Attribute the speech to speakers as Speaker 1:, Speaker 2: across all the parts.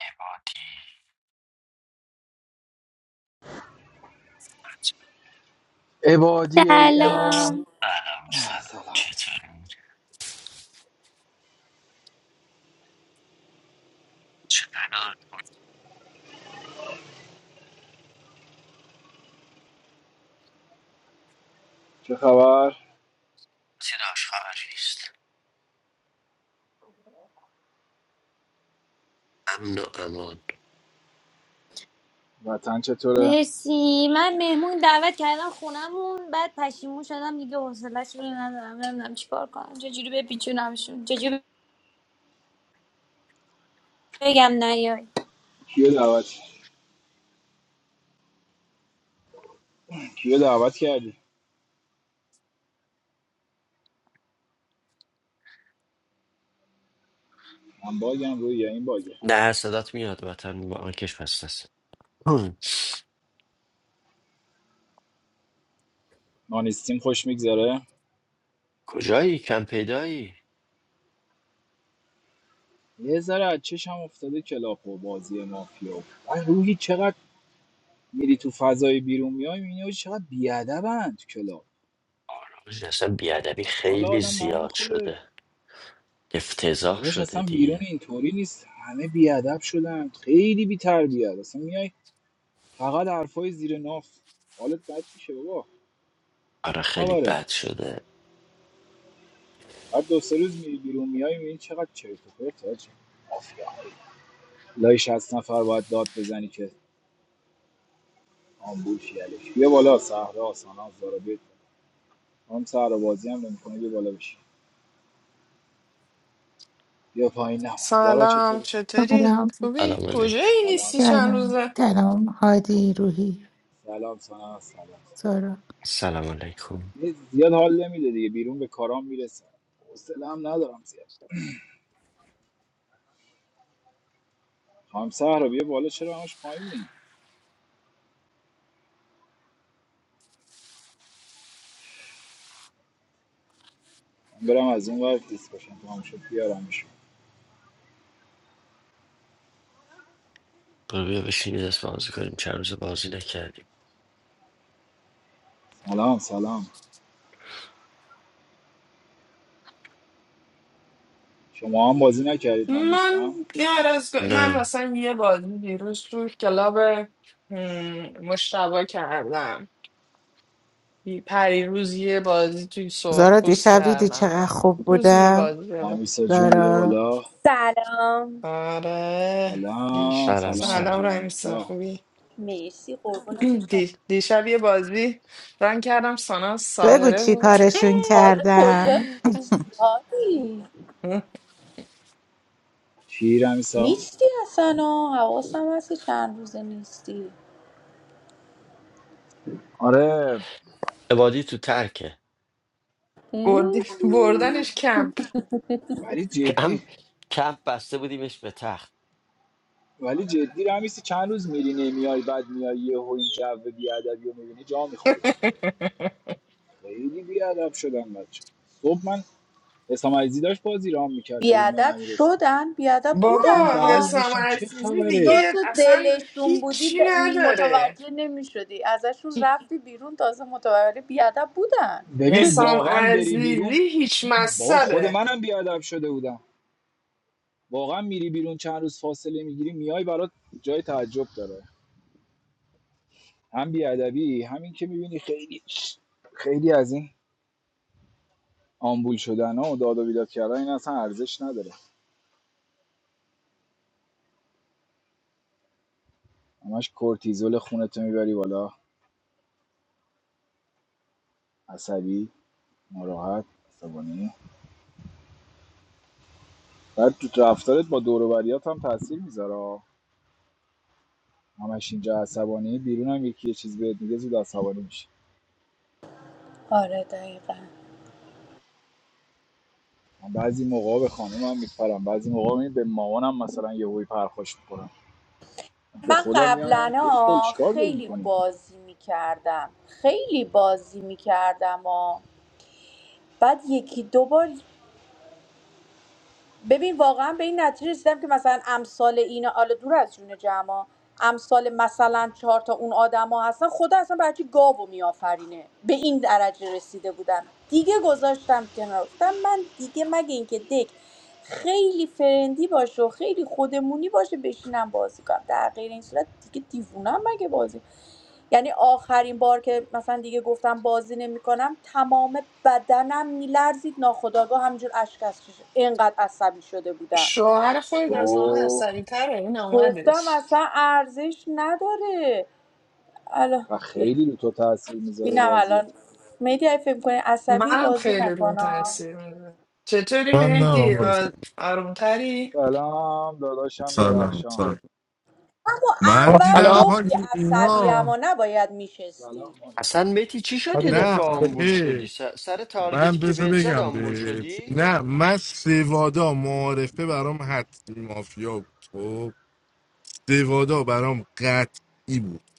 Speaker 1: عبادی
Speaker 2: عبادی ای امام
Speaker 3: سلام
Speaker 1: سلام سلام
Speaker 2: سلام
Speaker 1: چطوری؟ چقدر
Speaker 2: چه خبر
Speaker 1: چیز خبری نیست امن و امان
Speaker 2: وطن چطوره
Speaker 3: مرسی من مهمون دعوت کردم خونمون بعد پشیمون شدم دیگه حوصله‌ش رو ندارم نمیدونم چیکار کنم چجوری بپیچونمشون چجوری بگم نیای
Speaker 2: کیو دعوت کیو دعوت کردی من باگم روی یا این باگه
Speaker 1: در صدات میاد وطن با آنکش بسته است هم.
Speaker 2: نانستیم خوش میگذره
Speaker 1: کجایی کم پیدایی
Speaker 2: یه ذره از چشم افتاده کلاپ و بازی مافیا من روحی چقدر میری تو فضای بیرون میای میبینی چقدر بیادبن تو کلاب
Speaker 1: آراج اصلا بیادبی
Speaker 2: حالا
Speaker 1: خیلی
Speaker 2: آدم من
Speaker 1: زیاد
Speaker 2: میخوره
Speaker 1: شده افتضاح
Speaker 2: داداش
Speaker 1: شده
Speaker 2: اصلا بیرون
Speaker 1: دیگه
Speaker 2: اینطوری نیست همه بیادب شدن خیلی بی‌تربیت اصلا میای فقط حرفای زیر ناف حالت بد میشه بابا
Speaker 1: آره
Speaker 2: چه
Speaker 1: خیلی
Speaker 2: خبره
Speaker 1: بد شده
Speaker 2: بعد دو سه روز میری بیرون میای میبینی چقدر چرت و پرت حاجی. مافیا لای 60 نفر باید داد بزنی که آمبول شی الکی. بیا بالا صحرا سانا زارا بیت هم صحرا بازی هم نمیکنه بیا بالا بشی بیا پایین نه زارا
Speaker 4: سلام
Speaker 2: چطوری
Speaker 4: چطوری؟
Speaker 5: سلام
Speaker 4: خوبی؟
Speaker 1: سلام علیکم
Speaker 4: کجایی
Speaker 2: سلام
Speaker 4: نیستی
Speaker 2: سلام
Speaker 4: چند
Speaker 5: سلام
Speaker 4: روزه؟
Speaker 5: سلام هادی روحی
Speaker 2: سلام سانا سلام
Speaker 5: سارا
Speaker 1: سلام علیکم
Speaker 2: یه زیاد حال نمیده دیگه بیرون به کارام میرسه حوصله هم ندارم زیاد هم صحرا بیا بالا چرا همش پایینی من برم از اون ور دیسکشن تمام شد بیارمشون
Speaker 1: برو بیا بشینید دست بازی کنیم چند روز بازی نکردیم
Speaker 2: سلام سلام شما هم بازی نکردید من
Speaker 4: من
Speaker 2: نیستم
Speaker 4: یه عرض... من
Speaker 1: نه
Speaker 4: اصلا یه بازی دیروز تو کلاب هم، مشتبه کردم پری روز یه بازی توی
Speaker 5: زارا
Speaker 4: سرخپوست
Speaker 5: دیشب دیدی
Speaker 4: کردم
Speaker 5: چقدر خوب
Speaker 4: روز یه
Speaker 5: بودم
Speaker 4: بازی حالا.
Speaker 2: رمیسا جون بیا
Speaker 5: زارا
Speaker 2: بالا
Speaker 6: سلام
Speaker 4: آره
Speaker 2: سلام
Speaker 4: دیش
Speaker 1: سلام
Speaker 2: سلام
Speaker 4: سلام
Speaker 2: آبجی
Speaker 1: سلام
Speaker 4: رمیسا
Speaker 2: رمیسا
Speaker 4: خوبی؟
Speaker 6: مرسی قربونتون شما
Speaker 4: دی... دیشب یه بازی رن کردم سانا
Speaker 5: بگو
Speaker 4: ساهره
Speaker 5: چی
Speaker 4: بود
Speaker 5: کارشون
Speaker 6: هادی
Speaker 5: کردم
Speaker 6: کجا نیستی هادی
Speaker 2: چی رمیسا
Speaker 6: نیستی اصلا آه. حواسم هست که چند روزه نیستی
Speaker 2: آره
Speaker 1: عبادی تو ترکه
Speaker 6: هم؟
Speaker 4: بردی... بردنش کمپ
Speaker 2: ولی جدی
Speaker 1: کم کمپ بسته بودیمش به تخت
Speaker 2: ولی جدی رمیسا چند روز میری نمیای بعد میای یه و این جو بیادبی رو میبینی جا میخوری خیلی بیادب شدم بچه صبح من اسلام عزیزی داشت بازی رام میکرد تو روم
Speaker 6: بیادب
Speaker 2: امیر
Speaker 6: شدن بیادب
Speaker 2: جون
Speaker 6: بودن
Speaker 4: بابا
Speaker 2: بغل
Speaker 6: آه.
Speaker 4: حسام
Speaker 2: نوشتم چه
Speaker 4: عزیزی
Speaker 2: خبره
Speaker 6: چون
Speaker 4: دیگه
Speaker 6: تو
Speaker 4: اصلا
Speaker 6: دلشون بودی
Speaker 4: هیچی
Speaker 6: د-
Speaker 4: نداره
Speaker 6: متوجه نمی شدی ازشون رفتی بیرون تازه متوجه بیادب بودن
Speaker 2: ببین
Speaker 4: حسام
Speaker 2: واقعا بری بیرون
Speaker 4: عزیزی هیچ
Speaker 2: بابا خود
Speaker 4: مصبه
Speaker 2: منم بیادب شده بودم واقعا میری بیرون چند روز فاصله میگیری میای برات جای تعجب داره هم بیادبی همین که میبینی خیلی خیلی از این آمبول شدن ها و داد و بیداد کردن این اصلا ارزش نداره همش کورتیزول خونتو میبری بالا عصبی ناراحت عصبانی بعد تو رفتارت با دور و بریات هم تاثیر میذاره همش اینجا عصبانی بیرون هم یکی یه چیز بهت میگه زود عصبانی میشه
Speaker 6: آره دقیقا
Speaker 2: من بعضی موقع به خانم هم میپرم بعضی موقع می به مامانم مثلا یه هوی پرخوش میکنم به
Speaker 6: من
Speaker 2: خودم میام
Speaker 6: قبلا
Speaker 2: میام کس خل
Speaker 6: ها
Speaker 2: چیکار داری
Speaker 6: خیلی
Speaker 2: میکنی
Speaker 6: بازی میکردم خیلی بازی میکردم ها بعد یکی دو بار ببین واقعا به این نتیجه رسیدم که مثلا امثال اینا حالا دور از جون جمع امثال مثلا چهار تا اون آدما هستن خدا اصلا برای چی گاو رو میآفرینه به این درجه رسیده بودم دیگه گذاشتم کنار گفتم من دیگه مگه اینکه دک خیلی فرندی باشه و خیلی خودمونی باشه بشینم بازی کنم در غیر این صورت دیگه دیوونم مگه بازی یعنی آخرین بار که مثلا دیگه گفتم بازی نمیکنم تمام بدنم میلرزید ناخودآگاه همجور اشک از چشم اینقدر عصبی شده بودم
Speaker 4: شوهر
Speaker 2: تو
Speaker 4: خود از همه عصبی تره این
Speaker 6: گفتم
Speaker 4: آمدش
Speaker 6: اصلا ارزش نداره الان بیا
Speaker 2: خیلی رو تو تاثیر میذاره
Speaker 6: اینم
Speaker 2: بازی
Speaker 6: الان میدی اگه فکر کنی عصبی
Speaker 4: منم
Speaker 6: بازی
Speaker 4: خیلی روم
Speaker 6: نکنم
Speaker 4: تاثیر میده چطوری
Speaker 7: من نه
Speaker 4: مهدی
Speaker 7: آقا.
Speaker 4: آ- آرومتری
Speaker 2: سلام داداشم
Speaker 7: سلام
Speaker 2: درخشان
Speaker 7: سلام
Speaker 6: اما
Speaker 7: من
Speaker 8: آقا
Speaker 6: اول
Speaker 7: دیدم
Speaker 8: سلام
Speaker 6: گفتی
Speaker 7: حاج
Speaker 6: عصبی
Speaker 7: اینا
Speaker 6: اما نباید میشستی
Speaker 2: سلام
Speaker 1: اصلا متی چی شد یه
Speaker 7: نه
Speaker 1: دفعه آمبول شدی
Speaker 7: آخه
Speaker 1: س- سر
Speaker 7: من
Speaker 1: تارگتی که
Speaker 7: بذار
Speaker 1: بهت زد
Speaker 7: بگم
Speaker 1: آمبول
Speaker 7: بهت
Speaker 1: شدی
Speaker 7: نه من سوادا معارفه برام حتمی مافیا بود خب سوادا برام قطعی بود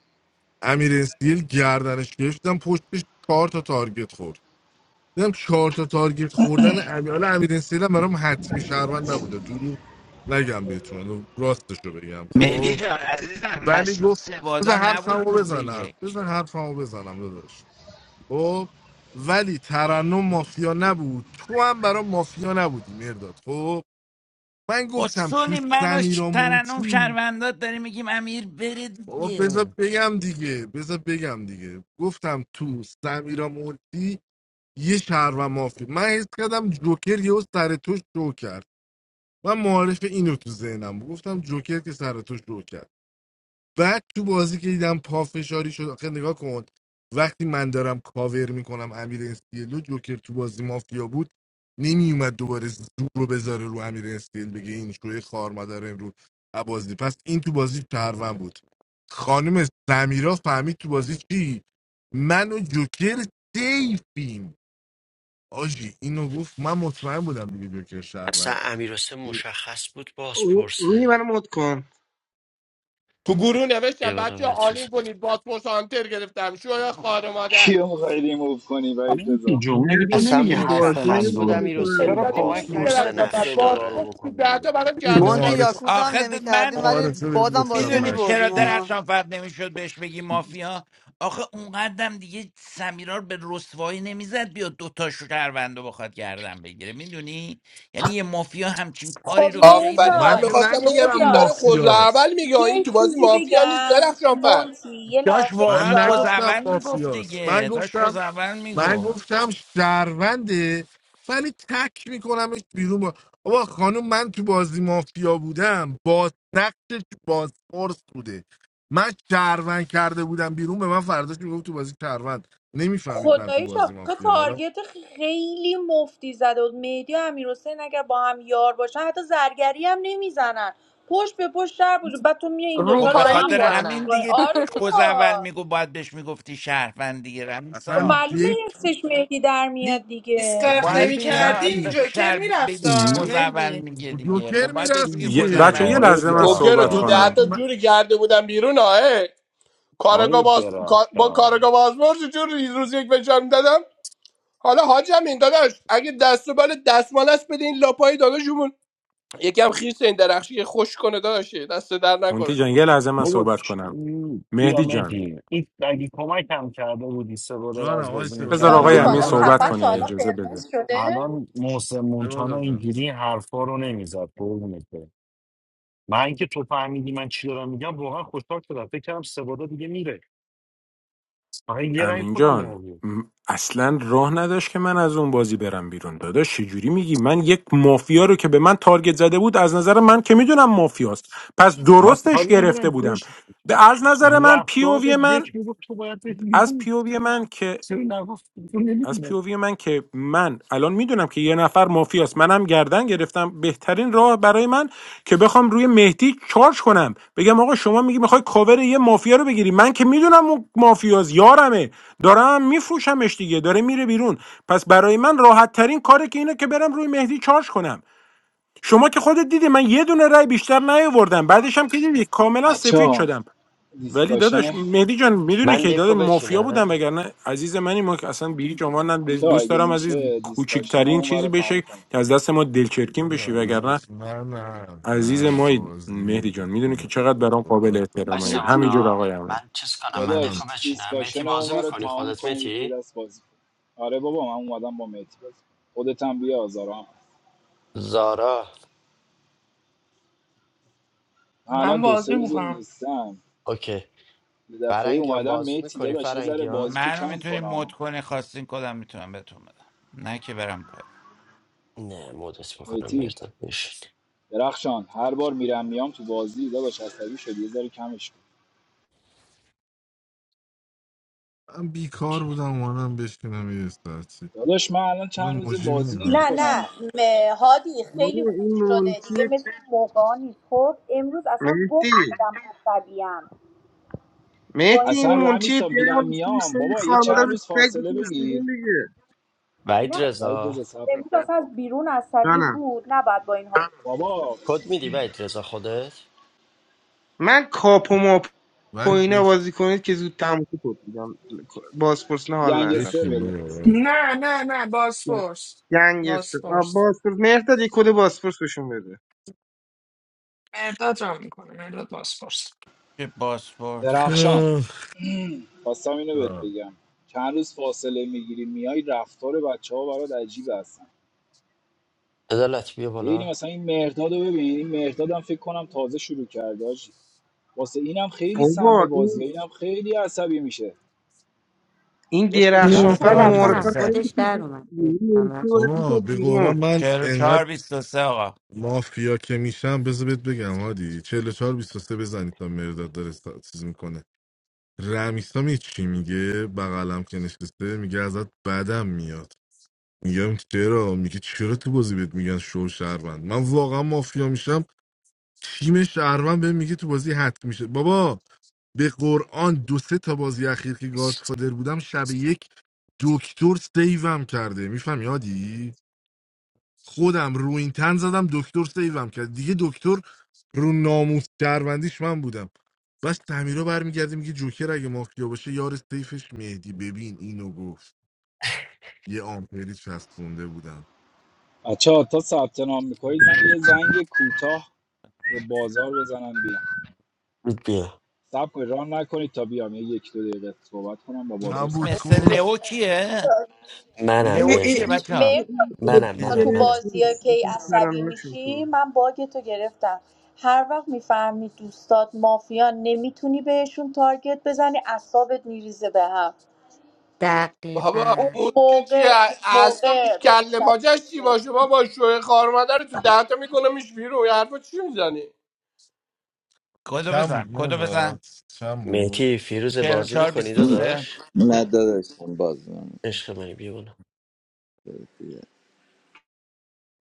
Speaker 7: امیر اسپیل گردنش گرفتم پشتش چهار تا تارگت خورد دیدم چهار تا تارگت خوردن امیر حالا امیر اسپیل هم برام حتمی شهروند نبوده دروغ نگم بهتون حالا راستش رو بگم
Speaker 9: مهدی
Speaker 7: خب
Speaker 9: جان عزیزم
Speaker 7: ولی
Speaker 9: مسیر
Speaker 7: گفت بذار
Speaker 9: سوادا نبود
Speaker 7: حرفمو
Speaker 9: روز
Speaker 7: بزنم
Speaker 9: یک
Speaker 7: بذار حرفمو بزنم داداش خب ولی ترنم مافیا نبود تو هم برا مافیا نبودی مرداد خب من گفتم تو
Speaker 9: خسونی من و ش-
Speaker 7: سمیرا
Speaker 9: ترنم
Speaker 7: مونتی
Speaker 9: شهروندات داریم میگیم امیر بره
Speaker 7: بابا بذار
Speaker 9: دیگه
Speaker 7: بگم دیگه بذار بگم دیگه گفتم تو سمیرا مونتی یه شهر و مافیا من حس کردم جوکر یهو سر تو شو کرد من معارف اینو تو ذهنم بود. گفتم جوکر که سر تو شو کرد بعد تو بازی که دیدم پافشاری شد آخه نگاه کن وقتی من دارم کاور میکنم امیر استیلو جوکر تو بازی مافیا بود نمیومد دوباره زور رو بذاره رو امیر استیل بگه این شوی خار مادر امروز از بازی پس این تو بازی شهروند بود خانم سمیرا فهمید تو بازی چی من و جوکر سیفیم آجی اینو گفت من مطمئن بودم دیگه جوکر
Speaker 1: اصلا
Speaker 7: شهرونده
Speaker 1: امیرحسین مشخص بود
Speaker 10: رو- روی منو
Speaker 1: بازپرسه
Speaker 10: مد کن
Speaker 8: تو گروه
Speaker 1: یه
Speaker 8: نوشتم
Speaker 1: بالا
Speaker 8: بچه
Speaker 1: بچه‌سا.
Speaker 8: عالی کنید باسپورس هانتر گرفتم شو خار مادر
Speaker 2: کیو میخوای ریموو کنی وحید
Speaker 11: مهدی
Speaker 2: رضا
Speaker 11: جون مگه تو
Speaker 1: اصلا
Speaker 11: نمیگی
Speaker 10: من
Speaker 11: حرف
Speaker 10: بازی
Speaker 11: من
Speaker 1: مشخص بود
Speaker 10: نمی‌خوام
Speaker 11: درسته
Speaker 10: بکنم.
Speaker 11: چرا
Speaker 1: امیرحسین
Speaker 8: دادی
Speaker 11: کمک
Speaker 8: میدی
Speaker 10: می‌خوام
Speaker 1: بازپرسه
Speaker 10: بگم.
Speaker 8: درختم
Speaker 11: نکردیم
Speaker 8: بعد
Speaker 1: نقش
Speaker 11: سه
Speaker 8: باسپورس
Speaker 1: داره
Speaker 11: رو
Speaker 8: تو
Speaker 11: بکنیم
Speaker 8: ده تا
Speaker 11: بیرون
Speaker 8: برام کرده
Speaker 12: Mon the
Speaker 8: بودم بیرون
Speaker 7: معارف
Speaker 12: Yahoo dam
Speaker 9: آخه
Speaker 12: ne, me
Speaker 9: د-
Speaker 12: khar. Dhin
Speaker 9: من
Speaker 12: varil
Speaker 7: معارفه بهت
Speaker 12: bodaam baziya me
Speaker 7: گفتم
Speaker 9: میدونید
Speaker 12: boordi
Speaker 9: چرا
Speaker 12: ma.
Speaker 9: درخشان فرد نمیشد بهش بگی مافیا آخه اونقدم دیگه سمیرار به رسوایی نمیزد بیاد دوتا شهروند رو بخواد گردن بگیره میدونی یعنی یه مافیا همچین کاری
Speaker 6: خب
Speaker 9: رو خیلی
Speaker 8: آفرین
Speaker 7: من
Speaker 8: من
Speaker 6: مهرداد
Speaker 7: که
Speaker 9: ام-
Speaker 8: میخواستم بگم
Speaker 7: نگفتم
Speaker 8: این
Speaker 6: مهرداد
Speaker 8: داره خوزه
Speaker 7: مافیاست
Speaker 8: اول میگه این
Speaker 6: یه
Speaker 8: تو بازی
Speaker 6: چیزی
Speaker 8: مافیا نیست
Speaker 6: بگم
Speaker 8: درخشان فر
Speaker 6: مونتی یه
Speaker 9: داشت
Speaker 6: لحظه
Speaker 9: واقعا
Speaker 7: من
Speaker 6: بذار
Speaker 7: نگفتم
Speaker 9: خوزعول میگفت
Speaker 7: مافیاست من
Speaker 9: دیگه داشت
Speaker 7: گفتم
Speaker 9: خوزعول
Speaker 7: من
Speaker 9: میگفت
Speaker 7: گفتم شهرونده ولی تک میکنمش بیرون با... آقا خانم من تو بازی مافیا بودم باز نقشش بازپرس بوده من شهروند کرده بودم بیرون به من فرداش میگفت تو بازی شهروند نمیفهمید من تو
Speaker 6: خداییش
Speaker 7: بازی
Speaker 6: آخه
Speaker 7: مافیام حالا
Speaker 6: تارگت خیلی مفتی زده بود مهدی و امیرحسین اگر با هم یار باشن حتی زرگری هم نمیزنن پشت به پشت در بود بعد تو میای این دوتا
Speaker 9: خب
Speaker 6: رو
Speaker 9: به
Speaker 6: با
Speaker 4: روپایی
Speaker 6: هم
Speaker 9: خاطر
Speaker 6: باکس
Speaker 9: همین
Speaker 4: میزنم
Speaker 6: میکنی
Speaker 9: دیگه
Speaker 6: آره
Speaker 9: خوز اول
Speaker 6: بابا
Speaker 9: میگو باید بهش میگفتی شهروند دیگه
Speaker 6: خب
Speaker 9: رمیسا
Speaker 7: اصلا
Speaker 6: معلومه
Speaker 7: دیک
Speaker 6: یکسش مهدی در میاد
Speaker 9: خب
Speaker 6: دیگه
Speaker 4: دیسکارت
Speaker 9: باید
Speaker 4: نمی
Speaker 9: به
Speaker 7: دیک
Speaker 9: یه-
Speaker 4: کردیم
Speaker 7: وقتی
Speaker 9: به
Speaker 4: جوکر
Speaker 9: شهر بگیش
Speaker 4: میرفتا
Speaker 9: خوز اول
Speaker 4: مهدی
Speaker 9: میگه دیگه خب
Speaker 7: جوکر
Speaker 9: باید بهش
Speaker 7: میرفت
Speaker 9: میگی خوز
Speaker 7: دیگه
Speaker 13: بچه
Speaker 9: اول
Speaker 13: یه
Speaker 11: آقای
Speaker 13: لحظه
Speaker 9: میگی
Speaker 13: من
Speaker 8: جوکر رو
Speaker 13: صحبت
Speaker 8: تو
Speaker 7: جوکر
Speaker 8: ده
Speaker 13: کنم
Speaker 8: تا
Speaker 7: من...
Speaker 11: درخشان
Speaker 8: جوری کرده بودم بیرون آه کارگاه
Speaker 11: آقای
Speaker 8: باز... کار- با
Speaker 11: درخشان
Speaker 8: کارگاه بازمرز جور ریز روز یک فشار میدادم حالا حاجم این داداش اگه دست و بال دستمال است بده این لاپای یکم خیس این درخشی خوش کنه داشته دست در
Speaker 13: مونتی
Speaker 8: نکنه
Speaker 13: جان یه لحظه من
Speaker 11: بابا
Speaker 13: صحبت
Speaker 11: چ-
Speaker 13: کنم
Speaker 11: بیا
Speaker 13: مهدی جان
Speaker 11: مهدی این اگه کمک هم کرده بودی سه بالا رو
Speaker 7: جانم
Speaker 11: از
Speaker 7: آقای
Speaker 11: بازی
Speaker 7: سعاده،
Speaker 13: بذار
Speaker 7: آقا
Speaker 11: میکردیم
Speaker 13: آقای
Speaker 7: من
Speaker 13: امین
Speaker 7: ناراحت
Speaker 11: بیرون
Speaker 13: صحبت کنه
Speaker 7: نشید
Speaker 13: اجازه بده
Speaker 11: الان محسن
Speaker 7: اشتباه
Speaker 11: مونتانا
Speaker 7: دادم نه
Speaker 11: اینجوری حرفا رو نمیزد قربونت برم. من که تو فهمیدی من چی دارم میگم واقعا خوشحال شدم فکر کردم سه دیگه میره فقط یه رنگ
Speaker 13: امین
Speaker 11: خودم
Speaker 13: جان
Speaker 11: آورد
Speaker 13: م- اصلا راه نداشت که من از اون بازی برم بیرون داداش چجوری میگی من یک مافیا رو که به من تارگت زده بود از نظر من که میدونم مافیاست پس
Speaker 11: من
Speaker 13: درستش
Speaker 11: کاری ندارم
Speaker 13: گرفته بودم
Speaker 11: توش
Speaker 13: به- از نظر من پی
Speaker 11: رفتار
Speaker 13: پیووی من
Speaker 11: دک میگفت تو باید بری
Speaker 13: از پی
Speaker 11: بیرون
Speaker 13: پیووی من که
Speaker 11: چرا نگفت تو
Speaker 13: از
Speaker 11: نمیتونم
Speaker 13: پیووی من که من الان میدونم که یه نفر مافیاست منم گردن گرفتم بهترین راه برای من که بخوام روی مهدی چارج کنم بگم آقا شما میگی میخوای کاور یه مافیا رو بگیری من که میدونم اون مافیاست یارمه دارم میفروشمش دیگه داره میره بیرون پس برای من راحت ترین کاره که اینه که برم روی مهدی چارج کنم شما که خودت دیدی من یه دونه رای بیشتر نیاوردم بعدش هم که دیدی کاملا
Speaker 2: بچه
Speaker 13: سفید
Speaker 2: ها
Speaker 13: شدم ولی
Speaker 2: دیسکاشن
Speaker 13: داداش مهدی جان میدونه
Speaker 1: من
Speaker 13: که داده
Speaker 1: دکو
Speaker 13: مافیا بودم
Speaker 1: بچینم
Speaker 13: وگرنه عزیز منی ما که اصلا به هیچ عنوان نه-
Speaker 2: بچه
Speaker 13: دوست
Speaker 2: اگه
Speaker 13: دارم عزیز
Speaker 2: میشه دیسکاشن
Speaker 13: کوچکترین
Speaker 2: اون رو
Speaker 13: چیزی
Speaker 2: تمام
Speaker 13: بشه
Speaker 2: کنید
Speaker 13: که از دست ما دلچرکین بشی وگرنه
Speaker 7: درست. نه نه
Speaker 13: عزیز
Speaker 7: نه
Speaker 13: مایی
Speaker 7: بازی
Speaker 13: مهدی جان میدونه که چقدر برام قابل
Speaker 1: آی
Speaker 13: احترامه همینجور
Speaker 2: میتی
Speaker 1: سوادا
Speaker 13: آقای امین
Speaker 1: من چیز کنم
Speaker 7: من
Speaker 1: من
Speaker 7: هم
Speaker 1: دکو
Speaker 2: داداش
Speaker 1: بچینم متی
Speaker 2: دیسکاشن اون
Speaker 1: بازی
Speaker 2: رو
Speaker 1: میکنی
Speaker 2: تمام
Speaker 1: خودت
Speaker 2: کنید یه
Speaker 1: متی
Speaker 2: دست بازی کنید آره بابا من اومدم با میتی بازی کنم. خودت هم بیا آزارم
Speaker 1: زارا
Speaker 2: من الان
Speaker 4: من
Speaker 2: دو سه
Speaker 4: بازی
Speaker 2: روز
Speaker 4: میکنم
Speaker 2: نیستم
Speaker 1: اوکی
Speaker 2: یه دفعه
Speaker 1: فرنگیان
Speaker 2: اومدم
Speaker 1: بازی
Speaker 2: میتی
Speaker 1: میکنی
Speaker 2: داداش یه ذره
Speaker 1: فرنگیان
Speaker 2: بازی تو
Speaker 9: منو
Speaker 2: کم
Speaker 9: میتونی مد
Speaker 2: کن
Speaker 9: کنی خواستین کدم میتونم بهتون بدم نه که برم پای
Speaker 1: نه مدت میکنم
Speaker 2: میتی
Speaker 1: مردم
Speaker 2: درخشان هر بار میرم میام تو بازی داداش عصبی شدی یه ذره کمش کن.
Speaker 7: من بیکار
Speaker 1: چی؟
Speaker 7: بودم اومدم بشکنم یه استرسی
Speaker 2: داداش من الان چند
Speaker 7: اونم
Speaker 2: روز
Speaker 7: موجی
Speaker 2: بازی
Speaker 7: میاد
Speaker 6: نه
Speaker 2: نمیکنم
Speaker 6: نه م- هادی
Speaker 10: بابا،
Speaker 6: خیلی خوب
Speaker 10: این
Speaker 6: شده
Speaker 10: مونتی
Speaker 6: دیگه مثل اون موقع نیست خب امروز اصلا
Speaker 10: مهدی
Speaker 6: گفت آدم عصبیم با
Speaker 10: مهدی
Speaker 6: این
Speaker 10: این
Speaker 2: اصلا
Speaker 6: ذهن
Speaker 10: مونتی
Speaker 2: رمیسا میرم
Speaker 10: دیگه
Speaker 2: میام
Speaker 10: سری
Speaker 2: بابا یه
Speaker 6: داره.
Speaker 10: خانواده
Speaker 2: چند
Speaker 10: رو
Speaker 2: روز
Speaker 10: سگ
Speaker 2: فاصله
Speaker 10: می‌تونست دیدیم
Speaker 2: بگیر
Speaker 10: دیگه
Speaker 1: وحید
Speaker 6: نه
Speaker 2: و یه
Speaker 1: رضا
Speaker 2: دز سب کن
Speaker 6: امروز اصلا از بیرون عصبی
Speaker 10: جانم
Speaker 6: بود نباید با این حال چیز
Speaker 2: بابا
Speaker 1: کد میدی وحید رضا خودت
Speaker 10: من کاپو ماپو
Speaker 7: ولی
Speaker 10: اینا
Speaker 7: بش
Speaker 10: بازی کنید که زود تموم کنید میگم بازپرس نه حال ندارم
Speaker 2: ینگستر
Speaker 10: طول
Speaker 7: بشین
Speaker 2: بده
Speaker 7: بابا
Speaker 10: می‌کشه.
Speaker 7: وگ.
Speaker 4: نه نه نه بازپرس
Speaker 10: گنگستر آه،
Speaker 4: بازپرس
Speaker 10: بازپرس مهداد یه کد بازپرس بهشون بده
Speaker 4: مرداد را میکنه مرداد بازپرس
Speaker 9: چه باسپورس باس
Speaker 2: درخشان
Speaker 7: آه.
Speaker 2: خواستم اینو بهت
Speaker 7: آه.
Speaker 2: بگم چند روز فاصله میگیری میای رفتار بچه ها برات عجیب هستن
Speaker 1: عدالت بیا
Speaker 2: خیلی
Speaker 1: بالا
Speaker 2: مثلا این مهرداد رو ببین این مهرداد هم فکر کنم تازه شروع کرده حاجی. واسه اینم خیلی سم به
Speaker 10: بابا
Speaker 2: بازی
Speaker 10: این
Speaker 2: اینم خیلی عصبی میشه
Speaker 10: این
Speaker 2: داداش خب
Speaker 9: چهر
Speaker 2: کم
Speaker 9: و
Speaker 10: درخشانفر
Speaker 2: کن
Speaker 7: اصلا
Speaker 14: مهرداد
Speaker 9: چهار
Speaker 2: بازی
Speaker 9: بیست
Speaker 14: اصلا
Speaker 2: رو
Speaker 9: و
Speaker 14: از
Speaker 10: معرفر
Speaker 7: نه
Speaker 9: سه
Speaker 10: خیلی
Speaker 14: خودش
Speaker 10: خوب
Speaker 14: در
Speaker 10: بود.
Speaker 14: اومد
Speaker 10: این مونتی
Speaker 14: یکم
Speaker 10: باید
Speaker 7: بابا
Speaker 10: میکرد
Speaker 7: به
Speaker 10: بیرون
Speaker 7: قرآن من
Speaker 9: چهر و
Speaker 7: انقدر
Speaker 9: چهار بیست و سه آقا
Speaker 7: مافیا که میشم بذار بهت بگم هادی 44 23 بزنید تا مرداد داره ستا- چیز میکنه رمیسا می چی میگه بغلم که نشسته میگه ازت بدم میاد میگم چرا میگه چرا تو بازی بهت میگن شو شهروند من واقعا مافیا میشم تیم شهروند بهم میگه تو بازی حت میشه بابا به قرآن دو سه تا بازی اخیر که گادفادر بودم شب یک دکتر سیوم کرده میفهم یادی خودم رو این تن زدم دکتر سیوم کرد دیگه دکتر رو ناموس شهروندیش من بودم بس تعمیرا برمیگرده میگه جوکر اگه مافیا باشه یار سیفش مهدی ببین اینو گفت یه آمپری چسبونده بودم
Speaker 2: بچه‌ها تا ثبت نام میکنید من یه زنگ کوتاه به بازار بزنم بیام
Speaker 1: بیا
Speaker 2: صبر کنید ران نکنید تا بیام یه یک دو دقیقه صحبت کنم با
Speaker 9: م-
Speaker 2: بازار
Speaker 7: چند بود
Speaker 2: سریع
Speaker 9: مثل
Speaker 7: کد
Speaker 9: لئو کیه؟
Speaker 1: منم
Speaker 10: ای ای
Speaker 9: لئو
Speaker 10: ای
Speaker 9: کیه
Speaker 1: مرداد
Speaker 9: بچه
Speaker 10: ای
Speaker 9: ها؟
Speaker 6: بود.
Speaker 10: ای ای
Speaker 1: منم
Speaker 10: ارکی
Speaker 6: تا
Speaker 7: یه
Speaker 1: منم
Speaker 6: تو
Speaker 10: بره
Speaker 7: روز.
Speaker 1: منم
Speaker 6: بازی
Speaker 10: توس
Speaker 6: که ای عصبی
Speaker 10: ترانه‌هاش
Speaker 6: میشی
Speaker 10: می‌کنه.
Speaker 6: من باگ تو گرفتم هر وقت میفهمی دوستات مافیان نمیتونی بهشون تارگت بزنی اعصابت میریزه به هم
Speaker 8: بابا
Speaker 6: اون
Speaker 14: دقیقا
Speaker 8: مورچه چیه
Speaker 6: موقع اون موقع
Speaker 8: اعصابش کله
Speaker 6: عصبی
Speaker 8: پاچش چی
Speaker 6: میشه
Speaker 8: باشه بابا شوه خار مادر تو دهتا میکنمش بیرون یه حرفا چی میزنی
Speaker 9: کدو
Speaker 7: چند بود
Speaker 9: بزن کدو بزن
Speaker 7: مداد چند
Speaker 1: مهتی
Speaker 7: بود
Speaker 1: فیروز
Speaker 9: چهر و
Speaker 1: بازی
Speaker 9: چهار
Speaker 1: میکنی
Speaker 9: بیست و سه
Speaker 1: داداش
Speaker 15: نه داداش اون
Speaker 1: عشق منی بیا بالا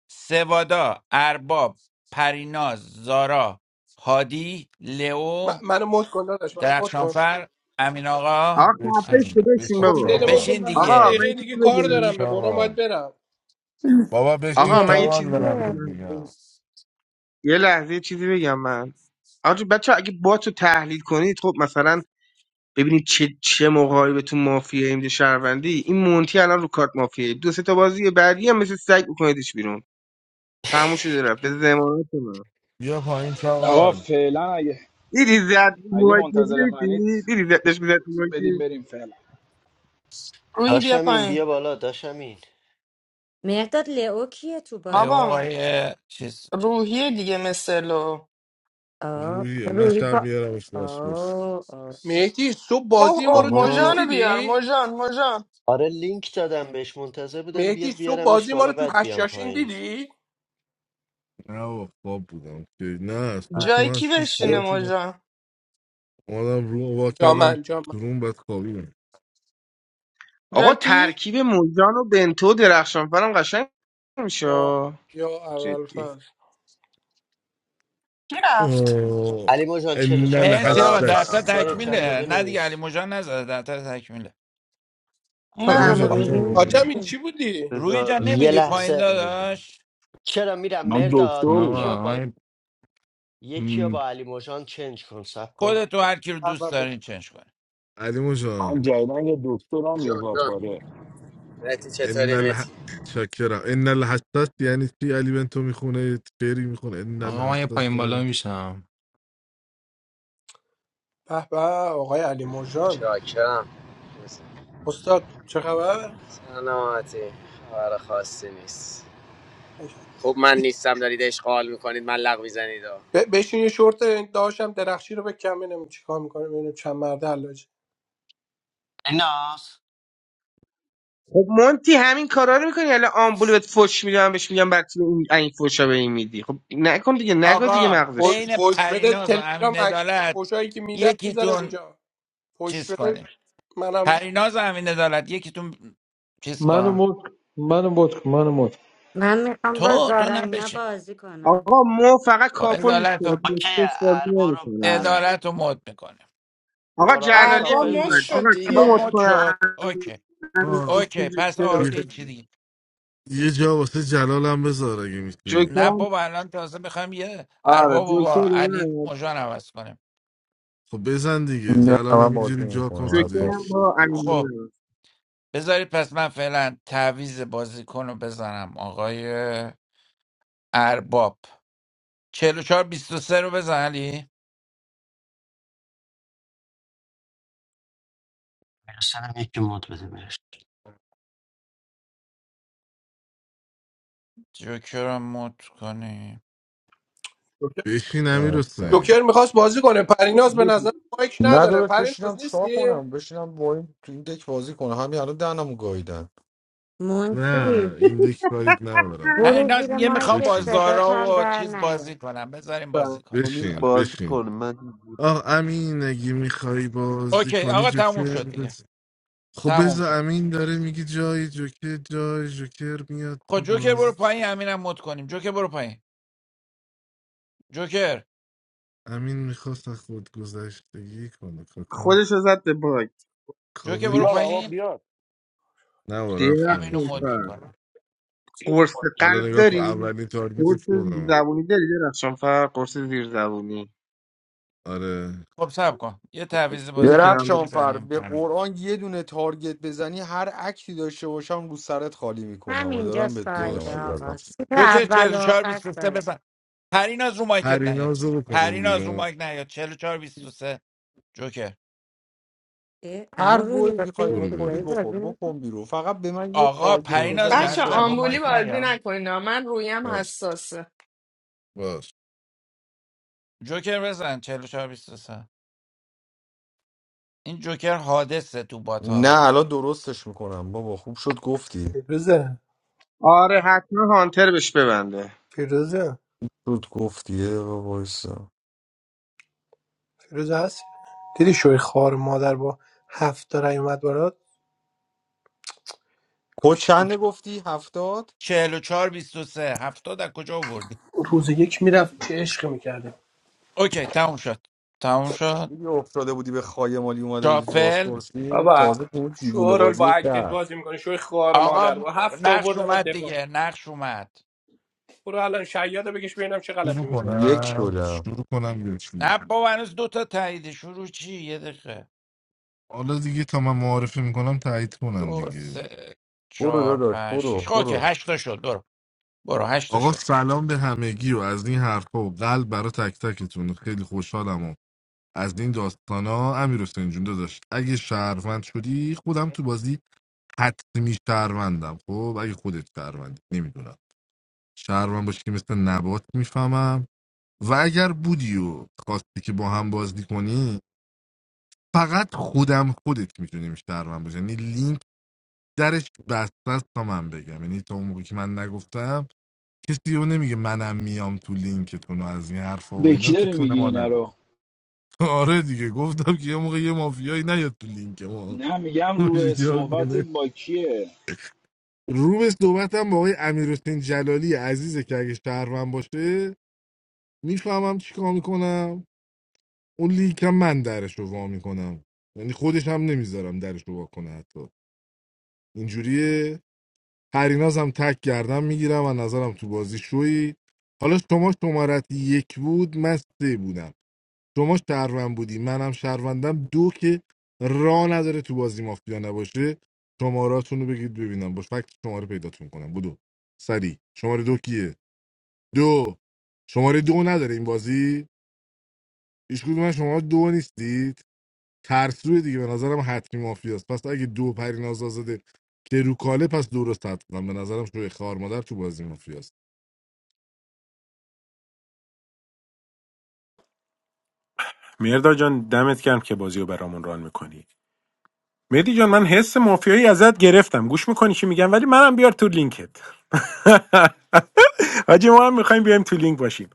Speaker 9: سوادا ارباب پریناز زارا هادی
Speaker 8: من
Speaker 9: لئو
Speaker 8: منو مد کن داداش منو مد کن
Speaker 9: درخشانفر امین آقا
Speaker 10: آقا خفه شو
Speaker 9: اشرا
Speaker 7: بشین
Speaker 10: بشین
Speaker 7: بشین
Speaker 8: بابا
Speaker 10: بابا
Speaker 9: خب
Speaker 8: ولمون کن
Speaker 7: چاقال
Speaker 9: بشین
Speaker 8: من هفت
Speaker 10: آقا
Speaker 9: دیگه
Speaker 10: من یه
Speaker 8: دقیقه
Speaker 10: چیزی
Speaker 8: دیگه کار
Speaker 7: بشین
Speaker 10: بگم
Speaker 8: دارم به قرآن باید
Speaker 7: چاقال
Speaker 8: برم
Speaker 7: بابا بشین
Speaker 10: آقا من یه
Speaker 14: لئو
Speaker 7: چاقال
Speaker 10: چیزی
Speaker 7: دارم
Speaker 14: کیه
Speaker 7: بهت
Speaker 10: بگم
Speaker 7: میگم
Speaker 10: یه لحظه یه چیزی بگم من آجی بچه اگه با تو تحلیل کنید خب مثلا ببینید چه چه موقعی به تو مافیا اینجا شهروندی این مونتی الان رو کارت مافیا دو سه تا بازی بعدی هم مثل سگ بکنیدش بیرون تموم شده رفت به زمانت من
Speaker 7: بیا پایین
Speaker 2: آقا
Speaker 7: چاقال
Speaker 2: فعلا اگه
Speaker 10: دیدی زد رو
Speaker 2: اگه منتظر منید
Speaker 10: دیدی دیدی زدش می‌زد
Speaker 2: بدیم بریم فعلا
Speaker 4: روحی بیا
Speaker 1: داشم این
Speaker 4: پایین
Speaker 1: بیا بالا داشم این
Speaker 14: مهرداد لئو کیه تو
Speaker 9: لئو
Speaker 14: باد
Speaker 4: بابا
Speaker 9: آقای چیز
Speaker 4: روحی دیگه مثلو
Speaker 14: آه
Speaker 7: روحیه من
Speaker 14: روحی
Speaker 7: شب
Speaker 14: با
Speaker 7: میارمش باسپورس
Speaker 14: آه آه.
Speaker 8: مهدی صبح بازی
Speaker 4: اوه
Speaker 8: ما
Speaker 4: اوه
Speaker 8: رو تو چیز
Speaker 4: موجان
Speaker 1: آها
Speaker 4: رو بیار
Speaker 8: دیدی
Speaker 4: موجان موجان
Speaker 1: آره لینک دادم بهش منتظر بودم
Speaker 8: مهدی
Speaker 1: بیاد
Speaker 8: صبح
Speaker 1: بیارمش
Speaker 8: بازی ما رو
Speaker 1: بالا
Speaker 8: تو
Speaker 1: بعد بیام
Speaker 8: هشاشین
Speaker 1: پایین
Speaker 8: دیدی
Speaker 7: نه و خواب بودم که نه از صبح که
Speaker 4: جای
Speaker 7: من از
Speaker 4: کی
Speaker 7: شیش
Speaker 1: علی
Speaker 4: بشینه
Speaker 7: بیدار شدم
Speaker 4: موجان
Speaker 7: اومدم رو وا
Speaker 8: جا
Speaker 7: کردم
Speaker 8: من جا من
Speaker 7: تو روم بعد خوابیدم
Speaker 10: آقا
Speaker 4: جای کی
Speaker 10: ترکیب موجان و بنتو و درخشانفرم قشنگ میشه
Speaker 8: یا یا اول
Speaker 10: جدی
Speaker 8: فصل
Speaker 4: کی رفت
Speaker 7: اوه
Speaker 1: علی مجان
Speaker 7: ان
Speaker 1: 44
Speaker 9: مرسی آقا
Speaker 16: سلام
Speaker 9: ده تا
Speaker 16: سلام
Speaker 7: الحساس
Speaker 1: 23
Speaker 16: سلام
Speaker 1: چنده
Speaker 9: تکمیله نه دیگه
Speaker 1: بنویس
Speaker 9: علی مجان نزده ده تا تکمیله
Speaker 14: خب
Speaker 7: علی
Speaker 4: نه
Speaker 14: امو
Speaker 7: مجان
Speaker 4: بذار
Speaker 14: روحی
Speaker 7: بزن
Speaker 14: نیست.
Speaker 8: حاجم
Speaker 7: دیگه
Speaker 1: اوه.
Speaker 8: این چی بودی
Speaker 9: روی
Speaker 17: بذار
Speaker 9: جان
Speaker 1: یه
Speaker 9: نمیری
Speaker 17: بذار
Speaker 9: پایین
Speaker 1: لحظه
Speaker 17: بذار.
Speaker 9: داداش
Speaker 1: چرا میرم
Speaker 11: من
Speaker 1: مرداد
Speaker 11: دکتر
Speaker 1: یکی رو
Speaker 18: آقا
Speaker 11: بودم
Speaker 1: با
Speaker 18: من
Speaker 1: یکی رو
Speaker 18: م،
Speaker 1: با علی موجان چنج کن سب کن
Speaker 9: خودتو هر کی رو دوست دارین چنج کنه
Speaker 7: علی مجان
Speaker 11: من جدیدن یه دکترم یه
Speaker 16: جون جون
Speaker 11: زادپاره
Speaker 16: مهدی
Speaker 7: ان
Speaker 16: چطوری
Speaker 7: الح...
Speaker 16: مهدی
Speaker 7: شاکرم ان الحساس یعنی چی علی بنتو میخونه شعری میخونه ان
Speaker 18: آقا من یه
Speaker 7: الحساس
Speaker 18: پایین بالا
Speaker 7: دارم.
Speaker 18: میشم
Speaker 8: به به آقای علی مرجان
Speaker 16: چاکرم
Speaker 8: استاد چه خبر
Speaker 16: سلامتی خبر خاصی نیست خوب من نیستم دارید اشغال میکنید من لغ میزنید
Speaker 8: ب- بشین یه شورت داشتم درخشی رو بکن ببینم چیکار میکنه ببینم چند مرده حلاج
Speaker 1: ایناس
Speaker 10: خب مونتی همین کارا رو میکنی الان آمبول بهت فوش میدم بهش میگم بعد تو این این فوشا به این میدی خب نکن دیگه نگو دیگه
Speaker 9: آقا
Speaker 10: مغزشو
Speaker 8: ف-
Speaker 9: بین
Speaker 8: فوش بده
Speaker 9: پریناز و امین
Speaker 8: تلگرام عکس
Speaker 9: عدالت
Speaker 8: فوشایی که میده میذارم
Speaker 9: یکیتون
Speaker 8: اینجا فوش
Speaker 9: چیز
Speaker 8: بده
Speaker 9: کنه
Speaker 8: منم
Speaker 9: پریناز و امین عدالت یکیتون چیز
Speaker 19: Mana
Speaker 9: کن
Speaker 19: motk, mana motk, mana motk.
Speaker 14: من میخوام با
Speaker 9: تو تو
Speaker 14: زارا اینا
Speaker 9: نبشین
Speaker 14: بازی کنم
Speaker 10: آقا مو فقط
Speaker 9: خب
Speaker 10: کاپو دوست
Speaker 9: عدالت
Speaker 10: داره
Speaker 9: رو
Speaker 1: اوکی
Speaker 10: پوستوس بازی
Speaker 1: اربا رو
Speaker 10: نمیکنه مو
Speaker 1: اربا
Speaker 9: عدالت رو مد میکنه
Speaker 10: آقا
Speaker 1: شماره ها رو
Speaker 10: جلالی هم
Speaker 4: ارباب
Speaker 1: شافل
Speaker 10: اومد
Speaker 4: مد
Speaker 1: کن
Speaker 4: شد
Speaker 10: آقا کیو
Speaker 9: ارباب
Speaker 10: مد
Speaker 9: مد
Speaker 4: دیگه
Speaker 9: شد
Speaker 10: کنم
Speaker 9: اوکی
Speaker 7: آه.
Speaker 9: اوکی پس
Speaker 10: جوکر
Speaker 9: آر
Speaker 7: یه
Speaker 10: رو.
Speaker 9: این چی دیگه
Speaker 7: یه جا واسه جلالم بذار اگه میتونی
Speaker 10: جوکر
Speaker 9: نه
Speaker 10: هم
Speaker 9: بابا الان تازه میخوایم یه
Speaker 10: آره
Speaker 9: ارباب رو
Speaker 10: جوکر
Speaker 9: با علی
Speaker 10: رو.
Speaker 9: مژان عوض کنیم
Speaker 7: خب بزن دیگه
Speaker 20: نه
Speaker 7: جلالم
Speaker 20: من بازی
Speaker 7: اینجوری جا کن
Speaker 20: میکنم
Speaker 7: تو
Speaker 20: از
Speaker 10: جوکر
Speaker 20: تو
Speaker 10: هم
Speaker 7: دک
Speaker 10: با
Speaker 9: خب
Speaker 10: امین
Speaker 9: بذارید پس من فعلا تعویز بازیکن رو بزنم آقای ارباب چهل و چهار بیست و سه رو بزن علی
Speaker 1: سرم یکی مد بده بهش
Speaker 9: جوکر رو مد کنیم
Speaker 8: جوکر
Speaker 7: بشین امیر
Speaker 20: دمت گرم.
Speaker 7: حسین
Speaker 8: جوکر میخواست بازی کنه پریناز به نظر مایک
Speaker 20: نه
Speaker 8: نداره
Speaker 20: داداش
Speaker 8: پریناز
Speaker 20: بشینم چیکار
Speaker 8: نیستی
Speaker 20: کنم بشینم با این تو این دک بازی کنم همین الان دهنمو گاییدن
Speaker 7: نه
Speaker 14: مونتی
Speaker 7: این دک کاریت ندارم
Speaker 14: برو
Speaker 9: پریناز
Speaker 14: زیر
Speaker 9: یه میخوام
Speaker 14: مایکت
Speaker 9: با
Speaker 7: بشین
Speaker 14: صدات
Speaker 9: زارا
Speaker 14: هم
Speaker 9: و
Speaker 14: در
Speaker 9: چیز بازی
Speaker 14: نیاد
Speaker 9: کنم بذاریم بازی کنه
Speaker 17: سرمیر
Speaker 9: دیگه
Speaker 7: بشین
Speaker 9: حالا
Speaker 17: بازی
Speaker 7: بشین
Speaker 17: کنه من
Speaker 7: آه امین اگه میخوای بازی
Speaker 9: اوکی
Speaker 7: کنی
Speaker 9: آقا تموم
Speaker 7: جوکر
Speaker 9: شد دیگه
Speaker 7: بزن خب
Speaker 9: تمام
Speaker 7: بذار
Speaker 9: شد
Speaker 7: امین داره میگه جای جوکر جای جوکر میاد
Speaker 9: خب
Speaker 7: تو
Speaker 9: جوکر برو
Speaker 7: بازی
Speaker 9: پایین امینم مد کنیم جوکر برو پایین جوکر
Speaker 7: امین میخواست از خودگذشتگی کنه کاکام
Speaker 10: خودش رو زد به باگ.
Speaker 9: جوکر برو
Speaker 11: بیاد
Speaker 7: کاورش
Speaker 11: آقا
Speaker 9: پایین
Speaker 11: بیاد
Speaker 7: نه و رفت پایین
Speaker 9: امینو
Speaker 10: درخشان
Speaker 7: شوی
Speaker 9: مد
Speaker 10: فر
Speaker 9: میکنم
Speaker 7: خالی
Speaker 10: قرص قلب
Speaker 7: حالا نگاه کن
Speaker 10: داری؟
Speaker 7: اولین تارگیت
Speaker 10: قرص زیر
Speaker 7: خودم
Speaker 10: داری درخشان فر قرص زیر زبونی
Speaker 7: آره
Speaker 9: خب سب کن یه تعویض بازی
Speaker 10: بده
Speaker 9: کنیم
Speaker 10: کنار
Speaker 9: دیگه
Speaker 10: بده.
Speaker 20: درخشان فر
Speaker 9: میزنیم
Speaker 20: به
Speaker 9: پنج
Speaker 20: قرآن یه دونه تارگت بزنی هر اکتی داشته باشم رو سرت خالی میکنم و
Speaker 14: همینجا
Speaker 20: دارم
Speaker 9: ندارد
Speaker 20: بهت میگم
Speaker 14: سایده
Speaker 7: باشه
Speaker 20: از
Speaker 14: آقا
Speaker 20: رزم
Speaker 7: درست
Speaker 14: سیت
Speaker 9: جوکر
Speaker 14: اول و آخر
Speaker 9: 44 23
Speaker 14: سایده
Speaker 9: بزن پرین از رو مایکت نیا
Speaker 7: پریناز رو بکنیم
Speaker 9: پرین از رو
Speaker 7: بیرون
Speaker 9: مایک نیا 44 23 جوکر
Speaker 14: اه،
Speaker 20: هر
Speaker 14: امو روحی
Speaker 20: گوی
Speaker 14: با تو
Speaker 20: میخوای
Speaker 14: یه
Speaker 7: برو
Speaker 20: بخوری
Speaker 14: چیزایی
Speaker 7: بریم
Speaker 20: بخور
Speaker 14: بازی می‌کنی؟
Speaker 20: بکن بیرون فقط به من یه
Speaker 9: آقا
Speaker 20: تارگت
Speaker 9: پرین
Speaker 7: برو.
Speaker 9: از
Speaker 20: بزنی
Speaker 4: بچه
Speaker 9: جرزم رو
Speaker 20: میکنم
Speaker 4: آمبولی
Speaker 9: مایک
Speaker 4: بازی
Speaker 9: نیا
Speaker 4: نکنین ها. من رویم
Speaker 7: باش
Speaker 4: حساسه
Speaker 7: باش
Speaker 9: جوکر بزن 44 23 این جوکر حادثه تو باتا
Speaker 20: نه الان درستش میکنم بابا خوب شد گفتی
Speaker 8: فیروزه
Speaker 10: آره حتما هانتر بهش ببنده
Speaker 8: فیروزه
Speaker 20: شد گفتی بابا وایسا.
Speaker 8: فیروزه هست دیدی شوی خوار مادر با هفت تا رای اومد برات
Speaker 20: کد
Speaker 8: کاش
Speaker 20: چنده گفتی هفتاد
Speaker 9: 44 23 هفتاد از کجا آوردی
Speaker 8: روز یک میرفت چه عشقی میکردیم
Speaker 9: اوکی تموم شد تموم شد
Speaker 20: دیدی افتاده بودی به خای مالی اومده بودی تو
Speaker 9: شافل
Speaker 20: بازپرسی
Speaker 8: بابا
Speaker 20: تازه تو اون دیوونه
Speaker 8: شورال با
Speaker 20: بازی
Speaker 8: اکت
Speaker 20: کرد
Speaker 8: بازی میکنه شوی خوار مادر
Speaker 9: آقا
Speaker 8: با هفت
Speaker 9: نقش
Speaker 8: آوردم
Speaker 9: اومد
Speaker 8: دفاع
Speaker 9: دیگه نقش اومد
Speaker 8: برو الان شیاده بگش ببینم چه غلطی
Speaker 7: شروع
Speaker 8: میکنه
Speaker 20: یک
Speaker 7: کنم
Speaker 20: شدم
Speaker 7: شروع کنم بیرون چی؟
Speaker 9: نه بابا هنوز دوتا تایید شروع چی یه دقیقه
Speaker 7: حالا دیگه تا من معارفه میکنم تایید کنن
Speaker 9: دو
Speaker 7: دیگه
Speaker 9: سه
Speaker 20: برو
Speaker 9: چهار
Speaker 20: داداش
Speaker 9: پنج شیش
Speaker 20: برو
Speaker 9: خب اوکی
Speaker 20: برو
Speaker 9: هشتا شد برو برو هشتا
Speaker 7: آقا
Speaker 9: شد
Speaker 7: سلام به همگی و از این حرفا و قلب برا تک تکتون خیلی خوشحالم از این داستانا امیر حسین جون داشت اگه شهروند شدی خودم تو بازی حتمی شهروندم خب اگه خودت شهروندی نمیدونم شهروند باشی که مثل نبات میفهمم و اگر بودی و خواستی که با هم بازی کنی فقط خودم خودت میتونیم شهروند باشی یعنی لینک درش بسته است تا من بگم یعنی تا اون موقع که من نگفتم کسی رو نمیگه منم میام تو لینکتون و از این حرفا و
Speaker 2: به
Speaker 7: اینا
Speaker 2: کی
Speaker 7: تو
Speaker 2: داری
Speaker 7: کونه
Speaker 2: میگی
Speaker 7: ما
Speaker 2: اینا
Speaker 7: نره
Speaker 2: رو
Speaker 7: آره دیگه گفتم که یه موقع یه مافیایی نیاد تو لینک ما
Speaker 2: نه میگم روی
Speaker 7: جا
Speaker 2: صحبتت
Speaker 7: کنه
Speaker 2: با کیه
Speaker 7: رو به صحبت هم با آقای امیر جلالی عزیزه که اگه شهروند باشه میفهمم چی کار میکنم اون لیگ هم من درش رو وا میکنم یعنی خودش هم نمیذارم درش رو وا کنه حتی اینجوریه پریناز هم تک گردم میگیرم و نظرم تو بازی شوی حالا شما شمارت یک بود من سه بودم شما شهروند بودی منم شهروندم دو که را نداره تو بازی مافیا نباشه شماراتون رو بگید ببینم با فکت شماره پیداتون کنم بدو سری شماره دو کیه دو شماره دو نداره این بازی هیچ کدوم من شما دو نیستید ترسوی دیگه به نظرم حتمی مافیاست پس اگه دو پریناز آزاده که رو کاله پس درست حد کنم به نظرم شوی خار مادر تو بازی مافیاست
Speaker 13: مرداد جان دمت گرم که بازی رو برامون ران میکنی مهدی جان من حس مافیایی ازت گرفتم گوش میکنی چی میگم ولی منم بیار تو لینکت حاجی ما هم میخوایم بیایم تو لینک باشیم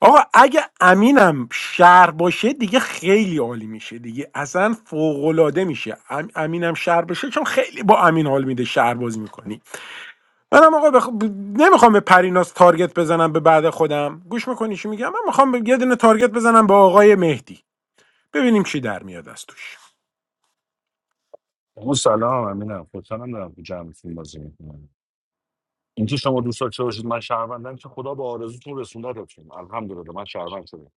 Speaker 13: آقا اگه امینم شهر باشه دیگه خیلی عالی میشه دیگه اصلا فوق العاده میشه ام- امینم شهر باشه چون خیلی با امین حال میده شهر بازی میکنی منم آقا بخ... ب- نمیخوام به پریناس تارگت بزنم به بعد خودم گوش میکنی چی میگم من میخوام یه دونه تارگت بزنم به آقای مهدی ببینیم چی در میاد از توش
Speaker 11: اون سلام امینم خوشحالم دارم تو جمعتون بازی میکنم اینکه شما دوستا چه باشید من شهروندم که خدا به آرزوتون رسوندتتون الحمدلله من شهروند شدم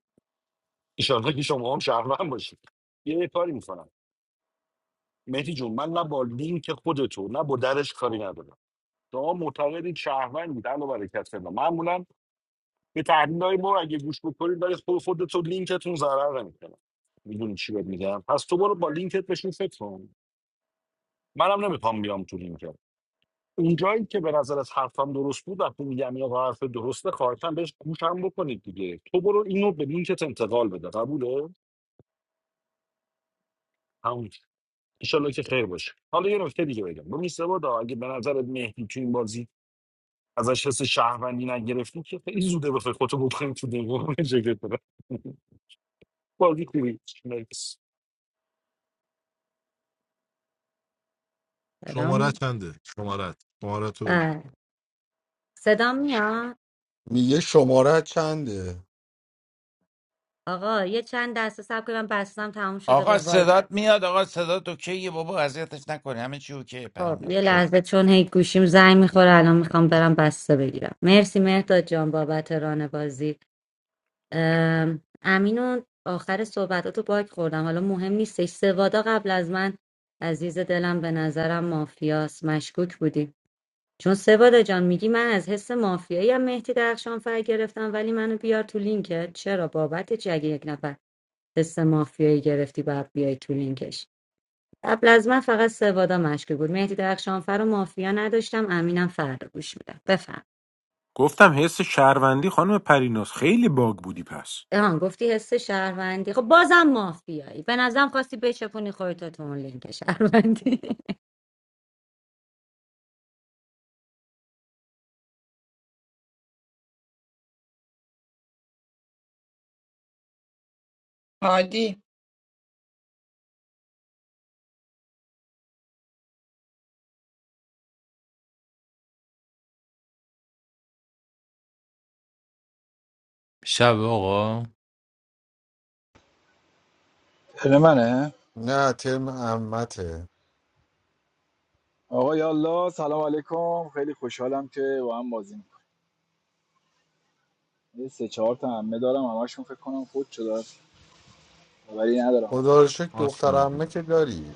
Speaker 11: ایشالله که شما هم شهروند باشید یه کاری میکنم مهدی جون من نه با لینک خودتو نه با درش کاری ندارم شما معتقدید شهروندید الا برکت الله معمولا به تحلیل های ما اگه گوش بکنید ولی خود خودتون لینکتون ضرر نمیکنه میدونی چی بهت میگم پس تو برو با لینکت بشین فکر کن منم نمیخوام بیام تو لینکت اونجایی که به نظرت حرفم درست بود وقتی میگم یا حرف درسته خواهشم بهش گوش هم بکنید دیگه تو برو اینو به لینکت انتقال بده قبوله همون انشالله که خیر باشه حالا یه نکته دیگه بگم ببین سوادا اگه به نظرت مهدی تو این بازی ازش حس شهروندی نگرفتی که خیلی زوده بخوای خودتو بکنی تو دیوار جگه داره بازی خوبی مرسی.
Speaker 14: صدام
Speaker 7: شماره
Speaker 14: می-
Speaker 7: چنده شماره شماره تو بگو
Speaker 14: آه. صدام میاد
Speaker 20: میگه شماره چنده
Speaker 14: آقا یه چند دسته صبر کنید من بستم تموم شده
Speaker 9: آقا
Speaker 14: با وای
Speaker 9: صدات میاد آقا صدات اوکیه بابا اذیتش نکنی همه چی اوکیه
Speaker 14: خب
Speaker 9: پرینار
Speaker 14: یه
Speaker 9: برو
Speaker 14: لحظه چون هی گوشیم زنگ میخوره الان میخوام برم بسته بگیرم مرسی مهداد جان بابت ران بازی ام، امین آخر صحبتاتو باگ خوردم حالا مهم نیستش سوادا قبل از من عزیز دلم به نظرم مافیاس مشکوک بودی چون سوادا جان میگی من از حس مافیایی هم مهدی درخشان فر گرفتم ولی منو بیار تو لینکت چرا بابت چی اگه یک نفر حس مافیایی گرفتی باید بیای تو لینکش قبل از من فقط سوادا مشکوک بود مهدی درخشانفر و مافیا نداشتم امینم فردا گوش میدم بفهم
Speaker 13: گفتم حس شهروندی خانم پریناز خیلی باگ بودی پس
Speaker 14: ها گفتی حس شهروندی خب بازم مافیایی به نظرم خواستی بچپونی خودتو تو اون لینک شهروندی
Speaker 4: عادی
Speaker 18: شب آقا
Speaker 2: برای منه
Speaker 20: نه ترم عمته
Speaker 2: آقا یالا سلام علیکم خیلی خوشحالم که با هم بازی میکنیم یه سه چهار تا همه دارم همشون فکر کنم خود شده ولی ندارم
Speaker 20: خدا
Speaker 2: ازش
Speaker 20: رو شکر دختر
Speaker 7: آشنا
Speaker 20: عمه که داری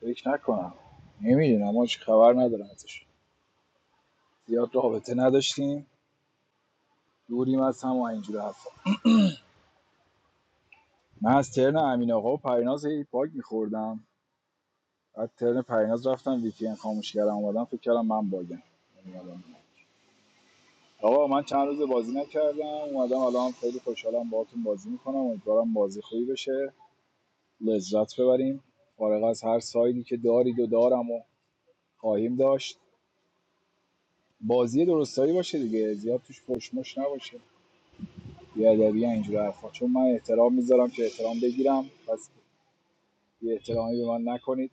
Speaker 2: فکر نکنم نمیدونم ما چی خبر ندارم ازش زیاد رابطه نداشتیم دوریم از هم و اینجور هستم من از ترن امین آقا و پریناز باگ میخوردم بعد ترن پریناز رفتم وی پی ان خاموش کردم اومدم فکر کردم من باگم آقا من چند روز بازی نکردم اومدم الان خیلی خوشحالم باهاتون بازی میکنم امیدوارم بازی خوبی بشه لذت ببریم فارغ از هر سایدی که دارید و دارم و خواهیم داشت بازی درستایی باشه دیگه زیاد توش پشمش نباشه بیادبی اینجور حرفا چون من احترام میذارم که احترام بگیرم پس یه احترامی به من نکنید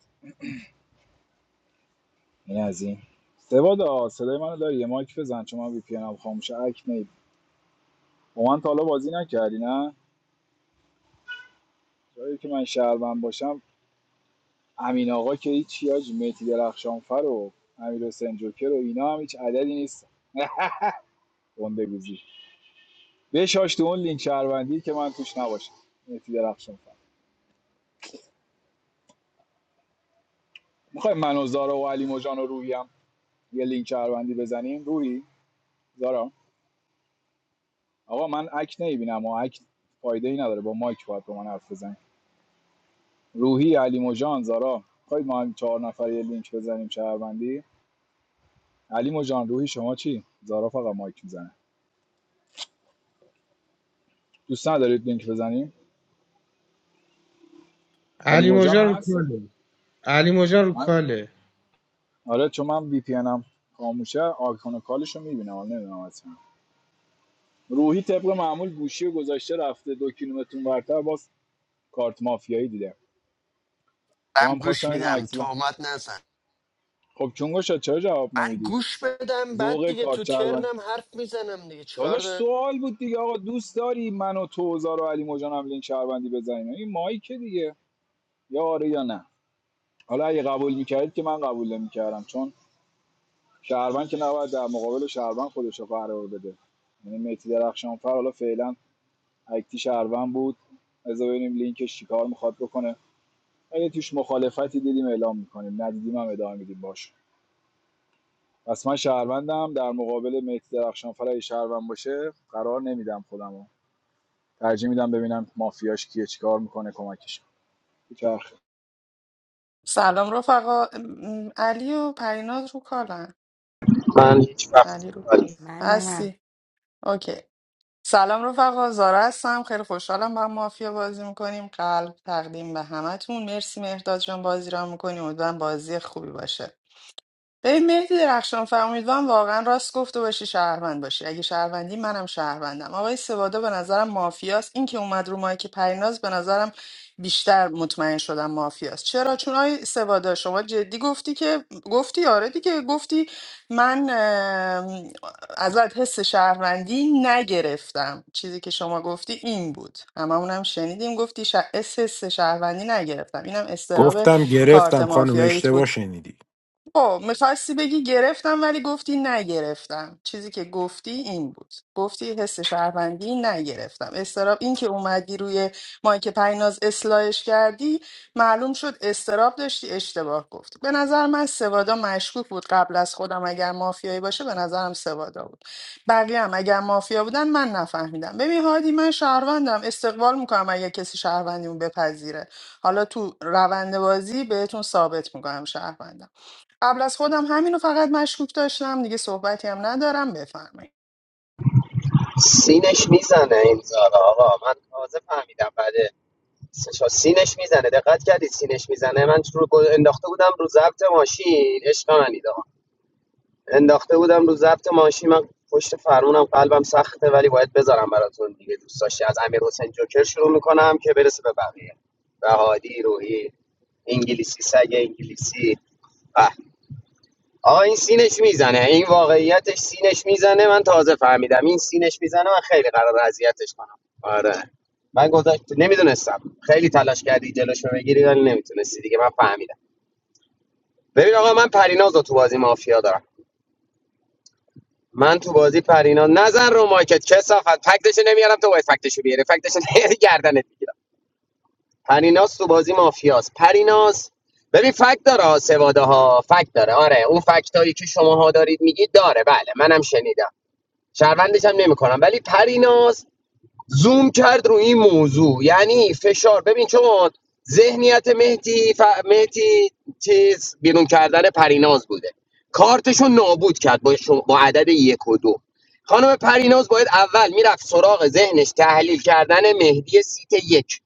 Speaker 2: این از این سوادا صدای منو داری یه مایک بزن چون من وی پی هم خاموشه اک نید با من تا حالا بازی نکردی نه جایی که من شهروند باشم امین آقا که هیچ یاج میتی درخشانفر و امیر حسین جوکر و اینا هم هیچ عددی نیست گنده گوزی بشاش تو اون لینک شهروندی که من توش نباشم میتی درخشانفر میخوای من و زارا و علی مجان و روحی هم یه لینک شهروندی بزنیم روحی زارا آقا من اک نمیبینم و اک فایده ای نداره با مایک باید با من حرف بزنی. روحی علی مجان زارا خواهید ما هم چهار نفر یه لینک بزنیم شهروندی علی مجان روحی شما چی زارا فقط مایک میزنه دوست ندارید لینک بزنیم علی
Speaker 10: علی
Speaker 2: مجان
Speaker 10: موجان رو
Speaker 2: هست
Speaker 10: کاله علی موجان رو
Speaker 2: من
Speaker 10: کاله
Speaker 2: آره چون من وی پی انم خاموشه آیکون کالش رو میبینم حالا نمیدونم اصلا روحی طبق معمول گوشی گذاشته رفته دو کیلومتر ورتر باز کارت مافیایی دیده چون
Speaker 1: من
Speaker 2: هم
Speaker 1: گوش
Speaker 2: خواستم اینم
Speaker 1: میدم
Speaker 2: عکسلا
Speaker 1: تهمت نزن
Speaker 2: خب چونگو شد چرا جواب
Speaker 1: من
Speaker 2: نمیدی
Speaker 1: گوش بدم بعد
Speaker 2: ذوق
Speaker 1: دیگه تو
Speaker 2: کارت
Speaker 1: ترنم حرف میزنم دیگه چیکار
Speaker 2: داداش
Speaker 1: دارم
Speaker 2: سوال بود دیگه آقا دوست داری من و توزار و علی مجان هم لینک شهروندی بزنیم این مایکه دیگه یا آره یا نه حالا اگه قبول میکردید که من قبول نمیکردم چون شهروند که نباید در مقابل شهروند خودش رو قرار بده یعنی مهدی درخشانفر حالا فعلا اکتی شهروند بود بذار ببینیم لینکش چیکار میخواد بکنه اگه توش مخالفتی دیدیم اعلام میکنیم ندیدیم هم ادامه میدیم باش پس من شهروندم در مقابل مهدی درخشانفر اگه شهروند باشه قرار نمیدم خودمو ترجیح میدم ببینم مافیاش کیه چیکار میکنه کمکش چرخ
Speaker 4: سلام رفقا م- علی و پریناز رو کالن
Speaker 16: من هیچ وقت
Speaker 4: علی رو کالن
Speaker 14: من نه من
Speaker 4: هستی اوکی سلام رفقا زارا هستم خیلی خوشحالم با هم مافیا بازی میکنیم قلب تقدیم به همتون مرسی مهرداد جان بازی را میکنیم امیدوارم بازی خوبی باشه ببین مهدی درخشان فر امیدوارم واقعا راست گفته باشی شهروند باشی اگه شهروندی منم شهروندم آقای سوادا به نظرم مافیاست این که اومد رو مایک پریناز به نظرم بیشتر مطمئن شدم مافیاست چرا چون آقای سوادا شما جدی گفتی که گفتی آره دیگه گفتی من ام، ازت حس شهروندی نگرفتم چیزی که شما گفتی این بود هممونم شنیدیم گفتی ش... حس حس شهروندی نگرفتم اینم استراب
Speaker 13: گفتم
Speaker 4: کارت
Speaker 13: گرفتم خانم
Speaker 4: مافیاییت
Speaker 13: اشتباه
Speaker 4: بود
Speaker 13: شنیدی
Speaker 4: خب میخواستی بگی گرفتم ولی گفتی نگرفتم چیزی که گفتی این بود گفتی حس شهروندی نگرفتم استراب این که اومدی روی مایک پیناز اصلاحش کردی معلوم شد استراب داشتی اشتباه گفتی به نظر من سوادا مشکوک بود قبل از خودم اگر مافیایی باشه به نظرم سوادا بود بقیه هم اگر مافیا بودن من نفهمیدم ببین هادی من شهروندم استقبال میکنم اگر کسی شهروندیمو بپذیره حالا تو روند بازی بهتون ثابت میکنم شهروندم قبل از خودم همینو فقط مشکوک داشتم دیگه صحبتی هم ندارم بفرمایید
Speaker 16: سینش میزنه این زارا آقا من تازه فهمیدم بعد سه سینش میزنه دقت کردی سینش میزنه من رو گل- انداخته بودم رو ضبط ماشین عشق منید انداخته بودم رو ضبط ماشین من پشت فرمونم قلبم سخته ولی باید بذارم براتون دیگه دوست داشتی از امیر حسین جوکر شروع میکنم که برسه به بقیه به هادی روحی انگلیسی سگ انگلیسی به. آقا این سینش میزنه این واقعیتش سینش میزنه من تازه فهمیدم این سینش میزنه من خیلی قرار اذیتش کنم آره من گذاشت نمیدونستم خیلی تلاش کردی جلوش رو بگیری ولی نمیتونستی دیگه من فهمیدم ببین آقا من پریناز رو تو بازی مافیا دارم من تو بازی پرینا نزن رو مایکت کسافت فکتش نمیارم تو باید فکتشو بیاری فکتش نمیاری گردنت میگیرم پریناس تو بازی مافیاس پریناس ببین فکت داره ها، سواده ها فکت داره آره اون فکت هایی که شماها دارید میگید داره بله منم شنیدم شهروندش هم نمیکنم ولی پریناس زوم کرد رو این موضوع یعنی فشار ببین چون ذهنیت مهدی ف... مهدی چیز بیرون کردن پریناز بوده کارتشو نابود کرد با, شما- با عدد یک و دو خانم پریناز باید اول میرفت سراغ ذهنش تحلیل کردن مهدی سیت یک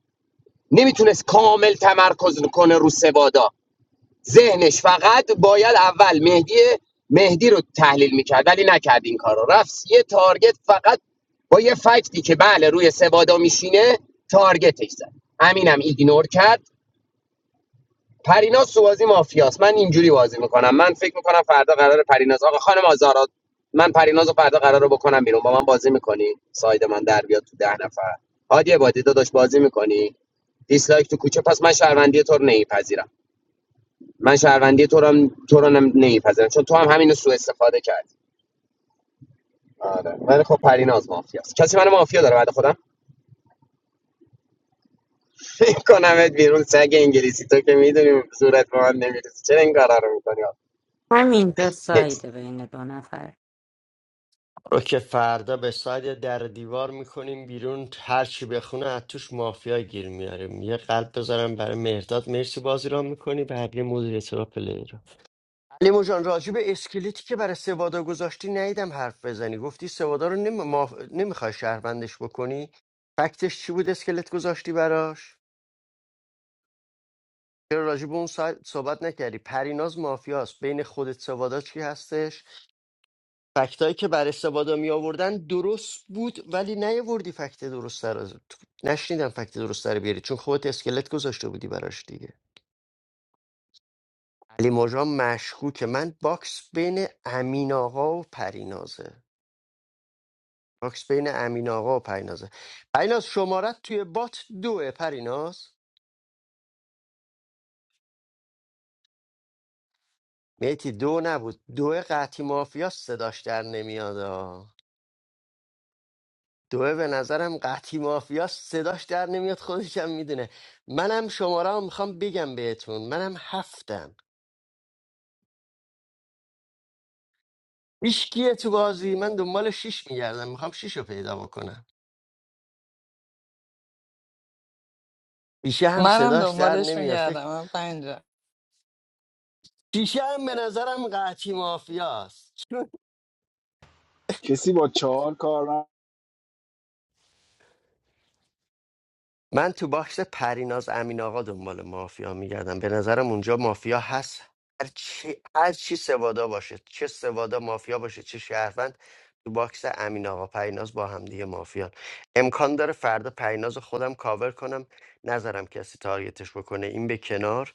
Speaker 16: نمیتونست کامل تمرکز کنه رو سوادا ذهنش فقط باید اول مهدی مهدی رو تحلیل میکرد ولی نکرد این کار رو رفت یه تارگت فقط با یه فکتی که بله روی سبادا میشینه تارگتش زد همینم ایگنور کرد پریناز تو بازی مافیاست من اینجوری بازی میکنم من فکر میکنم فردا قرار پریناز آقا خانم آزارا من پریناز رو فردا قرار بکنم بیرون با من بازی میکنی ساید من در بیاد تو ده نفر هادی عبادی داداش بازی میکنی دیسلایک تو کوچه پس من شهروندی تو رو نمیپذیرم من شهروندی تو رو هم- تو رو نمیپذیرم چون تو هم همینو سوء استفاده کردی آره ولی خب پریناز مافیاست کسی من مافیا داره بعد خودم کنمت بیرون سگ انگلیسی تو که میدونی صورت به من نمیرسی چرا این کارا رو میکنی
Speaker 14: همینجا
Speaker 16: نکست
Speaker 14: سایده بین دو نفر
Speaker 1: رو که فردا به ساید در دیوار میکنیم بیرون هر چی بخونه از توش مافیا گیر میاریم یه قلب بذارم برای مهرداد مرسی بازی را میکنی بقیه مدیر را پلیر علی جان راجب اسکلتی که برای سوادا گذاشتی نیدم حرف بزنی گفتی سوادا رو نمی... ما... نمیخوای شهروندش بکنی فکتش چی بود اسکلت گذاشتی براش چرا راجب اون سا- صحبت نکردی پریناز مافیاست بین خودت سوادا چی هستش فکتایی که برای سوادا می آوردن درست بود ولی نیاوردی فکت درست رو نشنیدم فکت درست رو بیاری چون خودت اسکلت گذاشته بودی براش دیگه علی مژان مشکوکه من باکس بین امین آقا و پرینازه باکس بین امین آقا و پرینازه پریناز شمارت توی بات دوه پریناز میتی دو نبود دو قطی مافیا صداش در نمیاد آه. دوه به نظرم قطی مافیا صداش در نمیاد خودشم میدونه منم شماره رو میخوام بگم بهتون منم هفتم هیچ کیه تو بازی من دنبال شیش میگردم میخوام شیش رو پیدا بکنم شیشه هم
Speaker 4: منم
Speaker 1: صداش در
Speaker 4: دنبالش
Speaker 1: نمیاد فکر
Speaker 4: میگردم من پنجم
Speaker 1: شیشه هم به نظرم قطی مافیاست
Speaker 2: کسی با چهار کار نه
Speaker 1: من تو باکس پریناز امین آقا دنبال مافیا میگردم به نظرم اونجا مافیا هست هر چی هر چی سوادا باشه چه سوادا مافیا باشه چه شهروند تو باکس امین آقا پریناز با هم دیگه مافیا امکان داره فردا پریناز رو خودم کاور کنم نظرم کسی تارگتش بکنه این به کنار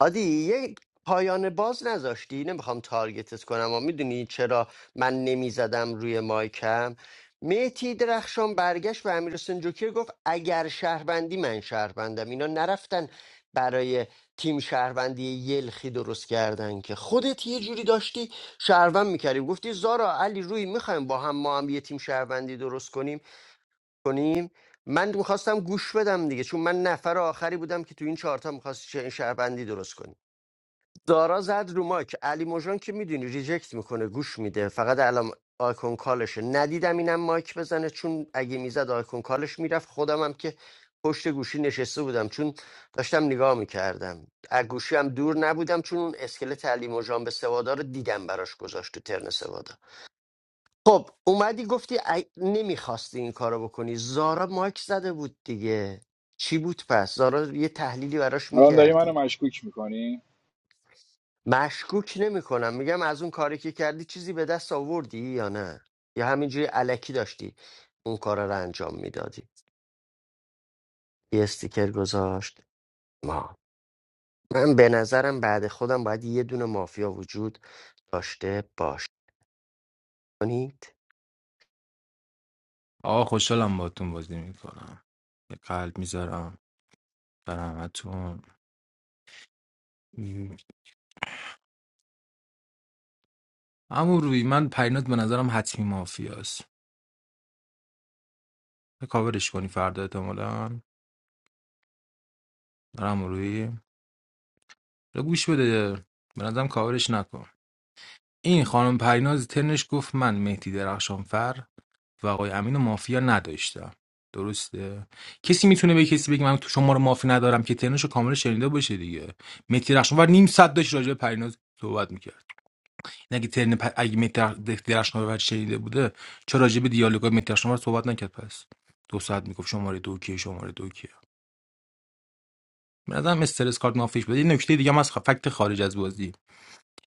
Speaker 1: هادی یک پایان باز نذاشتی نمیخوام تارگتت کنم و میدونی چرا من نمیزدم روی مایکم میتی درخشان برگشت به امیر حسین جوکر گفت اگر شهروندی من شهروندم اینا نرفتن برای تیم شهروندی یلخی درست کردن که خودت یه جوری داشتی شهروند میکردی گفتی زارا علی روی میخوایم با هم ما هم یه تیم شهروندی درست کنیم کنیم من میخواستم گوش بدم دیگه چون من نفر آخری بودم که تو این چهارتا میخواست شهروندی درست کنیم دارا زد رو ماک علی موجان که میدونی ریجکت میکنه گوش میده فقط الان آیکون کالشه ندیدم اینم مایک بزنه چون اگه میزد آیکون کالش میرفت خودم هم که پشت گوشی نشسته بودم چون داشتم نگاه میکردم از گوشی هم دور نبودم چون اون اسکلت علی موجان به سوادا رو دیدم براش گذاشت تو ترن سوادا خب اومدی گفتی ای... نمیخواستی این کارو بکنی زارا مایک زده بود دیگه چی بود پس زارا یه تحلیلی براش
Speaker 2: الان داری منو
Speaker 1: میکردی
Speaker 2: مشکوک میکنی
Speaker 1: مشکوک نمی کنم میگم از اون کاری که کردی چیزی به دست آوردی یا نه یا همینجوری علکی داشتی اون کار رو انجام میدادی یه استیکر گذاشت ما من به نظرم بعد خودم باید یه دونه مافیا وجود داشته باش کنید
Speaker 18: آقا خوشحالم باتون بازی میکنم یه قلب میذارم در همتون م، اما روی من پرینات به نظرم حتمی مافیاست یه کاورش کنی فردا احتمالا برم روی رو گوش بده به نظرم کاورش نکن این خانم پریناز تنش گفت من مهدی درخشانفر و آقای امین و مافیا نداشتم درسته کسی میتونه به کسی بگه من تو شما رو مافی ندارم که ترنشو کامل شنیده باشه دیگه متی رخشانور نیم ساعت داشت راجع به پریناز صحبت میکرد اگه ترن پ... اگه متی رخ- رخشانور شنیده بوده چرا راجع به دیالوگای متی رخشانور صحبت نکرد پس دو ساعت میگفت شماره دو کیه شماره دو کیه به نظرم استرس کارت مافیش بده یه نکته دیگه هم از خ- فکت خارج از بازی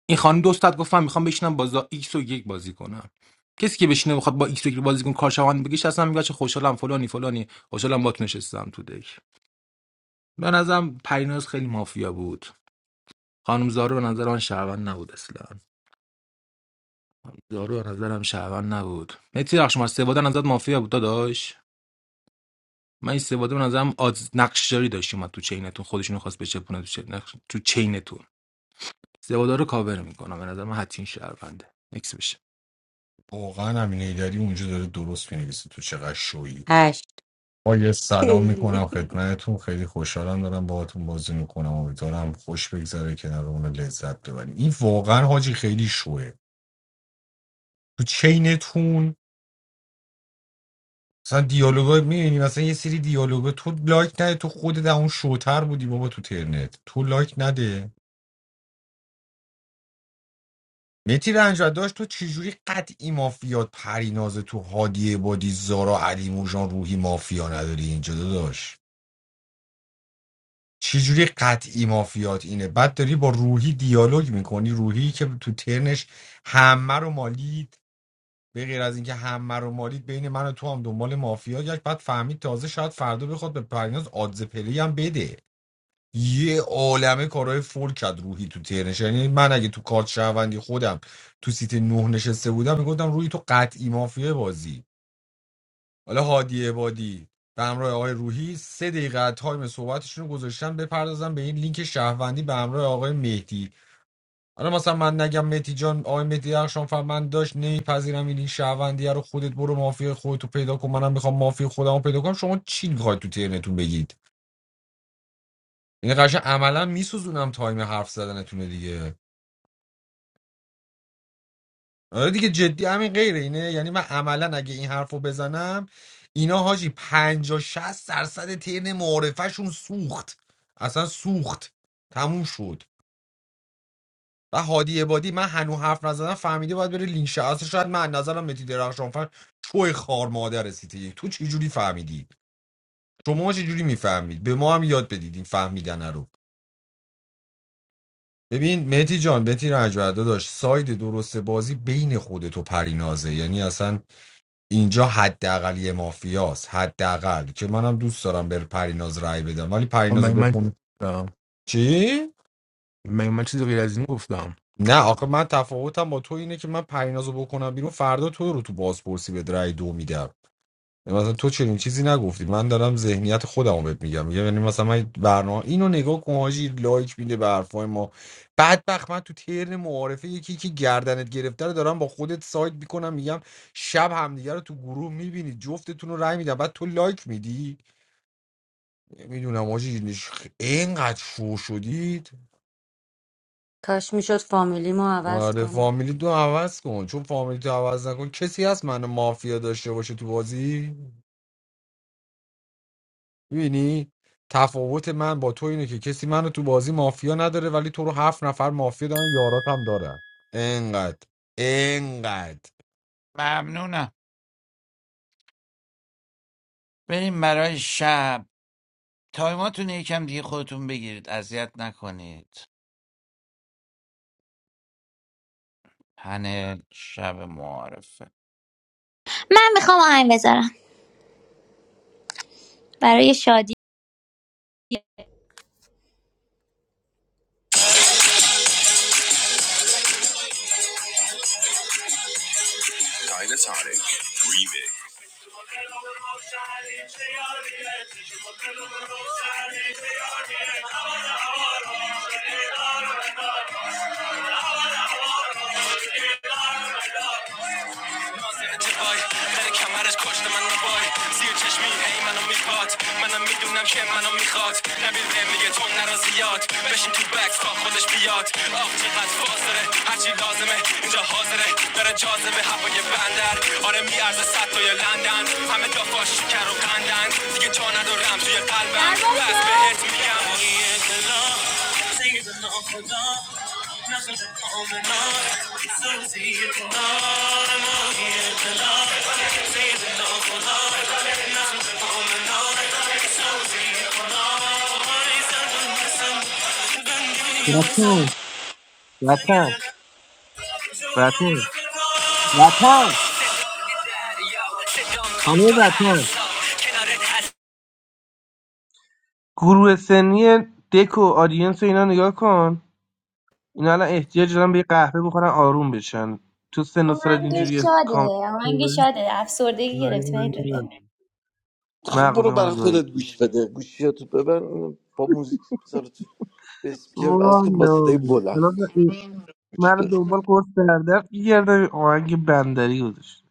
Speaker 18: این خانم دو گفتم میخوام بشینم بازا ایکس و یک بازی کنم کسی که بشینه بخواد با ایکس و یک بازی کنه کارشوان بگیش اصلا میگه چه خوشحالم فلانی فلانی خوشحالم باک نشستم تو دک به نظرم پریناز خیلی مافیا بود خانم زارو به نظر من شهروند نبود اصلا زارو به نظرم شهروند نبود متی رخش ما سواده نظر مافیا بود داداش من این سواده به نظرم آز نقشداری داشت اومد تو چینتون خودشون رو خواست بچپونه تو چین نقش- تو چینتون سواده رو کاور میکنم به نظر من حتین شهرونده نکس بشه
Speaker 20: واقعا همینه داری اونجا داره درست مینویسه تو چقدر شویی
Speaker 14: هشت
Speaker 20: با یه سلام میکنم
Speaker 14: خیلی
Speaker 20: خدمتتون خیلی خوشحالم دارم باهاتون بازی میکنم امیدوارم خوش بگذره کنار اون لذت ببریم این واقعا حاجی خیلی شوه تو چینتون مثلا دیالوگا میبینی مثلا یه سری دیالوگا تو لایک نده تو خودت اون شوتر بودی بابا تو ترنت تو لایک نده متی رنج داشت تو چجوری قطعی مافیات پریناز تو هادی بادی زارا علی موجان روحی مافیا نداری اینجا داداش چجوری قطعی مافیات اینه بعد داری با روحی دیالوگ میکنی روحی که تو ترنش همه رو مالید به غیر از اینکه همه رو مالید بین من و تو هم دنبال مافیا گشت بعد فهمید تازه شاید فردا بخواد به پریناز آدز پلی هم بده یه عالمه کارهای فول کرد روحی تو ترنش یعنی من اگه تو کارت شهروندی خودم تو سیت نه نشسته بودم میگفتم روحی تو قطعی مافیه بازی حالا هادی عبادی به همراه آقای روحی سه دقیقه تایم صحبتشون رو گذاشتن بپردازم به این لینک شهروندی به همراه آقای مهدی حالا مثلا من نگم مهدی جان آقای مهدی درخشان فر من داشت نمیپذیرم این لینک شهروندی رو خودت برو مافیا خودتو پیدا کن منم میخوام مافیا خودمو پیدا کنم شما چی میخواید تو ترنتون بگید این قشنگ عملا میسوزونم تایم حرف زدنتونه دیگه آره دیگه جدی همین غیر اینه یعنی من عملا اگه این حرفو بزنم اینا حاجی 50 60 درصد ترن معارفهشون سوخت اصلا سوخت تموم شد و هادی عبادی من هنو حرف نزدم فهمیده باید بره لینک شه. اصلا شاید من نظرم متی درخشان فر شوی خار مادر سیتی تو چی جوری فهمیدی شما چه جوری میفهمید به ما هم یاد بدید این فهمیدن رو ببین مهدی جان مهدی رنجبردا داشت ساید درست بازی بین خودت و پرینازه یعنی اصلا اینجا حداقل یه مافیاست حداقل که منم دوست دارم بر پریناز رأی بدم ولی
Speaker 18: خب
Speaker 20: پریناز رو
Speaker 18: من من چی
Speaker 20: بخون
Speaker 18: گفتم؟
Speaker 20: چی
Speaker 18: Main maçı da biraz involved
Speaker 20: نه آخه من تفاوتم با تو اینه که من پریناز رو بکنم بیرون فردا تو رو تو بازپرسی به رأی دو میدم مثلا تو چنین چیزی نگفتی من دارم ذهنیت خودم رو بهت میگم میگم یعنی مثلا من برنامه اینو نگاه کن حاجی لایک میده به حرفای ما بدبخت من تو ترن معارفه یکی که گردنت گرفته رو دارم با خودت سایت میکنم میگم شب همدیگه رو تو گروه میبینید جفتتون رو رأی میدم بعد تو لایک میدی نمیدونم آجی اینقدر شو شدید
Speaker 14: کاش میشد فامیلیمو عوض
Speaker 20: آره
Speaker 14: کنم
Speaker 20: فامیلی تو عوض کن چون فامیلی تو عوض نکن کسی هست منو مافیا داشته باشه تو بازی میبینی تفاوت من با تو اینه که کسی منو تو بازی مافیا نداره ولی تو رو هفت نفر مافیا دارن یارات هم دارن اینقدر اینقدر
Speaker 9: ممنونم بریم برای شب تایماتون یکم دیگه خودتون بگیرید اذیت نکنید پنل شب معارفه
Speaker 3: من میخوام آهنگ بذارم برای شادی در کمرش کشت من بای زیر چشمی هی منو میخواد منم میدونم که منو میخواد نبیل بهم میگه تو نرا زیاد بشین تو بکس تا خودش بیاد آخ چقدر فاصله هرچی لازمه اینجا حاضره داره جاذبه هوای بندر آره میارزه صد تا یا لندن همه دافاش شکر و قندن دیگه جا ندارم توی قلبم درباز بس کن بهت میگم
Speaker 10: وطن وطن وطن وطن
Speaker 3: صدام
Speaker 10: همه
Speaker 3: کن تو هر
Speaker 10: وطن
Speaker 3: سال کنارت هر
Speaker 10: گروه سنی دک و آدینس و اینا نگاه کن اینا الان احتیاج دارن به یه قهوه بخورن آروم بشن تو سن و سالت
Speaker 3: آهنگ
Speaker 10: اینجوری
Speaker 3: شاده
Speaker 10: کام
Speaker 3: آهنگ شاده افسردگی گرفت وحید رضا
Speaker 15: خب برو برای
Speaker 10: مغزمون
Speaker 15: خودت
Speaker 10: گاهی
Speaker 15: گوش بده گوشیاتو ببر با موزیک بذار تو اسپیکر
Speaker 10: والا
Speaker 15: از کن با صدای بلند
Speaker 10: الان این-
Speaker 15: گوش
Speaker 10: من رو
Speaker 15: بده
Speaker 10: دنبال قرص سردرد میگردم آهنگ بندری گذاشت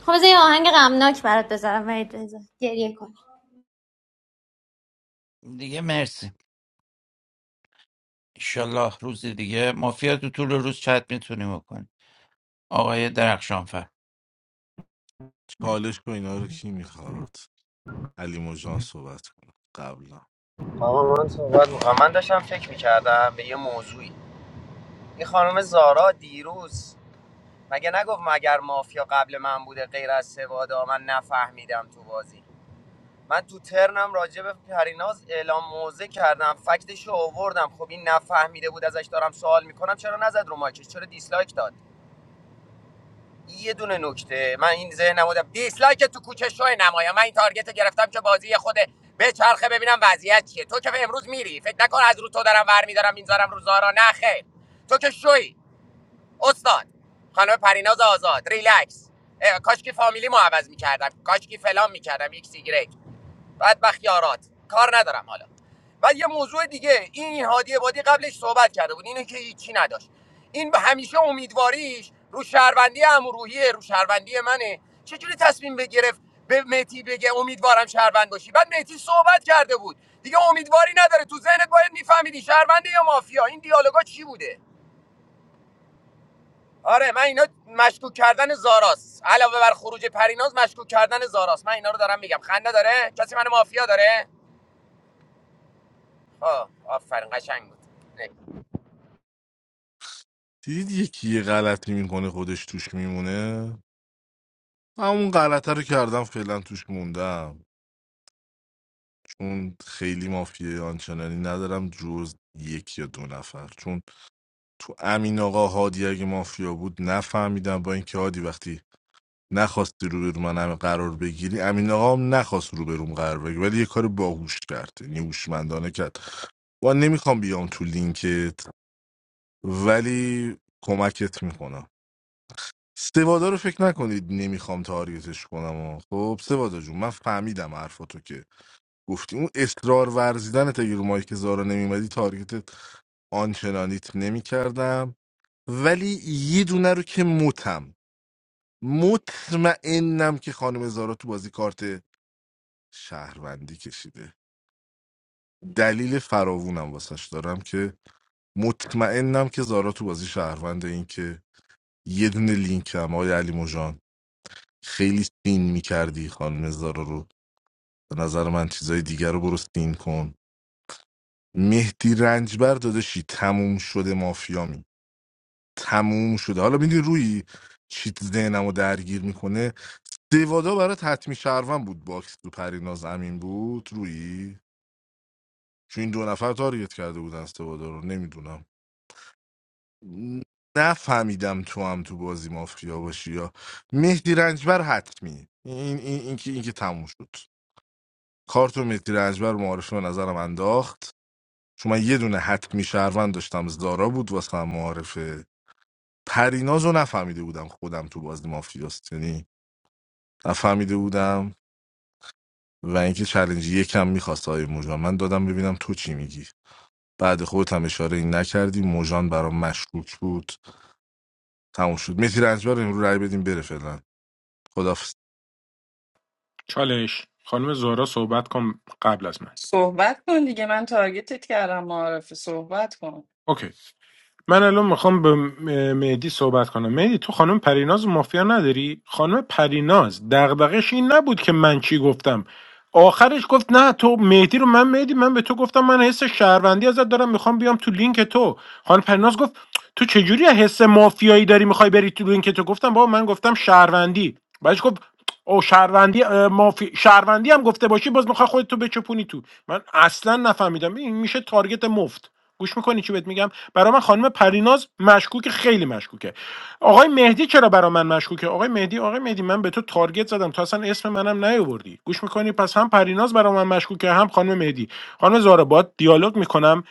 Speaker 3: خب بذار یه آهنگ غمناک برات بذارم وحید رضا گریه کن
Speaker 9: دیگه مرسی ایشالله روز دیگه مافیا تو طول روز چت میتونیم بکنیم آقای درخشانفر
Speaker 7: چالش با اینا رو کی میخواد علی مجان صحبت کنه قبلا
Speaker 16: آقا من صحبت میکنم من داشتم فکر میکردم به یه موضوعی این خانم زارا دیروز مگه نگفت مگر مافیا قبل من بوده غیر از سوادا من نفهمیدم تو بازی من تو ترنم راجع به پریناز اعلام موضع کردم فکتش رو آوردم خب این نفهمیده بود ازش دارم سوال میکنم چرا نزد رو مایکش چرا دیسلایک داد یه دونه نکته من این ذهنم بودم دیسلایک تو کوچه شو نمایا من این تارگت رو گرفتم که بازی خود به چرخه ببینم وضعیت چیه تو که امروز میری فکر نکن از رو تو دارم ور میدارم میذارم رو زارا نه خیر تو که شوی استاد خانم پریناز آزاد ریلکس اه، کاش که فامیلی مو عوض میکردم کاش که فلان میکردم ایکس ایگرگ بدبخت یارات کار ندارم حالا و یه موضوع دیگه این هادی عبادی قبلش صحبت کرده بود اینو که هیچی نداشت این به همیشه امیدواریش رو شهروندی امروحیه رو شهروندی منه چجوری تصمیم بگرفت به مهدی بگه امیدوارم شهروند باشی بعد مهدی صحبت کرده بود دیگه امیدواری نداره تو ذهنت باید میفهمیدی شهرونده یا مافیا این دیالوگا چی بوده آره من اینا مشکوک کردن زاراست علاوه بر خروج پریناز مشکوک کردن زاراست من اینا رو دارم میگم خنده داره کسی من مافیا داره آه آفرین قشنگ بود نه.
Speaker 7: دیدید یکی یه غلطی میکنه خودش توش میمونه همون غلطه رو کردم فعلا توش موندم چون خیلی مافیه آنچنانی ندارم جز یک یا دو نفر چون تو امین آقا هادی اگه مافیا بود نفهمیدم با اینکه هادی وقتی نخواستی رو من همه قرار بگیری امین آقا هم نخواست رو بروم قرار بگیری ولی یه کار باهوش کرد یعنی هوشمندانه کرد و نمیخوام بیام تو لینکت ولی کمکت میکنم سوادا رو فکر نکنید نمیخوام تارگتش کنم و خب سوادا جون من فهمیدم حرفاتو که گفتی اون اصرار ورزیدن تا رو مایک زارا نمیمدی تارگتت آنچنانیت نمیکردم ولی یه دونه رو که متم مطمئنم که خانم زارا تو بازی کارت شهروندی کشیده دلیل فراوونم واسش دارم که مطمئنم که زارا تو بازی شهرونده این که یه دونه لینک هم آقای علی مژان. خیلی سین میکردی خانم زارا رو به نظر من چیزای دیگر رو برو سین کن مهدی رنجبر داداشی تموم شده مافیامی تموم شده حالا میدونی روی چیت ذهنم رو درگیر میکنه دیوادا برای حتمی شهروند بود باکس تو پریناز امین بود روی چون این دو نفر تارگت کرده بودن سوادا رو نمیدونم نفهمیدم تو هم تو بازی مافیا باشی یا مهدی رنجبر حتمی این این این که این که تموم شد کارتو میتیر اجبر معارفه به نظرم انداخت چون من یه دونه حتمی شهروند داشتم از دارا بود واسه هم معارفه پریناز رو نفهمیده بودم خودم تو بازی مافیاست یعنی نفهمیده بودم و اینکه چلنج یکم میخواست آقای موجان من دادم ببینم تو چی میگی بعد خودت هم اشاره این نکردی موجان برام مشکوک بود تموم شد میتیر اجبر امرو رای بدیم بره فعلا خدافظ
Speaker 13: چالش خانم زارا صحبت کن قبل از من
Speaker 4: صحبت کن دیگه من تارگتت کردم معرفی صحبت کن
Speaker 13: اوکی من الان میخوام به م- مهدی صحبت کنم مهدی تو خانم پریناز مافیا نداری خانم پریناز دغدغش این نبود که من چی گفتم آخرش گفت نه تو مهدی رو من مهدی من به تو گفتم من حس شهروندی ازت دارم میخوام بیام تو لینک تو خانم پریناز گفت تو چجوری حس مافیایی داری میخوای بری تو لینک تو گفتم بابا من گفتم شهروندی بعدش گفت او شهروندی اه، مافی شهروندی هم گفته باشی باز میخوای خودتو بچپونی تو من اصلا نفهمیدم این میشه تارگت مفت گوش میکنی چی بهت میگم برای من خانم پریناز مشکوک خیلی مشکوکه آقای مهدی چرا برای من مشکوکه آقای مهدی آقای مهدی من به تو تارگت زدم تو اصلا اسم منم نیاوردی گوش میکنی پس هم پریناز برای من مشکوکه هم خانم مهدی خانم زارا باد دیالوگ میکنم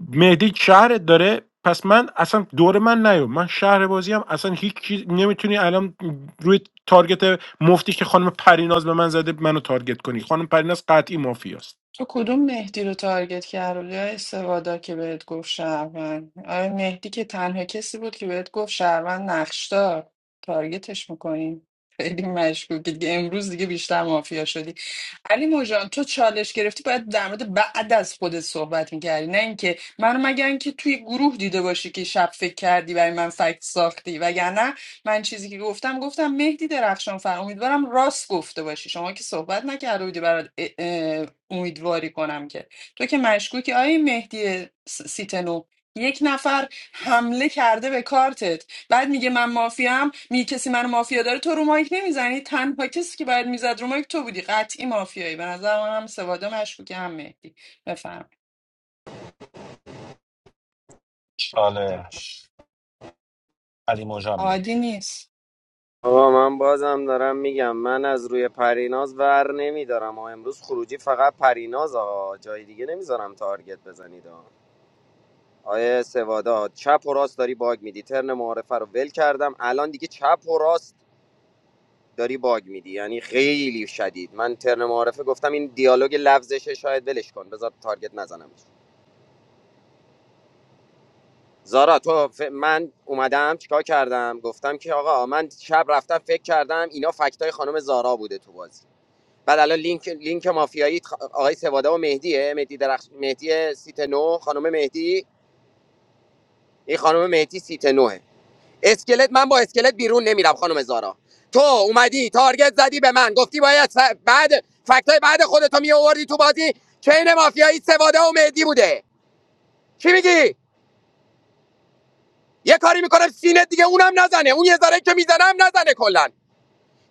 Speaker 13: مهدی شهرت داره پس من اصلا دور من نیو من شهر بازی هم اصلا هیچ چیز نمیتونی الان روی تارگت مفتی که خانم پریناز به من زده منو تارگت کنی خانم پریناز قطعی مافیاست
Speaker 4: تو کدوم مهدی رو تارگت کردی یا استوادا که بهت گفت شهروند آره مهدی که تنها کسی بود که بهت گفت شهروند نقشدار تارگتش میکنیم خیلی مشکوکی دیگه امروز دیگه بیشتر مافیا شدی علی موجان تو چالش گرفتی باید در مورد بعد از خودت صحبت میکردی نه اینکه منو مگر اینکه توی گروه دیده باشی که شب فکر کردی برای من فکت ساختی وگرنه من چیزی که گفتم گفتم مهدی درخشان فر امیدوارم راست گفته باشی شما که صحبت نکرده بودی برات امیدواری کنم که تو که مشکوکی آیه مهدی س- سیتنو یک نفر حمله کرده به کارتت بعد میگه من مافیام می کسی من مافیا داره تو رو مایک نمیزنی تنها کسی که باید میزد رو مایک تو بودی قطعی مافیایی به نظر من هم سوادا مشکوکی هم مهدی بفهم
Speaker 11: چالش علی مجانی
Speaker 4: عادی نیست
Speaker 16: آقا من بازم دارم میگم من از روی پریناز ور نمیدارم و امروز خروجی فقط پریناز آقا جای دیگه نمیذارم تارگت بزنید آقا آیه سوادا چپ و راست داری باگ میدی ترن معارفه رو ول کردم الان دیگه چپ و راست داری باگ میدی یعنی خیلی شدید من ترن معارفه گفتم این دیالوگ لفظشه شاید ولش کن بذار تارگت نزنم زارا تو ف- من اومدم چیکار کردم گفتم که آقا من شب رفتم فکر کردم اینا فکتای خانم زارا بوده تو بازی بعد الان لینک لینک مافیایی خ- آقای سواده و مهدیه مهدی درخش مهدی سیت نو خانم مهدی این خانم مهدی سیت نوه اسکلت من با اسکلت بیرون نمیرم خانم زارا تو اومدی تارگت زدی به من گفتی باید س- بعد فکتای بعد خودتو می آوردی تو بازی چین مافیایی سواده و مهدی بوده چی میگی یه کاری میکنم سینه دیگه اونم نزنه اون یه ذره که میزنم نزنه کلا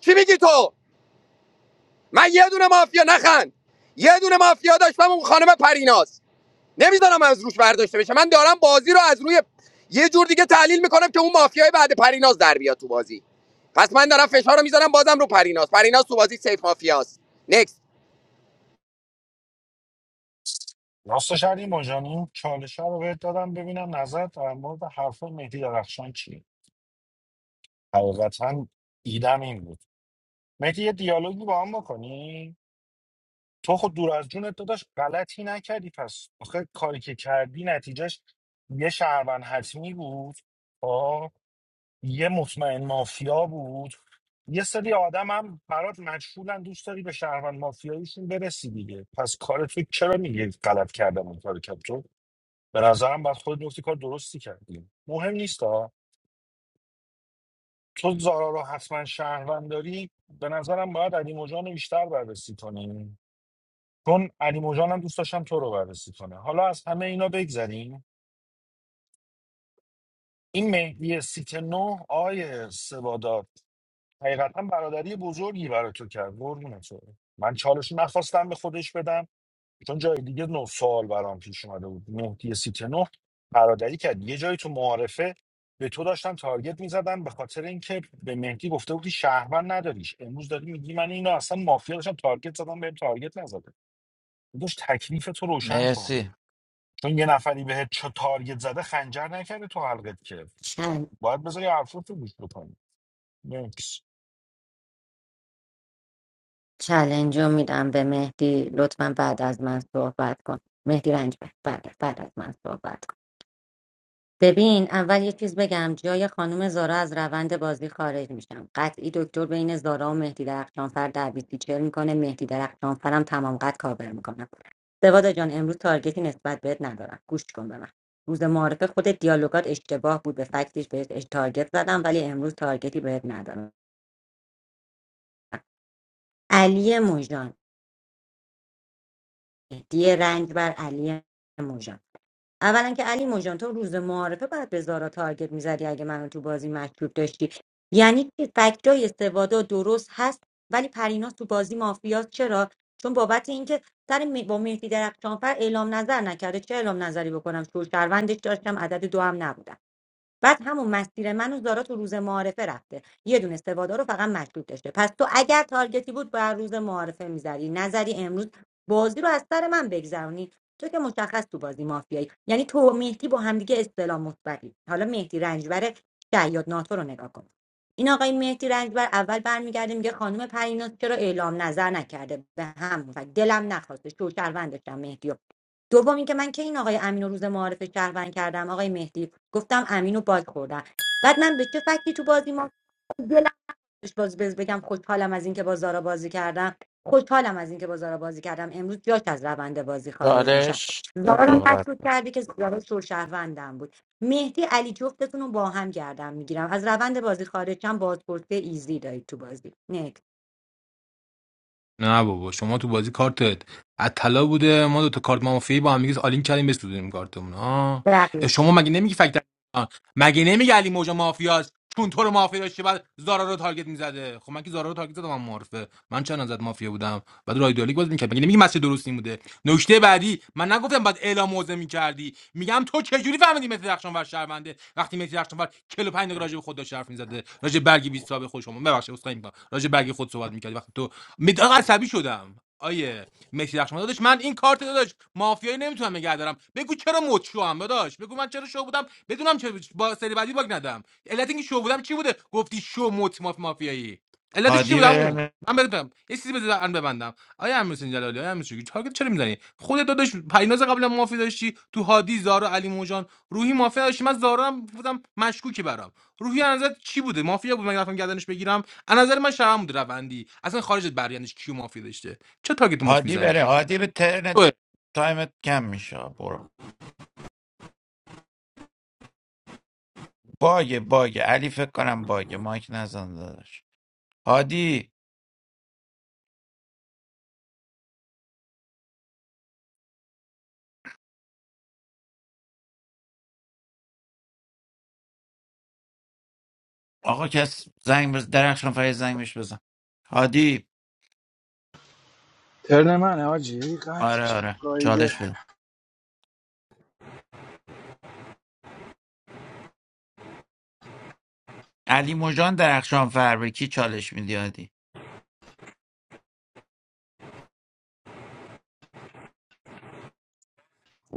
Speaker 16: چی میگی تو من یه دونه مافیا نخند یه دونه مافیا داشتم اون خانم پریناز نمیذارم از روش برداشته بشه من دارم بازی رو از روی یه جور دیگه تحلیل میکنم که اون مافیای بعد پریناز در بیاد تو بازی پس من دارم فشار رو میذارم بازم رو پریناز پریناز تو بازی سیف مافیاست نکست
Speaker 11: راستش علی مجانی چالش رو بهت دادم ببینم نظر در مورد حرف مهدی درخشان چیه حقیقتا ایدم این بود مهدی یه دیالوگی با هم بکنی تو خود دور از جونت داداش غلطی نکردی پس آخه کاری که کردی نتیجهش یه شهروند حتمی بود خب. یه مطمئن مافیا بود یه سری آدم هم برات مجهولن دوست داری به شهروند مافیاییشون برسی دیگه پس کار تو چرا میگه غلط کردم اون کار کرد تو به نظرم بعد خود نکته کار درستی کردی مهم نیست ها تو زارا رو حتما شهروند داری به نظرم باید علی مجان رو بیشتر بررسی کنی چون علی مجان هم دوست داشتم تو رو بررسی کنه حالا از همه اینا بگذریم این مهدی سیت نو آیه سوادا حقیقتا برادری بزرگی برای تو کرد قربونت برم. من چالش نخواستم به خودش بدم چون جای دیگه نه سوال برام پیش اومده بود مهدی سیت نه برادری کرد یه جایی تو معارفه به تو داشتم تارگت میزدم به خاطر اینکه به مهدی گفته بودی شهروند نداریش امروز داری میگی من اینو اصلا مافیا داشتم تارگت زدم بهم تارگت نزده داشت تکلیف تو روشن کن
Speaker 9: مرسی
Speaker 11: چون یه نفری بهت چه تارگت زده خنجر نکرده تو حلقت که
Speaker 14: چل...
Speaker 11: باید بذاری حرفات رو گوش بکنی مرسی
Speaker 14: چلنج رو میدم به مهدی لطفا بعد از من صحبت کن مهدی رنج بعد بعد از من صحبت کن ببین اول یه چیز بگم جای خانم زارا از روند بازی خارج میشم قطعی دکتر بین زارا و مهدی درخشانفر دعوی تیچر میکنه مهدی درخشانفرم تمام قد کاور میکنم سوادا جان امروز تارگتی نسبت بهت ندارم گوش کن به من روز معارف خود دیالوگات اشتباه بود به فکتش بهت اش- تارگت زدم ولی امروز تارگتی بهت ندارم علی موجان مهدی رنج بر علی موژان اولا که علی مژان تو روز معارفه باید به زارا تارگت میزدی اگه منو تو بازی مشکوک داشتی یعنی که فکتای سوادا درست هست ولی پریناز تو بازی مافیاست چرا چون بابت اینکه سر می- با مهدی درخشانفر اعلام نظر نکرده چه اعلام نظری بکنم شوشروندش داشتم عدد دو هم نبودم بعد همون مسیر منو داره تو روز معارفه رفته یه دونه سوادارو رو فقط مشکوک داشته پس تو اگر تارگتی بود بر روز معارفه میزدی نظری امروز بازی رو از سر من بگذرونی تو که مشخص تو بازی مافیایی یعنی تو و مهدی با همدیگه اصطلاح مثبتی حالا مهدی رنجبر شیاد ناتو رو نگاه کن این آقای مهدی رنجبر اول برمیگرده میگه خانم پریناز چرا اعلام نظر نکرده به همون فکر دلم نخواسته شوشروند داشتم مهدی رو. دوم اینکه من که این آقای امین رو روز معارف شهروند کردم آقای مهدی گفتم امینو باگ خوردم بعد من به چه فکتی تو بازی ما دلم خوش باز بز بگم خوشحالم از اینکه با زارا بازی کردم خوشحالم از اینکه با زارا بازی کردم امروز جاش از روند بازی خارج میشم
Speaker 9: چالش
Speaker 14: زارا رو
Speaker 9: صحبت
Speaker 14: مشکوک کردی که زارا شهروندم بود مهدی علی جفتتون رو با هم گردم میگیرم از روند بازی خارج شم بازپرسی ایزی دارید تو بازی نیک
Speaker 18: نه بابا شما تو بازی کارتت از طلا بوده ما دو تا کارت مافیایی با هم دیگه آلین کردیم بسودیم کارتمون ها اه،
Speaker 14: رقیب
Speaker 18: شما مگه نمیگی فکت آه، مگه نمیگی علی موجا مافیاست چون تو رو مافیا داشته بعد زارا رو تارگت میزده خب من که زارا رو تارگت زدم من معرفه من چند ازت مافیا بودم بعد راه ایدئالیک باز میکرد مگه نمیگی مسیر درست این بوده نکته بعدی من نگفتم بعد اعلام موزه میکردی میگم تو چه جوری فهمیدی مهدی درخشانفر شهرونده وقتی مهدی درخشانفر 45 دقیقه راجع به خود داشت حرف میزده راجع به برگ 20 تا به خود شما ببخشید اسخای میکنم راجع به برگ خود صحبت میکردی وقتی تو مداق عصبی شدم آیه مسی رخشان داداش من این کارت داداش مافیایی نمیتونم نگه دارم بگو چرا مد شوام داداش بگو من چرا شو بودم بدونم چرا با سری بعدی باگ ندم علت اینکه شو بودم چی بوده گفتی شو مت ماف مافیایی علتش چی
Speaker 9: هادی
Speaker 18: بودم اون
Speaker 9: بره
Speaker 18: من بدونم یه چیزی بذار ببندم آیا امیر حسین جلالی آیا امیر حسین تارگت چرا میزنی خودت داداش پیناز قبل مافی داشتی تو هادی زارا علی موجان روحی مافیا داشتی من زارا هم بودم مشکوکی برام روحی از نظرت چی بوده مافیا بود من رفتم گردنش بگیرم از نظر من شرم بود روندی اصلا خارج از برایندش کیو مافی داشته چه تاگت موف
Speaker 9: هادی
Speaker 18: میزنی
Speaker 9: بره هادی به ترن تایمت کم میشه برو باگه باگه علی فکر کنم باگه مایک نزن داداش هادی آقا کس زنگ بز درخشان فر زنگ بهش بزن هادی
Speaker 2: ترن من حاجی قطع
Speaker 9: آره
Speaker 2: میشم
Speaker 9: آره
Speaker 2: گایده
Speaker 9: چالش بده علی مجان درخشان فر به کی چالش میدی هادی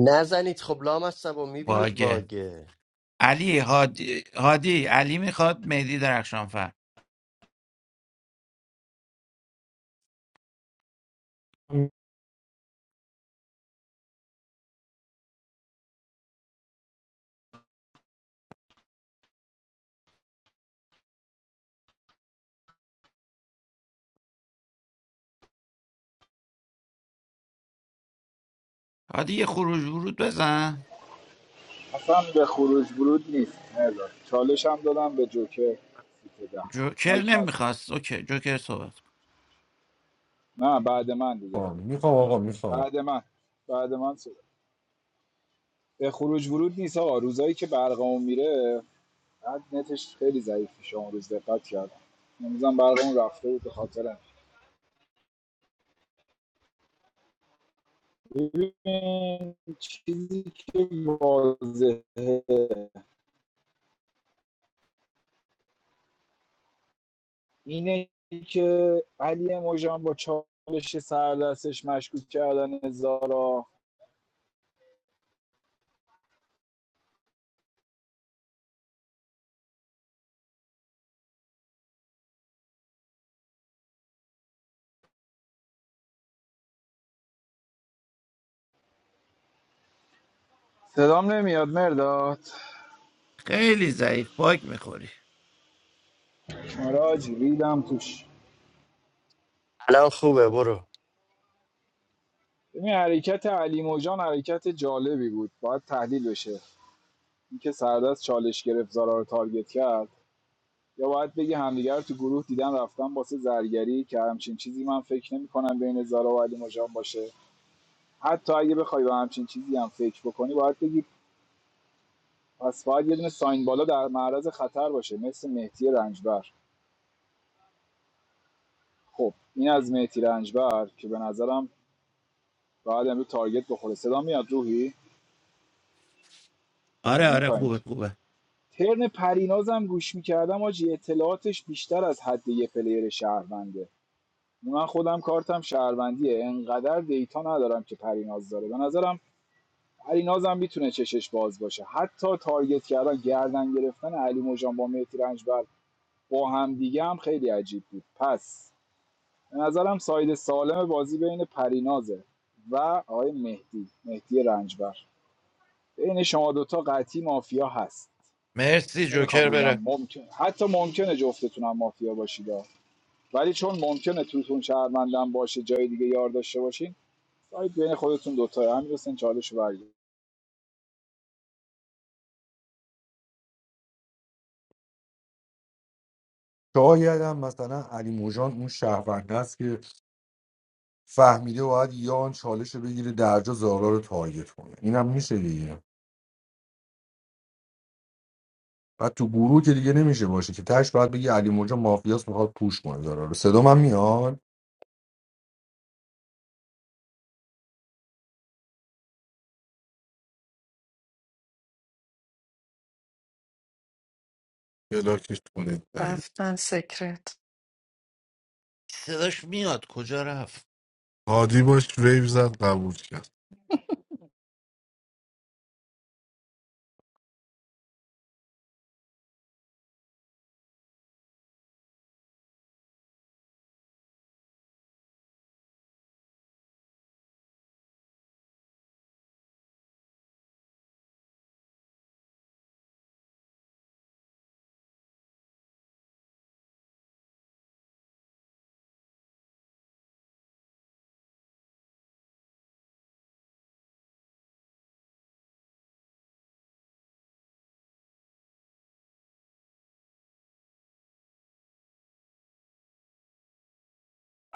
Speaker 1: نزنید خب لام از و میبینید
Speaker 9: باگه
Speaker 1: باگه
Speaker 9: علی هادی هادی علی میخواد مهدی درخشانفر هادی یه خروج ورود بزن
Speaker 2: اصلا به خروج برود نیست نزار چالش هم دادم به جوکر سیت ده
Speaker 9: جوکر
Speaker 2: مایک نزن
Speaker 9: نمیخواست اوکی جوکر صحبت کن.
Speaker 2: نه بعد من دیگه
Speaker 20: میخوام آقا میخوام
Speaker 2: بعد من بعد من صحبت. به خروج ورود نیست آقا روزایی که برقمون میره بعد نتش خیلی ضعیف میشه اون روز دقت کردم امروزم برقمون رفته بود به خاطر ببین چیزی که واضحه اینه که علی مژان با چالش سردستش مشکوک کردن زارا صدام نمیاد مرداد
Speaker 9: خیلی ضعیف باگ میخوری
Speaker 2: مراج ریدم توش
Speaker 1: الان خوبه برو
Speaker 2: ببین حرکت علی مژان حرکت جالبی بود باید تحلیل بشه اینکه سردست چالش گرفت زارا رو تارگت کرد یا باید بگی همدیگر رو تو گروه دیدن رفتن واسه زرگری که همچین چیزی من فکر نمی‌کنم بین زارا و علی مژان باشه حتی اگه بخوای به همچین چیزی هم فکر بکنی باید بگی پس باید یه دونه ساین بالا در معرض خطر باشه مثل مهدی رنجبر خب این از مهدی رنجبر که به نظرم باید امروز تارگت بخوره صدا میاد روحی آره،
Speaker 9: آره
Speaker 2: این
Speaker 9: آره
Speaker 2: تایم
Speaker 9: خوبه خوبه
Speaker 2: ترن پرینازم گوش میکردم آجی اطلاعاتش بیشتر از حد یه پلیر شهرونده من خودم کارتم شهروندیه انقدر دیتا ندارم که پریناز داره به نظرم پرینازم میتونه چشش باز باشه حتی تارگت کردن گردن گرفتن علی موجان با مهدی رنجبر با هم دیگه هم خیلی عجیب بود پس به نظرم ساید سالم بازی بین پرینازه و آقای مهدی مهدی رنجبر بین شما دوتا قطعی مافیا هست
Speaker 9: مرسی
Speaker 2: نمیخوام
Speaker 9: جوکر
Speaker 2: بگم
Speaker 9: بره
Speaker 2: ممکن حتی ممکنه جفتتونم مافیا باشید ولی چون ممکنه توتون شهروندم باشه جای دیگه یار داشته باشین ساید بین خودتون دوتا همین حسین چالش رو برگیر.
Speaker 20: شاید هم مثلا علی موجان اون شهرونده است که فهمیده باید یان چالش رو بگیره درجا زارا رو تارگت کنه اینم میشه دیگه بعد تو گروه که دیگه نمیشه باشه که تش باید بگی علی موجا مافیاس میخواد پوش کنه داره صدا من میاد
Speaker 7: بلاکش کنید دهید
Speaker 4: رفتن سکرت
Speaker 9: صداش میاد کجا رفت
Speaker 7: هادی باش ویو زد قبول کرد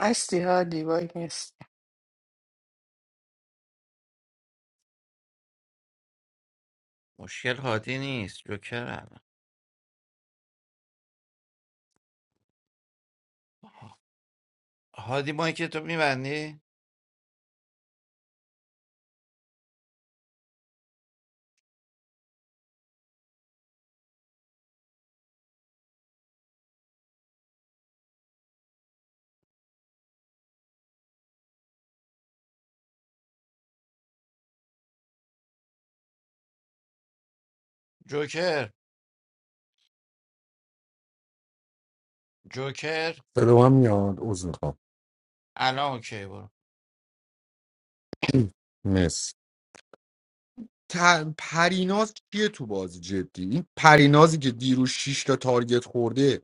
Speaker 4: هستی هادی باید نیست
Speaker 9: مشکل هادی نیست جوکر الان هادی مایک تو میبندی جوکر جوکر
Speaker 20: صدا من میاد عوض میخوام
Speaker 9: الان اوکی برو
Speaker 20: مرسی ت- پریناز کیه تو بازی جدی این پرینازی که دیروز شش تا تارگت خورده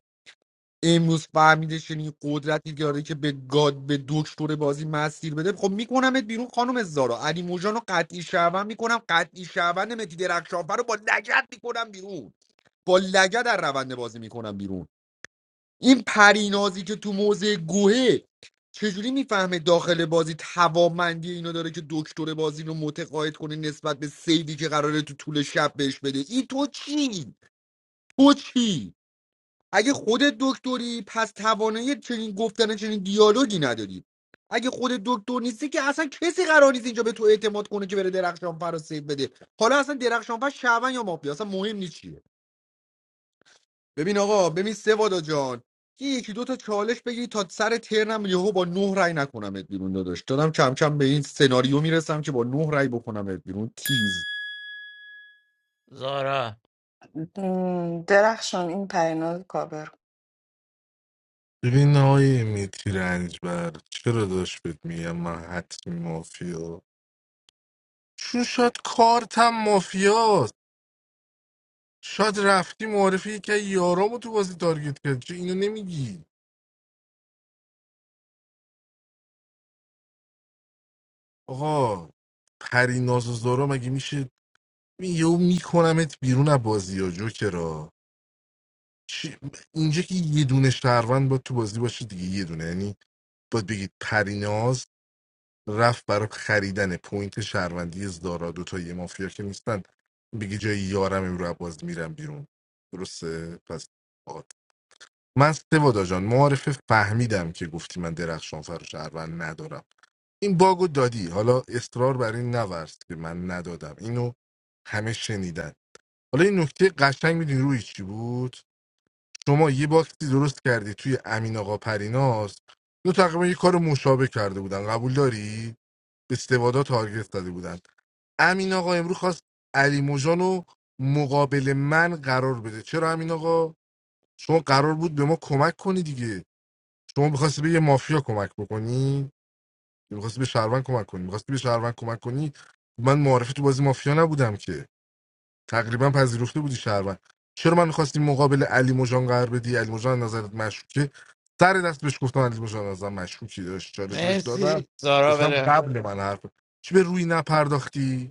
Speaker 20: امروز فهمیده چنین قدرتی داره که به گاد به دکتر بازی مسیر بده خب میکنمت بیرون خانم زارا علی موجان رو قطعی شعبن میکنم قطعی شعبن متی درخشانفر رو با لگت میکنم بیرون با لگت در روند بازی میکنم بیرون این پرینازی که تو موضع گوهه چجوری میفهمه داخل بازی توانمندی اینو داره که دکتر بازی رو متقاعد کنه نسبت به سیدی که قراره تو طول شب بهش بده این تو چی؟ تو چی؟ اگه خودت دکتری پس توانایی چنین گفتن چنین دیالوگی نداری اگه خودت دکتر نیستی که اصلا کسی قرار نیست اینجا به تو اعتماد کنه که بره درخشانفر رو سیو بده حالا اصلا درخشانفر شعبن یا مافیا اصلا مهم نیست چیه. ببین آقا ببین سوادا جان یه یکی دو تا چالش بگی تا سر ترنم یهو با نه رای نکنمت بیرون داداش دادم کم کم به این سناریو میرسم که با نه رای بکنمت بیرون تیز
Speaker 9: زارا
Speaker 4: م، درخشان این پریناز رو کاور کن.
Speaker 7: ببین آقای میتی رنجبر چرا داشت بهت میگم من حتمی مافیا چون شاید کارتم مافیاست شاید رفتی معرفی که یارامو تو بازی تارگت کرد چه اینو نمیگی آقا پری ناز و زارا مگه میشه می- یهو میکنمت بیرون از بازی ها جوکرا چی- اینجا که یه دونه شهروند با تو بازی باشه دیگه یه دونه یعنی باید بگید پریناز رفت برای خریدن پوینت شهروندی زدارا دوتا یه مافیا که نیستن بگی جای یارم امرو عباس میرم بیرون درسته پس آت. من سوادا جان معارفه فهمیدم که گفتی من درخشان فر و شهروند ندارم این باگو دادی حالا اصرار بر این نورست که من ندادم اینو همه شنیدن حالا این نکته قشنگ میدین روی چی بود شما یه باکسی درست کردی توی امین آقا پریناز دو تقریبا یه کار مشابه کرده بودن قبول داری استوادا تارگت زده بودن امین آقا امروز خواست علی موجان رو مقابل من قرار بده چرا امین آقا شما قرار بود به ما کمک کنی دیگه شما میخواستی به یه مافیا کمک بکنی میخواستی به شهروند کمک کنی میخواستی به شهروند کمک کنی من معرفی تو بازی مافیا نبودم که تقریبا پذیرفته بودی شهروند چرا من میخواستی مقابل علی مژان قرار بدی علی مژان از نظرت مشکوکه سر دست بهش گفتم علی مژان از نظرم مشکوکی داشت چالش بهش دادم
Speaker 9: مرسی زارا
Speaker 7: گفتم
Speaker 9: بره
Speaker 7: قبل من حرف چی به روی نپرداختی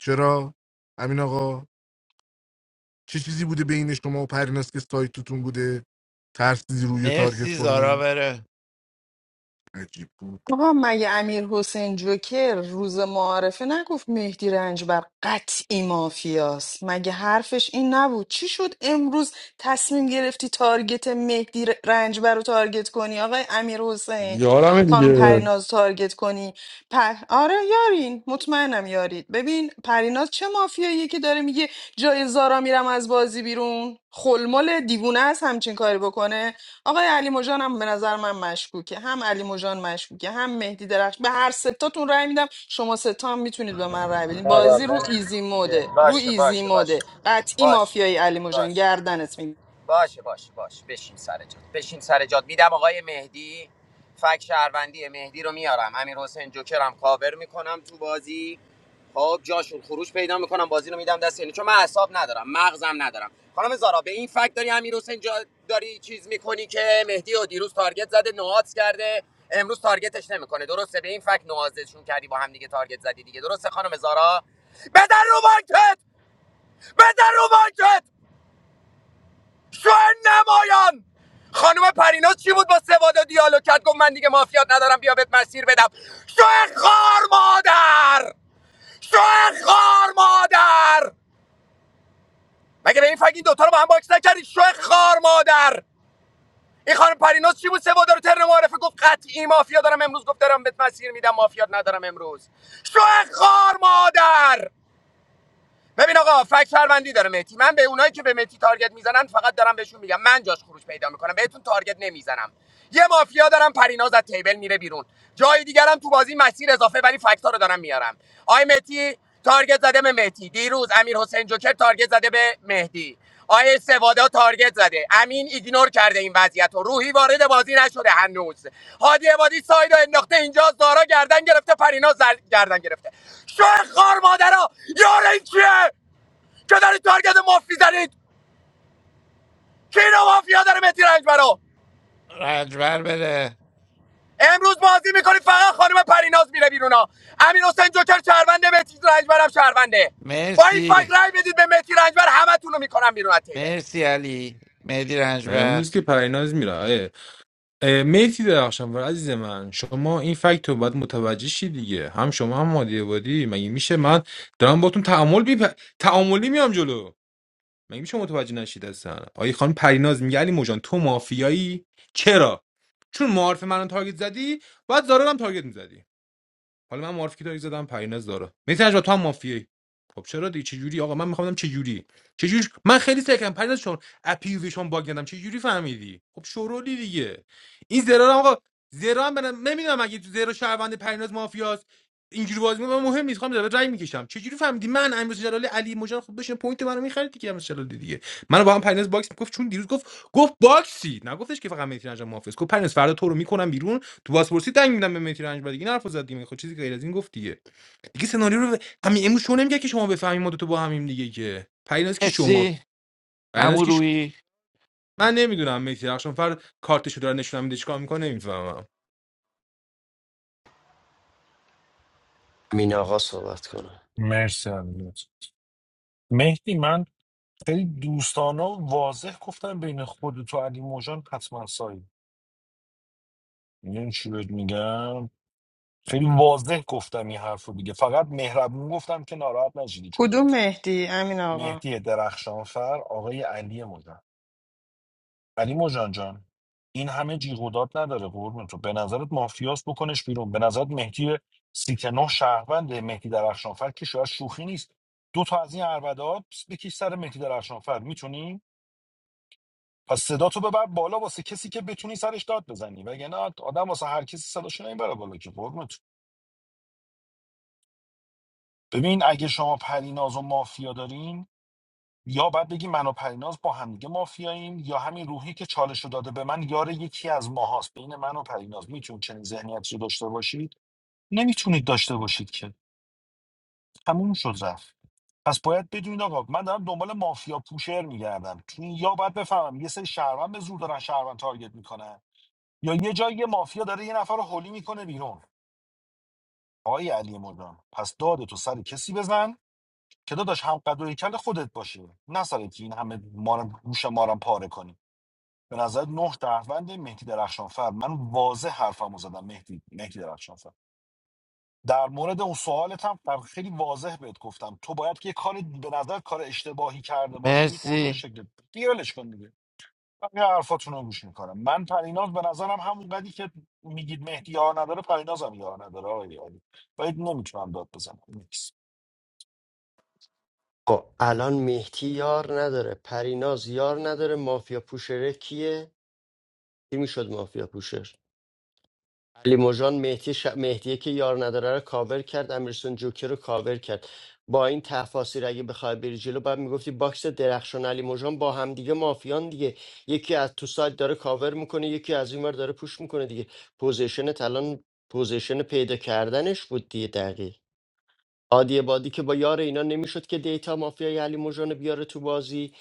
Speaker 7: چرا امین آقا چه چیزی بوده بین شما و پریناس که سایتتون بوده ترسیدی روی رو
Speaker 9: مرسی
Speaker 7: تارگت
Speaker 9: زارا
Speaker 7: کنی
Speaker 9: بره
Speaker 7: عجیب بود
Speaker 4: آقا مگه امیر حسین جوکر روز معارفه نگفت مهدی رنجبر قطعی مافیاست مگه حرفش این نبود چی شد امروز تصمیم گرفتی تارگت مهدی ر- رنجبر رو تارگت کنی آقای امیر حسین
Speaker 20: یارم
Speaker 4: خانم
Speaker 20: دیگه
Speaker 4: پریناز تارگت کنی پر... آره یارین مطمئنم یارید ببین پریناز چه مافیاییه که داره میگه جای زارا میرم از بازی بیرون خلمل دیوونه است همچین کاری بکنه آقای علی مژان هم به نظر من مشکوکه هم علی مژان مشکوکه هم مهدی درخش به هر ستاتون رأی میدم شما ستا هم میتونید به من رأی بدین بازی رو ایزی موده رو
Speaker 16: باشه
Speaker 4: ایزی
Speaker 16: باشه باشه
Speaker 4: موده قطعی
Speaker 16: باشه
Speaker 4: مافیای علی مژان
Speaker 16: باشه
Speaker 4: گردنت میگم
Speaker 16: باشه باشه باشه بشین سر جات بشین سر جات میدم آقای مهدی فک شهروندی مهدی رو میارم امیر حسین جوکرم کاور میکنم تو بازی خب جاشون خروج پیدا میکنم بازی رو میدم دست یعنی چون من حساب ندارم مغزم ندارم خانم زارا به این فک داری امیر حسین جا داری چیز میکنی که مهدی و دیروز تارگت زده نوآت کرده امروز تارگتش نمیکنه درسته به این فک نوازشون کردی با هم دیگه تارگت زدی دیگه درسته خانم زارا بزن رو مارکت بزن رو مارکت شو نمایان خانم پریناز چی بود با سوادا دیالوگ کرد گفت من دیگه مافیات ندارم بیا بهت مسیر بدم شو خار مادر شو خار مادر مگه به این فگ این دوتا رو با هم باکس نکردی شو خار مادر این خانم پریناز چی بود سوادا رو ترن معرفه گفت قطعی مافیا دارم امروز گفت دارم بهت مسیر میدم مافیات ندارم امروز شو خار مادر ببین آقا فک شهروندی داره مهدی من به اونایی که به مهدی تارگت میزنن فقط دارم بهشون میگم من جاش خروج پیدا میکنم بهتون تارگت نمیزنم یه مافیا دارم پریناز از تیبل میره بیرون جای دیگرم تو بازی مسیر اضافه ولی فکتا رو دارم میارم آی مهدی تارگت زده به مهدی دیروز امیر حسین جوکر تارگت زده به مهدی آیه سوادا تارگت زده امین ایگنور کرده این وضعیت رو روحی وارد بازی نشده هنوز هادی عبادی سایدو انداخته اینجا زارا گردن گرفته پریناز زر... گردن گرفته شو خار مادرها یار این کیه که داری تارگت مفتی زنید کی رو مافیا داره متی رنج برا
Speaker 9: رجبر بره
Speaker 16: امروز بازی میکنی فقط خانم پریناز میره بیرونا امین حسین جوکر شهرونده متی رنجبرم شهرونده با این
Speaker 9: مرسی
Speaker 16: فکر رای بدید به متی رنجبر همتون رو میکنم بیرون از تیبل
Speaker 9: مرسی علی مهدی رنجبر
Speaker 18: امروز که پریناز میره آیه اه، مهدی درخشان و عزیز من شما این فکت رو باید متوجه شی دیگه هم شما هم مادی بادی مگه میشه من دارم باتون تعامل بی تعاملی میام جلو مگه میشه متوجه نشید اصلا آیه خانم پریناز میگه علی موجان تو مافیایی چرا چون معارف منو تارگت زدی باید زارا رو هم تارگت میزدی حالا من معرفی که زدم پریناز داره میتونی با تو هم مافیایی خب چرا دی چه جوری آقا من میخوام بدم چه جوری چه جوری من خیلی سکم پریناز چون اپیویشون باگ دادم چه جوری فهمیدی خب شورولی دیگه این زرا رو آقا زرا هم برم نمیدونم اگه تو زرا شهروند پریناز مافیاست اینجوری بازی می‌کنم، من مهم نیست خواهم داره رای میکشم چه جوری فهمیدی من امروز جلالی علی مجان خب بشین پوینت منو میخرید دیگه امروز جلالی دیگه منو با هم پریناز باکس میگفت چون دیروز گفت گفت باکسی نگفتش که فقط میتونی انجام مافیاست گفت پریناز فردا تو رو میکنم بیرون تو بازپرسی دنگ میدم به مهدی رنجبر دیگه این حرفو زد دیگه خب چیزی غیر از این گفت دیگه دیگه سناریو رو همین امروز شو نمیگه که شما بفهمیم ما دو تا با همیم دیگه که پریناز که شما
Speaker 9: مرسی
Speaker 18: پریناز
Speaker 9: عمو
Speaker 18: که شما
Speaker 9: روحی
Speaker 18: من نمیدونم مهدی رخشان فر کارتشو داره نشونم میده چیکار میکنه نمیفهمم
Speaker 1: مین آقا صحبت کنه
Speaker 11: مرسی عزیزت. مهدی من خیلی دوستانا واضح گفتن بین خود تو علی موجان حتما سایی میدونی چی بهت میگم خیلی واضح گفتم این حرف رو دیگه فقط مهربون گفتم که ناراحت نشیدی چطور
Speaker 4: کدوم مهدی امین آقا
Speaker 11: مهدی درخشانفر آقای علی مجان علی مجان جان این همه جیغ و داد نداره قربون تو به نظرت مافیاس بکنش بیرون به نظرت مهدی سیتنو شهروند مهدی درخشانفر که شاید شوخی نیست دو تا از این اربدات بکش سر مهدی درخشانفر میتونی پس صدا تو ببر بالا واسه کسی که بتونی سرش داد بزنی وگرنه آدم واسه هر کسی صداش نمیبره بالا که قربونت ببین اگه شما پریناز و مافیا دارین یا باید بگی من و پریناز با همدیگه مافیاییم یا همین روحی که چالش رو داده به من یار یکی از ماهاست بین من و پریناز میتونید چنین ذهنیتی رو داشته باشید نمیتونید داشته باشید که تموم شد رفت پس باید بدونید آقا من دارم دنبال مافیا پوشر میگردم چون یا باید بفهمم یه سری شهروند به زور دارن شهروند تارگت میکنن یا یه جایی یه مافیا داره یه نفر رو هولی میکنه بیرون آقای علی مردان پس داد تو سر کسی بزن که داداش هم قد و کل خودت باشه نه سر که این همه مارم گوش مارم پاره کنی به نظر نه دهوند مهدی درخشانفر من واضح حرفمو زدم مهدی مهدی درخشانفر در مورد اون سوالت هم در خیلی واضح بهت گفتم تو باید که یه کار به نظر کار اشتباهی کرده باشی قربون
Speaker 9: مرسی
Speaker 11: شکل دیگه ولش کن همین حرفاتون رو گوش میکنم من پریناز به نظرم همون قدی که میگید مهدی یار نداره پریناز هم یار نداره آقای علی باید نمیتونم داد بزنم نیکس
Speaker 1: خب الان مهدی یار نداره پریناز یار نداره مافیا پوشره کیه؟ کی میشد مافیا پوشر علی مژان مهدی ش... مهدیه که یار نداره رو کاور کرد امیرسون جوکر رو کاور کرد با این تفاصیل اگه بخوای بری جلو باید میگفتی باکس درخشان علی مژان با همدیگه مافیان دیگه یکی از تو سایت داره کاور میکنه یکی از این ور داره پوش میکنه دیگه پوزیشن الان پوزیشن پیدا کردنش بود دیگه دقیق عادی بادی که با یار اینا نمیشد که دیتا مافیای علی مژان رو بیاره تو بازی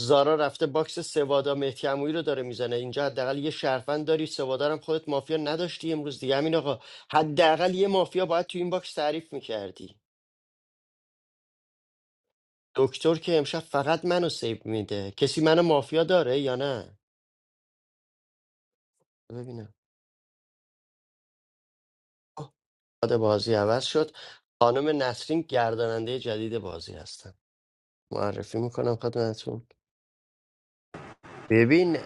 Speaker 1: زارا رفته باکس سوادا مهدی عمویی رو داره میزنه اینجا حداقل یه شهروند داری سوادا رو هم خودت مافیا نداشتی امروز دیگه همین آقا حداقل یه مافیا باید تو این باکس تعریف میکردی دکتر که امشب فقط منو سیو میده کسی منو مافیا داره یا نه ببینم آه، کاد بازی عوض شد خانم نسرین گرداننده جدید بازی هستن معرفی میکنم خدمتتون ببین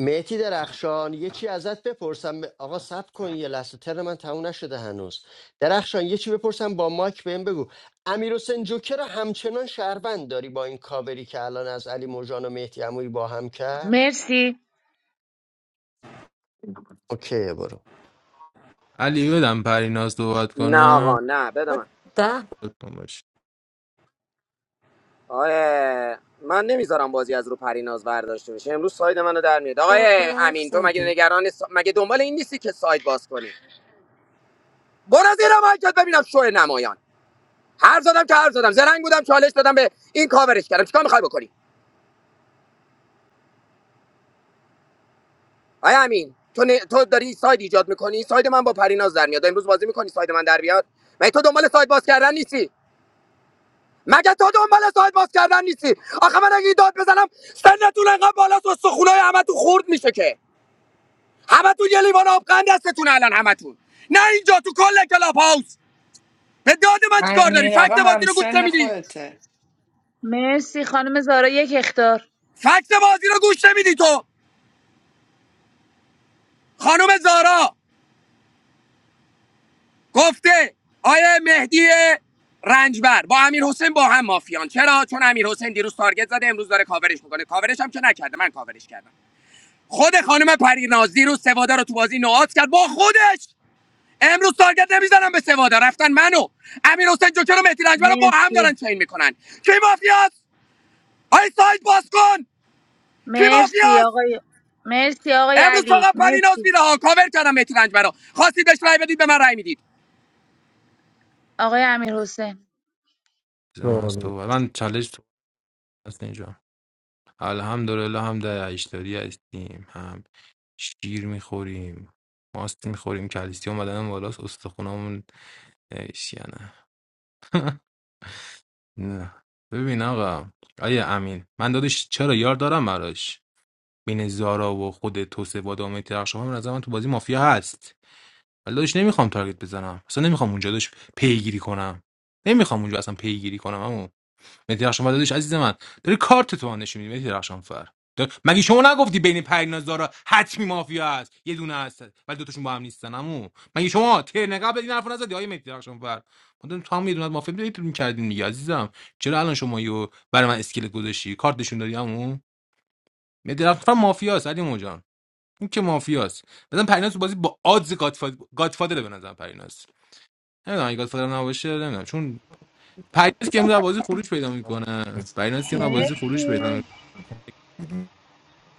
Speaker 1: مهتی درخشان یه چی ازت بپرسم آقا صبر کن یه لحظه تر من تموم نشده هنوز درخشان یه چی بپرسم با مایک بهم بگو امیر حسین جوکر رو همچنان شهروند داری با این کاوری که الان از علی موجان و مهدی عمویی با هم کرد
Speaker 21: مرسی
Speaker 1: اوکی برو
Speaker 18: علی بدم پریناز صحبت کنم
Speaker 16: آقا نه بده
Speaker 14: با
Speaker 16: من
Speaker 14: ده
Speaker 18: خودتون باش
Speaker 16: آقای من نمیذارم بازی از رو پریناز برداشته بشه امروز ساید منو در میاد
Speaker 14: بار
Speaker 16: آقای
Speaker 14: حرف
Speaker 16: امین تو مگه
Speaker 14: زدی
Speaker 16: نگران سا... مگه دنبال این نیستی که ساید باز کنی برو زیر مایکت ببینم شو نمایان حرف زدم که حرف زدم زرنگ بودم چالش دادم به این کاورش کردم چیکار میخوای بکنی آقای امین تو ن... تو داری ساید ایجاد میکنی ساید من با پریناز در میاد امروز بازی میکنی ساید من در بیاد مگه تو دنبال ساید باز کردن نیستی مگه تو دنبال ساید باز کردن نیستی آخه من اگه این داد بزنم سنتون انقدر بالاست و سخونای همه خورد میشه که همتون یه لیوان آب آبقند دستتون الان همتون نه اینجا تو کل کلاب هاوس به داد من چیکار داری
Speaker 4: امین آقا
Speaker 16: فکت
Speaker 4: هم
Speaker 16: بازی رو گوش
Speaker 4: همسن
Speaker 16: نمیدی
Speaker 4: خودته
Speaker 21: مرسی خانم زارا یک اختار
Speaker 16: فکت بازی رو گوش نمیدی تو خانم زارا گفته آیه مهدی رنجبر با امیر حسین با هم مافیان چرا چون امیر حسین دیروز تارگت زده امروز داره کاورش میکنه کاورش هم که نکرده من کاورش کردم خود خانم پریناز دیروز سوادا رو تو بازی نوآت کرد با خودش امروز تارگت نمیزنم به سوادا رفتن منو امیر حسین جوکر و مهدی رنجبر رو با هم دارن
Speaker 21: مرسی
Speaker 16: چین میکنن کی مافیاست آی سایت باز کن کی
Speaker 21: مرسی
Speaker 16: مافیاست
Speaker 21: آقای مرسی آقای
Speaker 16: امروز
Speaker 21: علی
Speaker 16: فقط پریناز
Speaker 21: مرسی
Speaker 16: میره ها کاور کردم مهدی رنجبر رو خواستید بهش رای بدید به من رای میدید
Speaker 21: آقای امیر حسین
Speaker 18: من
Speaker 20: چالش.
Speaker 18: صحبت من چالش تو هست اینجا الحمدلله هم در عیشداری هستیم هم شیر میخوریم ماست میخوریم کلسیوم بدنم بالاست استخونامون نویسی نه ببین آقا آیا امین من دادش چرا یار دارم براش بین زارا و خود توسه و دامه درخشان هم نظر من تو بازی مافیا هست ولی دادش نمیخوام تارگت بزنم اصلا نمیخوام اونجا دادش پیگیری کنم نمیخوام اونجا اصلا پیگیری کنم مهدی رخشانفر داداش عزیز من داری کارت تو من نشون میدی مهدی رخشانفر دار- مگه شما نگفتی بین پریناز دارا حتمی مافیا هست یه دونه هست ولی دوتاشون با هم نیستن عمو مگه شما ترن قبل این حرفو نزدی آیه مهدی رخشانفر ما داریم تو هم یه دونه از مافیا دیگه می‌کردیم دیگه عزیزم چرا الان شما یو برای من اسکلت گذاشتی کارت نشون دادی عمو مهدی رخشانفر مافیاست علی موجان این که مافیاست مثلا پریناز تو بازی با آدز گادفادر گادفادر به نظر پریناز نمیدونم اگه گادفادر نباشه نمیدونم چون پریناز که امروز از بازی خروج پیدا میکنه پریناز که امروز از بازی خروج پیدا
Speaker 21: مرسی
Speaker 18: میکنه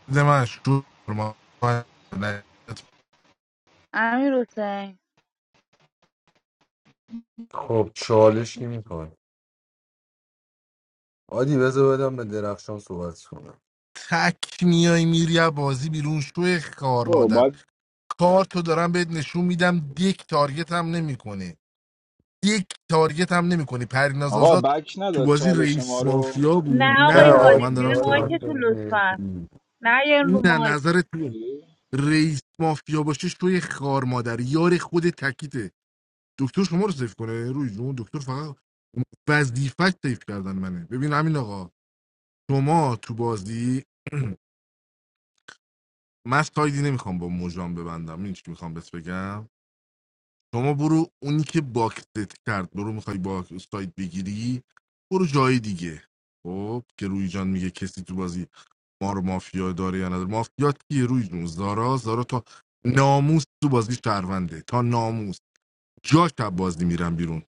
Speaker 7: بده من شور ما
Speaker 21: امیر حسین
Speaker 20: خب چالش نمیخوای آدی بذار بدم به درخشان صحبت کنم
Speaker 7: تک میای میری از بازی بیرون شوی کار
Speaker 2: برو،
Speaker 7: مادر
Speaker 2: باید
Speaker 7: کارتو دارم بهت نشون میدم دیک تارگت هم نمیکنه دیک تارگت هم نمیکنی پریناز
Speaker 2: آقا
Speaker 7: آزاد
Speaker 2: بک
Speaker 7: تو
Speaker 2: نداد
Speaker 7: بازی
Speaker 2: چالش ما
Speaker 7: رئیس
Speaker 2: رو
Speaker 7: مافیا بود
Speaker 21: نه
Speaker 20: نه
Speaker 7: نه
Speaker 21: آقای
Speaker 7: آقا
Speaker 21: هادی
Speaker 7: من
Speaker 20: آدی
Speaker 21: زیر
Speaker 7: دارم صحبت
Speaker 20: دادم به
Speaker 21: مایکتون لطفا
Speaker 20: مهدی
Speaker 21: نه یه
Speaker 7: می‌کنم.
Speaker 21: رو
Speaker 7: نه
Speaker 21: مایک
Speaker 7: نظر تو
Speaker 2: چی؟
Speaker 7: رئیس مافیا باشه شوی خار مادر یار خود تکیته دکتر شما رو سیف کنه روی جون دکتر فقط وظیفه سیف کردن منه ببین همین آقا شما تو بازی من سایدی نمیخوام با مجرم ببندم این چی میخوام بهت بگم شما برو اونی که باکست کرد برو میخوای با سایت بگیری برو جای دیگه خب که روی جان میگه کسی تو بازی ما رو مافیا داره یا نداره مافیا کیه روی جون زارا زارا تا ناموس تو بازی شهرونده تا ناموس جاش شب بازی میرم بیرون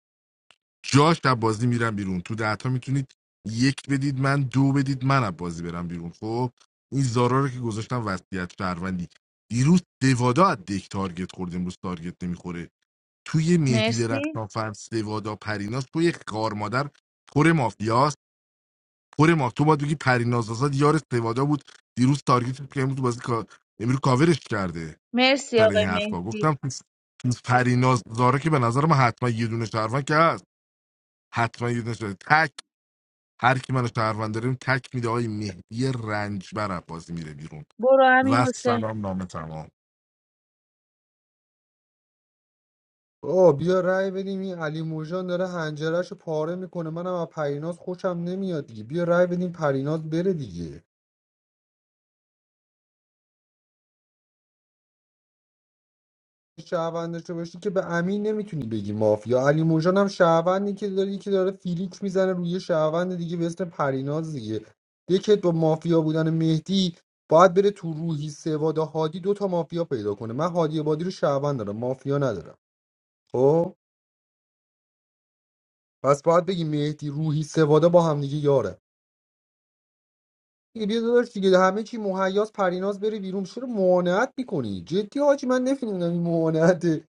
Speaker 7: جاش شب بازی میرم بیرون تو دهتا میتونید یک بدید من دو بدید من از بازی برم بیرون خب این زارا رو که گذاشتم وصیت شهروندی دیروز دوادا از دک تارگت خوردیم امروز تارگت نمیخوره توی مهدی
Speaker 21: مرسی
Speaker 7: درخشانفر سوادا پریناز توی کار مادر پر مافیاست پر ماف تو باید بگی پریناز آزاد یار سوادا بود دیروز تارگیت که امروز تو بازی کا... امروز کاورش کرده
Speaker 21: مرسی
Speaker 7: سر این
Speaker 21: آقای
Speaker 7: حرفا
Speaker 21: مهدی
Speaker 7: گفتم تو تو پریناز زاره که به نظر من حتما یه دونه شهروند که هست حتما یه دونه شهروند. تک هر کی منو شهروند داریم تک میده آقای مهدی رنجبر بازی میره بیرون
Speaker 21: برو امیر
Speaker 7: و
Speaker 21: حسین
Speaker 7: سلام نامه تمام
Speaker 20: آه بیا رای بدیم این علی موجان داره هنجرش پاره میکنه منم از پریناز خوشم نمیاد دیگه بیا رای بدیم پریناز بره دیگه شهروند داشته باشی که به امین نمیتونی بگی مافیا علی موجان هم شهروندی که داره یکی داره فیلیک میزنه روی یه شهروند دیگه به اسم پریناز دیگه یکی با مافیا بودن مهدی باید بره تو روحی سواد و هادی دو تا مافیا پیدا کنه من هادی بادی رو شهروند دارم مافیا ندارم خب پس باید بگی مهدی روحی سوادا با هم دیگه یارن دیگه داداش دیگه همه چی مهیاس پریناز بره بیرون چرا معاونت میکنی جدی حاجی من نفهمیدم این معاونت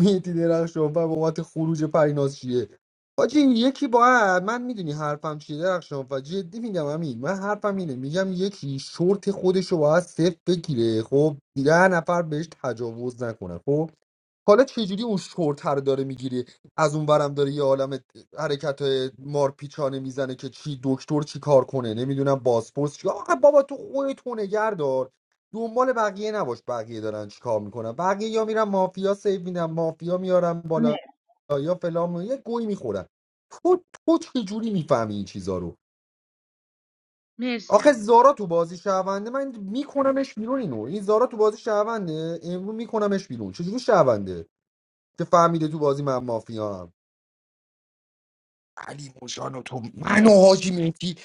Speaker 20: میتی درخشان و بابت خروج پریناز چیه حاجی این یکی باید من میدونی حرفم چیه درخشان و جدی میگم همین من حرفم اینه میگم یکی شورت خودشو باید صفر بگیره خب ده نفر بهش تجاوز نکنه خب حالا چجوری اون شورتر داره میگیری از اون ورم داره یه عالم حرکت مارپیچانه میزنه که چی دکتر چی کار کنه نمیدونم بازپرس چی آقا بابا تو خودت تو نگر دار دنبال بقیه نباش بقیه دارن چی کار میکنن بقیه یا میرن مافیا سیو میدن مافیا میارن
Speaker 21: نه
Speaker 20: بالا یا فلان یه گوی میخورن تو تو چجوری میفهمی این چیزا رو
Speaker 21: مرسی
Speaker 20: آخه
Speaker 21: امیر حسین
Speaker 20: زارا تو بازی شهرونده من میکنمش بیرون اینو این زارا تو بازی شهرونده امروز میکنمش بیرون چجوری شهرونده که فهمیده تو بازی من مافیا هم علی موشان و تو من
Speaker 21: مرسی
Speaker 20: و حاجی مهدی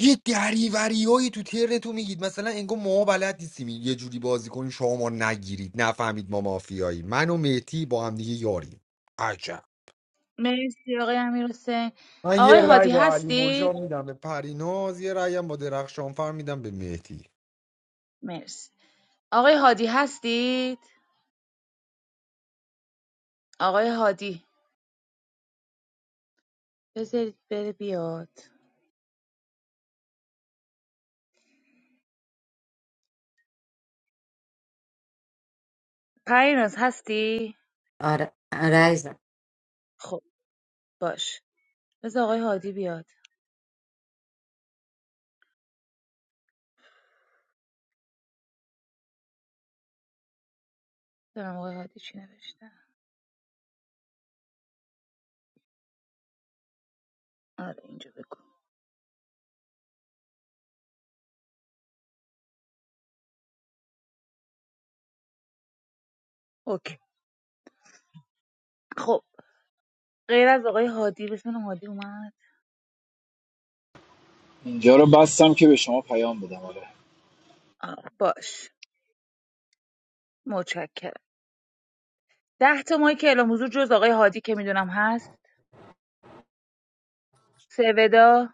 Speaker 20: یه دریوری هایی تو ترنتون تو میگید مثلا انگار ما بلد نیستیم یه جوری بازی کنیم شما ما نگیرید نفهمید ما مافیایی من و مهدی با هم دیگه یاریم عجب
Speaker 21: مرسی آقای امیر حسین
Speaker 20: من
Speaker 21: آقای
Speaker 20: یه رأی
Speaker 21: هادی
Speaker 20: با علی
Speaker 21: هستید
Speaker 20: موشان میدم به پریناز یه رأی هم با درخشانفر میدم به مهدی
Speaker 21: مرسی آقای هادی هستید آقای هادی بذارید بره بیاد پریناز هستی؟
Speaker 14: آره رایزم
Speaker 21: خب باش بذار آقای هادی بیاد دارم آقای هادی چی نوشته آره اینجا بگو اوکی خب غیر از آقای هادی بزنم هادی اومد
Speaker 2: اینجا رو بستم که به شما پیام بدم آره
Speaker 21: آه، باش متشکرم ده تا مایک اعلام حضور جز آقای هادی که میدونم هست سودا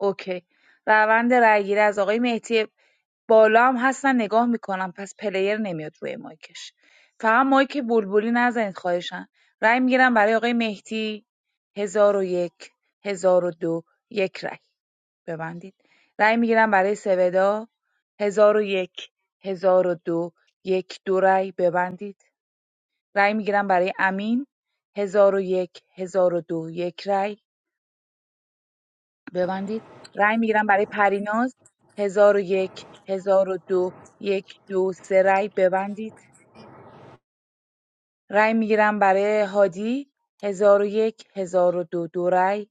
Speaker 21: اوکی روند رأیگیری از آقای مهدی بالا هم هستن نگاه میکنم پس پلیر نمیاد روی مایکش فقط مایک بلبلی نزنید خواهشن رأی میگیرم برای آقای مهدی هزار و یک هزار و دو یک رأی ببندید رأی میگیرم برای سودا هزار و یک هزار و دو یک دو رأی ببندید رأی میگیرم برای امین هزار و یک هزار و دو یک رأی ببندید رأی میگیرم برای پریناز هزار و یک هزار و دو یک دو سه رأی ببندید رأی میگیرم برای هادی هزار و یک هزار و دو دو رأی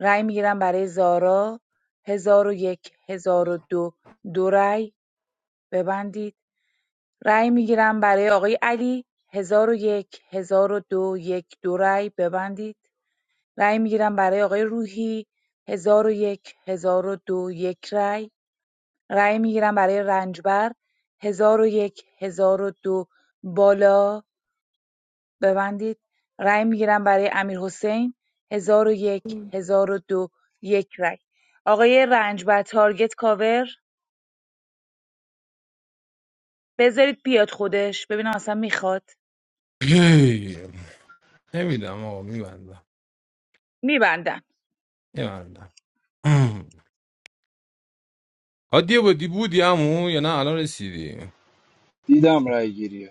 Speaker 21: رأی میگیرم برای زارا هزار و یک هزار و دو دو رأی ببندید رأی میگیرم برای آقای علی هزار و یک هزار و دو یک دو رأی ببندید رأی میگیرم برای آقای روحی هزار و یک هزار و دو یک رأی رای میگیرم برای رنجبر هزار و یک هزار و دو بالا ببندید رای میگیرم برای امیر حسین هزار و یک هزار و دو یک رای آقای رنجبر تارگت کاور بذارید بیاد خودش ببینم اصلا میخواد
Speaker 18: نمیدم آقا میبندم
Speaker 21: میبندم
Speaker 18: میبندم عادی بودی بودی عمو یا نه الان رسیدی
Speaker 2: دیدم رای گیریه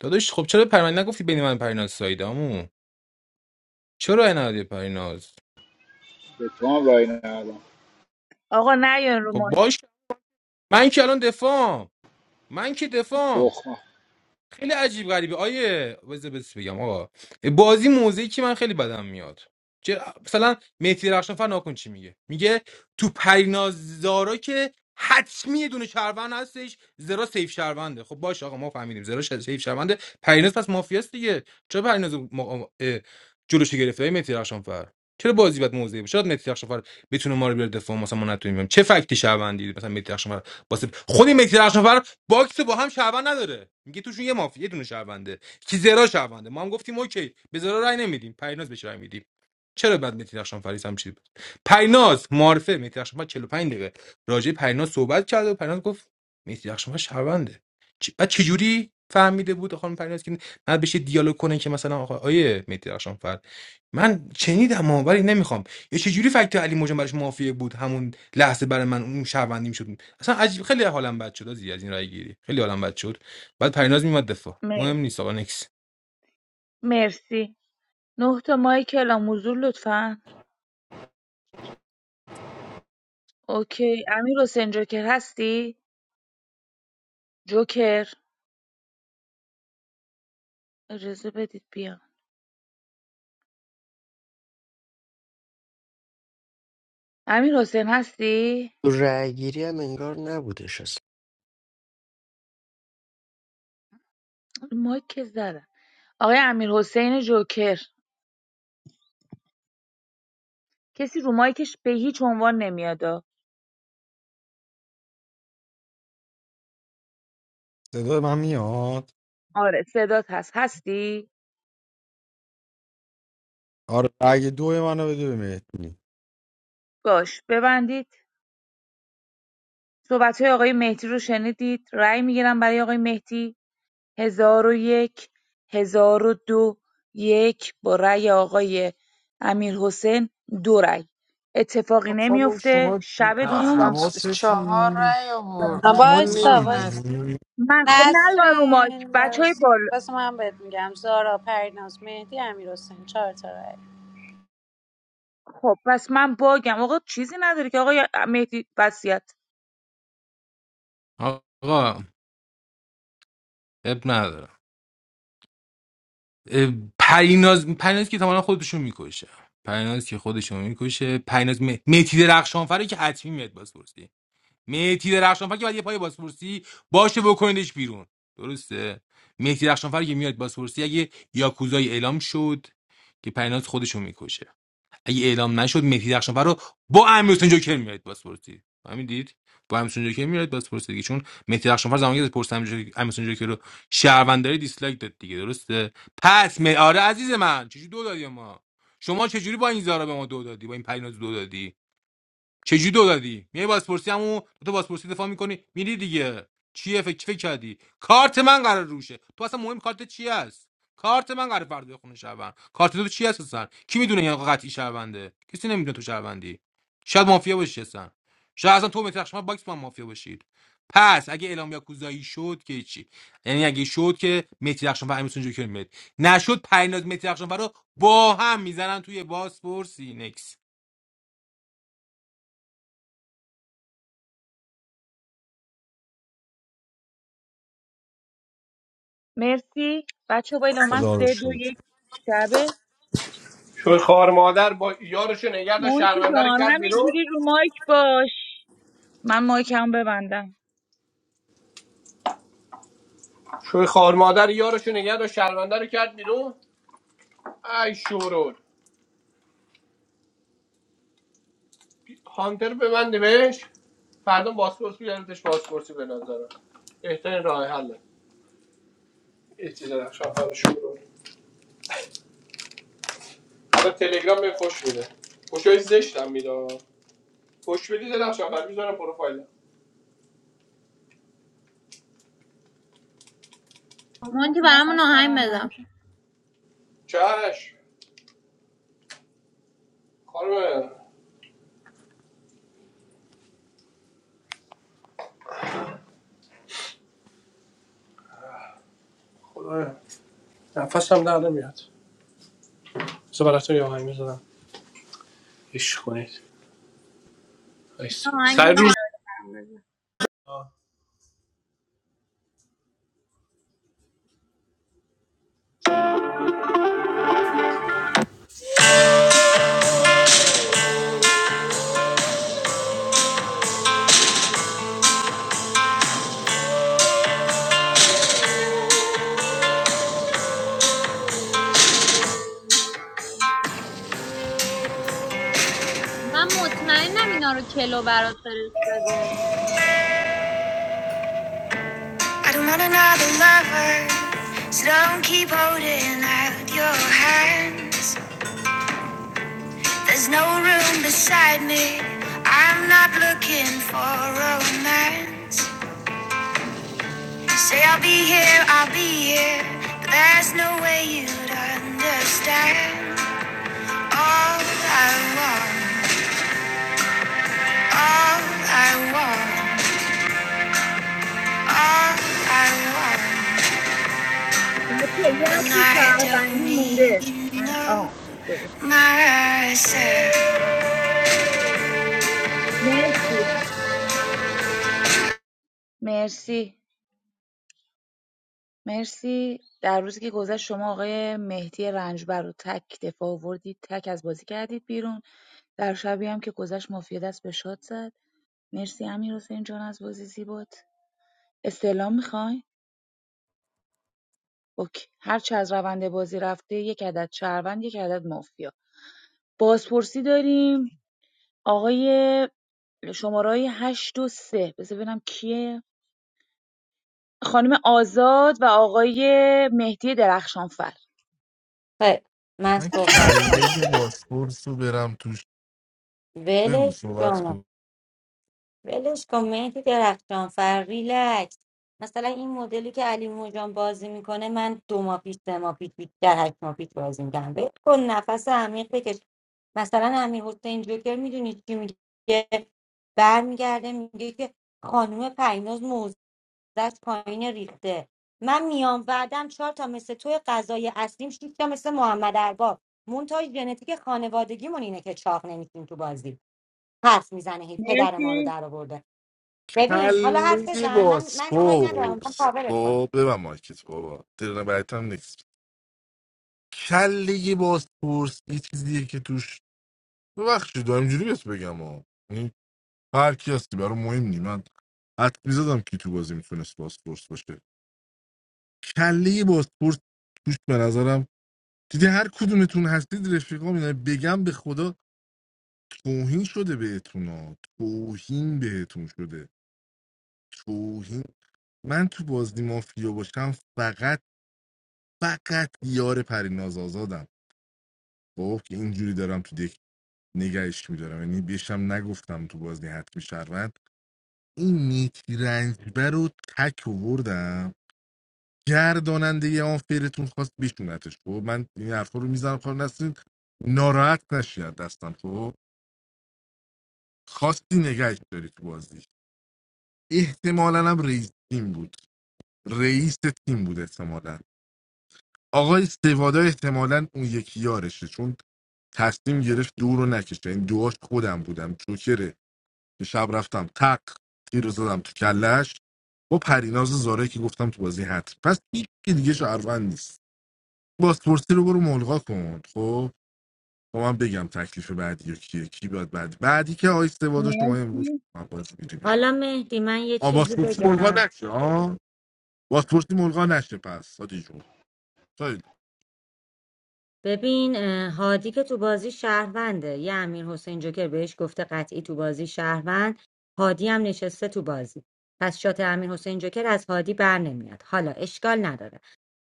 Speaker 18: داداش خب چرا پریناز نگفتی بین من و پریناز سایده عمو چرا ندادی پریناز
Speaker 2: به تو هم رای ندادم
Speaker 21: آقا نیاین رو
Speaker 18: خب
Speaker 21: مایک
Speaker 18: باش من که الان دفاع من که دفاع
Speaker 2: تخمه
Speaker 18: خیلی عجیب غریبه آیه بذار بس بگم آقا بازی موزیکی که من خیلی بدم میاد چرا مثلا مهدی رخشانفر ناکن چی میگه میگه تو پریناز زارا که حتمی یه دونه شهروند هستش زرا سیف شهرونده خب باش آقا ما فهمیدیم زرا ش- سیف شهرونده پریناز پس مافیاست دیگه چرا پریناز ما... اه، جلوش گرفته های مهدی رخشانفر چرا بازی باید موزه بشه شاید مهدی رخشانفر بتونه ما رو بیاره دفاع مثلا ما نتونیم چه فکتی شهروندی مثلا مهدی رخشانفر واسه خود مهدی باکس رو با هم شهروند نداره میگه توشون یه مافیا یه دونه شهرونده کی زرا شهرونده ما هم گفتیم اوکی به زرا رای نمیدیم پریناز بهش رای میدیم چرا بعد متی رخشان فریس هم چی بود پریناز معرفه متی رخشان فر 45 دقیقه راجع به پریناز صحبت کرد و پریناز گفت متی رخشان فر شهرونده چ- بعد چجوری فهمیده بود خانم پریناز که بعد بشه دیالوگ کنه که مثلا آقا آیه متی رخشان فر من چنیدم اما ولی نمیخوام یا چجوری فکت علی مجان براش مافیه بود همون لحظه برای من اون شهروندیم شد اصلا عجیب خیلی حالم بد شد زی از این رای گیری خیلی حالم بد شد بعد پریناز میومد دفاع مهم
Speaker 21: مر-
Speaker 18: نیست آقا نکس
Speaker 21: مرسی نه تا مایک اعلام حضور لطفا اوکی امیر حسین جوکر هستی جوکر اجازه بدید بیام امیر حسین هستی
Speaker 1: تو رأی گیری هم انگار نبودش اصلا
Speaker 21: رو مایک که زدم آقای امیرحسین جوکر کسی رو مایکش به هیچ عنوان نمیاد
Speaker 20: صدای من میاد
Speaker 21: آره صدات هست هستی
Speaker 20: آره رأی دو منو بده به مهدی
Speaker 21: باش ببندید صحبت های آقای مهدی رو شنیدید رأی میگیرم برای آقای مهدی هزار و یک هزار و دو یک با رأی آقای امیرحسین دو رأی اتفاقی
Speaker 7: خانم
Speaker 21: نمیفته
Speaker 7: شما
Speaker 21: شب
Speaker 4: خانم
Speaker 21: دوستان
Speaker 4: چ-
Speaker 7: حواست
Speaker 4: چهار رأی آورد
Speaker 22: No,
Speaker 7: شما
Speaker 22: boss.
Speaker 4: خانم
Speaker 22: Boss.
Speaker 4: نس
Speaker 7: نمیبینی
Speaker 21: من خب نه الان رو مایک
Speaker 22: Nasreen.
Speaker 21: بچه های
Speaker 22: Boss.
Speaker 21: بال
Speaker 22: Boss. Mom, I'm telling you, I'm sorry. I'm not smart. I'm not smart.
Speaker 21: خب پس من باگم آقا چیزی نداری که آقای مهدی وصیت
Speaker 18: آقا اب نداره اه، پریناز پریناز که تمام خودشون میکشه پریناز که خودشون میکشه پریناز م... میتی درخشانفر رو که حتمی میاد بازپرسی میتی درخشانفر که بعد یه پای بازپرسی باشه بکنیدش بیرون درسته مهدی درخشانفر که میاد بازپرسی اگه یاکوزای اعلام شد که پریناز خودشون میکشه اگه اعلام نشد مهدی درخشانفر رو با امیر حسین جوکر میاد بازپرسی همین دید با امیر حسین جوکر میاد بازپرسی دیگه چون مهدی درخشانفر زمانی که پرسید امیر حسین امیر حسین جوکر رو شهرونداری دیسلایک داد دیگه درسته پس می آره عزیز من چجوری دو دادی ما شما چجوری با این زارا به ما دو دادی با این پریناز دو دادی چجوری دو دادی میای بازپرسی همو تو بازپرسی دفاع میکنی میری دیگه چیه فکر فکر کردی کارت من قرار روشه تو اصلا مهم کارت چی است کارت من قرار فردا بخونه شهروند کارت تو چی هست اصلا کی میدونه این آقا قطعی شهرونده کسی نمیدونه تو شهروندی شاید مافیا باشی اصلا شاید اصلا تو مترخش شما باکس با هم مافیا باشید پس اگه اعلام یاکوزایی شد که چی یعنی اگه شد که مهدی رخشان و امیرحسین جوکر میاد نشد پریناز مهدی رخشان رو با هم میزنن توی بازپرسی نکس
Speaker 21: مرسی بچه بالا من
Speaker 20: خدا رو
Speaker 21: سه دو
Speaker 20: شکر
Speaker 21: یک شبه
Speaker 8: شوی خوار مادر با یارشو نگه داشت
Speaker 21: مونتی
Speaker 8: شهرونده رو
Speaker 21: جان
Speaker 8: کرد بیرون
Speaker 21: همینجوری رو مایک باش من مایکم ببندم
Speaker 8: شوی خوار مادر یارشو نگه داشت شهرونده رو کرد بیرون ای شورول هانتر به من نوشت فردا باسپورس بیارتش باسپورسی به نظرم بهترین راه حله یه چیز درخشان فردا شورول حالا تلگرام به خوش میده خوشای زشتم میده خوش بدی درخشان فردا میذارم پروفایلم
Speaker 3: اون که من برامون خواستم آهنگ آهنگ بزن
Speaker 8: چش خوبه خوبه. نفرستم نادر میاد. سوالات تو یه های میزدم. اشکونیت. ایست.
Speaker 3: آهنگ
Speaker 8: سایر.
Speaker 3: ندارم بزن من مطمئنم اینا رو کلو برات فرستاده
Speaker 8: All I
Speaker 21: بچه یه هفته شهروندی مونده آه درست مرسی مرسی مرسی در روزی که گذشت شما آقای مهدی رنجبر رو تک دفاع آوردید تک از بازی کردید بیرون در شبی هم که گذشت مافیا دست به شاد زد مرسی امیر حسین جان از بازی زیبات استعلام میخوای اوکی هر چه از روند بازی رفته یک عدد شهروند یک عدد مافیا بازپرسی داریم آقای شماره هشت و سه بذار ببینم کیه خانم آزاد و آقای مهدی درخشانفر
Speaker 14: خیلی من
Speaker 7: من
Speaker 14: صحبت کنم
Speaker 7: کله باسپورس رو برم توش بگو
Speaker 14: ولش
Speaker 7: صحبت
Speaker 14: کن.
Speaker 7: کن
Speaker 14: ولش کن مهدی درخشان فر ریلکس مثلا این مدلی که علی موجان بازی میکنه من دو ماه پیش سه ماه پیش بیشتر هشت ماه پیش بازی میکنم ول کن نفس عمیق بکش مثلا امیر حسین جوکر میدونی چی میگه برمیگرده میگه که خانم پریناز موز دست پایین ریخته من میام بعدم چهار تا مثل توی غذای اصلیم شش تا مثل محمد ارباب مونتاژ ژنتیک خانوادگیمون اینه که چاق نمیشیم تو بازی حرف میزنه هی پدر ما رو
Speaker 21: مرسی
Speaker 14: در ببین حالا حرف
Speaker 7: کله
Speaker 14: بزن من من کاری ندارم من
Speaker 7: باسپورس
Speaker 14: کاورت
Speaker 7: خب
Speaker 14: کنم
Speaker 7: ببن مایکت بابا ترن بعدت هم نیست کله باسپورس یه چیزیه که توش ببخشید دارم اینجوری بهت بگم ها یعنی هر کی هستی برام مهم نی من حد میزدم کی تو بازی میتونست باسپورس باشه کله باسپورس توش به نظرم دیدی هر کدومتون هستید رفیقا میدونم بگم به خدا توهین شده بهتون ها توهین بهتون شده توهین من تو بازی مافیا باشم فقط فقط یار پریناز آزادم خب که اینجوری دارم تو دک نگهش میدارم یعنی بهشم نگفتم تو بازی حتمی شهروند این نیکی رنجبر رو تک آوردم گرداننده یه آنفیرتون خواست بشونتش خب من این حرفا رو میزنم خواهر نستین ناراحت نشید دستم خب خواستی نگهش داری تو بازی احتمالا هم رئیس تیم بود رئیس تیم بود احتمالا آقای سوادا احتمالا اون یکی یارشه چون تصمیم گرفت دو رو نکشه این دوهاش خودم بودم جوکره که شب رفتم تق تیر رو زدم تو کلش با پریناز زاره که گفتم تو بازی حت پس هیچ کی دیگه شهروند نیست بازپرسی رو برو ملغا کن خب با من بگم تکلیف بعدی یا کیه کی باید بعد بعدی که آقای سوادا شما امروز
Speaker 21: مرسی
Speaker 7: من بازی میری بیرون
Speaker 14: حالا مهدی من یه
Speaker 7: آ
Speaker 14: چیزی
Speaker 7: بازپرسی ملغا
Speaker 14: بگم
Speaker 7: نشه آ بازپرسی ملغا نشه پس سادی جون
Speaker 14: ببین اه، هادی که تو بازی شهرونده یه امیر حسین جوکر بهش گفته قطعی تو بازی شهروند هادی هم نشسته تو بازی پس شات امیر حسین جوکر از هادی بر نمیاد حالا اشکال نداره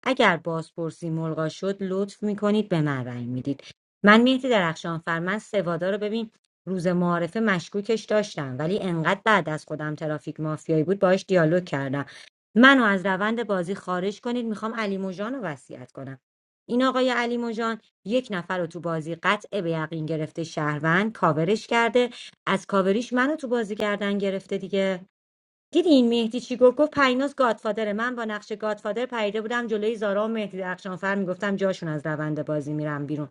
Speaker 14: اگر بازپرسی ملغا شد لطف میکنید به من رأی میدید من مهدی درخشانفر من سوادا رو ببین روز معارفه مشکوکش داشتم ولی انقدر بعد از خودم ترافیک مافیایی بود باهاش دیالوگ کردم منو از روند بازی خارج کنید میخوام علی موجان رو وصیت کنم این آقای علی موجان یک نفر رو تو بازی قطع به یقین گرفته شهروند کاورش کرده از کاوریش منو تو بازی گردن گرفته دیگه دیدین مهدی چی گفت گفت پریناز گادفادره من با نقش گادفادر پریده بودم جلوی زارا و مهدی درخشانفر میگفتم جاشون از روند بازی میرم بیرون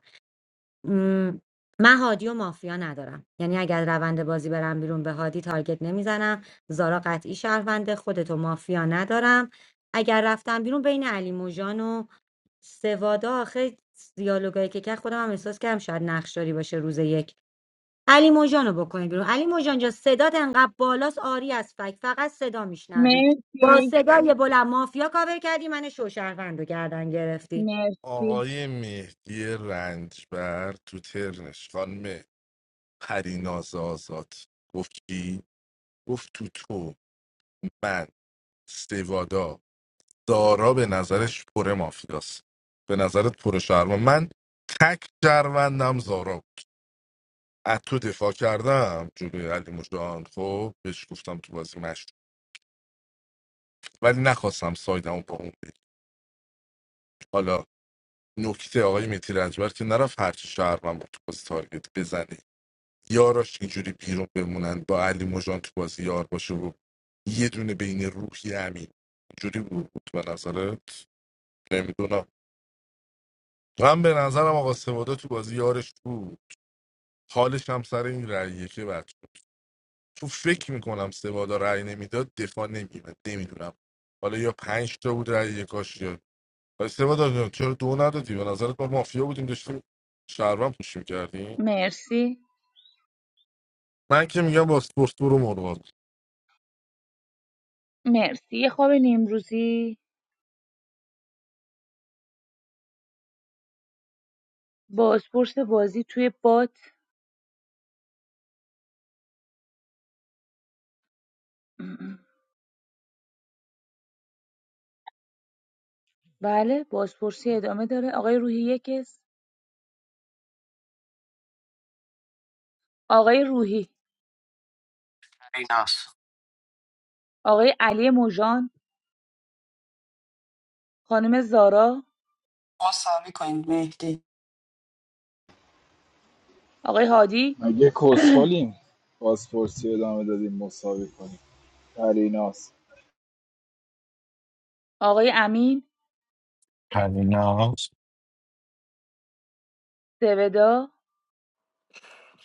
Speaker 14: م، من هادی و مافیا ندارم یعنی اگر روند بازی برم بیرون به هادی تارگت نمیزنم زارا قطعی شهرونده خودتو مافیا ندارم اگر رفتم بیرون بین علی موجان و سوادا آخه دیالوگایی که کرد خودم هم احساس کردم شاید نقشداری باشه روز یک علی موجانو بکنی بیرون علی موجان جان صدات انقدر بالاست آری از فک فقط صدا میشنوی با
Speaker 21: مرسی
Speaker 14: صدای بلند مافیا کاور کردی من شوشهروند رو گردن گرفتی
Speaker 21: مرسی
Speaker 7: آقای مهدی رنجبر تو ترنش خانم پریناز آزاد گفت کی؟ گفت تو تو من سوادا دارا به نظرش پر مافیاست به نظرت پر شهروند من تک شهروندم زارا بود از تو دفاع کردم جلوی علی مجان خب بهش گفتم تو بازی مشت ولی نخواستم سایدمو با اون بگیر. حالا نکته آقای مهدی رنجبر که نرفت هرچی شهروند بود تو بازی تارگت بزنه یاراش اینجوری بیرون بمونن با علی مژان تو بازی یار باشه و یه دونه بین روحی امین اینجوری بود به نظرت نمیدونم من به نظرم آقا سوادا تو بازی یارش بود حالش هم سر این رأیه که بد شد. تو فکر میکنم سوادا رأی نمیداد دفاع نمیمد نمیدونم حالا یا پنج تا بود رأی یکاش یا ولی سوادا جان، چرا دو ندادی به نظرت ما مافیا بودیم داشتیم شهروند پوش میکردیم
Speaker 21: مرسی
Speaker 7: من که میگم با اسپورت برو مرغاب
Speaker 21: مرسی یه خواب نیمروزی بازپرس بازی توی باد بله بازپرسی ادامه داره آقای روحی یکس آقای روحی
Speaker 1: ایناس
Speaker 21: آقای علی مژان، خانم زارا،
Speaker 4: مساوی کنید مهدی
Speaker 21: آقای هادی،
Speaker 2: مگه کسخالیم پاسپورتی ادامه دادیم مساوی کنیم پریناست
Speaker 21: آقای امین،
Speaker 11: پریناز
Speaker 21: سودا،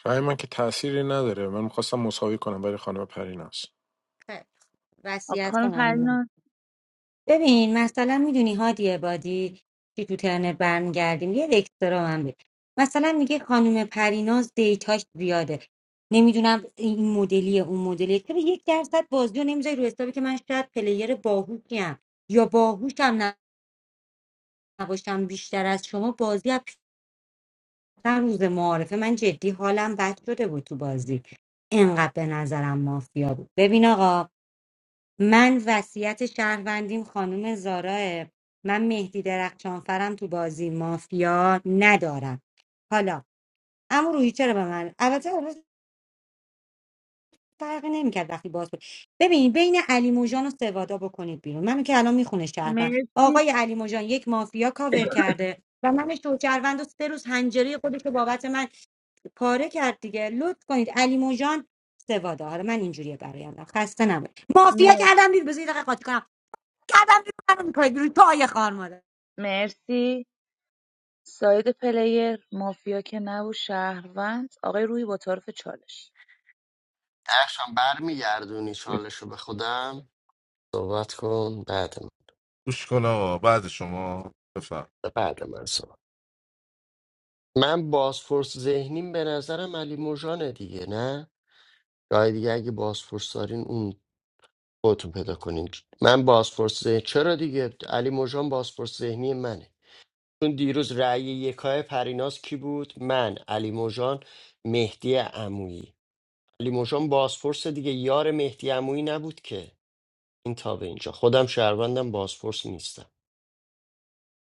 Speaker 13: رأی من که تأثیری نداره من میخواستم مساوی کنم برای خانم پریناز
Speaker 14: خب،
Speaker 21: آقا-
Speaker 14: وصیت
Speaker 21: خانم
Speaker 14: کنم من.
Speaker 21: پریناز
Speaker 14: ببین مثلا میدونی هادی عبادی چی تو ترنت برمیگردیم یه دکترا من بید. مثلا میگه خانم پریناز دیتاش زیاده نمیدونم این مدلی اون مدلی که یک درصد بازی رو نمیذاری رو حسابی که من شاید پلیر باهوشیم یا باهوشم نباشم بیشتر از شما بازی از پیشتر روز معارفه من جدی حالم بد شده بود تو بازی انقدر به نظرم مافیا بود ببین آقا من وصیت شهروندیم خانم زاراه من مهدی درخشانفرم تو بازی مافیا ندارم حالا اما روحی چرا به من البته فرقی نمیکرد وقتی باز بود ببین بین علی موجان و سوادا بکنید بیرون منو که الان میخونه شهروند
Speaker 21: مرسی
Speaker 14: آقای علی موجان یک مافیا کاور کرده و من شوچروند و سه روز هنجری خودش رو بابت من پاره کرد دیگه لطف کنید علی موجان سوادا حالا من اینجوریه برایم خسته نبود مافیا
Speaker 21: مر-
Speaker 14: کردم بیرون بذارید یه دقیقه قاطی کنم کردم بیرون منو میکنید بیرون پای خار مادر
Speaker 21: مرسی ساید پلیر مافیا که نبود شهروند آقای روحی با طرف چالش
Speaker 1: درخشان برمیگردونی چالشو به خودم صحبت کن بعد
Speaker 7: گوش کن آقا بعد شما بفهم
Speaker 1: من بعد من صحبت من بازپرس ذهنیم به نظرم علی موجانه دیگه نه راه دیگه اگه بازپرس دارین اون خودتون پیدا کنین من بازپرس ذهن- چرا دیگه علی موجان بازپرس ذهنی منه چون دیروز رأی یکای پریناز کی بود من علی موجان مهدی عمویی علی موجان بازپرس دیگه یار مهدی عمویی نبود که این تا به اینجا خودم شهروندم بازپرس نیستم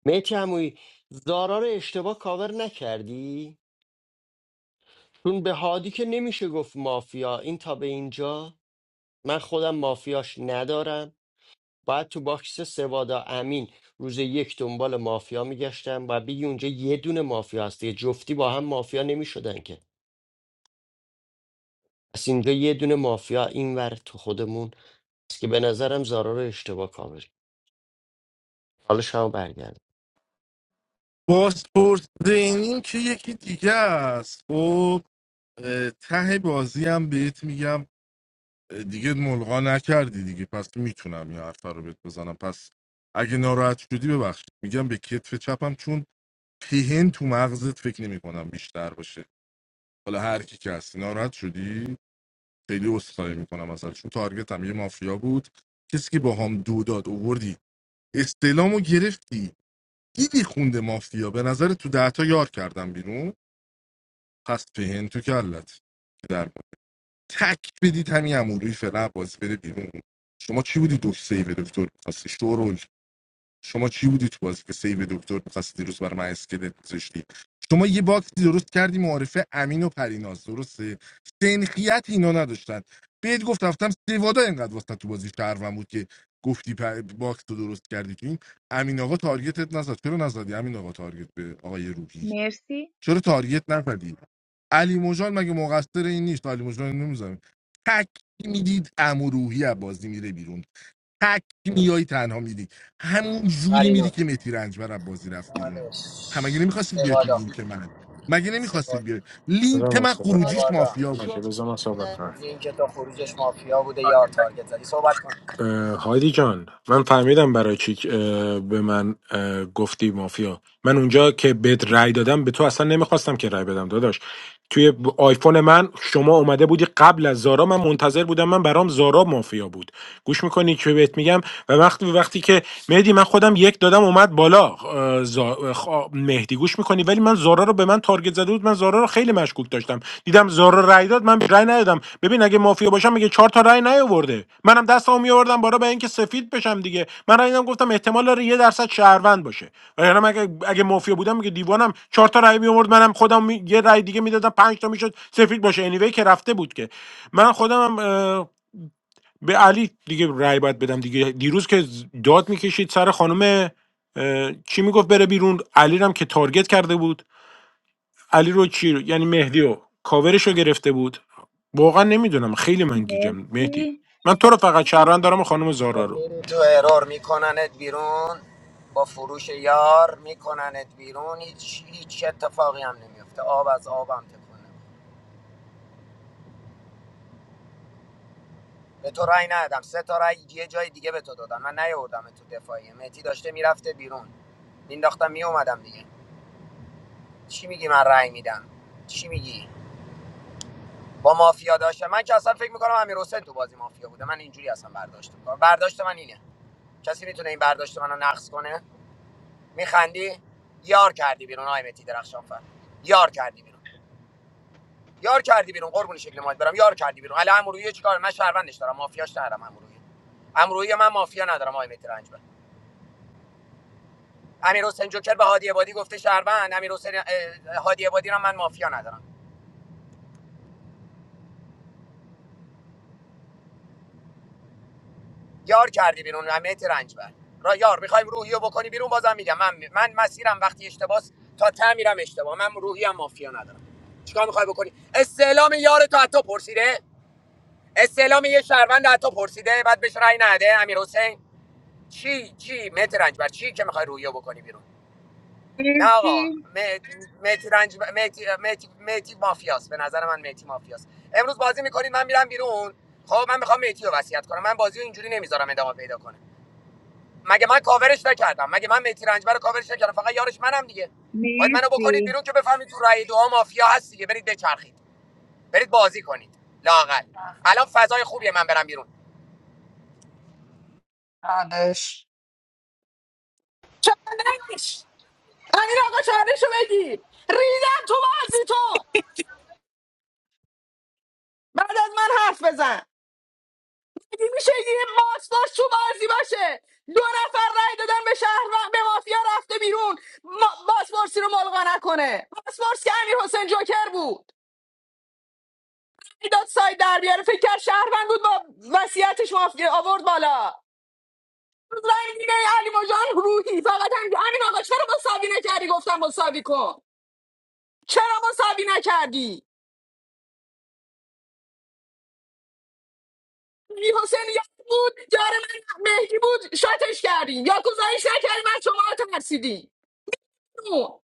Speaker 1: مهدی عمویی زارا رو اشتباه کاور نکردی چون به هادی که نمیشه گفت مافیا این تا به اینجا من خودم مافیاش ندارم باید تو باکس سوادا امین روز یک دنبال مافیا میگشتن و بگی اونجا یه دونه مافیا هست دیگه جفتی با هم مافیا نمیشدن که پس اینجا یه دونه مافیا اینور تو خودمون است که به نظرم زارا رو اشتباه کامل کرد. حالا شما برگرد
Speaker 7: بازپرس زینین که یکی دیگه است خب اه، ته بازی هم بهت میگم اه، دیگه ملغا نکردی دیگه پس میتونم این حرف رو بهت بزنم پس اگه ناراحت شدی ببخشید میگم به کتف چپم چون پهن تو مغزت فکر نمی کنم بیشتر باشه حالا هر کی که هستی ناراحت شدی خیلی عذرخواهی میکنم ازت چون تارگت هم یه مافیا بود کسی که با هم دو داد اووردی استعلامو گرفتی دیدی خونده مافیا به نظر تو دهتا یار کردم بیرون پس پهن تو کلت در تک بدید همین اموروی فعلا بازی بده بیرون شما چی بودی دکتر سیو دکتر میخواستی شورول شما چی بودی تو بازی که سیو دکتر میخواستی دیروز برای من اسکلت گذاشتی شما یه باکسی درست کردی معارفه امین و پریناز درسته سنخیت اینا نداشتن بهت گفت رفتم سوادا اینقدر واسه تو بازی شهروند بود که گفتی پ- باکس تو درست کردی که این امین آقا تارگتت نزد چرا نزدی امین آقا تارگت به آقای روحی
Speaker 21: مرسی
Speaker 7: چرا تارگت نزدی علی مجان مگه مقصر این نیست علی مجان نمیزنه تک میدید امروحی از بازی میره بیرون تک میای تنها میدی همون جوری میدی که متی رنجبر از بازی رفت بیرون هم مگه نمیخواستید بیاید تو لینک من مگه نمیخواستید بیاید
Speaker 13: بذار
Speaker 7: لینک
Speaker 13: من
Speaker 7: من
Speaker 13: صحبت
Speaker 1: آدم
Speaker 7: خروجیش مافیا بود
Speaker 13: اوکی
Speaker 1: شو-
Speaker 13: بذار من صحبت
Speaker 1: آدم-
Speaker 13: کنم اه، هایدی جان من فهمیدم برای چی اه، به من اه، گفتی مافیا من اونجا که بهت رأی دادم به تو اصلا نمیخواستم که رأی بدم داداش توی ب- آیفون من شما اومده بودی قبل از زارا من منتظر بودم من برام زارا مافیا بود گوش میکنی که بهت میگم و وقتی وقتی که مهدی من خودم یک دادم اومد بالا اه، زا- اه، خ- مهدی گوش میکنی ولی من زارا رو به من تارگت زده بود من زارا رو خیلی مشکوک داشتم دیدم رو رای داد من رای ندادم ببین اگه مافیا باشم میگه چهار تا رای نیاورده منم دستمو میآوردم بالا به اینکه سفید بشم دیگه من رای دادم گفتم احتمال داره یه درصد شهروند باشه وگرنه اگه اگه مافیا بودم میگه دیوانم چهار تا رای میآورد منم خودم می- یه رای دیگه میدادم پنج تا میشد سفید باشه انیوی که رفته بود که من خودم هم به علی دیگه رای باید بدم دیگه دیروز که داد میکشید سر خانم اه، چی میگفت بره بیرون علی رو هم که تارگت کرده بود علی رو کی رو- یعنی مهدی رو کاورش رو گرفته بود واقعا نمیدونم خیلی من گیجم مهدی
Speaker 21: مرسی
Speaker 13: من تو رو فقط شهروند دارم و خانم زارا
Speaker 16: خب
Speaker 13: رو
Speaker 16: میری تو ارور میکننت بیرون با فروش یار میکننت بیرون هیچ هیچ اتفاقی هم نمیفته آب از آبم تکونه به تو رأی ندادم سه تا رأی یه جای دیگه به تو دادم من نیاوردم تو دفاعیه مهدی داشته میرفته بیرون مینداختم میومدم دیگه چی میگی من رأی میدم چی میگی با مافیا داشتم. من که اصلا فکر میکنم امیر حسین تو بازی مافیا بوده من اینجوری اصلا برداشت میکنم برداشت من اینه کسی میتونه این برداشت منو نقص کنه میخندی یار کردی بیرون آی متی درخشان فر یار کردی بیرون یار کردی بیرون قربون شکل ماید برم یار کردی بیرون علی امرویه چیکار من شهروندش دارم مافیاش ندارم امرویه امرویه من مافیا ندارم آی متی رنج بر امیر حسین جوکر به هادی عبادی گفته شهروند امیر حسین هادی عبادی رو من مافیا ندارم یار کردی بیرون مهدی رنجبر را یار میخوایم روحیو بکنی بیرون بازم میگم من من مسیرم وقتی اشتباس تا ته میرم اشتباه من روحی هم مافیا ندارم چیکار میخوای بکنی استعلام یار تو حتی پرسیده استعلام یه شهروند حتی پرسیده بعد بهش رأی نده امیر حسین چی چی مهدی رنجبر چی که میخوای روحیو بکنی بیرون نه آقا
Speaker 21: مرسی
Speaker 16: مهدی رنج مهدی مهدی مهدی مافیاست به نظر من مهدی مافیاست امروز بازی میکنید من میرم بیرون خب من میخوام مهدی رو وصیت کنم من بازی رو اینجوری نمیذارم ادامه پیدا کنه مگه من کاورش نکردم مگه من مهدی رنجبر رو کاورش نکردم فقط یارش منم دیگه باید منو بکنید
Speaker 21: مرسی
Speaker 16: بیرون که بفهمید تو رأی دو مافیا هست دیگه برید بچرخید برید بازی کنید لاقل الان فضای خوبیه من برم بیرون
Speaker 4: بعدش چالش امین آقا چالش رو بگی ریدم تو بازی تو بعد از من حرف بزن اگه میشه یه ماسلاش تو بازی باشه دو نفر رای دادن به شهر و به مافیا رفته بیرون ما... باسپورسی رو ملغا نکنه باسپورس که امیر حسین جوکر بود داد ساید در بیاره فکر کرد شهروند بود با وصیتش مافیا آورد بالا رای دیگه علی مجان روحی فقط هم امین آقا چرا مساوی نکردی گفتم مساوی کن چرا مساوی نکردی امیر حسین یاد بود یار من مهدی بود شاتش کردی یا گزارش نکردی من شما رو ترسیدی او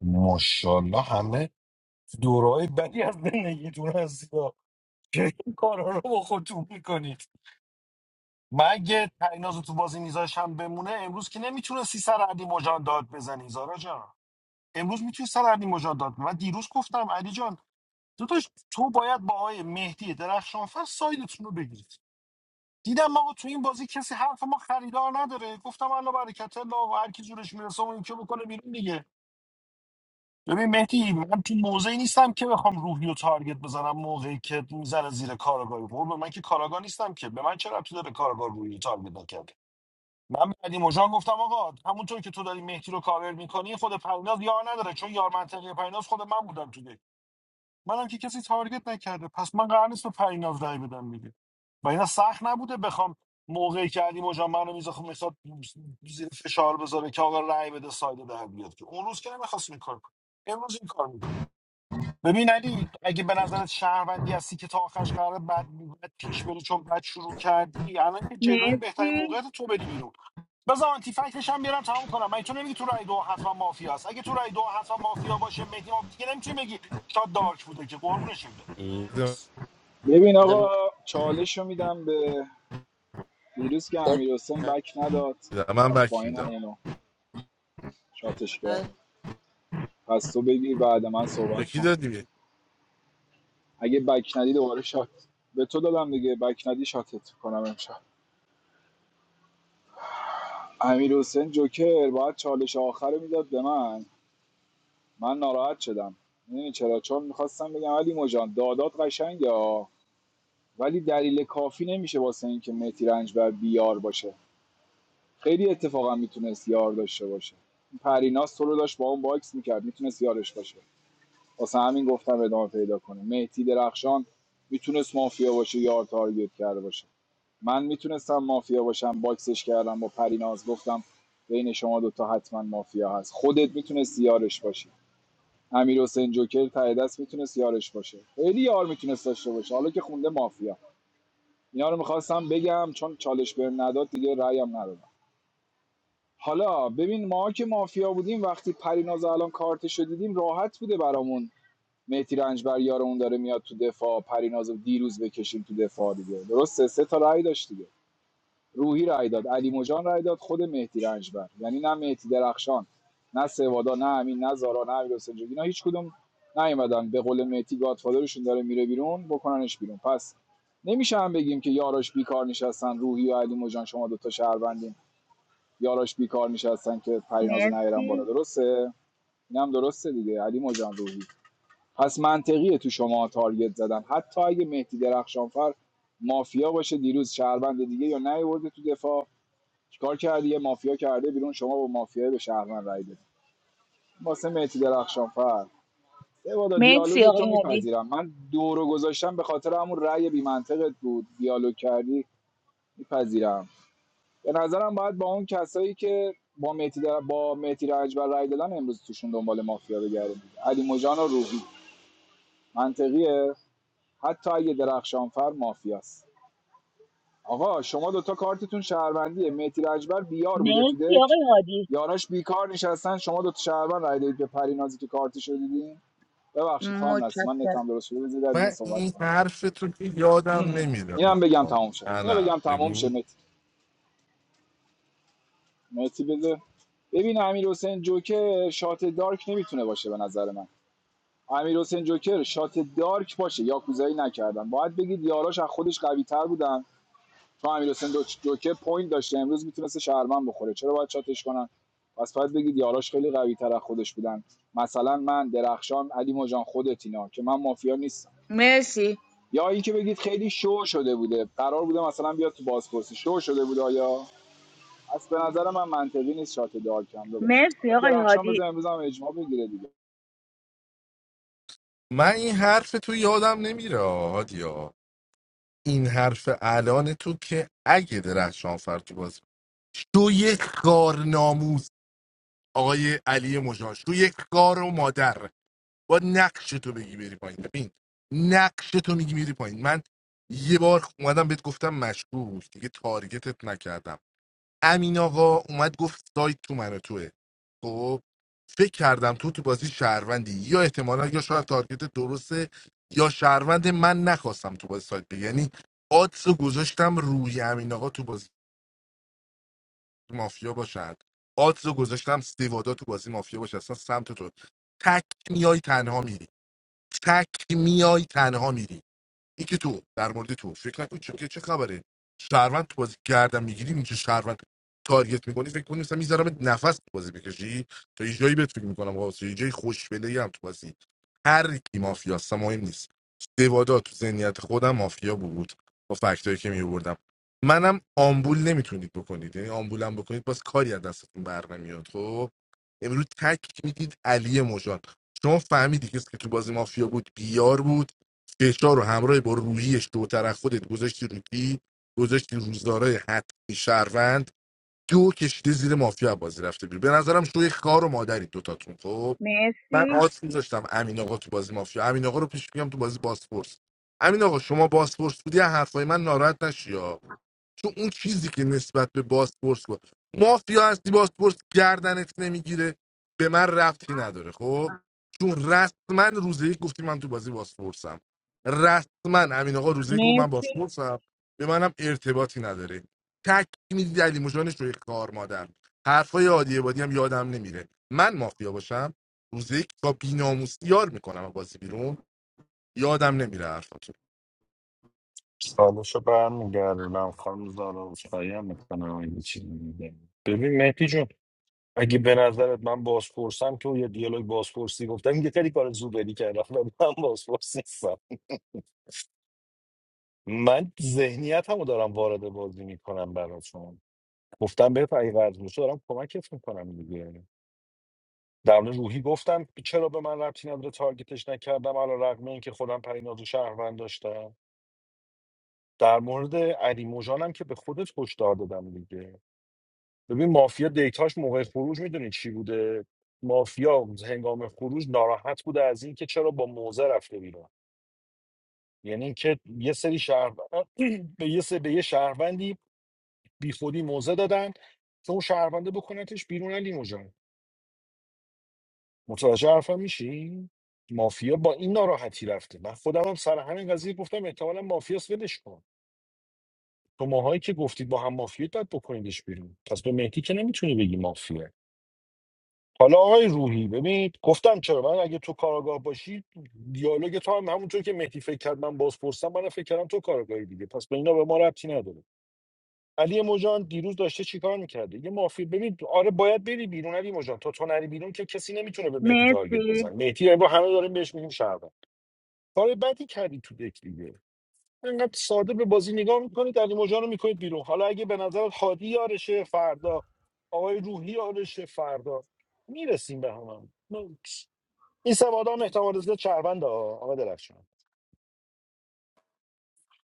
Speaker 11: ماشاءالله همه دورای بدی از زندگیتون هستی ها. که این کارا رو با خودتون میکنید من اگه پریناز رو تو بازی میذاشم بمونه امروز که نمیتونستی سر علی مجان داد بزنی زارا جان امروز میتونی سر علی مجان داد بزنی. من دیروز گفتم علی جان داداش تو باید با آقای مهدی درخشانفر سایدتون رو بگیرید دیدم آقا تو این بازی کسی حرف ما خریدار نداره گفتم الله برکت الله و هر کی جورش میرسه اون یکی بکنه بیرون دیگه ببین مهدی من تو موضعی نیستم که بخوام روحی و تارگت بزنم موقعی که میزنه زیر کاراگاه قربه من که کاراگاه نیستم که به من چرا تو داره کاراگاه روحی رو تارگت نکرد من بعدی مجان گفتم آقا همونطور که تو داری مهدی رو کاور میکنی خود پریناز یار نداره چون یار منطقی پریناز خود من بودم تو دک. منم که کسی تارگت نکرده پس من قرار نیست به پریناز رای بدم دیگه و اینا سخت نبوده بخوام موقعی که علی مجا منو میزه خب میخواد زیر فشار بذاره که آقا رای بده سایده در بیاد که اون روز که نمیخواست این کار کنه امروز این کار میکنه ببین علی اگه به نظرت شهروندی هستی که تا آخرش قرار بعد بد بد پیش بری چون بد شروع کردی الان که جلو این بهترین
Speaker 21: مرسی
Speaker 11: موقعیت تو بدی بیرون بذار آنتی فکتش هم بیارم تموم کنم من تو نمیگی تو رای دو حتما مافیا است اگه تو رای دو حتما مافیا باشه مهدی مافیا دیگه نمیتونی بگی شاد دارک بوده که قربونش بده
Speaker 1: ای،
Speaker 7: میدم.
Speaker 11: Next.
Speaker 2: ببین
Speaker 1: بده
Speaker 2: آقا چالش رو میدم به دیروز که امیر حسین بک نداد
Speaker 7: من
Speaker 2: رفت
Speaker 7: بک
Speaker 2: پایین
Speaker 7: میدم
Speaker 2: همونو شاتش کرد
Speaker 1: من.
Speaker 2: پس تو بگیر بعد من
Speaker 7: به
Speaker 2: صحبت
Speaker 7: کی
Speaker 2: کن
Speaker 7: دادی
Speaker 2: اگه بک ندی دوباره شات به تو دادم دیگه بک ندی شاتت کنم امشب امیر حسین جوکر باید چالش آخر رو میداد به من من ناراحت شدم میدونی چرا چون میخواستم بگم علی مجان دادات قشنگه ها. ولی دلیل کافی نمیشه واسه این که متی رنجبر بیار باشه خیلی اتفاقا میتونست یار داشته باشه پریناز تو رو داشت با اون باکس میکرد میتونست یارش باشه واسه همین گفتم ادامه پیدا کنه مهدی درخشان میتونست مافیا باشه یار تارگت کرده باشه من میتونستم مافیا باشم باکسش کردم با پریناز گفتم بین شما دوتا حتما مافیا هست خودت میتونستی یارش باشی امیر حسین جوکر ته دست میتونست یارش باشه خیلی یار میتونست داشته باشه حالا که خونده مافیا اینا رو میخواستم بگم چون چالش بهم نداد دیگه رأیم ندادم حالا ببین ما که مافیا بودیم وقتی پریناز الان کارتشو دیدیم راحت بوده برامون مهدی رنجبر یارمون داره میاد تو دفاع پرینازو رو دیروز بکشیم تو دفاع دیگه درسته سه تا رأی داشت دیگه روحی رای داد علی مجان رای داد خود مهدی رنجبر یعنی نه مهدی درخشان نه سوادا نه امین نه زارا نه امیر حسین جوگی اینا هیچ کدوم نیومدن به قول مهدی گادفادرشون داره میره بیرون بکننش بیرون پس نمیشه هم بگیم که یاراش بیکار نشستن روحی و علی مجان شما دو تا شهروندین یاراش بیکار نشستن که پرینازو نیارن بالا
Speaker 21: مرسی
Speaker 2: درسته اینم درسته دیگه علی مجان روحی پس منطقیه تو شما تارگت زدن حتی اگه مهدی درخشانفر مافیا باشه دیروز شهروند دیگه یا نیورده تو دفاع چیکار کردی یه مافیا کرده بیرون شما با مافیا به شهرمن رای دادی واسه مهدی درخشانفر سوادا
Speaker 21: مرسی
Speaker 2: دیالوگ تو
Speaker 21: آقای هادی
Speaker 2: میپذیرم من دو رو گذاشتم به خاطر همون رأی بی منطقت بود دیالوگ کردی میپذیرم به نظرم باید با اون کسایی که با مهدی در... با مهدی رنجبر رأی دادن امروز توشون دنبال مافیا بگردیم علی مجان و روحی منطقیه حتی اگه درخشانفر مافیاست آقا شما دوتا کارتتون شهروندیه مهدی رجبر بیار بوده تو
Speaker 21: مرسی
Speaker 2: دک
Speaker 21: آقای هادی
Speaker 2: یاراش بیکار نشستن شما دوتا شهروند رای دادید به پرینازی که کارتش رو دیدین ببخشید تام نستی من نتم
Speaker 21: متشکرم
Speaker 2: درست شده بذار در دیگه
Speaker 7: من
Speaker 2: صحبت
Speaker 7: این
Speaker 2: کنم
Speaker 7: حرف تو که یادم نمیره
Speaker 2: اینم بگم تموم شه
Speaker 7: نه
Speaker 2: اینو
Speaker 7: نه
Speaker 2: بگم تموم شه
Speaker 7: بگو
Speaker 2: مهدی مهدی بده ببین امیر حسین جوکر شات دارک نمیتونه باشه به نظر من امیر حسین جوکر شات دارک باشه یاکوزایی نکردن باید بگید یاراش از خودش قوی تر بودن چون امیر حسین جوکر پوینت داشته امروز میتونسته شهروند بخوره چرا باید شاتش کنن پس باید بگید یاراش خیلی قوی تر از خودش بودن مثلا من درخشان علی مجان خودت اینا که من مافیا نیستم
Speaker 21: مرسی
Speaker 2: یا اینکه بگید خیلی شو شده بوده قرار بوده مثلا بیاد تو بازپرسی شو شده بوده یا از به نظر من منطقی نیست شات دار کم باشه
Speaker 21: مرسی
Speaker 2: حالا
Speaker 21: آقای
Speaker 2: درخشان
Speaker 21: هادی
Speaker 2: بزن امروز هم اجماع بگیره دیگه
Speaker 7: من این حرف تو یادم نمیره هادیا این حرف الان تو که اگه درخشان فر تو باز تو یک کار ناموس آقای علی مجاش تو یک کار و مادر با نقش تو بگی بری پایین ببین نقش تو میگی میری پایین من یه بار اومدم بهت گفتم مشکوک دیگه تارگتت نکردم امین آقا اومد گفت سایت تو من و توه خب فکر کردم تو تو بازی شهروندی یا احتمالا یا شاید تارگت درسته یا شهروند من نخواستم تو بازی سایت بگی. یعنی آدز رو گذاشتم روی امین آقا تو بازی مافیا باشد آدز رو گذاشتم سیوادا تو بازی مافیا باشه اصلا سمت تو تک میای تنها میری تک میای تنها میری این که تو در مورد تو فکر نکن چون که چه خبره شهروند تو بازی گردم میگیری اینجا شهروند تارگت میکنی فکر کنی مثلا میذارم نفس تو بازی بکشی تا یه جایی بهت فکر میکنم واسه یه جایی خوشبله هم تو بازی هر کی مافیاست مهم نیست سوادا تو ذهنیت خودم مافیا بود با فکتایی که میوردم منم آمبول نمیتونید بکنید یعنی آمبولم بکنید باز کاری از دستتون بر نمیاد خب امروز تک میدید علی مژان شما فهمیدی کسی که تو بازی مافیا بود بیار بود بهشار رو همراه با روحیش دوتر از خودت گذاشتی رو کی گذاشتی روزدارای حتمی شهروند دو کشیده زیر مافیا بازی رفته بیرون به نظرم شوی خار و مادری دوتاتون خب من
Speaker 21: مرسی
Speaker 7: آدرس میذاشتم امین آقا تو بازی مافیا امین آقا رو پیش میگم تو بازی باسپورس امین آقا شما باسپورس بودی از حرفای من ناراحت نشی چون اون چیزی که نسبت به باسپورس بود مافیا هستی باسپورس گردنت نمیگیره به من ربطی نداره خب چون رسما روزه یک گفتی من تو بازی باسپورسم رسما امین آقا روزه یک گفت من
Speaker 21: مرسی
Speaker 7: باسپورسم به منم ارتباطی نداره تک میدید علی مجانش رو اختار مادر حرفای عادی بادی هم یادم نمیره من مافیا باشم روزه یک با بیناموس یار میکنم بازی بیرون یادم نمیره حرفاتون
Speaker 11: سالشو برمیگردونم خانم زارا عذرخواهی میکنم اگه چیزی میگم ببین مهدی جون اگه به نظرت من بازپرسم که اون یه دیالوگ بازپرسی گفتم یه خیلی کار زوبری کردم ولی من بازپرس نیستم من ذهنیت رو دارم وارد بازی میکنم براتون گفتم به اگه قرض میشه دارم کمکت میکنم دیگه در مورد روحی گفتم که چرا به من ربطی نداره تارگتش نکردم علی رغم اینکه خودم پریناز و شهروند داشتم در مورد علی موجانم که به خودت هشدار دادم دیگه ببین مافیا دیتاش موقع خروج میدونی چی بوده مافیا هنگام خروج ناراحت بوده از اینکه چرا با موزه رفته بیرون یعنی اینکه یه سری شهروند به یه سری به یه شهروندی بیخودی موزه دادن که اون شهرونده بکنتش بیرون علی متوجه حرفم میشی مافیا با این ناراحتی رفته من خودم هم سر همین قضیه گفتم احتمالا مافیاس ولش کن تو ماهایی که گفتید با هم مافیا باید بکنیدش بیرون پس به مهدی که نمیتونی بگی مافیا حالا آقای روحی ببین گفتم چرا من اگه تو کاراگاه باشی دیالوگ تو هم همونطور که مهدی فکر کرد من باز پرسم من فکر کردم تو کاراگاهی دیگه پس به اینا به ما ربطی نداره علی مجان دیروز داشته چیکار میکرده یه مافی ببین آره باید بری بیرون علی مجان تا تو نری بیرون که کسی نمیتونه به مهدی تارگت
Speaker 21: مرسی
Speaker 11: بزن مهدی با همه داریم بهش میگیم شهروند کار بدی کردی تو دک دیگه اینقدر ساده به بازی نگاه میکنید علی مژان رو میکنید بیرون حالا اگه به نظر هادی یارشه فردا آقای روحی یارشه فردا میرسیم به هم این سوادا هم احتمال زیاد چربنده ها، آقا درخشان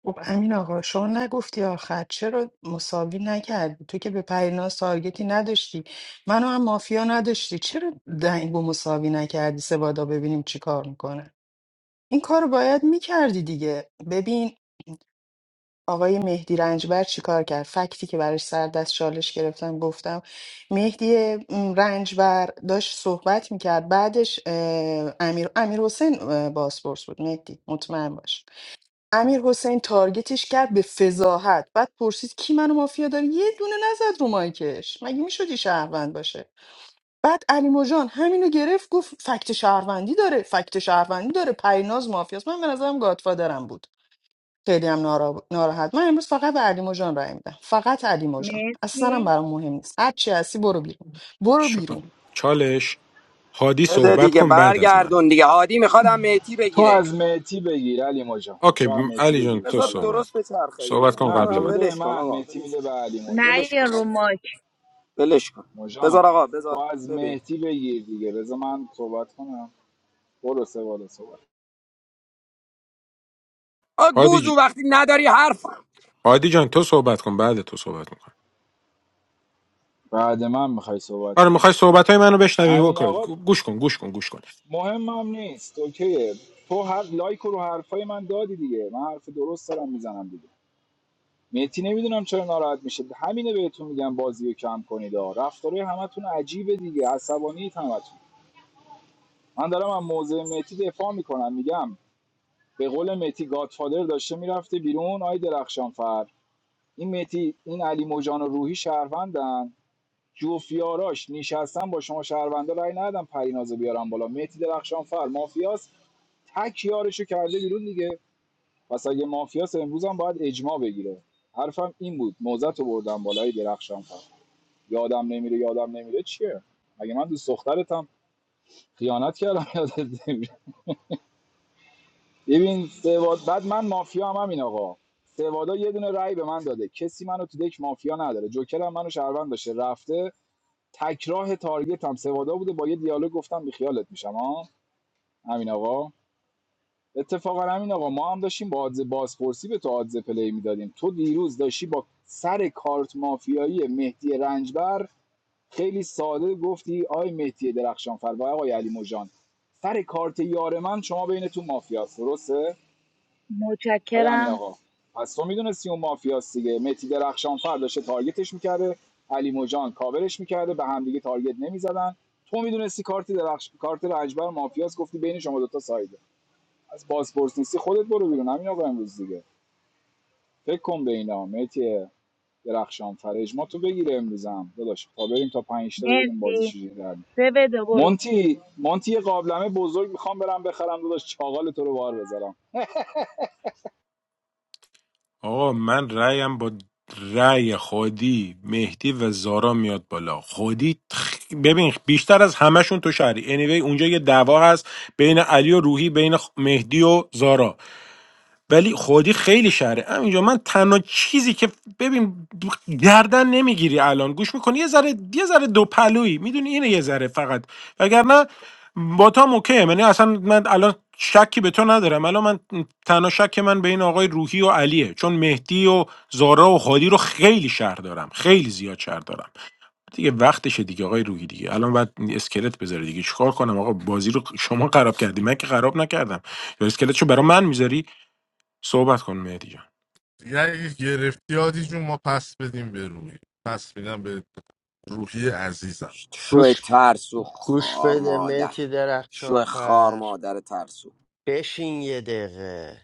Speaker 4: خب امین آقا شما نگفتی آخر چرا مساوی نکردی تو که به پریناز تارگتی نداشتی منو هم مافیا نداشتی چرا دنگو مساوی نکردی سوادا ببینیم چی کار میکنه این کار رو باید میکردی دیگه ببین آقای مهدی رنجبر چی کار کرد فکتی که براش سر دست چالش گرفتم گفتم مهدی م، رنجبر داشت صحبت میکرد بعدش اه، امیر امیر حسین باسپورس بود مهدی مطمئن باش امیر حسین تارگتش کرد به فضاحت بعد پرسید کی منو مافیا داره یه دونه نزد رو مایکش مگه میشدی شهروند باشه بعد علی مژان همینو گرفت گفت فکت شهروندی داره فکت شهروندی داره پریناز مافیاست من به نظرم گادفادرم بود خیلی هم نارا- ناراحت من امروز فقط به علی مژان رای میدم فقط علی مژان اصلا هم
Speaker 21: مرسی
Speaker 4: برام مهم نیست هر چی هستی برو بیرون برو بیرون
Speaker 13: چا- چالش هادی
Speaker 16: بده
Speaker 13: صحبت
Speaker 16: دیگه
Speaker 13: کن بعد از من
Speaker 16: برگردون دیگه هادی میخوادم مهدی
Speaker 2: تو
Speaker 16: بگیره
Speaker 2: از مهتی بگیر علی مجان
Speaker 13: اوکی
Speaker 2: تو هم
Speaker 13: م-
Speaker 2: مهتی
Speaker 13: علی جان
Speaker 2: بگیرش
Speaker 13: تو
Speaker 16: بذار
Speaker 2: کال نداره
Speaker 16: درست
Speaker 13: صحبت کن
Speaker 16: بچرخه
Speaker 13: صحبت
Speaker 16: دیگه
Speaker 13: کن
Speaker 16: آه،
Speaker 2: نه
Speaker 13: قبل
Speaker 2: تو
Speaker 13: من
Speaker 2: بده به
Speaker 16: ولش کن
Speaker 2: من
Speaker 16: آقا
Speaker 2: مهتی
Speaker 16: ولش
Speaker 2: میده به
Speaker 16: کن
Speaker 2: علی مجان.
Speaker 21: نه
Speaker 16: ولش کن
Speaker 21: رو
Speaker 16: آقا
Speaker 21: مایک
Speaker 16: ولش کن
Speaker 2: موجان
Speaker 16: بذار آقا
Speaker 2: تو
Speaker 16: بذار
Speaker 2: از
Speaker 16: ببین
Speaker 2: مهدی بگیر دیگه بذار من صحبت کنم برو سه بالا صحبت
Speaker 16: آ
Speaker 13: هادی, ج...
Speaker 16: گوزو وقتی نداری حرف
Speaker 13: هادی جان تو صحبت کن بعد تو صحبت میکن
Speaker 2: بعد من میخوای صحبت
Speaker 13: آره
Speaker 2: کنی
Speaker 13: میخوای صحبت های منو بشنوی و
Speaker 2: امین آقا
Speaker 13: گوش کن گوش کن گوش کن
Speaker 2: مهمم نیست اوکیه تو هر لایک رو حرفای من دادی دیگه من حرف درست دارم میزنم دیگه مهدی نمیدونم چرا ناراحت میشه همینه بهتون میگم بازی رو کم کنید ها رفتاره همتون عجیبه دیگه عصبانیت همتون من دارم از موضع مهدی دفاع میکنم میگم به قول مهدی گادفادر داشته میرفته بیرون آی درخشان این متی این علی موجان و روحی شهروندن جوفیاراش نشستن با شما شهروندا رای ندادن پرینازو بیارن بالا متی درخشان فر مافیاس تک یارشو کرده بیرون دیگه پس اگه مافیاس امروز هم باید اجماع بگیره حرفم این بود موزت رو بردم بالای درخشان فر یادم نمیره یادم نمیره چیه مگه من دوست دخترتم خیانت کردم یادت نمیره ببین سواد بعد من مافیا هم همین آقا سوادا یه دونه رأی به من داده کسی منو تو دک مافیا نداره جوکر هم منو شهروند داشته رفته تکراه تارگت هم سوادا بوده با یه دیالوگ گفتم بی خیالت میشم ها همین آقا اتفاقا همین آقا ما هم داشتیم با آدز بازپرسی به تو آدز پلی میدادیم تو دیروز داشتی با سر کارت مافیایی مهدی رنجبر خیلی ساده گفتی آی مهدی درخشانفر و آقای علی مجان سر کارت یار من شما بینتون مافیاست درسته آیا امین
Speaker 21: متشکرم
Speaker 2: آقا پس تو میدونستی اون مافیاست دیگه متی درخشان فر داشته تارگتش میکرده علی موجان کاورش میکرده به هم دیگه تارگت نمیزدن تو میدونستی کارت درخش... کارت رنجبر مافیاست گفتی بین شما دوتا سایده از بازپرس نیستی خودت برو بیرون همین آقا امروز دیگه فکر کن به اینا متی درخشان فر اجماع تو بگیره امروزم داداش تا بریم تا پنج تا ببینیم بازی
Speaker 21: مرسی
Speaker 2: چجوری در میاد.
Speaker 21: سه بده برو
Speaker 2: مونتی مونتی یه قابلمه بزرگ میخوام برم بخرم داداش چاغال تو رو بار بذارم
Speaker 13: آقا من رأیم با رأی خودی مهدی و زارا میاد بالا خودی تخ- ببین بیشتر از همشون تو شهری anyway اونجا یه دعوا هست بین علی و روحی بین خ- مهدی و زارا ولی خودی خیلی شهره همینجا من تنها چیزی که ببین گردن نمیگیری الان گوش میکنی یه ذره یه ذره دو پلویی میدونی اینه یه ذره فقط وگرنه با تا اوکیه یعنی اصلا من الان شکی به تو ندارم الان من تنها شک من به این آقای روحی و علیه چون مهدی و زارا و هادی رو خیلی شهر دارم خیلی زیاد شهر دارم دیگه وقتشه دیگه آقای روحی دیگه الان باید اسکلت بذاری دیگه چیکار کنم آقا بازی رو شما خراب کردی من که خراب نکردم یا اسکلتشو برا من میذاری صحبت کن مهدی جان
Speaker 7: دیگه اگه گرفتی هادی جون ما پس بدیم به روحی پس میدم به روحی عزیزم
Speaker 16: شو
Speaker 1: گوش
Speaker 16: ترسو
Speaker 1: گوش
Speaker 16: خار
Speaker 1: بده
Speaker 16: مادر
Speaker 1: مهدی
Speaker 16: شو خار
Speaker 1: درخشانفر
Speaker 16: مادر ترسو
Speaker 1: بشین یه دقیقه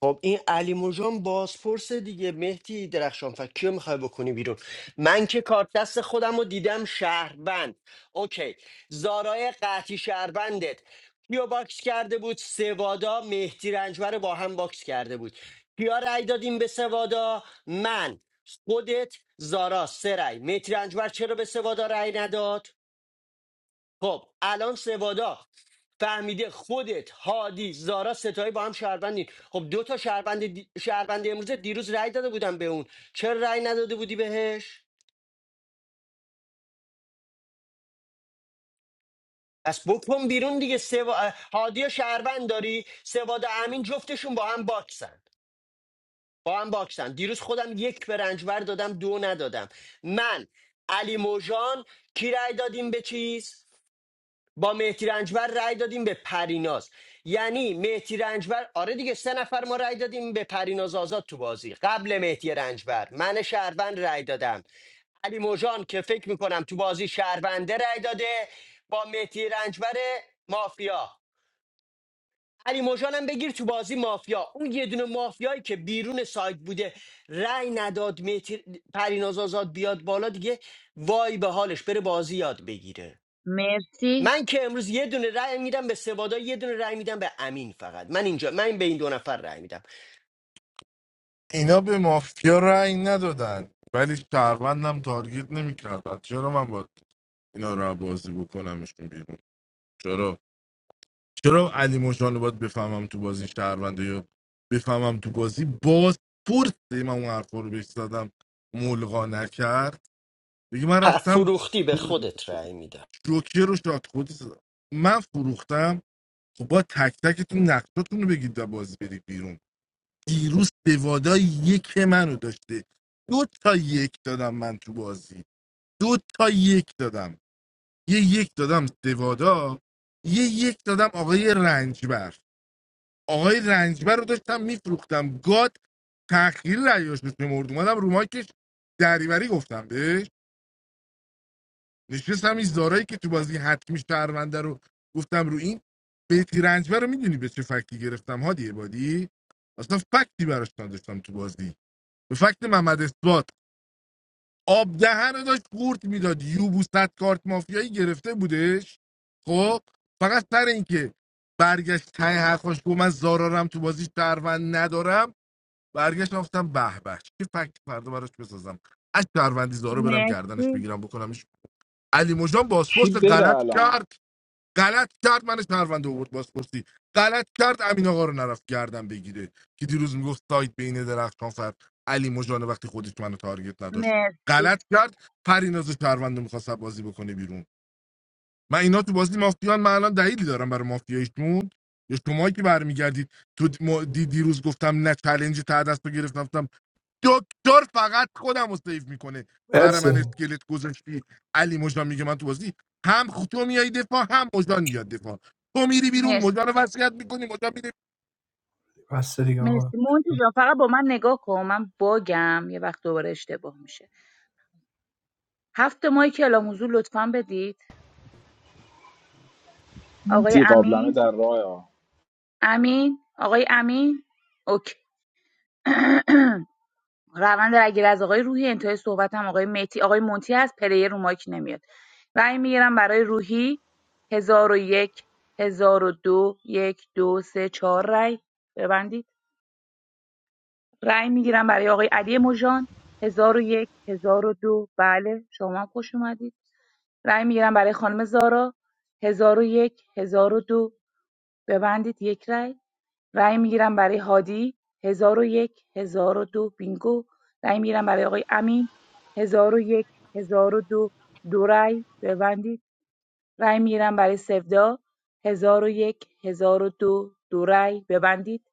Speaker 1: خب این علی موجان بازپرس دیگه مهدی درخشان فر کیو میخوای بکنی بیرون من که کارت دست خودم رو دیدم شهروند اوکی زارای قحطی شهروندت کیو باکس کرده بود سوادا مهدی رنجبر رو با هم باکس کرده بود کیا رأی دادیم به سوادا من خودت زارا سه رأی مهدی رنجبر چرا به سوادا رأی نداد خب الان سوادا فهمیده خودت هادی زارا ستایی با هم شهروندین خب دو تا شهروند دی... شهروند امروز دیروز رأی داده بودن به اون چرا رأی نداده بودی بهش پس بکن بیرون دیگه سوا... هادی و شهروند داری سوادا امین جفتشون با هم باکسن با هم باکسن دیروز خودم یک به رنجبر دادم دو ندادم من علی موجان کی رأی دادیم به چیز با مهدی رنجبر رأی دادیم به پریناز یعنی مهدی رنجبر آره دیگه سه نفر ما رأی دادیم به پریناز آزاد تو بازی قبل مهدی رنجبر من شهروند رأی دادم علی موجان که فکر میکنم تو بازی شهرونده رأی داده با مهدی رنجبر مافیا علی موجان هم بگیر تو بازی مافیا اون یه دونه مافیایی که بیرون سایت بوده رأی نداد مهدی پریناز آزاد بیاد بالا دیگه وای به حالش بره بازی یاد بگیره
Speaker 21: مرسی
Speaker 1: من که امروز یه دونه رأی میدم به سوادا یه دونه رأی میدم به امین فقط من اینجا من به این دو نفر رأی میدم
Speaker 7: اینا به مافیا رأی ندادن ولی شهروندم تارگیت نمیکردن چرا من باید اینا رو بازی بکنمشون بیرون چرا چرا علی مجان رو باید بفهمم تو بازی شهرونده یا بفهمم تو بازی باز پرسه من اون حرفا رو بهش زدم ملغا نکرد دیگه من
Speaker 1: ه-
Speaker 7: رفتم
Speaker 1: فروختی به خودت رأی میدم
Speaker 7: جوکر رو شاد خودی زدم. من فروختم خب با تک تکتون نقشاتون رو بگید و بازی برید بیرون دیروز سوادا یک منو داشته دو تا یک دادم من تو بازی دو تا یک دادم یه یک دادم سوادا یه یک دادم آقای رنجبر آقای رنجبر رو داشتم میفروختم گاد تأخیر رأیاش رو شمرد اومدم رو مایکش دریوری گفتم بهش نشستم این زارایی که تو بازی حتمی شهرونده رو گفتم رو این بیتی رنجبر رو میدونی به چه فکتی گرفتم هادی عبادی اصلا فکتی براش نداشتم تو بازی به فکت محمد اثبات آب دهن رو داشت قورت میداد یوبوست کارت مافیایی گرفته بودش خب فقط سر اینکه برگشت ته حرفاش گفت من زارارم تو بازی شهروند ندارم برگشت گفتم به به چه فکت فردا براش بسازم از شهروندی زارا برم گردنش
Speaker 21: مرسی
Speaker 7: بگیرم بکنم علی مجان
Speaker 2: کی
Speaker 7: بازپرس
Speaker 2: بره
Speaker 7: غلط
Speaker 2: الان
Speaker 7: کرد غلط کرد من شهروند آورد بازپرسی غلط کرد امین آقا رو نرفت گردن بگیره که دیروز میگفت سایت بین درختان سر علی مجان وقتی خودش منو تارگت نداشت
Speaker 21: مرسی
Speaker 7: غلط کرد پریناز شهروند رو میخواست بازی بکنه بیرون من اینا تو بازی مافیان من الان دلیلی دارم برای مافیایشون یا شماهایی که برمیگردید تو دی- ما- دی- دیروز گفتم نه چلنج تا دست رو گرفتم دکتر فقط خودم رو سیف میکنه برای من اسکلت گذاشتی علی مجان میگه من تو بازی هم خ- تو میای دفاع هم مجان میاد دفاع تو میری بیرون
Speaker 21: مرسی
Speaker 7: مجان رو وصیت میکنی مجان میره
Speaker 8: دیگه آقا
Speaker 21: مرسی مونتی جان فقط با من نگاه کن من باگم یه وقت دوباره اشتباه میشه هفت ماهی که الان حضور لطفا بدید آقای
Speaker 2: مونتی قابلمه
Speaker 21: امین
Speaker 2: در راه
Speaker 21: امین آقای امین اوکی روند رگیر از آقای روحی انتهای صحبتم آقای مهدی آقای مونتی هست پلیر رو مایک نمیاد رأی میگیرم برای روحی هزار و یک هزار و دو یک دو سه چهار رأی ببندید رأی میگیرم برای آقای علی مژان هزار و یک هزار و دو بله شما هم خوش اومدید رأی میگیرم برای خانم زارا هزار و یک هزار و دو ببندید یک رأی رای میگیرم برای هادی 1001 1002 بینگو رای میگیرم برای آقای امین 1001 1002 دو دو رای ببندید رای میگیرم برای سودا 1001 1002 دو دو رای ببندید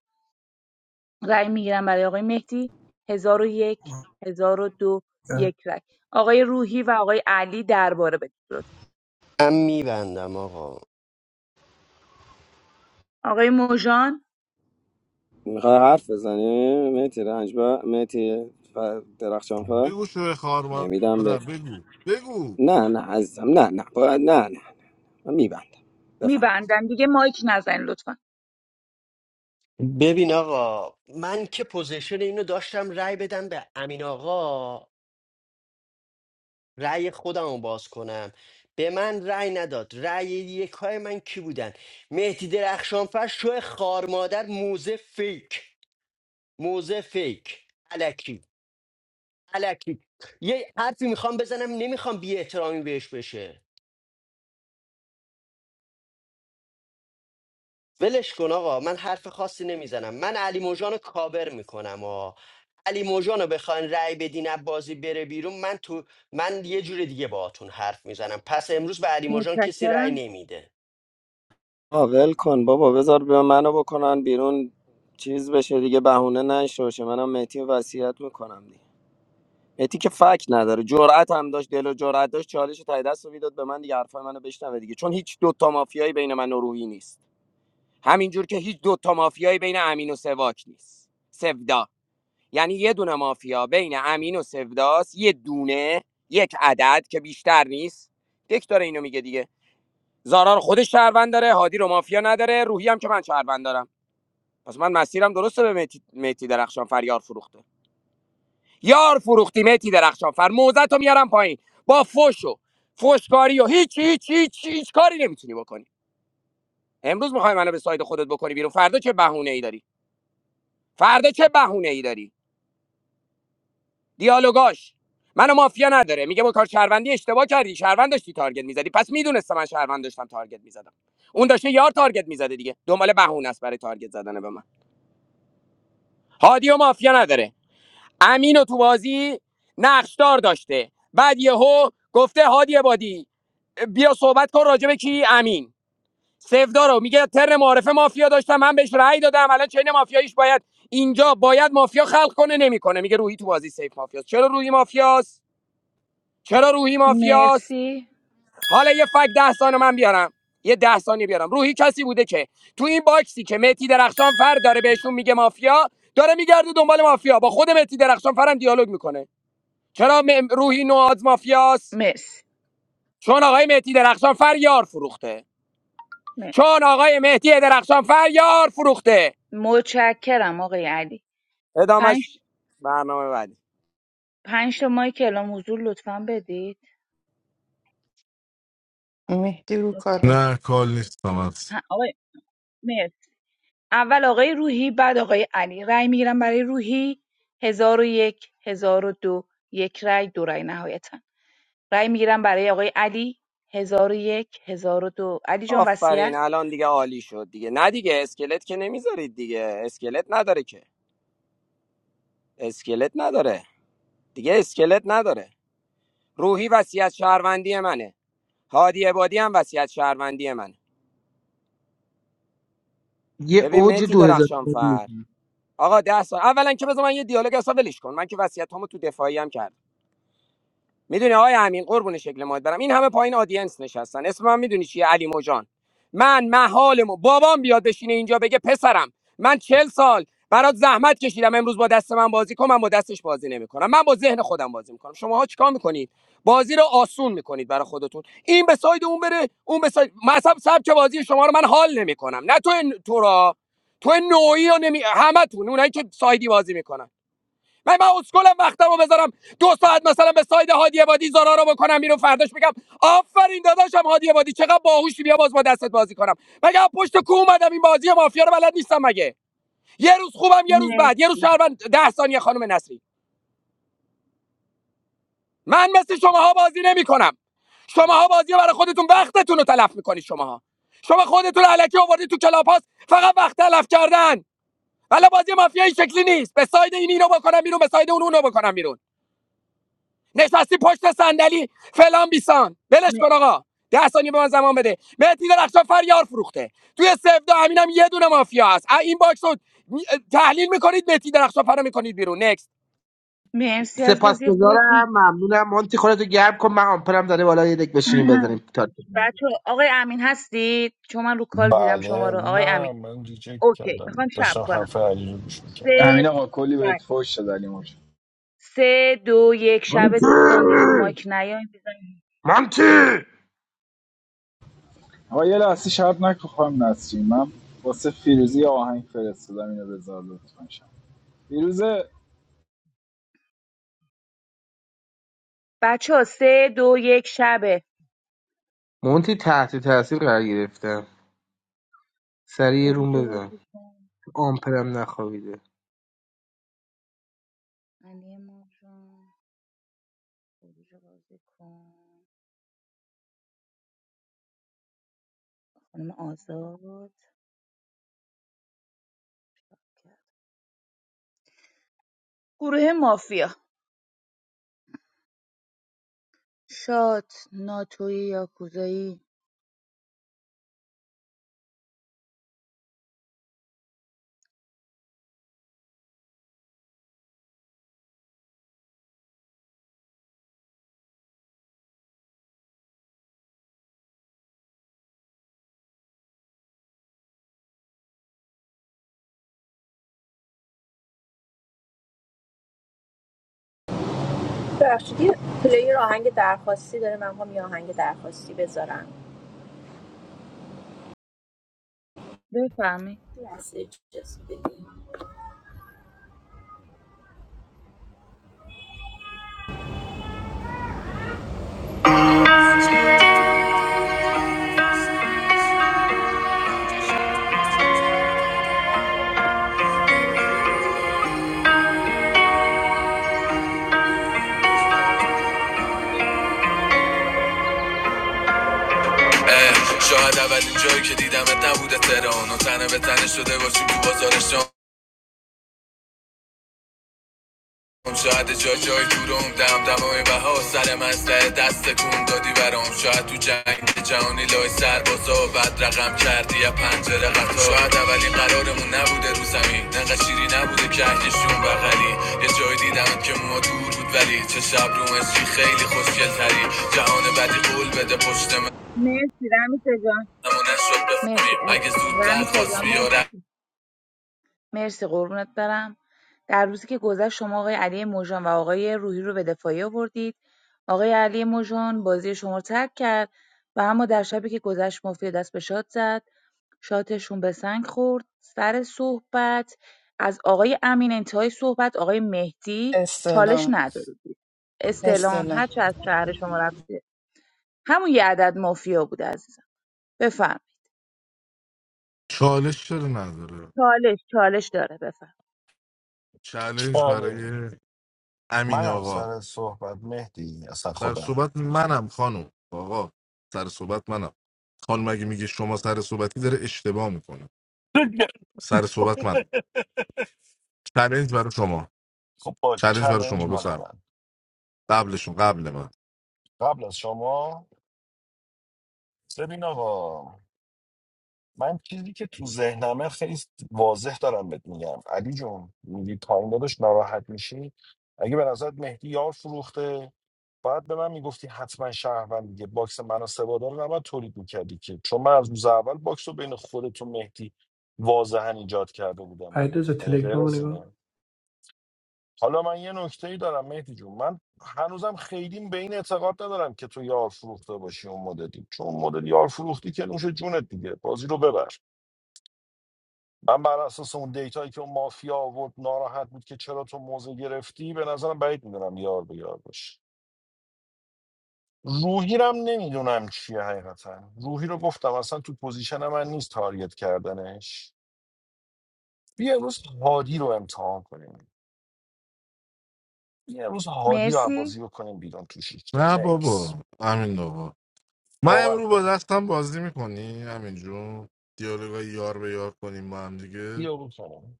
Speaker 21: رای میگیرم برای آقای مهدی 1001 1002 یک هزار و دو. یک رای آقای روحی و آقای علی درباره بدید لطفا
Speaker 1: من میبندم آقا
Speaker 21: آقای موژان
Speaker 16: میخوای حرف بزنی میتی رنج با میتی ف- درخشانفر
Speaker 7: بگو شوی خار
Speaker 16: نمیدم به
Speaker 7: مادر بگو بگو
Speaker 16: نه نه عزیزم نه نه باید نه نه من میبندم بفهم
Speaker 21: میبندم دیگه مایک نزن لطفا
Speaker 1: ببین آقا من که پوزیشن اینو داشتم رأی بدم به امین آقا رأی خودم رو باز کنم به من رأی نداد رأی یکای من کی بودن مهدی درخشانفر شو خارمادر موزه فیک موزه فیک الکی. الکی یه حرفی میخوام بزنم نمیخوام بی احترامی بهش بشه ولش کن آقا من حرف خاصی نمیزنم من علی موجان رو کابر میکنم آقا علی موجان رو بخواین رأی بدین از بازی بره بیرون من تو من یه جور دیگه باهاتون حرف میزنم پس امروز به علی موجان کسی رأی
Speaker 21: متشکرم
Speaker 1: نمیده
Speaker 16: آقا ول کن بابا بذار به منو بکنن بیرون چیز بشه دیگه اونه نشوشه منم میتی وصیت میکنم دیگه میتی که فک نداره جرأت هم داشت دل و جرأت داشت چالش تای دست رو میداد به من دیگه حرفای منو بشنوه دیگه چون هیچ دوتا مافیایی بین من و روحی نیست همینجور که هیچ دوتا مافیایی بین امین و سواک نیست سفداد یعنی یه دونه مافیا بین امین و سوداس یه دونه یک عدد که بیشتر نیست دک داره اینو میگه دیگه زارا رو خودش شهروند داره هادی رو مافیا نداره روحی هم که من شهروند دارم پس من مسیرم درسته به مهدی مهدی درخشان فر یار فروخته یار فروختی مهدی درخشان فر موزت رو میارم پایین با فوش و فوشکاری و هیچ هیچ هیچ هیچ کاری نمیتونی بکنی امروز میخوای منو به ساید خودت بکنی بیرون فردا چه بهونه ای داری فردا چه بهونه ای داری دیالوگاش منو مافیا نداره میگه با کار شهروندی اشتباه کردی شهروند داشتی تارگت میزدی پس میدونسته من شهروند داشتم تارگت میزدم اون داشته یار تارگت میزده دیگه دنبال بهونه است برای تارگت زدن به من هادی و مافیا نداره امین و تو بازی نقشدار داشته بعد یهو گفته هادی بادی بیا صحبت کن راجع به کی امین سفدارو میگه تر معارفه مافیا داشتم من بهش رأی دادم الان چین مافیاییش باید اینجا باید مافیا خلق کنه نمیکنه میگه روحی تو بازی سیف مافیاست چرا روحی مافیاست چرا روحی مافیاست
Speaker 21: مرسی
Speaker 16: حالا یه فک ده ثانیه من بیارم یه ده ثانیه بیارم روحی کسی بوده که تو این باکسی که متی درخشان فر داره بهشون میگه مافیا داره میگرده دنبال مافیا با خود متی درخشان فرم دیالوگ میکنه چرا م- روحی نواز مافیاست
Speaker 21: مرسی
Speaker 16: چون آقای مهدی درخشان فر یار فروخته
Speaker 21: مرسی.
Speaker 16: چون آقای مهدی درخشان فر یار فروخته
Speaker 21: متشکرم آقای علی پنج,
Speaker 16: ادامش برنامه بعدی
Speaker 21: پنج تا مایک اعلام حضور لطفا بدید
Speaker 4: مهدی رو کاله
Speaker 7: نه کال نیستم از
Speaker 21: ه- آقای مرسی اول آقای روحی بعد آقای علی رأی میگیرم برای روحی هزار و یک هزار و دو یک رأی دو رأی نهایتا رأی میگیرم برای آقای علی هزار و یک هزار و دو علی جان
Speaker 16: آفرین
Speaker 21: وصیت
Speaker 16: الان دیگه عالی شد دیگه نه دیگه اسکلت که نمیذارید دیگه اسکلت نداره که اسکلت نداره دیگه اسکلت نداره روحی وصیت شهروندی منه هادی عبادی هم وصیت شهروندی منه
Speaker 10: یه
Speaker 16: ببین
Speaker 10: اوج
Speaker 16: مهدی درخشان
Speaker 10: 2005
Speaker 16: فر آقا ده سال اولا که بذار من یه دیالوگ اصلا ولش کن من که وصیتامو تو دفاعی هم کردم میدونی آقای امین قربون شکل ماهت برم این همه پایین آدینس نشستن اسم من میدونی چیه علی موجان من محالمو بابام بیاد بشینه اینجا بگه پسرم من چل سال برات زحمت کشیدم امروز با دست من بازی کن من با دستش بازی نمیکنم من با ذهن خودم بازی میکنم شماها چیکار میکنید بازی رو آسون میکنید برای خودتون این به ساید اون بره اون به ساید مثلا سبک بازی شما رو من حال نمیکنم نه تو تو را تو نوعی رو نمی همتون اونایی که سایدی بازی میکنن من من اسکلم وقتم رو بذارم دو ساعت مثلا به ساید هادی عبادی زارا رو بکنم بیرون فرداش بگم آفرین داداشم هادی عبادی چقدر باهوشی بیا باز با دستت بازی کنم مگه از پشت کو اومدم این بازی مافیا رو بلد نیستم مگه یه روز خوبم یه روز بعد یه روز
Speaker 21: مرسی
Speaker 16: شهروند ده ثانیه خانم نصری من مثل شماها بازی نمیکنم شماها بازی رو برای خودتون وقتتون رو تلف میکنید شماها شما خودتون رو الکی آوردید تو کلاپاس فقط وقت تلف کردن ولی بازی مافیا این شکلی نیست به ساید این اینو بکنم بیرون به ساید اون اونو بکنم بیرون نشستی پشت صندلی فلان بیسان ولش
Speaker 21: م-
Speaker 16: کن آقا ده ثانیه به من زمان بده مهدی درخشان فریار فروخته توی سفدا همینم یه دونه مافیا هست این باکس رو تحلیل میکنید مهدی درخشان فرا میکنید بیرون نکست
Speaker 21: مرسی از بازی خوبتون
Speaker 10: سپاسگزارم ممنونم مونتی خودتو گرم کن من آمپرم داره بالا یه دک بشینیم بزنیم تارت
Speaker 21: بچه آقای امین هستید چون من رو کال دیدم شما
Speaker 11: بله
Speaker 21: رو آقای امین
Speaker 11: نه من ریجکت
Speaker 21: اوکی
Speaker 11: کردم
Speaker 21: میخوام شب
Speaker 11: داشتم
Speaker 21: کنم
Speaker 11: حرف علی رو گوش میکردم
Speaker 2: امین
Speaker 21: سه
Speaker 2: آقا کلی بهت فوش شد علی موج
Speaker 21: سه دو یک شب
Speaker 10: مونتی
Speaker 21: دوستان دیگه رو مایک نیاین بزنین
Speaker 10: مونتی
Speaker 2: آقا یه لحظه شب نکن خواهم نسرین من واسه فیروزی آهنگ فرستادم اینو بذار لطفا شب فیروزه
Speaker 21: بچه ها سه دو یک شبه
Speaker 10: مونتی تحت تاثیر قرار گرفتم سریع یه روم
Speaker 21: خروج
Speaker 10: بزن
Speaker 21: بازی کن
Speaker 10: آمپرم نخوابیده
Speaker 21: علی ماجان خروج بازی کن خانم آزاد گروه مافیا شات ناتوی یاکوزایی
Speaker 6: ببخشید یه پلیر آهنگ درخواستی داره من هم یه آهنگ درخواستی بذارم
Speaker 21: بفهمی
Speaker 6: اه، شاید اولین جایی که دیدمت نبوده تهران و تنه به تنه شده باشیم تو بازار شام. اون شاید جا جای دورم دم دمای بها سر مسئله دست کن دادی برام شاید تو جنگ جهانی لای سربازا و بد رقم کردی یا پنجره قطار شاید اولین قرارمون نبوده رو زمین نقد شیری نبوده کهکشون بغلی یه جای دیدم که ما دور بود ولی چه شب رو مسیح خیلی خوشگل تری جهان بدی قول بده پشت من
Speaker 21: مرسی رمیسا جان
Speaker 6: اما نشد
Speaker 21: مرسی
Speaker 6: بفهمیم
Speaker 21: از
Speaker 6: اگه زودتر
Speaker 21: رمیسا
Speaker 6: خواست
Speaker 21: جان
Speaker 6: بیاره
Speaker 21: مرسی قربونت برم در روزی که گذشت شما آقای علی موژان و آقای روحی رو به دفاعی آوردید آقای علی موژان بازی شما رو ترک کرد و اما در شبی که گذشت مفتی دست به شاد زد شاتشون به سنگ خورد سر صحبت از آقای امین انتهای صحبت آقای مهدی چالش
Speaker 4: استلام
Speaker 21: ندارید استعلام
Speaker 4: استلام
Speaker 21: هر چه از شهر شما رفته همون یه عدد مافیا بوده عزیزم بفهم.
Speaker 7: چالش چرا نداره
Speaker 21: چالش چالش داره بفهم.
Speaker 7: چالش
Speaker 11: بله
Speaker 7: برای امین
Speaker 11: منم
Speaker 7: آقا
Speaker 11: سر صحبت مهدی اصلا
Speaker 7: سر
Speaker 11: خودم
Speaker 7: صحبت منم خانم آقا سر صحبت منم خانم اگه میگه شما سر صحبتی داره اشتباه میکنه سر صحبت من چالش برای شما
Speaker 11: خب با
Speaker 7: چالش برای شما
Speaker 11: چلنج مال
Speaker 7: بفرم
Speaker 11: من
Speaker 7: قبلشون قبل من
Speaker 11: قبل از شما ببین آقا من چیزی که تو ذهنمه خیلی واضح دارم بهت میگم علی جون میگی پایین داداش ناراحت میشی اگه به نظرت مهدی یار فروخته باید به من میگفتی حتما شهروند دیگه باکس من و سوادا رو نباید تولید میکردی که چون من از روز اول باکس رو بین خودت و مهدی واضحا ایجاد کرده بودم دیگه
Speaker 8: علیرضا
Speaker 11: من این غیر
Speaker 8: تلگرام رو
Speaker 11: از
Speaker 8: نگاه
Speaker 11: اینه حالا من یه نکته ای دارم مهدی جون من هنوزم خیلی به این اعتقاد ندارم که تو یار فروخته باشی اون مدلی چون اون مدل یار فروختی که نوش جونت دیگه بازی رو ببر من بر اساس اون دیتایی که اون مافیا آورد ناراحت بود که چرا تو موزه گرفتی به نظرم بعید میدونم یار به یار باشه روحی رو هم نمیدونم چیه حقیقتا روحی رو گفتم اصلا تو پوزیشن من نیست تارگت کردنش بیا امروز هادی رو امتحان کنیم بیا امروز هادی رو
Speaker 21: مرسی
Speaker 11: بازی بکنیم بیرون تو شیشتا
Speaker 7: نه
Speaker 11: نکس
Speaker 7: بابا همین بابا من
Speaker 11: باور
Speaker 7: امرو با
Speaker 11: کن
Speaker 7: دستم بازی میکنی همین جون دیالوگای یار به یار کنیم با هم دیگه
Speaker 11: بیا بکنم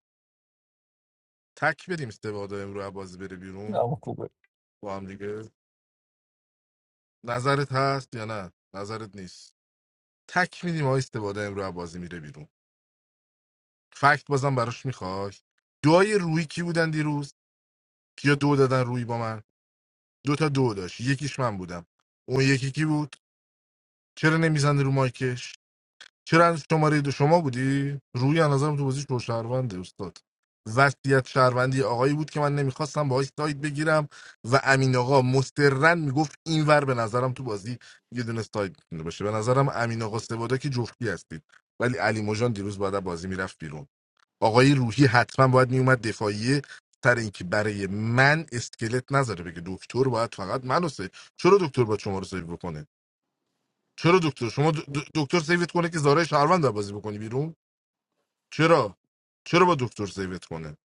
Speaker 7: تک بدیم استبادا امرو از بازی بره بیرون
Speaker 11: نه خوبه
Speaker 7: با هم دیگه نظرت هست یا نه نظرت نیست تک میدیم آقای استبادا امرو از بازی میره بیرون فکت بازم براش میخوای دوای روی کی بودن دیروز کیا دو دادن روی با من دو تا دو داشت یکیش من بودم اون یکی کی بود چرا نمیزنه رو مایکش چرا از شماره دو شما بودی روی از نظرم تو بازی شهرونده استاد وصیت شهروندی آقایی بود که من نمیخواستم باهاش سایت بگیرم و امین آقا مسترن میگفت اینور به نظرم تو بازی یه دونه سایت میتونه باشه به نظرم امین آقا سوادا که جفتی هستید ولی علی مجان دیروز باید از بازی میرفت بیرون آقای روحی حتما باید میومد دفاعیه سر اینکه برای من اسکلت نذاره بگه دکتر باید فقط منو سیو چرا دکتر باید شما رو سیو بکنه چرا دکتر شما د- د- دکتر سیوت کنه که زارای شهروند رو بازی بکنی بیرون چرا چرا با دکتر سیوت کنه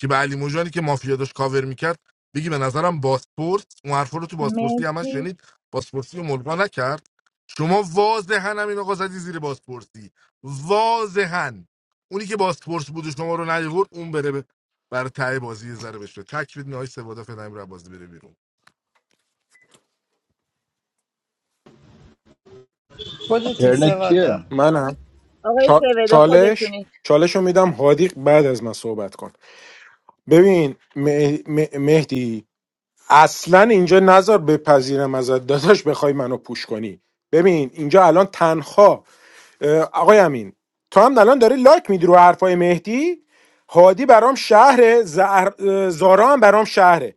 Speaker 7: که به علی موجانی که مافیا داشت کاور میکرد بگی به نظرم باسپورت اون حرفا رو تو باسپورتی هم
Speaker 21: مرسی
Speaker 7: شنید باسپورتی رو ملغا نکرد شما واضحا همین آقا زدی زیر باسپورتی واضحا اونی که باسپورت بود و شما رو نیورد اون بره به برای ته بازی یه ذره بشه تکبید نهای سوادا فنایم رو بازی بره بیرون
Speaker 4: خودتی
Speaker 2: ترنه کیه
Speaker 4: سوادا
Speaker 13: منم
Speaker 21: آقای
Speaker 13: چا-
Speaker 21: سوید
Speaker 13: چالش
Speaker 21: خودتونید
Speaker 13: چالش رو میدم هادی بعد از من صحبت کن ببین مه- مه- مهدی اصلا اینجا نظر بپذیرم ازت داداش بخوای منو پوش کنی ببین اینجا الان تنها اه، آقای امین تو هم الان داری لایک میدی رو حرفای مهدی هادی برام شهره زهر... اه، زارا هم برام شهره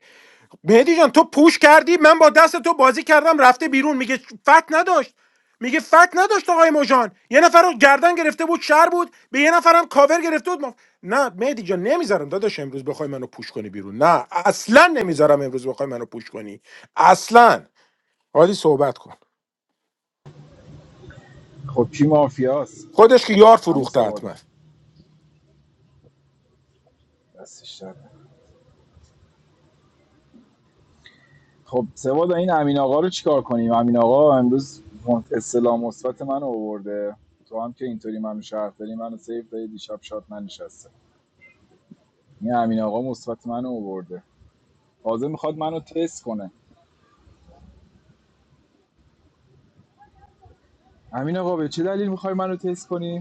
Speaker 13: مهدی جان تو پوش کردی من با دست تو بازی کردم رفته بیرون میگه فکت نداشت میگه فکت نداشت آقای موجان یه نفر رو گردن گرفته بود شهر بود به یه نفرم کاور گرفته بود ما... نه مهدی جان نمیذارم داداش امروز بخوای منو پوش کنی بیرون نه اصلا نمیذارم امروز بخوای منو پوش کنی اصلا حالی صحبت کن
Speaker 2: خب کی مافیاست
Speaker 13: خودش که یار
Speaker 2: عمو
Speaker 13: فروخته
Speaker 2: سوادا
Speaker 13: حتما
Speaker 2: دستش درد نکنه. خب سوادا این امین آقا رو چیکار کنیم امین آقا امروز اسلام مثبت منو آورده تو هم که اینطوری منو شهر داری منو سیف داری دیشب شاد ننشسته این امین آقا مثبت منو آورده حاضر میخواد منو تست کنه امین آقا به چه دلیل میخوای منو تست کنی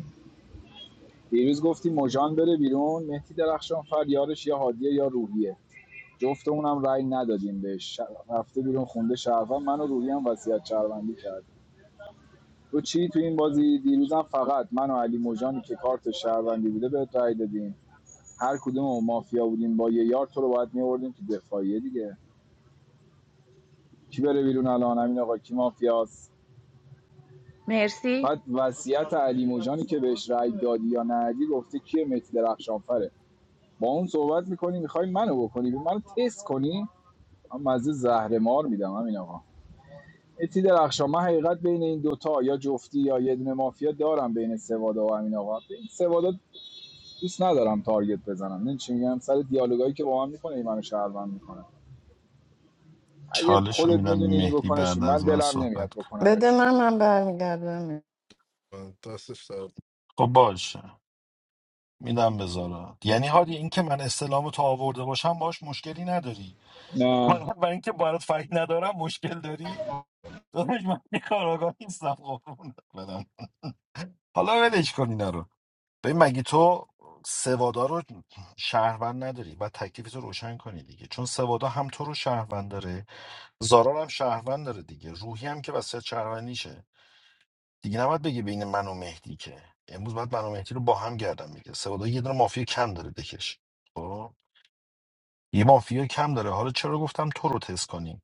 Speaker 2: دیروز گفتی مژان بره بیرون مهدی درخشان فر یارش یا هادیه یا روحیه جفتمونم رأی ندادیم بهش ش- رفته بیرون خونده شهروند من و روحی هم وصیت شهروندی کرد تو چی تو این بازی دیروزم فقط من و علی مجانی که کارت شهروندی بوده بهت رأی دادیم هر کدوم مافیا بودیم با یه یار تو رو باید می‌آوردیم تو دفاعیه دیگه کی بره بیرون الان همین آقا کی مافیاست
Speaker 21: مرسی
Speaker 2: بعد وصیت علی مجانی که بهش رأی دادی یا ندی گفته کیه مهدی درخشانفره با اون صحبت میکنی میخوای منو بکنی منو تست کنی من مزه زهر مار میدم همین آقا اتی درخشان من حقیقت بین این دوتا یا جفتی یا یه دونه مافیا دارم بین سوادا و همین آقا این سوادا دوست ندارم تارگت بزنم نه چی میگم سر دیالوگایی که با من میکنه این منو شهروند میکنه اگه
Speaker 11: چالش رو
Speaker 2: خودت
Speaker 11: میدم
Speaker 2: میدونی اینو
Speaker 11: مهدی
Speaker 2: بکنش
Speaker 11: بعد
Speaker 2: من
Speaker 11: از من
Speaker 2: دلم نمیاد
Speaker 11: صحبت کن
Speaker 4: بده
Speaker 2: بکنمش
Speaker 4: من
Speaker 2: بیرون.
Speaker 4: من برمیگردم
Speaker 7: من دستش درد.
Speaker 11: خب باشه میدم بذارا یعنی هادی این که من استلام تو آورده باشم باش مشکلی نداری
Speaker 2: نه
Speaker 11: من برای اینکه برات فکر ندارم مشکل داری داداش من یه کاراگاه نیستم قربونت بدم حالا ولش کن اینا رو ببین مگه تو سوادا رو شهروند نداری و تکلیف رو روشن کنی دیگه چون سوادا هم تو رو شهروند داره زارا رو هم شهروند داره دیگه روحی هم که وسیعت شهروندیشه دیگه نباید بگی بین من و مهدی که امروز باید من و مهدی رو با هم گردم میگه سوادا یه دونه مافیا کم داره دکش یه مافیا کم داره حالا چرا گفتم تو رو تست کنیم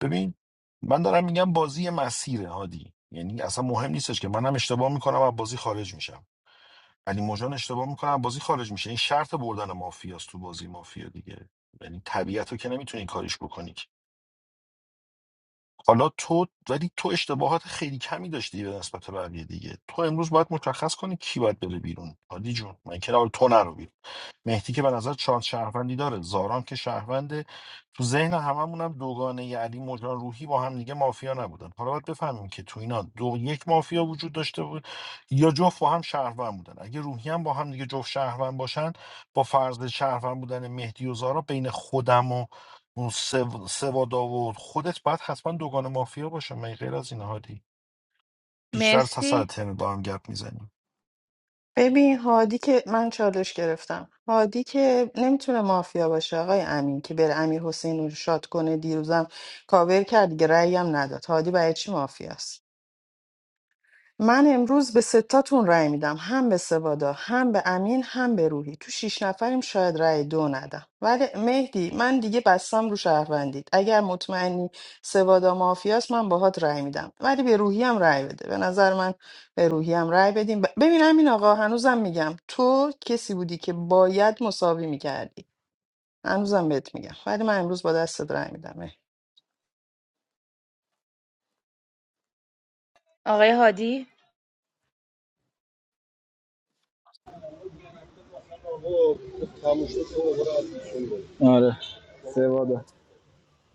Speaker 11: ببین من دارم میگم بازی یه مسیره هادی یعنی اصلا مهم نیستش که منم اشتباه میکنم و بازی خارج میشم علی موجان اشتباه میکنم از بازی خارج میشه این شرط بردن مافیاست تو بازی مافیا دیگه یعنی طبیعت رو که نمیتونی کاریش بکنی که. حالا تو ولی تو اشتباهات خیلی کمی داشتی به نسبت بقیه دیگه تو امروز باید مشخص کنی کی باید بره بیرون هادی جون من که تو نرو بیرون. مهدی که به نظر چهار شهروندی داره زاران که شهرونده تو ذهن هممون هم دوگانه ی علی مجان روحی با هم دیگه مافیا نبودن حالا باید بفهمیم که تو اینا دو یک مافیا وجود داشته بود یا جفت با هم شهروند بودن اگه روحی هم با هم دیگه جفت شهروند باشن با فرض شهروند بودن مهدی و زارا بین خودم و اون سو- سوادا و خودت باید حتما دوگانه مافیا باشه من غیر از این هادی بیشتر از سر
Speaker 21: مرسی
Speaker 11: ترم با هم گپ میزنیم
Speaker 4: ببین هادی که من چالش گرفتم هادی که نمیتونه مافیا باشه آقای امین که بره امیر حسین رو شاد کنه دیروزم کاور کرد دیگه رأی هم نداد هادی برای چی مافیاست من امروز به ستاتون رأی میدم هم به سوادا هم به امین هم به روحی تو شیش نفریم شاید رأی دو ندم ولی مهدی من دیگه بستم رو شهروندید اگر مطمئنی سوادا مافیاست من باهات رأی میدم ولی به روحی هم رأی بده به نظر من به روحی هم رأی بدیم ب- ببین امین آقا هنوزم میگم تو کسی بودی که باید مساوی میکردی هنوزم بهت میگم ولی من امروز با دستت رأی میدم
Speaker 21: آقای هادی
Speaker 2: بابا، تموم شد برو آره سوادا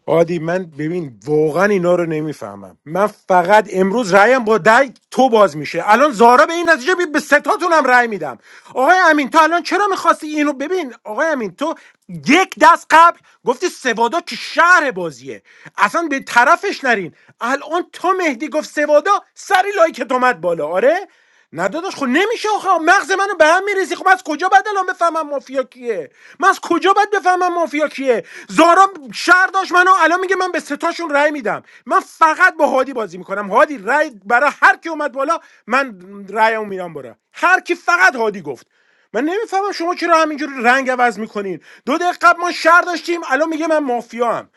Speaker 13: عادی من ببین واقعا اینا رو نمیفهمم من فقط امروز رأیم با دای تو باز میشه الان زارا به این نتیجه بی- به ستاتون هم رأی میدم آقای امین تو الان چرا میخواستی اینو ببین آقای امین تو یک دست قبل گفتی سوادا که شهر بازیه اصلا به طرفش نرین الان تو مهدی گفت سوادا سری لایکت اومد بالا آره نه داداش خب نمیشه آخه مغز منو به هم میریزی خب از کجا باید الان بفهمم مافیا کیه من از کجا باید بفهمم مافیا کیه زارا شهر داشت منو الان میگه من به ستاشون رأی میدم من فقط با هادی بازی میکنم هادی رأی برای هر کی اومد بالا من رأیمو میرم برا هر کی فقط هادی گفت من نمیفهمم شما چرا همینجوری رنگ عوض میکنین دو دقیقه قبل ما شهر داشتیم الان میگه من مافیا هم.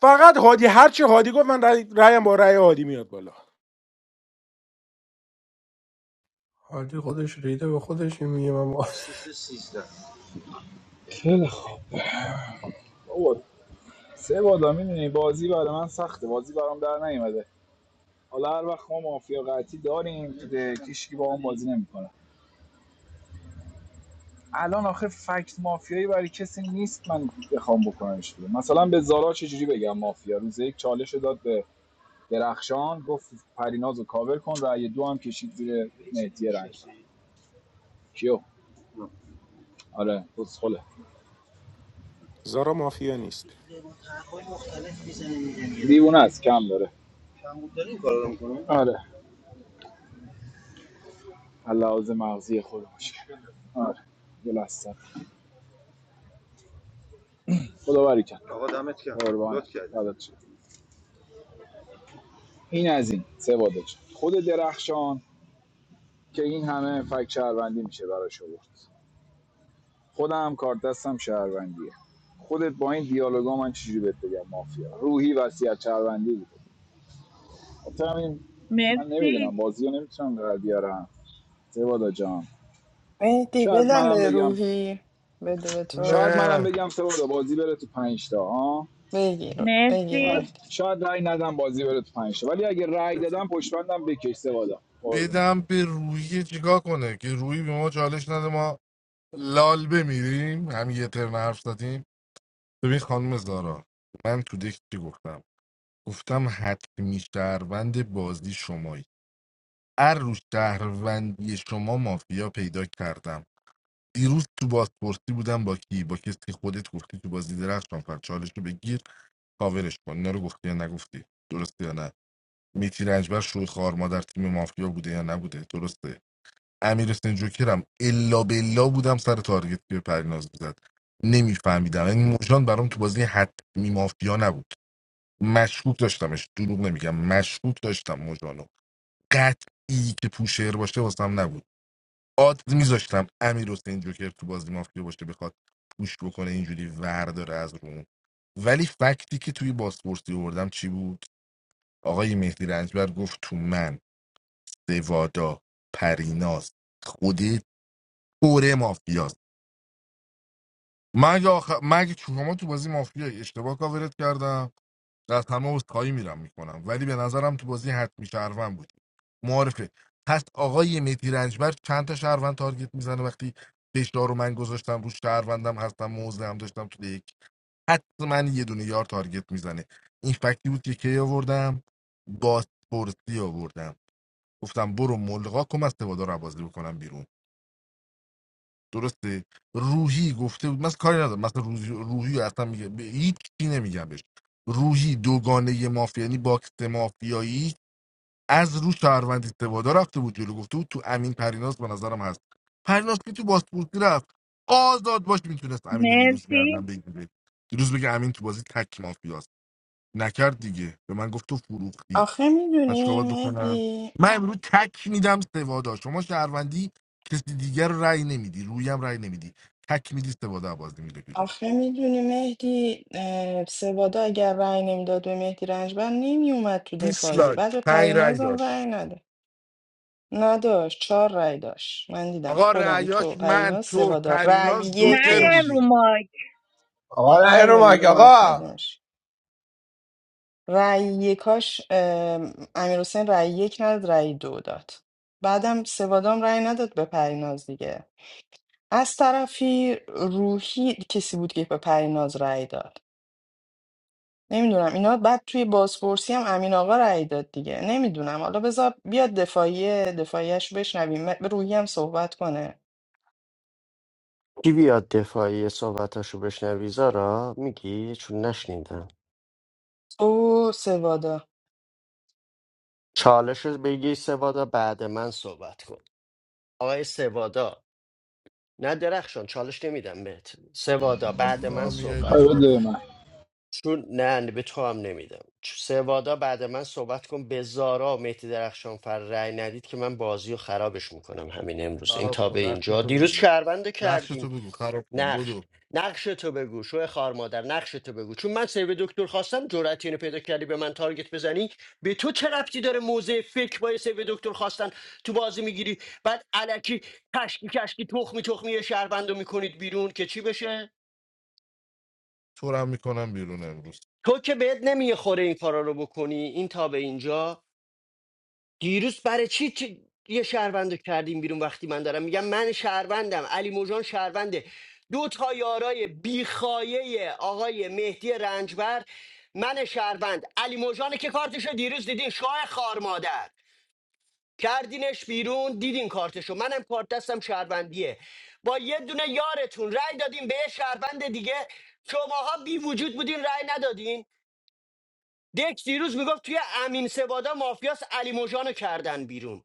Speaker 13: فقط هادی هر چی هادی گفت من رأی- رأیم با رأی هادی میاد بالا
Speaker 8: حالی خودش ریده به خودش این میگه من با-
Speaker 2: بیست و سه سیزده خیلی خوب بابا، سه بادا میدونی بازی برای من سخته بازی برام در نیومده حالا هر وقت ما مافیا قطعی داریم تو دک، هیچکی با اون بازی نمیکنه الان آخه فکت مافیایی برای کسی نیست من بخوام بکنمش بیرون مثلا به زارا چجوری بگم مافیا روز یک چالش رو داد به درخشان گفت پریناز رو کاور کن رأی دو هم کشید زیر مهدی رنگ کیو آره بسخله
Speaker 13: زارا مافیا نیست
Speaker 2: دیوونه است کم داره کم بود داره این کارو میکنه. آره لحاظ مغزی خودمش آره بلستم خدا بری کرد آقا دمت گرم قربان لطف کردی این از این سه وادج خود درخشان که این همه فک شهروندی میشه براش آورد خودم کار دستم شهروندیه خودت با این دیالوگا من چجوری بهت بگم مافیا روحی وصیت شهروندی بود خاطر همین من نمیدونم
Speaker 21: مرسی
Speaker 2: بازی نمیتونم در بیارم سوادا جان
Speaker 4: مهدی
Speaker 2: شاید
Speaker 4: بدم
Speaker 2: منم
Speaker 4: به
Speaker 2: بگم
Speaker 4: روحی بده به تو
Speaker 2: شاید منم
Speaker 7: نه
Speaker 2: بگم سوادا بازی بره تو پنج تا ها
Speaker 4: بگیر بگیر
Speaker 21: مرسی
Speaker 4: مهدی.
Speaker 2: شاید شاید رأی ندم بازی بره تو پنج تا. ولی اگه رای دادم پشتبندم بکش سوادا قربونه
Speaker 7: بدم به روحی چیکار کنه که روحی به ما چالش نده ما لال بمیریم همین یه ترن حرف زدیم ببین خانم زارا من تو دک چی گفتم گفتم حتمی شهروند بازی شمایی هر روز شهروندی شما مافیا پیدا کردم دیروز تو بازپرسی بودم با کی با کسی که خودت گفتی تو بازی درخشان فر چالش رو بگیر کاورش کن اینا رو گفتی یا نگفتی درسته یا نه میتی رنجبر شوی خار مادر تیم مافیا بوده یا نبوده درسته امیر حسین جوکرم الا بلا بودم سر تارگت که پریناز میزد نمیفهمیدم یعنی موجان برام تو بازی حتمی مافیا نبود مشکوک داشتمش دروغ نمیگم مشکوک داشتم موجانو قطعی که پوشر باشه واسم نبود آد میذاشتم امیر حسین جوکر تو بازی مافیا باشه بخواد پوش بکنه اینجوری ور داره از روم ولی فکتی که توی بازپرسی آوردم چی بود آقای مهدی رنجبر گفت تو من دوادا پریناز خودی پر مافیاست من یا آخر... من اگه شما تو بازی مافیا اشتباه کاورت کردم از همه عذرخواهی میرم میکنم ولی به نظرم تو بازی حتمی شهروند بودی معارفه پس آقای مهدی رنجبر چند تا شهروند تارگت میزنه وقتی فشار رو من گذاشتم رو شهروندم هستم موزه هم داشتم تو یک حتما یه دونه یار تارگت میزنه این فکتی بود که کی آوردم بازپرسی آوردم گفتم برو ملغا کم از تبادار بازی بکنم بیرون درسته روحی گفته بود من کاری ندارم مثلا روحی روحی اصلا میگه به هیچ چی نمیگم بهش روحی دوگانه مافیا یعنی باکس مافیایی از رو شهروند استوادا رفته بود جلو گفته بود تو امین پریناس به نظرم هست پریناس که تو باسپورتی رفت آزاد باش میتونست امین رو دیروز گردن
Speaker 21: مرسی
Speaker 7: بگیره دیروز بگه امین تو بازی تک مافیاست نکرد دیگه به من گفت تو فروختی
Speaker 4: آخه
Speaker 7: من چیکار
Speaker 4: میدونی
Speaker 7: باید بکنم
Speaker 4: مهدی
Speaker 7: من امروز تک میدم سوادا شما شهروندی کسی دیگر رو رأی نمیدی رویم رأی نمیدی تک میدی سوادا بازی میده بیرون
Speaker 4: آخه میدونی مهدی اه، سوادا اگر رأی نمیداد به مهدی رنجبر نمیومد تو دفاعیه بعد
Speaker 7: دیسلایک
Speaker 4: به
Speaker 7: پنج رأی
Speaker 4: پرینازم رأی
Speaker 7: داشت
Speaker 4: نده نداشت چهار رأی داشت من دیدم
Speaker 7: آقا
Speaker 4: خودم تو
Speaker 7: رأیاش من
Speaker 4: پریناز
Speaker 7: تو
Speaker 4: سوادا رأی
Speaker 7: پریناز جوکر
Speaker 21: مریم
Speaker 4: یکش
Speaker 21: رو
Speaker 7: بودیم
Speaker 21: مایک
Speaker 8: آقا نه این
Speaker 4: نه یا
Speaker 8: رو
Speaker 4: این
Speaker 8: مایک
Speaker 4: رو مارک
Speaker 8: آقا
Speaker 4: اگرش رأی یکاش امیر حسین رأی یک نداد رأی دو داد بعدم سوادام رأی نداد به پریناز دیگه از طرفی روحی کسی بود که به پریناز رأی داد نمیدونم اینا بعد توی بازپرسی هم امین آقا رأی داد دیگه نمیدونم حالا بذار بیاد دفاعیه دفاعیش بشنویم م- روحی هم صحبت کنه
Speaker 1: کی بیاد دفاعی صحبتاشو بشنوی زارا میگی چون نشنیدم
Speaker 4: او سوادا
Speaker 1: چالش رو بگی سوادا بعد من صحبت کن آقای سوادا نه درخشان چالش نمیدم بهت سوادا
Speaker 7: پس
Speaker 1: بعد
Speaker 7: تو
Speaker 1: من
Speaker 7: هم میای
Speaker 1: صحبت
Speaker 2: خیلی
Speaker 1: کن
Speaker 7: دفاع
Speaker 2: بده به من
Speaker 1: چون نه به تو هم نمیدم چ- سوادا بعد من صحبت کن به زارا و مهدی درخشان فر رأی ندید که من بازی رو خرابش میکنم همین امروز این تا
Speaker 7: خراب
Speaker 1: به
Speaker 7: کن نقش
Speaker 1: اینجا
Speaker 7: تو
Speaker 1: دیروز
Speaker 7: بگو
Speaker 1: شهرونده
Speaker 7: نقش
Speaker 1: کردیم
Speaker 7: تو بگو خراب کن
Speaker 1: نقش
Speaker 7: بدو
Speaker 1: نقش تو بگو شو خار مادر نقش تو بگو چون من سیو دکتر خواستم جرأت اینو پیدا کردی به من تارگت بزنی به تو چه ربطی داره موزه فکر با یه سیو دکتر خواستن تو بازی میگیری بعد علکی کشکی کشکی تخمی تخمی یه شهروندو میکنید بیرون که چی بشه
Speaker 7: تو رو هم میکنم بیرون امروز
Speaker 1: تو که بهت نمیخوره این کارا رو بکنی این تا به اینجا دیروز برای چی چی- یه شهروند رو کردیم بیرون وقتی من دارم میگم من شهروندم علی موجان شهرونده دو تا یارای بیخایه آقای مهدی رنجبر من شهروند علی موجان که کارتشو دیروز دیدین شاه خار مادر کردینش بیرون دیدین کارتشو منم کارت دستم شهروندیه با یه دونه یارتون رأی دادیم به یه شهروند دیگه شماها بی وجود بودین رأی ندادین دک دیروز میگفت توی امین سوادا مافیاس علی موجانو کردن بیرون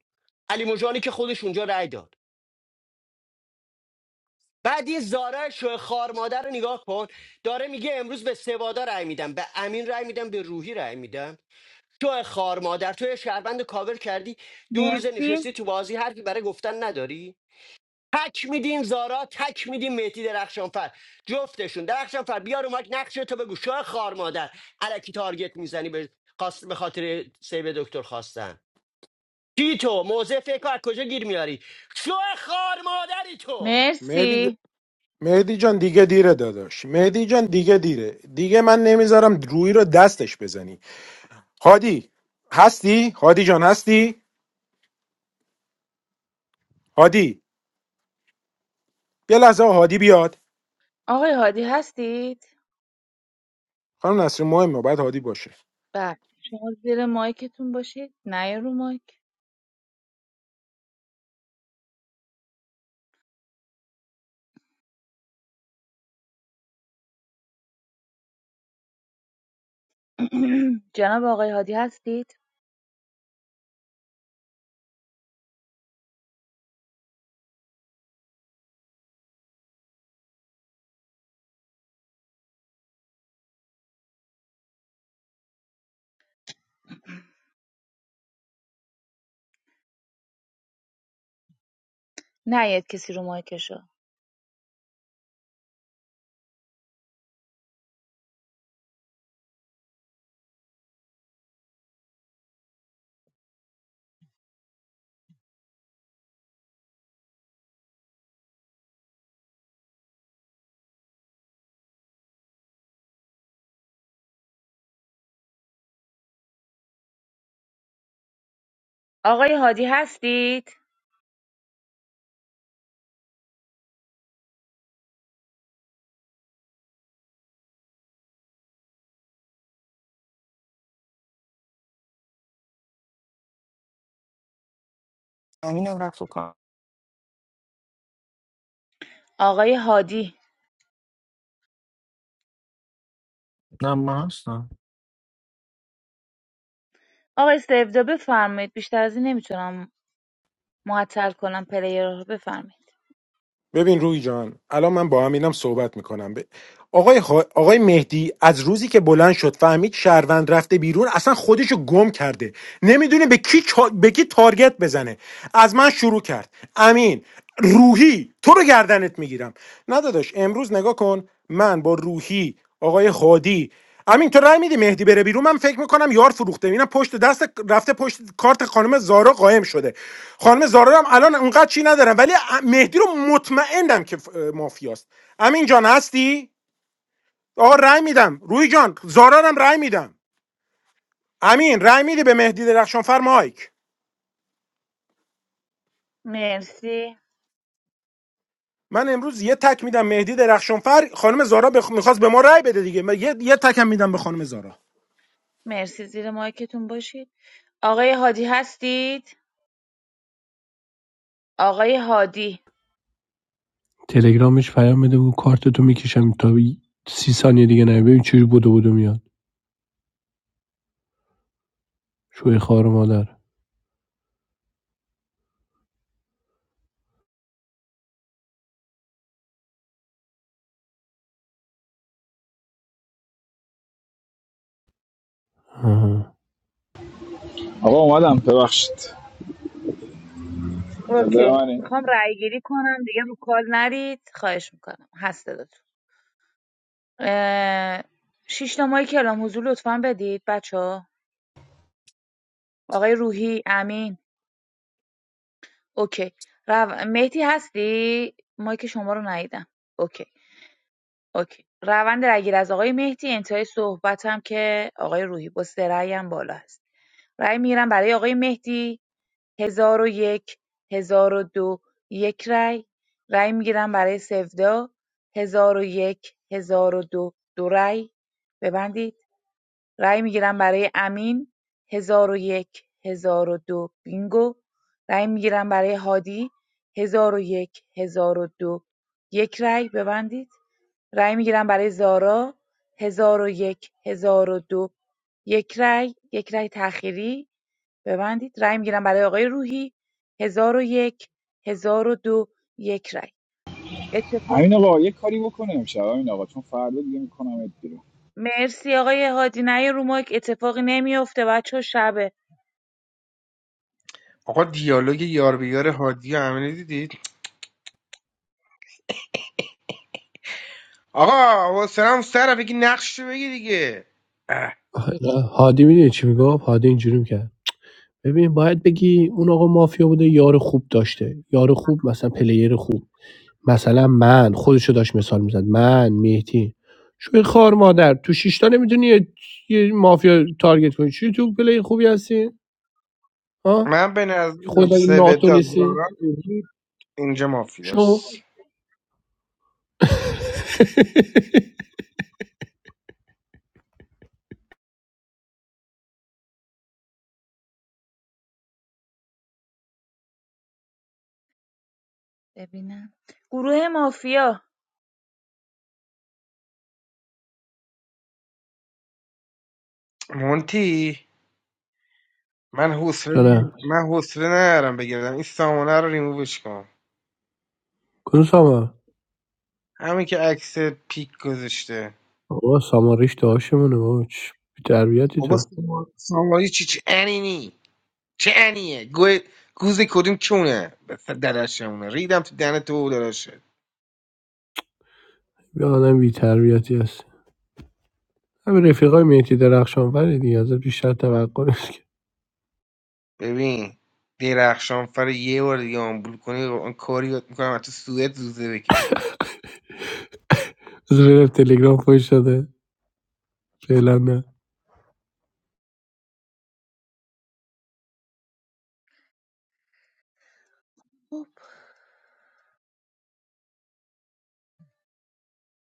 Speaker 1: علی موجانی که خودش اونجا رأی داد بعد یه زارع شو خار مادر رو نگاه کن داره میگه امروز به سوادا رأی میدم به امین رأی میدم به روحی رأی میدم تو خار مادر تو یه شهروند کاور کردی دو روز
Speaker 21: مرسی
Speaker 1: نشستی تو بازی حرفی برای گفتن نداری تک میدین زارا تک میدین مهدی درخشانفر جفتشون درخشانفر بیار اومد نقشه تو بگو شو خار مادر الکی تارگت میزنی به, خاص- به خاطر سیب دکتر خواستن چی تو موزه فکر رو از کجا گیر میاری شو خار مادری تو
Speaker 13: مهدی
Speaker 21: مرسی
Speaker 13: مهدی جان دیگه دیره داداش مهدی جان دیگه دیره دیگه من نمیذارم روی رو دستش بزنی هادی هستی هادی جان هستی هادی یه لحظه هادی بیاد
Speaker 21: آقای هادی هستید
Speaker 13: خانم نصری مهمه باید هادی باشه
Speaker 21: بله شما زیر مایکتون باشید نه رو مایک جناب آقای هادی هستید نیاید کسی رو مایکشو آقای هادی هستید؟
Speaker 4: امینم رفت و کار
Speaker 21: آقای هادی
Speaker 11: نه من هستم
Speaker 21: آقای سبدا بفرمایید بیشتر از این نمیتونم معطل کنم پلیر رو بفرمایید
Speaker 13: ببین روی جان الان من با امینم صحبت میکنم ب... آقای, خا- آقای مهدی از روزی که بلند شد فهمید شهروند رفته بیرون اصلا خودشو گم کرده نمیدونه به کی, چا... به کی تارگت بزنه از من شروع کرد امین روحی تو رو گردنت میگیرم نه داداش امروز نگاه کن من با روحی آقای خادی امین تو رای میدی مهدی بره بیرون من فکر میکنم یار فروخته اینم پشت دست رفته پشت کارت خانم زارا قائم شده خانم زارا هم الان اونقدر چی ندارم ولی مهدی رو مطمئنم که مافیاست امین جان هستی آقا رای میدم روی جان زارا رو هم رای میدم امین رای میدی به مهدی درخشانفر مایک
Speaker 21: مرسی
Speaker 13: من امروز یه تک میدم مهدی درخشانفر خانم زارا بخ... میخواست به ما رای بده دیگه من یه, یه تک هم میدم به خانم زارا
Speaker 21: مرسی زیر مایکتون باشید آقای هادی هستید؟ آقای هادی
Speaker 8: تلگرامش پیام بده بگو کارتتو میکشم تا سی ثانیه دیگه نه ببین چجوری بدو بدو میاد شوی خار مادر آها.
Speaker 2: آقا اومدم ببخشید نظر
Speaker 21: اوکی
Speaker 2: منه
Speaker 21: میخوام رأی گیری کنم دیگه رو کال نرید خواهش میکنم هست صداتون. اه، شیش ماهی کلام حضور لطفا بدید بچه ها آقای روحی امین اوکی رو... مهدی هستی مایک شما رو ندیدم اوکی اوکی روند رگیر از آقای مهدی انتهای صحبت هم که آقای روحی با سه رأی هم بالا هست رأی میگیرم برای آقای مهدی هزار و یک هزار و دو یک رأی رأی میگیرم برای سودا هزار و یک هزار و دو دو رأی ببندید رای میگیرم برای امین 1001 1002 بینگو رای میگیرم برای هادی 1001 1002 یک هزار و دو یک رای ببندید رای میگیرم برای زارا 1001 1002 یک هزار و دو یک رای یک رای تأخیری ببندید رای میگیرم برای آقای روحی 1001 1002 یک هزار و دو یک رای اتفاق
Speaker 2: همین آقا یه کاری بکنه امشب همین آقا چون فردا دیگه میکنم بیرون
Speaker 21: مرسی آقای هادی نه رو مایک اتفاقی نمیفته بچه شبه
Speaker 10: آقا دیالوگ یار به یار هادی و امینه دیدید آقا حواسم سر بگی نقش رو بگی دیگه
Speaker 8: آخه اینا- هادی میدونی چی میگفت هادی اینجوری میکرد ببین باید بگی اون آقا مافیا بوده یار خوب داشته یار خوب مثلا پلیر خوب مثلا من خودشو داشت مثال میزد من مهدی شوی خار مادر تو شش تا نمیدونی یه مافیا تارگت کنی چی تو پلی خوبی هستی ها
Speaker 10: من به نظرم
Speaker 8: خود اگه ناتو
Speaker 10: سویدا
Speaker 8: نیستی
Speaker 10: زارا وحید اینجا
Speaker 8: شو
Speaker 10: مافیاست.
Speaker 21: ببینم گروه مافیا
Speaker 10: مونتی من حوصله
Speaker 8: چرا
Speaker 10: من حوصله ندارم بگردم این سامانه رو ریمووش کن
Speaker 8: کنسامم
Speaker 10: همین که عکس پیک گذاشته
Speaker 8: آقا ساماریش داشمونه باش بی تربیتی
Speaker 10: بابا
Speaker 8: تو
Speaker 10: ساما- سامانی چی چه انینی چه انیه گوه- گوز کدوم چونه درشمونه ریدم تو دهن تو درشه
Speaker 8: بیا آدم بی تربیتی هست همین رفیقای مهدی درخشان ولی دیگه ازت بیشتر توقع نیست که
Speaker 10: ببین درخشان فر یه بار دیگه آمبول کنی و آن کاری میکنم تو سوئد زوزه بکشی
Speaker 8: از تلگرام فوش داده فعلا نه
Speaker 21: خب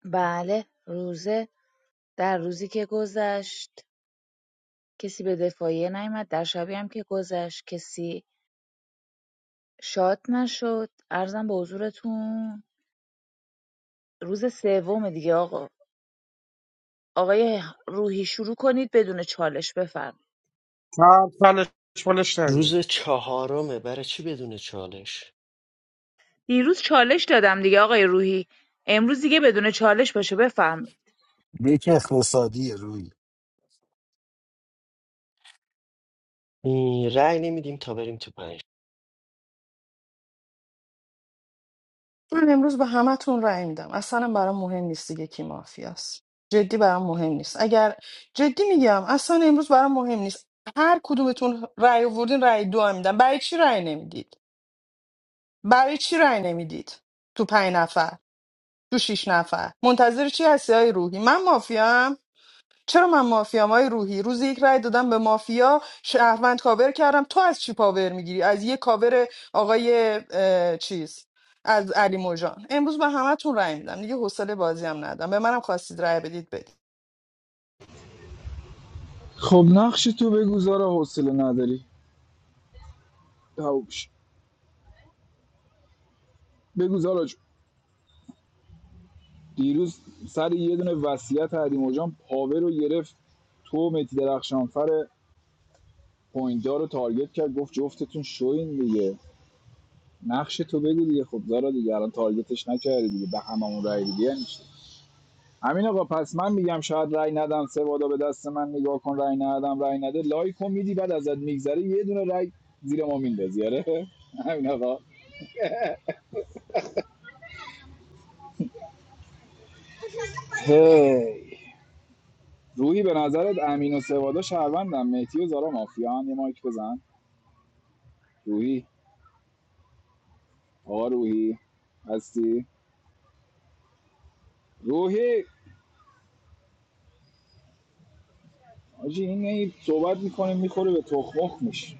Speaker 21: بله روزه در روزی که گذشت کسی به دفاعیه نیامد در شبی هم که گذشت کسی شاد نشد ارزم به حضورتون روز سوم دیگه آقا آقای روحی شروع کنید بدون چالش بفرمایید
Speaker 10: تا پلش پلش نده
Speaker 1: روز چهارمه برای چی بدون چالش
Speaker 21: دیروز چالش دادم دیگه آقای روحی امروز دیگه بدون چالش باشه بفرمایید
Speaker 11: یک اقتصادی روی
Speaker 1: این رأی نمیدیم تا بریم تو پنج
Speaker 4: من امروز به همتون رأی میدم اصلا برام مهم نیست دیگه کی مافیاست جدی برام مهم نیست اگر جدی میگم اصلا امروز برام مهم نیست هر کدومتون رأی آوردین رأی دو هم میدم برای چی رأی نمیدید برای چی رأی نمیدید تو پنج نفر تو شیش نفر منتظر چی هستی های روحی من مافیام چرا من مافیام های روحی روز یک رای دادم به مافیا شهروند کاور کردم تو از چی پاور میگیری از یه کاور آقای اه، چیز از علی موجان امروز به همتون رای میدم دیگه حوصله بازی هم ندارم به منم خواستید رای بدید بدید
Speaker 2: خب نقش تو بگو زارا حوصله نداری دوش بگو زارا جون. دیروز سر یه دونه وصیت حریم جان پاور رو گرفت تو متی درخشانفر پوینتدار رو تارگت کرد گفت جفتتون شوین دیگه نقش تو بگو دیگه خب زارا دیگه الان تارگتش نکردی دیگه به هممون رای دیگه یعنی چی؟ امین آقا پس من میگم شاید رای ندم سه وادا به دست من نگاه کن رای ندم رای نده لایکو میدی بعد ازت میگذره یه دونه رای زیر ما میندازی آره امین آقا هی. روحی به نظرت امین و سوادا شهروندم مهدی و زارا مافیان یه مایک بزن روحی آقا روحی هستی روحی آجی این هی صحبت میکنه میخوره به تخمخ میشه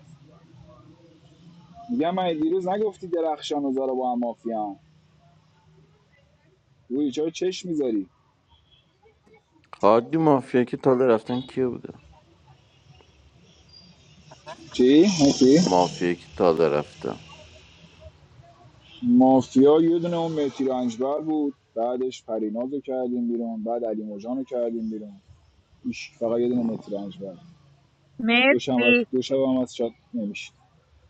Speaker 2: میگم من دیروز نگفتی درخشان و زارا با هم مافیان روی چرا چشم میذاری
Speaker 15: هادی مافیا که تازه رفتن کیه بوده
Speaker 2: چی؟ اوکی
Speaker 15: مافیا که تازه رفتن
Speaker 2: مافیا یه دونه اون مهدی رنجبر بود بعدش پریناز کردیم بیرون بعد علی مجان کردیم بیرون ایش فقط یه دونه مهدی رنجبر دو شب از
Speaker 21: مرسی
Speaker 2: دو شب هم از شات نمیشه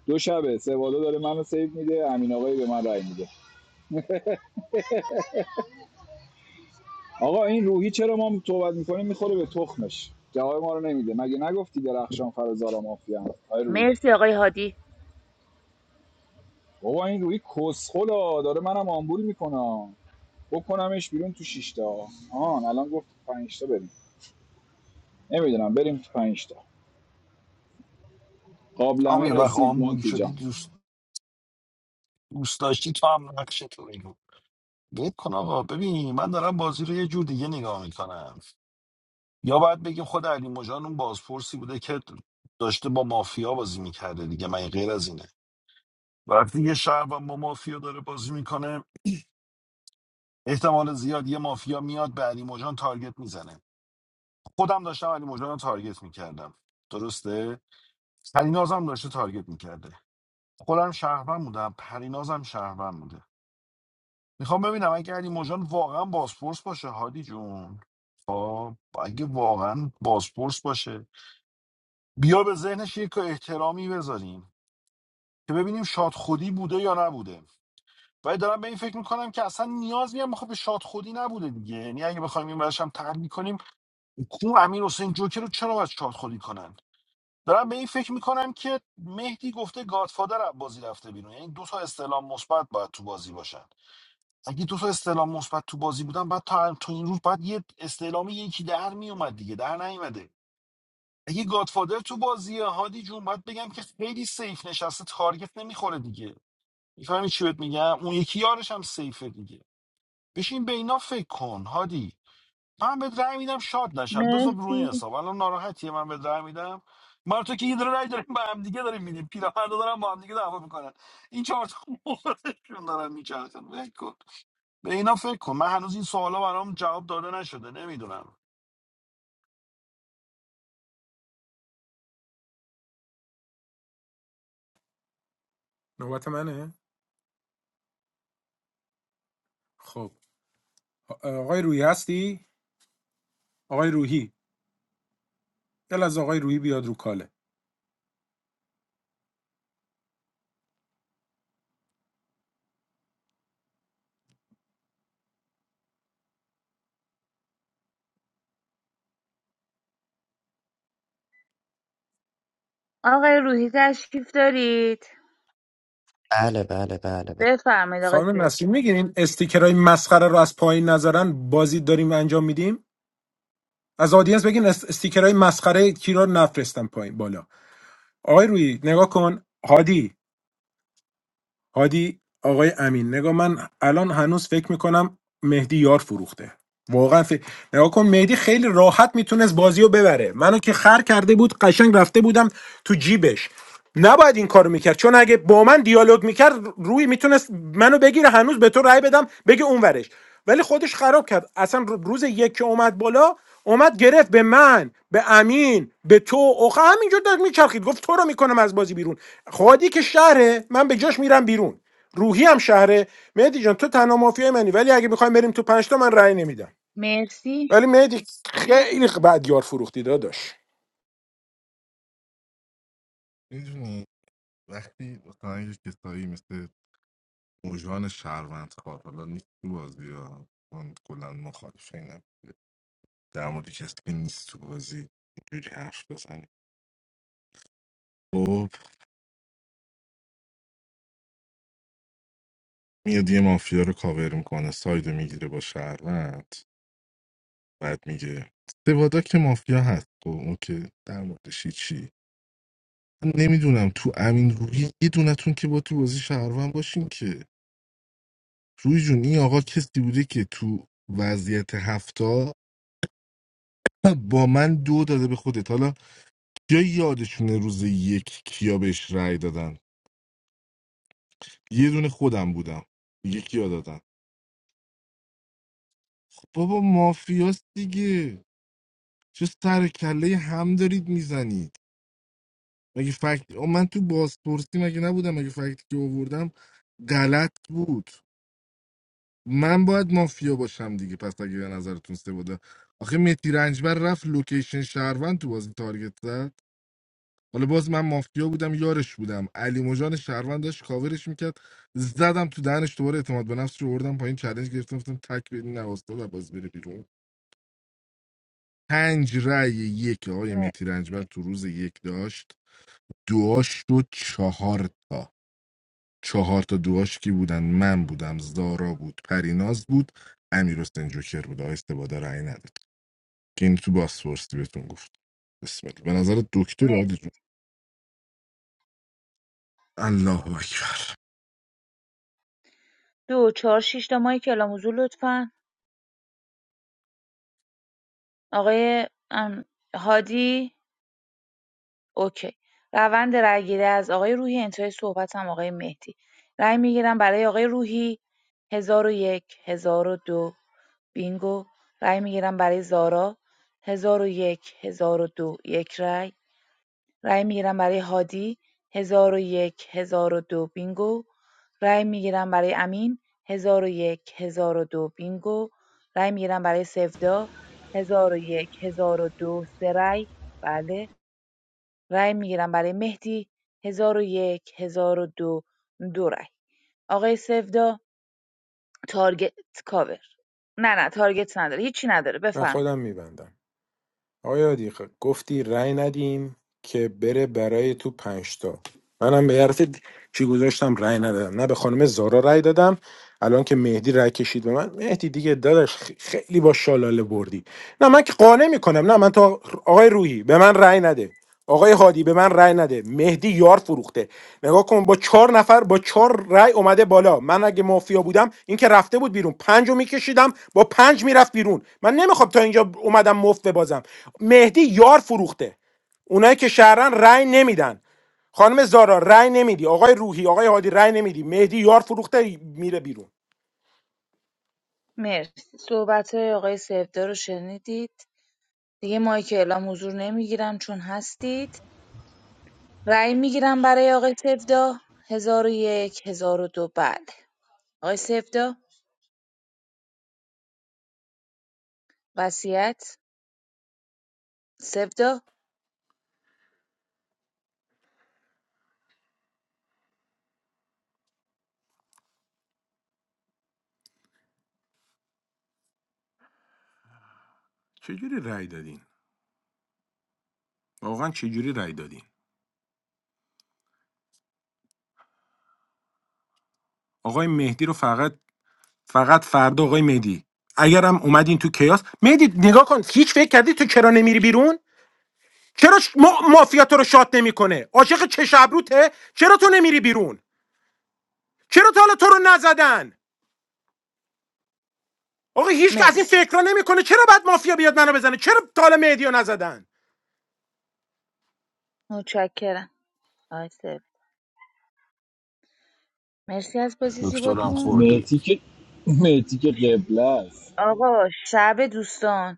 Speaker 2: دو شبه سوادا داره منو سیو میده امین آقایی به من رای میده آقا این روحی چرا ما صحبت میکنیم میخوره به تخمش جواب ما رو نمیده مگه نگفتی درخشان فرزارا مافیا آی روحی
Speaker 21: مرسی آقای هادی
Speaker 2: بابا این روحی کسخلا داره منم آمبول میکنه بکنمش بیرون تو 6 تا آهان الان گفت 5 تا بریم نمیدونم بریم تو 5 تا
Speaker 11: هم
Speaker 2: قابلمه
Speaker 11: یه وقت
Speaker 2: رسید
Speaker 11: آمبول
Speaker 2: مونتی
Speaker 11: شدی
Speaker 2: جان
Speaker 11: دوست دوست داشتی تو هم نقش تو بگو ول کن آقا ببین من دارم بازی رو یه جور دیگه نگاه میکنم یا باید بگیم خود علی مژان اون بازپرسی بوده که داشته با مافیا بازی میکرده دیگه من غیر از اینه وقتی یه شهر با مافیا داره بازی میکنه احتمال زیاد یه مافیا میاد به علی مژان تارگت میزنه خودم داشتم علی مژان رو تارگت میکردم درسته پرینازم داشته تارگت میکرده خودم شهروند بودم پرینازم شهروند بوده میخوام ببینم اگه علی موجان واقعا بازپرس باشه هادی جون خب اگه واقعا بازپرس باشه بیا به ذهنش یک احترامی بذاریم که ببینیم شاد خودی بوده یا نبوده ولی دارم به این فکر میکنم که اصلا نیاز میام خب به شاد خودی نبوده دیگه یعنی اگه بخوایم این برش هم تحلیل کنیم کو امیر حسین جوکر رو چرا باید شاد خودی کنن دارم به این فکر میکنم که مهدی گفته گادفادر از بازی رفته بیرون یعنی دو تا استعلام مثبت باید تو بازی باشن اگه دو تا استعلام مثبت تو بازی بودن بعد تا تو این روز بعد یه استعلام یکی در میومد دیگه در نیومده اگه گادفادر تو بازی هادی جون باید بگم که خیلی سیف نشسته تارگت نمیخوره دیگه میفهمی چی بهت میگم اون یکی یارش هم سیفه دیگه بشین به اینا فکر کن هادی من به رأی میدم شاد نشم بذار روی این
Speaker 21: مرسی
Speaker 11: حساب الان ناراحتیه من به رأی میدم من و تو که یه دونه رأی داریم به هم دیگه داریم میدیم پیراهن رو دارن با هم دیگه دعوا میکنن این چهار تا مخلصشون دارن میچرخن ول کن به اینا فکر کن من هنوز این سوالا برام جواب داده نشده نمیدونم
Speaker 13: نوبت منه خب آقای روحی هستی آقای روحی دل از آقای روحی بیاد رو کاله
Speaker 21: آقای روحی تشریف دارید
Speaker 1: بله بله بله بله
Speaker 21: بفرمایید آقای
Speaker 13: خانم نسرین
Speaker 21: فریدون
Speaker 13: میگین این استیکرهای مسخره رو از پایین نظرن بازی داریم انجام میدیم از آدینس بگین است- استیکرهای مسخره کی رو نفرستم پایین بالا آقای روحی نگاه کن هادی هادی آقای امین نگاه من الان هنوز فکر میکنم مهدی یار فروخته واقعا فکر نگاه کن مهدی خیلی راحت میتونست بازی رو ببره منو که خر کرده بود قشنگ رفته بودم تو جیبش نباید این کارو میکرد چون اگه با من دیالوگ میکرد روی میتونست منو بگیره هنوز به تو رأی بدم بگه اونورش ولی خودش خراب کرد اصلا رو- روز یک که اومد بالا اومد گرفت به من به امین به تو اوخه همینجور داشت میچرخید گفت تو رو میکنم از بازی بیرون خادی که شهره من به جاش میرم بیرون روحی هم شهره مهدی جان تو تنها مافیای منی ولی اگه بخوایم بریم تو پنج تا من رأی نمیدم
Speaker 21: مرسی
Speaker 13: ولی مهدی خیلی بد یار فروختی داداش
Speaker 7: میدونی وقتی مثلا یه کسایی مثل اوژان شهروند خواه، حالا نیست تو بازی ها من کلا مخالفه در مورد کسی که نیست تو بازی اینجوری حرف بزنی خب میاد یه مافیا رو کاور میکنه سایدو میگیره با شهروند بعد میگه سوادا که مافیا هست خب اون در موردش چی من نمیدونم تو امین روحی یه دونتون که با تو بازی شهروند باشین که روی جون این آقا کسی بوده که تو وضعیت هفته با من دو داده به خودت حالا یا یادشونه روز یک کیا بهش رأی دادن یه دونه خودم بودم یکی دادن بابا مافیاست دیگه چه سر کله هم دارید میزنید مگه فکت آه، من تو بازپرسی مگه نبودم مگه فکتی که آوردم غلط بود من باید مافیا باشم دیگه پس اگه به نظرتون سه بوده آخه متی رنجبر رفت لوکیشن شهروند تو بازی تارگت زد حالا باز من مافیا بودم یارش بودم علی مجان شهروند داشت کاورش میکرد زدم تو دهنش دوباره اعتماد به نفس رو بردم پایین چالش گرفتم گفتم تک بدین نواستا و باز بره بیرون پنج رأی یک آقای
Speaker 21: مر-
Speaker 7: مهدی رنجبر تو روز یک داشت دعاش شد چهار تا چهار تا دعاش کی بودن من بودم زارا بود پریناز بود امیر حسین جوکر بود آقای استباده رأی نداد که این تو بازپرسی بهتون گفت بسم الله به نظر دکتر
Speaker 21: مرسی
Speaker 7: عادی جون الله اکبر
Speaker 21: دو چهار شیش تا مایک کلام حضور لطفا آقای ام، هادی اوکی روند رأیگیری از آقای روحی انتهای صحبت هم آقای مهدی رأی میگیرم برای آقای روحی هزار و یک هزار و دو بینگو رأی میگیرم برای زارا هزار و یک هزار و دو یک رأی رای میگیرم برای هادی 1001 1002 بینگو رای میگیرم برای امین 1001 1002 بینگو رای میگیرم برای سفدا 1001 1002 سه رای بله رای میگیرم برای مهدی 1001 1002 دو دو رای آقای سفدا تارگت کاور نه نه تارگت نداره هیچی نداره
Speaker 13: من
Speaker 21: بفرمایید
Speaker 13: خودم میبندم آیا دیگه گفتی رأی ندیم که بره برای تو پنجتا منم به حرف چی گذاشتم رأی ندادم نه به خانم زارا رأی دادم الان که مهدی رأی کشید به من مهدی دیگه داداش خ- خیلی با شالاله بردی نه من که قانع میکنم نه من تا آقای روحی به من رأی نده آقای هادی به من رأی نده مهدی یار فروخته نگاه کن با چهار نفر با چهار رأی اومده بالا من اگه مافیا بودم این که رفته بود بیرون پنج رو میکشیدم با پنج میرفت بیرون من نمیخوام تا اینجا اومدم مفت ببازم مهدی یار فروخته اونایی که شهرن رأی نمیدن خانم زارا رأی نمیدی آقای روحی آقای هادی رأی نمیدی مهدی یار فروخته میره بیرون
Speaker 21: مرسی صحبت های آقای سفدا رو شنیدید دیگه مایک اعلام حضور نمیگیرم چون هستید رأی میگیرم برای آقای سفدا هزار و یک هزار و دو بله آقای سفدا وصیت سفدا
Speaker 13: چجوری رأی دادین واقعا چجوری رأی دادین آقای مهدی رو فقط فقط فردا آقای مهدی اگرم اومدین تو کیاس مهدی نگاه کن هیچ فکر کردی تو چرا نمیری بیرون چرا ش... ما... مافیا تو رو شات نمیکنه عاشق چش ابروته چرا تو نمیری بیرون چرا تا حالا تو رو نزدن آقا هیچ که از این
Speaker 21: مرسی
Speaker 13: فکرا نمیکنه چرا بعد مافیا بیاد منو بزنه چرا تا حالا مهدی رو نزدن
Speaker 21: متشکرم آقای سفدا مرسی از بازی
Speaker 11: دکترم
Speaker 21: زیباتون
Speaker 11: خوردی
Speaker 2: مهتی که مهتی که قبله است
Speaker 21: آقا شب دوستان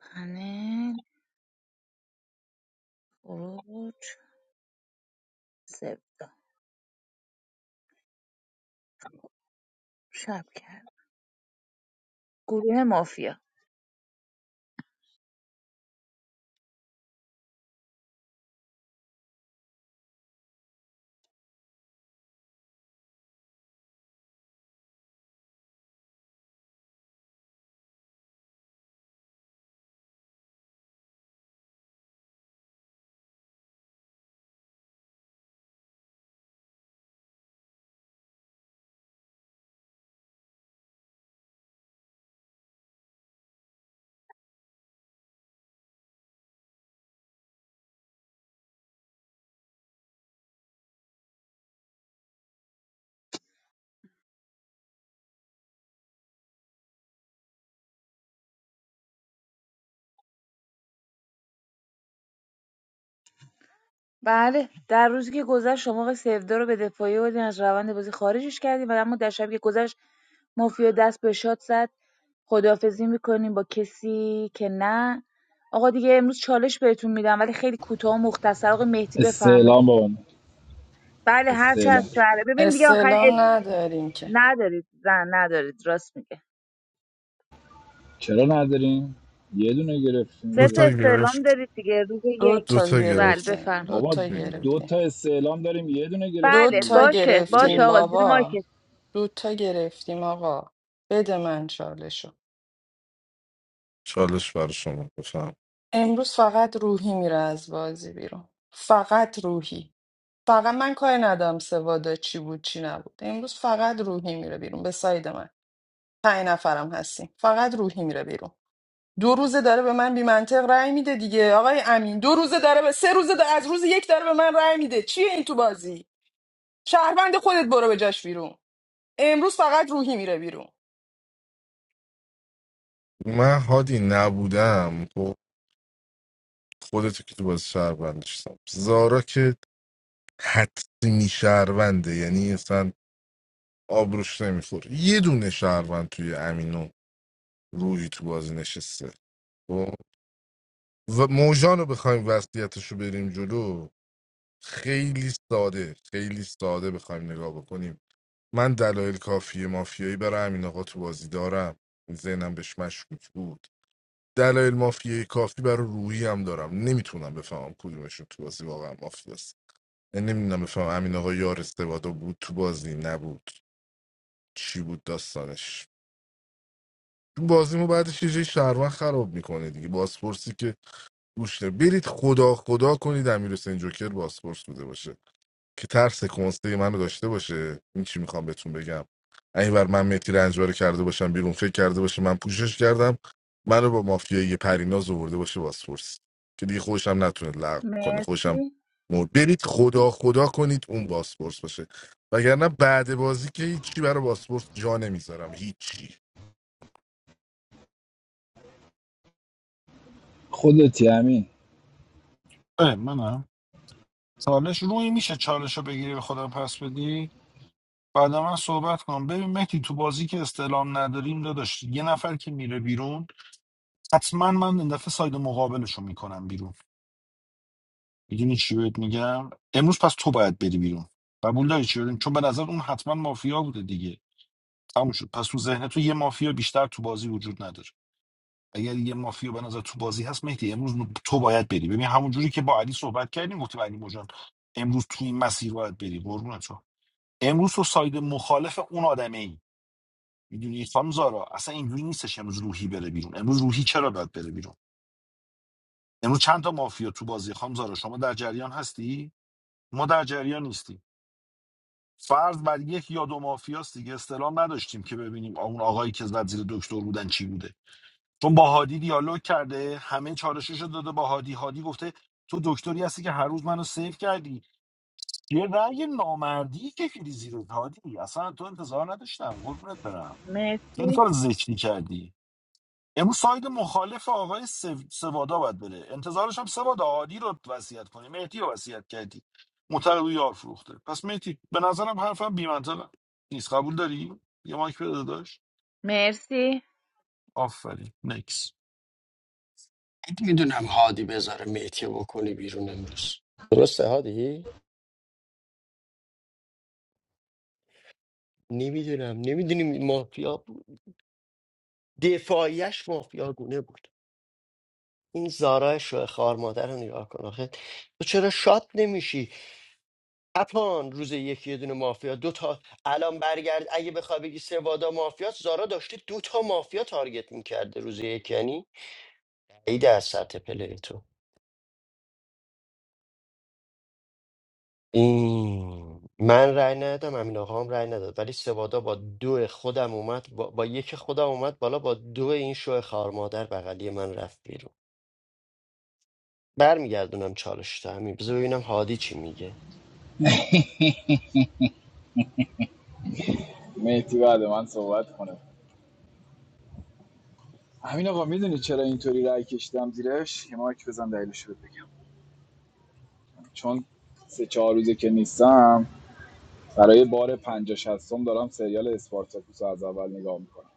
Speaker 21: پنل خروج سفدا شب کرد گروه مافیا بله در روزی که گذشت شما آقای سودا رو به دفاعیه بردین از روند بازی خارجش کردیم و اما در شبی که گذشت مافیا دست به شاد زد خداحافظی میکنیم با کسی که نه آقا دیگه امروز چالش بهتون میدم ولی خیلی کوتاه و مختصر آقا مهدی بفرمایید
Speaker 2: استعلام بابا
Speaker 21: بله هر چه از
Speaker 2: استعلام
Speaker 21: شهره ببین دیگه آخرین اس
Speaker 4: استعلام نداریم که
Speaker 21: ندارید زن ندارید راست میگه
Speaker 2: چرا نداریم یه دونه گرفتیم
Speaker 21: سه تا
Speaker 2: دیگه
Speaker 7: دوتا
Speaker 21: استعلام
Speaker 7: گرفت
Speaker 21: دارید دیگه روز
Speaker 4: دو
Speaker 21: یک
Speaker 4: تا
Speaker 7: دوتا
Speaker 21: بله
Speaker 7: گرفت
Speaker 4: گرفتیم
Speaker 21: بفرمایید
Speaker 4: دو
Speaker 2: بابا
Speaker 4: تا
Speaker 2: دو
Speaker 4: گرفتیم
Speaker 2: تا استعلام داریم یه دونه
Speaker 4: دو
Speaker 2: گرفتیم
Speaker 21: بله
Speaker 4: تا
Speaker 2: دیگه
Speaker 21: باشه
Speaker 2: کی
Speaker 21: باشه
Speaker 4: گرفتیم
Speaker 21: آقا
Speaker 2: گرفتیم
Speaker 21: زیر
Speaker 4: بابا
Speaker 21: مایکت
Speaker 4: دو تا گرفتیم آقا بده من چالشو
Speaker 7: چالش برای شما بفهم
Speaker 4: امروز فقط روحی میره از بازی بیرون فقط روحی فقط من کاری ندارم سوادا چی بود چی نبود امروز فقط روحی میره بیرون به ساید من پنج نفرم هستیم فقط روحی میره بیرون دو روزه داره به من بی منطق رأی میده دیگه آقای امین دو روزه داره به سه روزه داره- از روز یک داره به من رأی میده چیه این تو بازی شهروند خودت برو به جاش بیرون امروز فقط روحی میره بیرون
Speaker 7: من هادی نبودم خب خودتو که تو باز شهر بندشتم زارا که حتمی شهرونده یعنی اصلا آبروش نمیخوره یه دونه شهروند توی امین و روحی تو بازی نشسته خب؟ و موجان رو بخوایم وضعیتش رو بریم جلو خیلی ساده خیلی ساده بخوایم نگاه بکنیم من دلایل کافی مافیایی برای امین آقا تو بازی دارم ذهنم بهش مشکوک بود دلایل مافیایی کافی برای روحی هم دارم نمیتونم بفهمم کدومشون تو بازی واقعا مافیاست نمیدونم بفهمم امین آقا یار استوادو بود تو بازی نبود چی بود داستانش بازیمو بعدش یه جای شهروند خراب میکنه دیگه بازپرسی که گوش نه برید خدا خدا کنید امیر حسین جوکر بازپرس بوده باشه که ترس کنسته منو داشته باشه این چی میخوام بهتون بگم این بر من متی رنجبر رو کرده باشم بیرون فکر کرده باشه من پوشش کردم منو با مافیایی پریناز آورده باشه بازپرس که دیگه خوشم نتونه لغو کنه خوشم
Speaker 21: مرسی
Speaker 7: مرد برید خدا خدا کنید اون بازپرس باشه وگرنه بعد بازی که هیچی برای بازپرس جا نمیذارم هیچی
Speaker 2: خودتی همین
Speaker 11: اه منم چالش روی میشه چالش رو بگیری به خودم پس بدی بعد من صحبت کنم ببین مهدی تو بازی که استعلام نداریم داداش یه نفر که میره بیرون حتما من این دفعه ساید مقابلش رو میکنم بیرون میدونی چی بهت میگم امروز پس تو باید بری بیرون قبول داری چی بدیم چون به نظر اون حتما مافیا بوده دیگه تموم شد پس تو ذهن تو یه مافیا بیشتر تو بازی وجود نداره اگر یه مافیا به نظر تو بازی هست مهدی امروز تو باید بری ببین همون جوری که با علی صحبت کردیم گفتیم علی مجان امروز تو این مسیر باید بری قربونت شم. امروز تو ساید مخالف اون آدمه ای میدونی خانم زارا اصلا اینجوری نیستش امروز روحی بره بیرون امروز روحی چرا باید بره بیرون امروز چند تا مافیا تو بازی خانم زارا شما در جریان هستی ما در جریان نیستیم فرض بر یک یا دو مافیاست دیگه استلام نداشتیم که ببینیم اون آقایی که زد زیر دکتر بودن چی بوده چون با هادی دیالوگ کرده همه چالشش رو داده با هادی هادی گفته تو دکتری هستی که هر روز منو سیو کردی یه رأی نامردی کشیدی رو هادی اصلا تو انتظار نداشتم قربونت برم خیلی
Speaker 21: مرسی
Speaker 11: کار ذکری کردی امروز ساید مخالف آقای سو- سوادا باید بره انتظارش هم سوادا هادی رو وصیت کنی مهدی رو وصیت کردی معتقد او یار فروخته پس مهدی به نظرم حرفم بی‌منطق نیست قبول داری یه مایک بده داشت
Speaker 21: مرسی
Speaker 11: آفرین نکس
Speaker 1: میدونم هادی بذاره میتیه بکنی بیرون امروز درسته هادی؟ نمیدونم نمیدونیم مافیا بود دفاعیش مافیا گونه بود این زارای شوه خار مادر رو نگاه کن آخه تو چرا شاد نمیشی اپان روز یکی یه دونه مافیا دو تا الان برگرد اگه بخوای بگی سوادا مافیاست زارا داشته دو تا مافیا تارگت میکرده روز یک یعنی ای در سطح پلی تو این من رأی ندادم امین آقا هم رأی نداد ولی سوادا با دو خودم اومد با, با یک خودم اومد بالا با دو این شو خار مادر بغلی من رفت بیرون برمیگردونم چالش تو همین بذار ببینم هادی چی میگه
Speaker 2: مهتی بعد من صحبت کنه همین آقا میدونی چرا اینطوری رای کشیدم زیرش یه مایک بزن دلیلش رو بگم چون سه چهار روزه که نیستم برای بار پنجاه 60 دارم سریال اسپارتاکوس رو از اول نگاه میکنم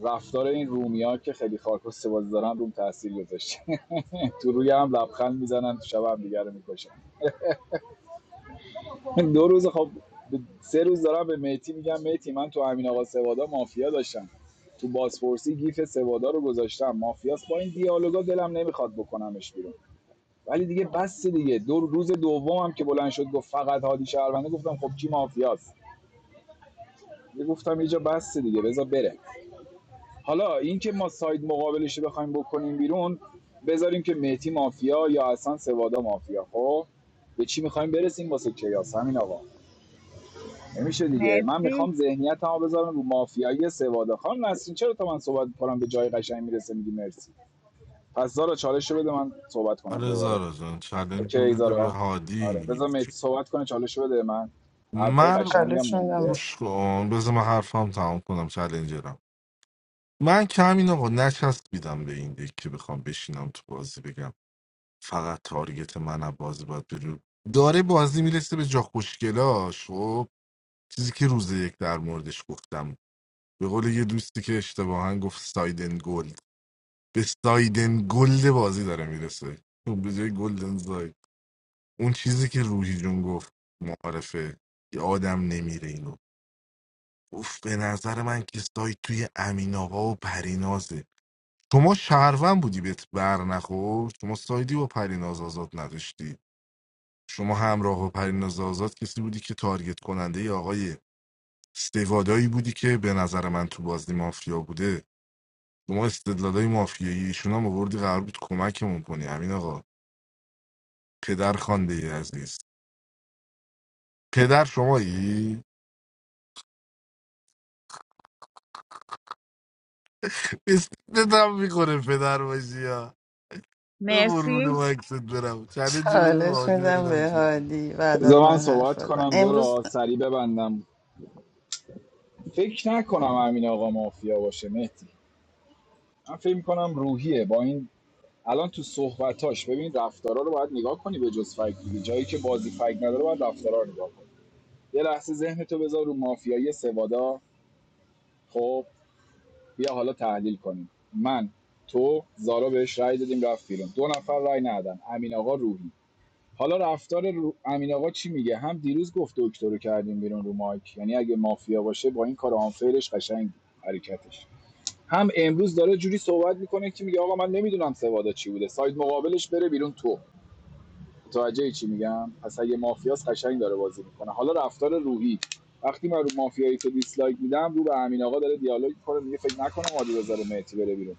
Speaker 2: رفتار این رومیا که خیلی خاکوس بازی دارن روم تاثیر گذاشته تو روی هم لبخند میزنن تو شب هم دیگه رو میکشن دو روز خب سه روز دارم به میتی میگم میتی من تو امین آقا سوادا مافیا داشتم تو بازپرسی گیف سوادا رو گذاشتم مافیاس با این دیالوگا دلم نمیخواد بکنمش بیرون ولی دیگه بس دیگه دو روز دومم که بلند شد گفت فقط هادی شهرونده گفتم خب کی مافیاست گفتم یه جا بس دیگه بذار بره حالا اینکه ما ساید مقابلش رو بخوایم بکنیم بیرون بذاریم که مهدی مافیا یا اصلا سوادا مافیا خب به چی میخوایم برسیم واسه کیاس همین آقا نمیشه دیگه من میخوام
Speaker 21: مرسی
Speaker 2: ذهنیت هم بذارم رو مافیایی سوادا خانم نسرین چرا تا من صحبت کنم به جای قشنگ میرسه میگی مرسی پس زارا چالش بده من صحبت کنم
Speaker 7: آره
Speaker 2: دوباره
Speaker 7: زارا جان چلنج رو
Speaker 2: اوکی
Speaker 7: بده به
Speaker 2: زارا آره
Speaker 7: هادی
Speaker 2: بذار مهدی صحبت کنه چالش بده من حرفای
Speaker 7: من
Speaker 2: قشنگم
Speaker 4: چالش
Speaker 2: مونده
Speaker 4: میدم
Speaker 7: گوش کن بذار من حرفم تمام کنم چلنجرم من کمین آقا نچسبیدم به این دیگه که بخوام بشینم تو بازی بگم فقط تارگت من از بازی باید بره داره بازی میرسه به جا خوشگلاش خب چیزی که روز یک در موردش گفتم به قول یه دوستی که اشتباها گفت سایدن گلد به سایدن گلد بازی داره میرسه به جای گلدن ساید اون چیزی که روحی جون گفت معارفه که آدم نمیره اینو اوف به نظر من که سایت توی امین آقا و پرینازه شما شهروند بودی بهت بر نخورد شما سایدی با پریناز آزاد نداشتی شما همراه با پریناز آزاد کسی بودی که تارگت کننده ی آقای استوادایی بودی که به نظر من تو بازی مافیا بوده شما استدلالای مافیایی ایشون هم آوردی قرار بود کمکمون کنی امین آقا پدر خانده عزیز پدر شمایی بیستت هم میکنه پدر باشی ها به قربون
Speaker 21: مرسی
Speaker 7: مکست برم چلنجی بده به
Speaker 4: چالش
Speaker 7: حاجی
Speaker 4: میدم
Speaker 7: ببینم
Speaker 4: به
Speaker 7: چی می‌گه.
Speaker 4: هادی بعد
Speaker 2: بذار
Speaker 4: از
Speaker 2: من
Speaker 4: من حرف
Speaker 2: صحبت
Speaker 4: بزن
Speaker 2: کنم
Speaker 4: امروز
Speaker 2: زارا سری ببندم فکر نکنم امین آقا مافیا باشه مهدی من فکر میکنم روحیه با این الان تو صحبتاش ببین رفتارا رو باید نگاه کنی به جز فک دیگه جایی که بازی فک نداره باید رفتارا رو نگاه کنی یه لحظه ذهن تو بذار رو مافیایی سوادا خب بیا حالا تحلیل کنیم من تو زارا بهش رأی دادیم رفت بیرون دو نفر رأی ندادن امین آقا روحی حالا رفتار رو... امین آقا چی میگه هم دیروز گفت دکتر رو کردیم بیرون رو مایک یعنی اگه مافیا باشه با این کار آنفیلش قشنگ حرکتش هم امروز داره جوری صحبت میکنه که میگه آقا من نمیدونم سوادا چی بوده ساید مقابلش بره بیرون تو متوجه چی میگم پس اگه مافیاس قشنگ داره بازی میکنه حالا رفتار روحی وقتی من رو مافیایی تو دیسلایک میدم رو به امین آقا داره دیالوگ میکنه میگه فکر نکنم هادی بذاره مهدی بره بیرون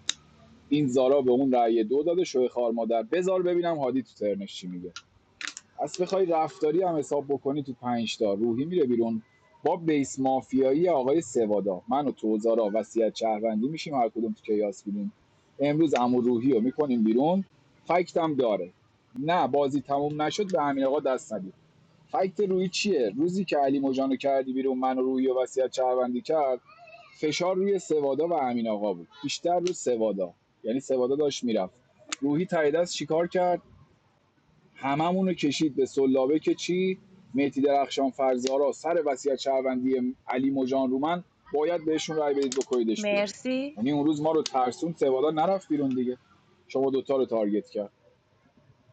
Speaker 2: این زارا به اون رأی دو داده شوی خار مادر بذار ببینم هادی تو ترنش چی میگه از بخوای رفتاری هم حساب بکنی تو پنج تا روحی میره بیرون با بیس مافیایی آقای سوادا من و توزارا وصیت شهروندی میشیم هر کدوم تو کیاس بیرون امروز امو روحی رو میکنیم بیرون فکت هم داره نه بازی تموم نشد به امین آقا دست ندید فکت روی چیه روزی که علی مجان کردی بیرون من و روحی و وصیت شهروندی کرد فشار روی سوادا و امین آقا بود بیشتر روی سوادا یعنی سوادا داشت میرفت روحی تایید دست چیکار کرد هممون رو کشید به سلابه که چی مهدی درخشان فرزارا سر وصیت شهروندی علی مجان رومن باید بهشون رای بدید بکنیدش بیرون
Speaker 21: مرسی
Speaker 2: یعنی اون روز ما رو ترسون سوالا نرفت بیرون دیگه شما دوتا رو تارگت کرد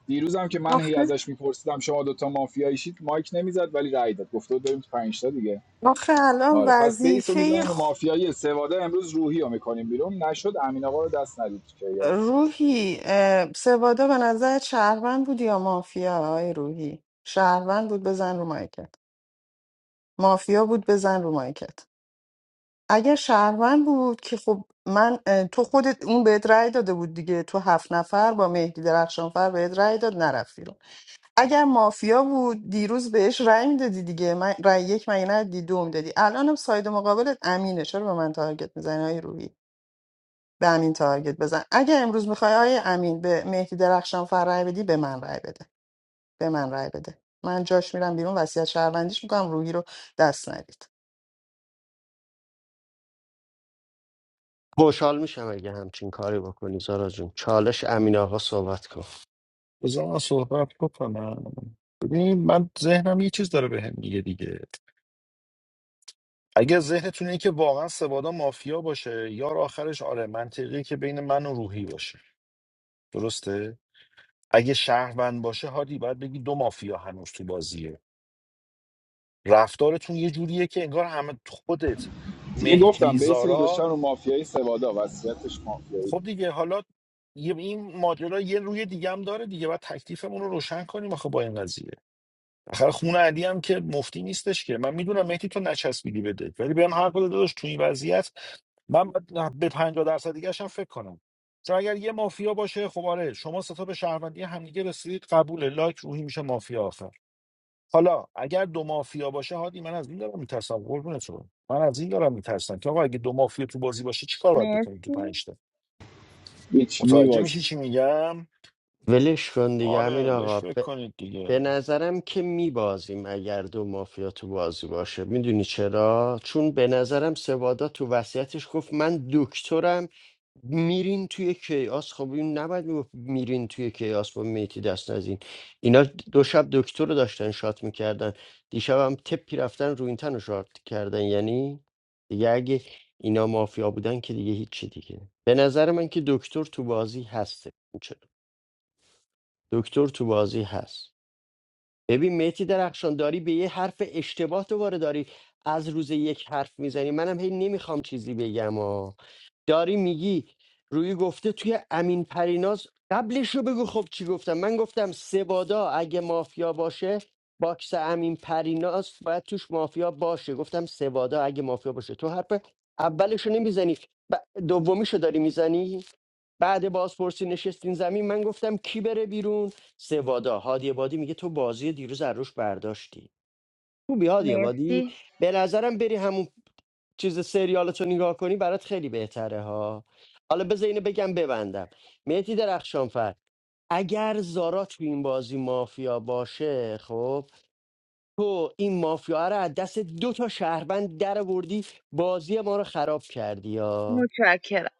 Speaker 2: دیروز هم که من هی
Speaker 4: آخه
Speaker 2: ازش میپرسیدم شما دوتا مافیاییشید مایک نمیزد ولی رای داد گفته بود بریم تو پنج تا دیگه
Speaker 4: آخه الان
Speaker 2: آره پس بیس رو
Speaker 4: وظیفه
Speaker 2: میزنیم رو
Speaker 4: خ-
Speaker 2: مافیایی سواده امروز روحی رو میکنیم بیرون نشد امین آقا رو دست ندید تو کیاس
Speaker 4: روحی اه، سوادا به نظر شهروند بود یا مافیا آقای روحی شهروند بود بزن رو مایکت مافیا بود بزن رو مایکت اگر شهروند بود که خب من اه، تو خودت اون بهت رأی داده بود دیگه تو هفت نفر با مهدی درخشانفر بهت رأی داد نرفت بیرون اگر مافیا بود دیروز بهش رأی میدادی دیگه من رأی یک مگه ندادی دو میدادی الانم ساید مقابلت امینه چرا به من تارگت میزنی آقای روحی به امین تارگت بزن اگه امروز میخوای آیه امین به مهدی درخشان فر رای بدی به من رای بده به من رای بده من جاش میرم بیرون وصیت شهروندیش میکنم روحی رو دست ندید
Speaker 1: خوشحال میشم اگه همچین کاری بکنی زارا جون چالش امین آقا صحبت کن
Speaker 11: بذار من صحبت بکنم ببین من ذهنم یه چیز داره بهم میگه دیگه اگر ذهنتون اینه که واقعا سبادا مافیا باشه یار آخرش آره منطقیه که بین من و روحی باشه درسته اگه شهروند باشه هادی باید بگی دو مافیا هنوز تو بازیه رفتارتون یه جوریه که انگار همه خودت
Speaker 2: دیگه
Speaker 11: مهدی
Speaker 2: گفتم بیس رو
Speaker 11: زارا
Speaker 2: گذاشتم رو مافیایی سوادا وصیتش مافیایی
Speaker 11: خب دیگه حالا یه- این ماجرا یه روی دیگه هم داره دیگه باید تکلیفمون رو روشن کنیم آخه با این قضیه آخر خون علی هم که مفتی نیستش که من میدونم مهدی تو نچسبیدی بده ولی بهم حق بده داداش تو این وضعیت من باید به 50 درصد دیگه هم فکر کنم چون اگر یه مافیا باشه خب آره شما ستا به شهروندی همدیگه رسیدید قبول لایک روحی میشه مافیا آخر حالا اگر دو مافیا باشه هادی من از این دارم میترسم قربونت برم. من از این دارم میترسم که آقا اگه دو مافیا تو بازی باشه چیکار باید بکنیم تو
Speaker 21: مرسی
Speaker 11: پنج تا
Speaker 2: هیچ
Speaker 11: متوجه میشی
Speaker 2: میبازی
Speaker 11: چی میگم
Speaker 1: ولش کن دیگه امین
Speaker 11: آره بهش فکر
Speaker 1: آقا
Speaker 11: کنید دیگه
Speaker 1: به نظرم که میبازیم اگر دو مافیا تو بازی باشه میدونی چرا؟ چون به نظرم سوادا تو وصیتش گفت من دکترم میرین توی کیاس خب این نباید میگفت میرین توی کیاس با میتی دست نزین اینا دو شب دکتر رو داشتن شات میکردن دیشب هم تپی رفتن رو این تن رو شات کردن یعنی دیگه اگه اینا مافیا بودن که دیگه هیچی دیگه به نظر من که دکتر تو بازی هسته دکتر تو بازی هست ببین مهدی درخشان داری به یه حرف اشتباه تو وارد داری از روز یک حرف میزنی منم هی نمیخوام چیزی بگم و داری میگی روی گفته توی امین پریناز قبلش رو بگو خب چی گفتم من گفتم سبادا اگه مافیا باشه باکس امین پریناز باید توش مافیا باشه گفتم سبادا اگه مافیا باشه تو حرف اولش رو نمیزنی دومیش رو داری میزنی بعد بازپرسی نشستین زمین من گفتم کی بره بیرون سوادا هادی بادی میگه تو بازی دیروز از روش برداشتی خوبی هادی بادی
Speaker 21: مرسی
Speaker 1: به نظرم بری همون چیز سریالتو نگاه کنی برات خیلی بهتره ها حالا بذار اینو بگم ببندم مهدی درخشانفر اگر زارا تو این بازی مافیا باشه خب تو این مافیا رو از دست دو تا شهروند در بردی بازی ما رو خراب کردی یا
Speaker 21: متشکرم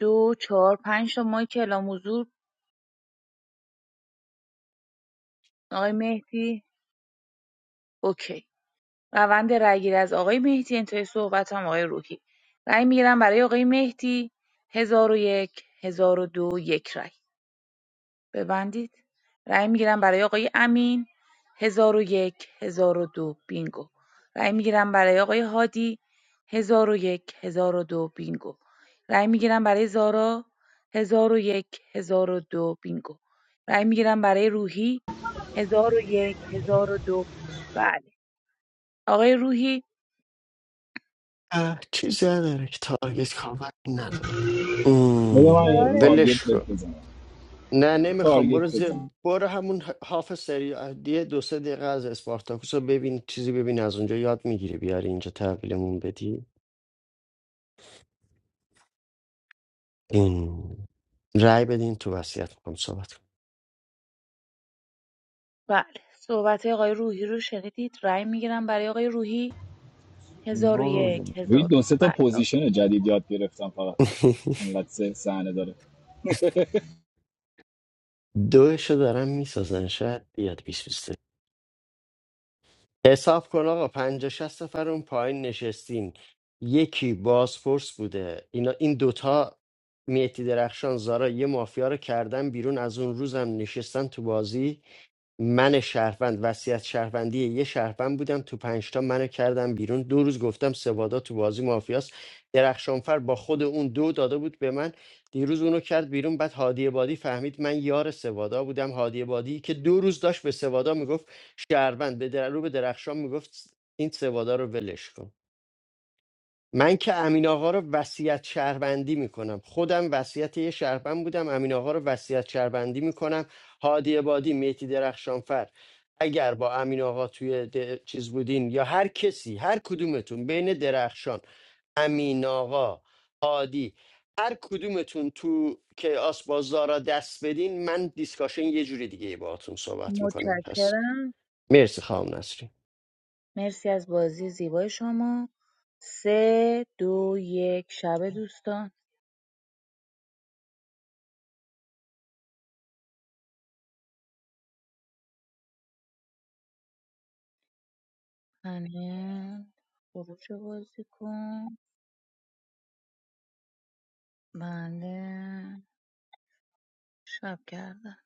Speaker 21: دو چهار پنج تا مایک اعلام حضور آقای مهدی اوکی روند رأیگیری از آقای مهدی انتهای صحبت هم آقای روحی رأی میگیرم برای آقای مهدی هزار و یک هزار و دو یک رأی ببندید رأی میگیرم برای آقای امین هزار و یک هزار و دو بینگو رأی میگیرم برای آقای هادی هزار و یک هزار و دو بینگو رأی میگیرم برای زارا هزار و یک هزار و دو بینگو رأی میگیرم برای روحی هزار و یک هزار و دو بله آقای روحی
Speaker 1: چیزی نداره که تارگت کامل نداره
Speaker 2: بده من یه
Speaker 1: مم،
Speaker 21: داره
Speaker 1: ولش
Speaker 2: تارگت
Speaker 1: کن
Speaker 2: بهت بزنم
Speaker 1: نه نمیخوام برو
Speaker 2: تارگت بزنم
Speaker 1: زی... برو همون هاف سری یه دو سه دقیقه از اسپارتاکوس رو ببین چیزی ببین از اونجا یاد میگیری بیاری اینجا تحویلمون بدی این رأی بدین تو وصیت میکنم صحبت
Speaker 21: بله صحبت آقای روحی رو شنیدید رأی میگیرم برای آقای روحی هزار و
Speaker 11: برو.
Speaker 21: یک
Speaker 2: روی
Speaker 21: هزار و
Speaker 2: دو
Speaker 21: دو
Speaker 2: سه تا
Speaker 21: بله
Speaker 2: پوزیشن جدید یاد گرفتم فقط
Speaker 1: کنم
Speaker 2: انقدر سه صحنه داره
Speaker 1: دوشو دارم میسازن شاید بیاد 20 حساب کن آقا پنجا شست نفر اون پایین نشستین یکی بازپرس بوده اینا این دوتا میتی درخشان زارا یه مافیا رو کردن بیرون از اون روزم نشستن تو بازی من شهروند وصیت شهروندی یه شهروند بودم تو پنجتا منو کردم بیرون دو روز گفتم سوادا تو بازی مافیاست درخشانفر با خود اون دو داده بود به من دیروز اونو کرد بیرون بعد هادی بادی فهمید من یار سوادا بودم هادی بادی که دو روز داشت به سوادا میگفت شهروند به در... رو به درخشان میگفت این سوادا رو ولش کن من که امین آقا رو وصیت شهروندی میکنم خودم وصیت یه شهروند بودم امین آقا رو وصیت شهروندی میکنم هادی بادی میتی درخشانفر اگر با امین آقا توی د- چیز بودین یا هر کسی هر کدومتون بین درخشان امین آقا هادی هر کدومتون تو که آسبازدارا دست بدین من دیسکاشن یه جوری دیگه باهاتون صحبت میکنم پس
Speaker 21: متشکرم
Speaker 1: مرسی خام نسرین
Speaker 21: مرسی از بازی زیبای شما سه دو یک شب دوستان همه خروج بازی کن بله شب کردن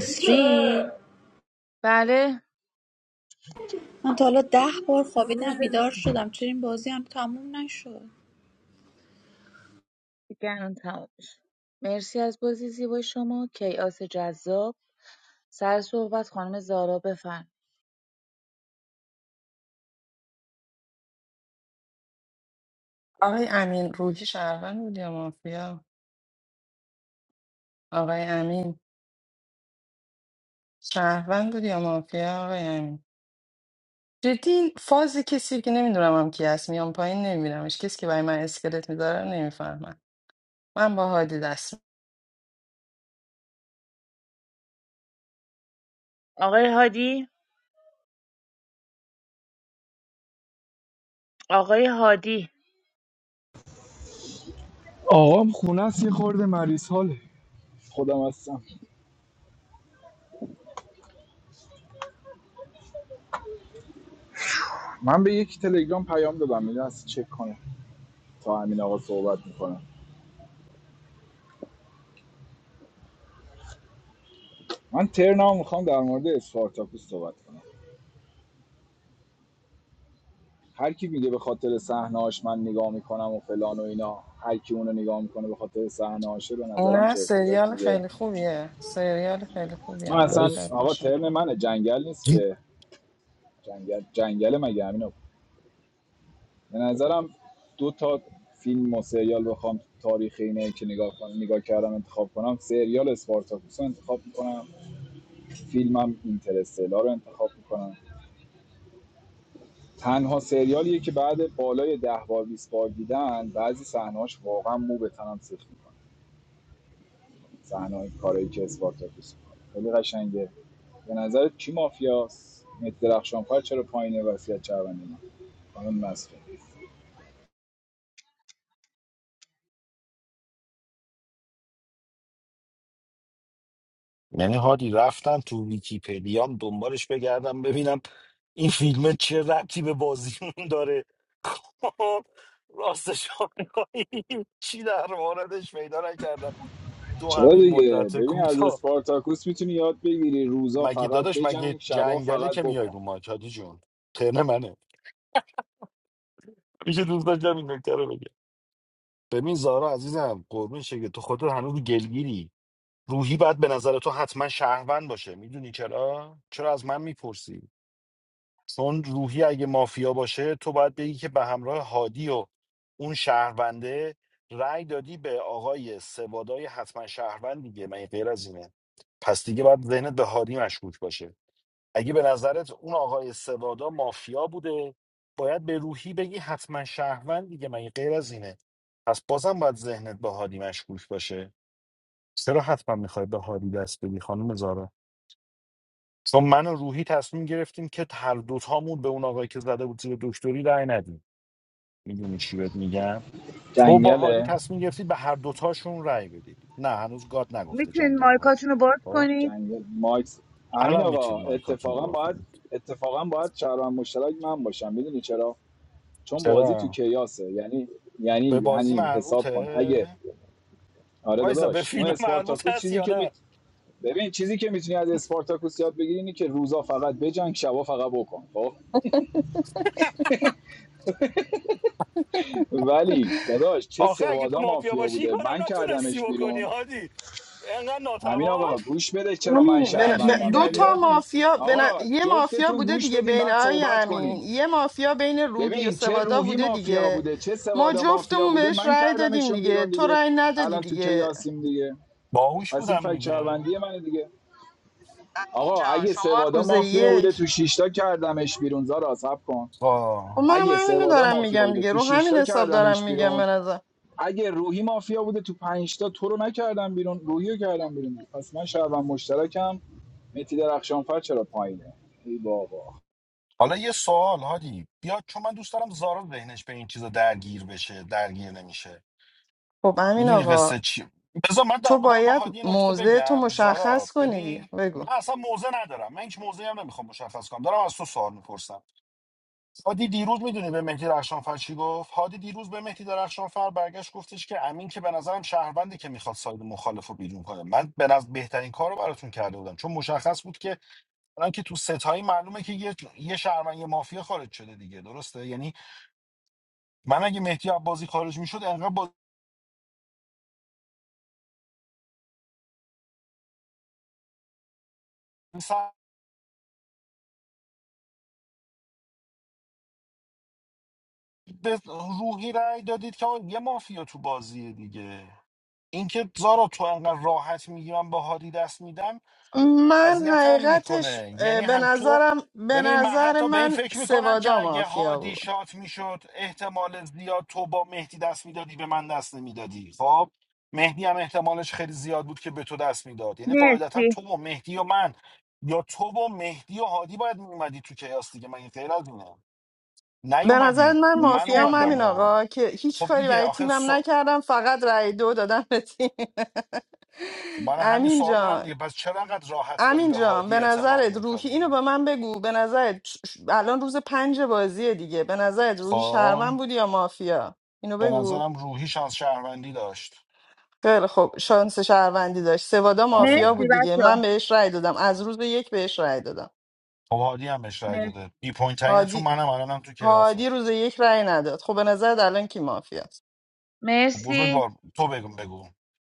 Speaker 6: سی
Speaker 21: بله
Speaker 6: من تا حالا ده بار
Speaker 21: روز
Speaker 6: خوابیدم بیدار شدم چرا این بازی هم تموم نشد
Speaker 21: دیگران تمام شد. مرسی از بازی زیبای شما کیاس جذاب سر صحبت خانم زارا بفرم
Speaker 4: آقای امین روحی شهروند بود یا مافیا آقای امین شهروند بود یا مافیا آقای امین جدی این فاز کسی که نمیدونم هم کی هست میام پایین نمیبینمش کسی که برای من اسکلت میذاره نمیفهمم من با هادی دست
Speaker 21: آقای هادی آقای هادی
Speaker 2: آقام خونه است یه خورده مریض حاله خودم هستم من به یک تلگرام پیام دادم میدونم از چک کنه تا همین آقا صحبت میکنم من ترنام میخوام در مورد اسپارتاکوس صحبت کنم هر کی میگه به خاطر صحنه‌اش من نگاه میکنم و فلان و اینا هر کی اونو نگاه میکنه به خاطر صحنه‌اشه به نظرم
Speaker 4: نه
Speaker 2: چرت و پرت
Speaker 4: سریال
Speaker 2: میگه
Speaker 4: خیلی خوبیه سریال خیلی
Speaker 2: من
Speaker 4: خوبیه منم
Speaker 2: اصلا
Speaker 4: خیلی
Speaker 11: لایک.
Speaker 2: آقا
Speaker 4: خوشم
Speaker 2: ترن منه جنگل نیست که جنگل جنگل مگه همین رو- به نظرم دو تا فیلم و سریال بخوام تاریخ اینه که نگاه کنم نگاه کردم انتخاب کنم سریال اسپارتاکوس رو انتخاب میکنم فیلمم اینترستلا رو انتخاب میکنم تنها سریالیه که بعد بالای ده بار 20 بار دیدن بعضی صحنه‌هاش واقعا مو به تنم سیخ میکنه صحنه کارایی که اسپارتاکوس میکنه خیلی قشنگه به نظر کی مافیاست مهدی درخشانفر چرا پایینه وصیت چربندی خانم نسرین
Speaker 11: یعنی هادی رفتم تو ویکیپدیام دنبالش بگردم ببینم این فیلم چه ربطی به بازیمون داره خب، راستش رو بخوای، چی در موردش پیدا نکردم تو
Speaker 2: چرا
Speaker 11: همین
Speaker 2: دیگه
Speaker 11: مدت
Speaker 2: ببین از
Speaker 11: کوتاه
Speaker 2: اسپارتاکوس میتونی یاد بگیری روزا
Speaker 11: مگه
Speaker 2: فقط
Speaker 11: داداش مگه
Speaker 2: بجنگ شبا
Speaker 11: جنگله
Speaker 2: فقط
Speaker 11: که میای
Speaker 2: بکن
Speaker 11: رو ماج هادی جون ترن منه میشه دوست داشتم این نکته رو بگم ببین زارا عزیزم قربون شکل تو خودت هنوز گلگیری روحی باید به نظر تو حتما شهروند باشه میدونی چرا چرا از من میپرسی چون روحی اگه مافیا باشه تو باید بگی که به همراه هادی و اون شهرونده رأی دادی به آقای سوادای حتما شهروند دیگه من غیر از اینه پس دیگه باید ذهنت به هادی مشکوک باشه اگه به نظرت اون آقای سوادا مافیا بوده باید به روحی بگی حتما شهروند دیگه من غیر از اینه پس بازم باید ذهنت به هادی مشکوک باشه چرا حتما میخوای به هادی دست بدی خانم زارا؟ چون من و روحی تصمیم گرفتیم که هر دوتامون به اون آقایی که زده بود زیر دکتری رأی ندیم میدونی چی بهت میگم تو با هادی
Speaker 2: جنگله
Speaker 11: تصمیم گرفتید به هر دوتاشون رأی بدید نه هنوز گاد نگفته
Speaker 21: میتونید
Speaker 11: جنگل هادی
Speaker 21: مایکاتون رو باز
Speaker 11: خب
Speaker 21: کنید
Speaker 2: جنگل ماکس همین
Speaker 11: الان
Speaker 2: آقا
Speaker 11: میتونید مایکاتون
Speaker 2: اتفاقا
Speaker 11: رو
Speaker 2: باید
Speaker 11: بکنید
Speaker 2: اتفاقا باید شهروند مشترک من باشم میدونی چرا چون بازی تو
Speaker 11: چرا
Speaker 2: کیاسه یعنی یعنی
Speaker 11: به بازی
Speaker 2: یعنی حساب کن اگه
Speaker 11: مربوطه
Speaker 2: آره
Speaker 11: وایسا به
Speaker 2: داداش اون
Speaker 11: فیلم مربوط
Speaker 2: اسپارتاکوس
Speaker 11: هست
Speaker 2: چیزی
Speaker 11: یا
Speaker 2: که می...
Speaker 11: نه
Speaker 2: ببین چیزی که میتونی از اسپارتاکوس یاد بگیری اینه که روزا فقط بجنگ شبا فقط بکن خب ولی داداش چه
Speaker 11: آخه اگه تو
Speaker 2: سوادا
Speaker 11: مافیا
Speaker 2: مافیا
Speaker 11: باشی این
Speaker 2: بوده
Speaker 11: کارم
Speaker 2: من
Speaker 11: نتونستی
Speaker 2: کردمش
Speaker 11: بکنی
Speaker 2: بیرون
Speaker 11: هادی انقدر
Speaker 2: همین
Speaker 11: ناتوان
Speaker 2: آقا گوش بده چرا من
Speaker 4: همین بن-
Speaker 11: رنجین
Speaker 4: ب-
Speaker 2: شهروندم
Speaker 4: دو
Speaker 11: میبری
Speaker 4: تا
Speaker 2: دیگه
Speaker 11: هادی
Speaker 4: مافیا بن-
Speaker 2: آقا
Speaker 4: یه مافیا
Speaker 2: جفتتون
Speaker 4: بوده
Speaker 2: گوش
Speaker 4: دیگه
Speaker 2: بدین
Speaker 4: بین
Speaker 2: بعد
Speaker 4: آقای
Speaker 2: صحبت
Speaker 4: امین
Speaker 2: کنین
Speaker 4: یه مافیا بین روحی و
Speaker 2: ببین چه
Speaker 4: سوادا
Speaker 2: روحی
Speaker 4: بوده
Speaker 2: مافیا
Speaker 4: دیگه
Speaker 2: بوده چه
Speaker 4: ما
Speaker 2: سوادا مافیا
Speaker 4: جفتمون
Speaker 2: بوده
Speaker 4: بهش
Speaker 2: من
Speaker 4: رأی دادیم
Speaker 2: کردمشون
Speaker 4: دیگه
Speaker 2: بیرون
Speaker 4: تو
Speaker 2: دیگه
Speaker 4: رأی ندادی
Speaker 2: الان تو
Speaker 4: دیگه
Speaker 2: کیاسیم دیگه
Speaker 11: باهوش
Speaker 2: پس این
Speaker 11: بودم
Speaker 2: فکر
Speaker 11: دیگه
Speaker 2: شهروندی منه دیگه
Speaker 4: امین
Speaker 2: آقا
Speaker 4: جان
Speaker 2: اگه
Speaker 4: شما
Speaker 2: سوادا
Speaker 4: روز
Speaker 2: مافیا بوده تو
Speaker 4: یک
Speaker 2: شیشتا کردمش بیرون زارا سب کن
Speaker 11: آه.
Speaker 4: خب منم
Speaker 2: اگه
Speaker 4: همینو
Speaker 2: سوادا
Speaker 4: دارم
Speaker 2: مافیا
Speaker 4: میگم
Speaker 2: بوده
Speaker 4: دیگه
Speaker 2: تو
Speaker 4: رو همین
Speaker 2: شیشتا
Speaker 4: حساب
Speaker 2: کردمش
Speaker 4: دارم میگم به
Speaker 2: بیرون
Speaker 4: نظر
Speaker 2: اگه روحی مافیا بوده تو پنج تا تو رو نکردم بیرون روحی رو کردم بیرون پس من شبم مشترکم متی درخشانفر چرا پایینه ای بابا
Speaker 11: حالا یه سوال هادی بیا چون من دوست دارم زارا ذهنش به این چیزا درگیر بشه درگیر نمیشه
Speaker 4: خب امین
Speaker 11: میدونی
Speaker 4: آقا
Speaker 11: قصه چی بذار من در
Speaker 4: تو
Speaker 11: بدم با
Speaker 4: باید
Speaker 11: هادی یه نکته
Speaker 4: موضع تو
Speaker 11: بگم زارا
Speaker 4: مشخص کنی دیگه
Speaker 11: ببین
Speaker 4: بگو
Speaker 11: من اصلا موزه ندارم من هیچ موزه هم نمیخوام مشخص کنم دارم از تو سوال میپرسم هادی دیروز میدونی به مهدی درخشانفر چی گفت هادی دیروز به مهدی درخشانفر برگشت گفتش که امین که به نظرم شهروندی که میخواد ساید مخالف رو بیرون کنه من به نظر بهترین کار رو براتون کرده بودم چون مشخص بود که الان که تو ستایی معلومه که یه یه شهروند یه مافیا خارج شده دیگه درسته یعنی من اگه مهدی عبازی خارج میشد انقدر بازی سر- به روحی رأی دادید که آقا یه مافیا تو بازیه دیگه اینکه زارا تو انقدر راحت میگی من به هادی دست میدم
Speaker 4: من
Speaker 11: اذیتم
Speaker 4: حقیقتش
Speaker 11: میکنه یعنی
Speaker 4: اه، به
Speaker 11: هم تو
Speaker 4: نظرم به
Speaker 11: ببین من
Speaker 4: نظر
Speaker 11: حتی به این
Speaker 4: من
Speaker 11: فکر میکنم که
Speaker 4: سوادا
Speaker 11: اگه
Speaker 4: مافیا
Speaker 11: هادی
Speaker 4: بود
Speaker 11: شات میشد احتمال زیاد تو با مهدی دست میدادی به من دست نمیدادی خب مهدی هم احتمالش خیلی زیاد بود که به تو دست میداد یعنی قاعدتا
Speaker 21: مرسی
Speaker 11: تو و مهدی و من یا تو و مهدی و هادی باید میومدی تو کیاس دیگه من این غیر از اینه
Speaker 4: به نظر
Speaker 11: نیومدید
Speaker 4: من
Speaker 11: من
Speaker 4: مافیا هم
Speaker 11: اومدم
Speaker 4: همین
Speaker 21: متشکرم
Speaker 11: و
Speaker 4: آقا که هیچ
Speaker 11: خب
Speaker 4: کاری
Speaker 11: دیگه
Speaker 4: برای
Speaker 11: آخه
Speaker 4: تیمم
Speaker 11: سو...
Speaker 4: نکردم فقط رأی دو دادم به تیم
Speaker 11: خب من همین
Speaker 4: امین
Speaker 11: سوال دارم
Speaker 4: جان
Speaker 11: دیگه پس چرا انقدر راحت داری
Speaker 4: امین
Speaker 11: به
Speaker 4: جان
Speaker 11: هادی
Speaker 4: به
Speaker 11: اعتماد
Speaker 4: نظرت روحی اینو
Speaker 11: میکنی
Speaker 4: به من بگو به نظرت ش- ش- الان روز پنج بازیه دیگه به نظرت روحی
Speaker 11: خب
Speaker 4: شهروند بودی یا مافیا اینو
Speaker 11: به
Speaker 4: بگو
Speaker 11: نظرم روحیش از شهروندی داشت
Speaker 4: خیلی خب شانس شهروندی داشت سوادا مافیا
Speaker 21: مرسی
Speaker 11: آره
Speaker 4: بود دیگه من
Speaker 21: بچه
Speaker 4: بهش رأی دادم از روز یک بهش رأی دادم
Speaker 11: خب هادی هم بهش رای داده بی پوینت ترین تو
Speaker 4: هادی
Speaker 11: منم الانم تو کیاسم
Speaker 4: هادی روز یک رأی نداد خب به نظر الان کی مافی است
Speaker 11: خب بزرگ
Speaker 21: مرسی
Speaker 11: بار تو بگو بگو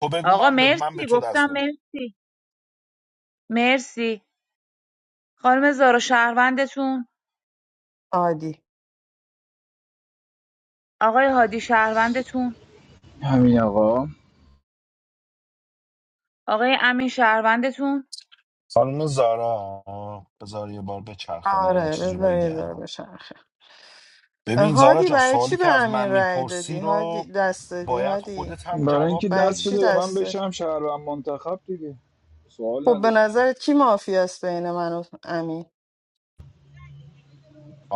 Speaker 11: تو بگو
Speaker 21: آقا
Speaker 11: من به من به
Speaker 21: مرسی
Speaker 11: تو
Speaker 21: گفتم
Speaker 11: دست بدم
Speaker 21: مرسی مرسی خانم زارا شهروندتون
Speaker 4: هادی
Speaker 21: آقای هادی شهروندتون
Speaker 2: همین آقا
Speaker 21: آقای امین شهروندتون
Speaker 11: خانم زارا بذار یه بار بچرخه من این
Speaker 4: آره
Speaker 11: چیزو
Speaker 4: بذار یه ذره
Speaker 11: بگم
Speaker 4: بچرخه
Speaker 11: ببین زارا
Speaker 4: هادی
Speaker 11: جان
Speaker 4: برای چی
Speaker 11: سوالی
Speaker 4: به
Speaker 11: که از
Speaker 4: امین
Speaker 11: من
Speaker 4: رأی دادی
Speaker 11: میپرسی
Speaker 4: هادی
Speaker 11: رو
Speaker 4: دست دادی
Speaker 11: باید
Speaker 4: هادی
Speaker 11: خودت هم
Speaker 2: برای
Speaker 11: جواب
Speaker 2: اینکه
Speaker 4: برای
Speaker 2: دست بده
Speaker 4: چی
Speaker 11: بدی
Speaker 2: به من
Speaker 4: دست دادی
Speaker 2: بشم شهروند منتخب دیگه سوال
Speaker 4: خب به
Speaker 2: نداری که.
Speaker 4: نظرت کی مافیاست است بین من و امین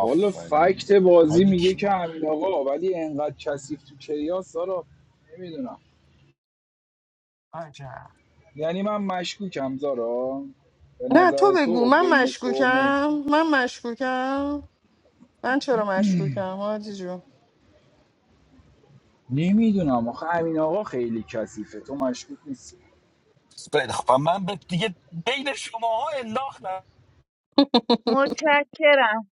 Speaker 2: والا فکت بازی
Speaker 11: حالی
Speaker 2: میگه
Speaker 11: کی
Speaker 2: که همین آقا ولی انقدر کثیف تو کیاس سارا نمیدونم
Speaker 4: عجب
Speaker 2: یعنی من مشکوکم زارا به
Speaker 4: نه تو
Speaker 2: نظر
Speaker 4: بگو
Speaker 2: تو
Speaker 4: من
Speaker 2: بین تو و
Speaker 4: مشکوکم
Speaker 2: مهدی
Speaker 4: من مشکوکم من چرا مشکوکم هادی جون
Speaker 2: نمیدونم آخه امین آقا خیلی کثیفه تو مشکوک نیستی
Speaker 11: خیلی خب من به دیگه بین شماها انداختم
Speaker 21: متشکرم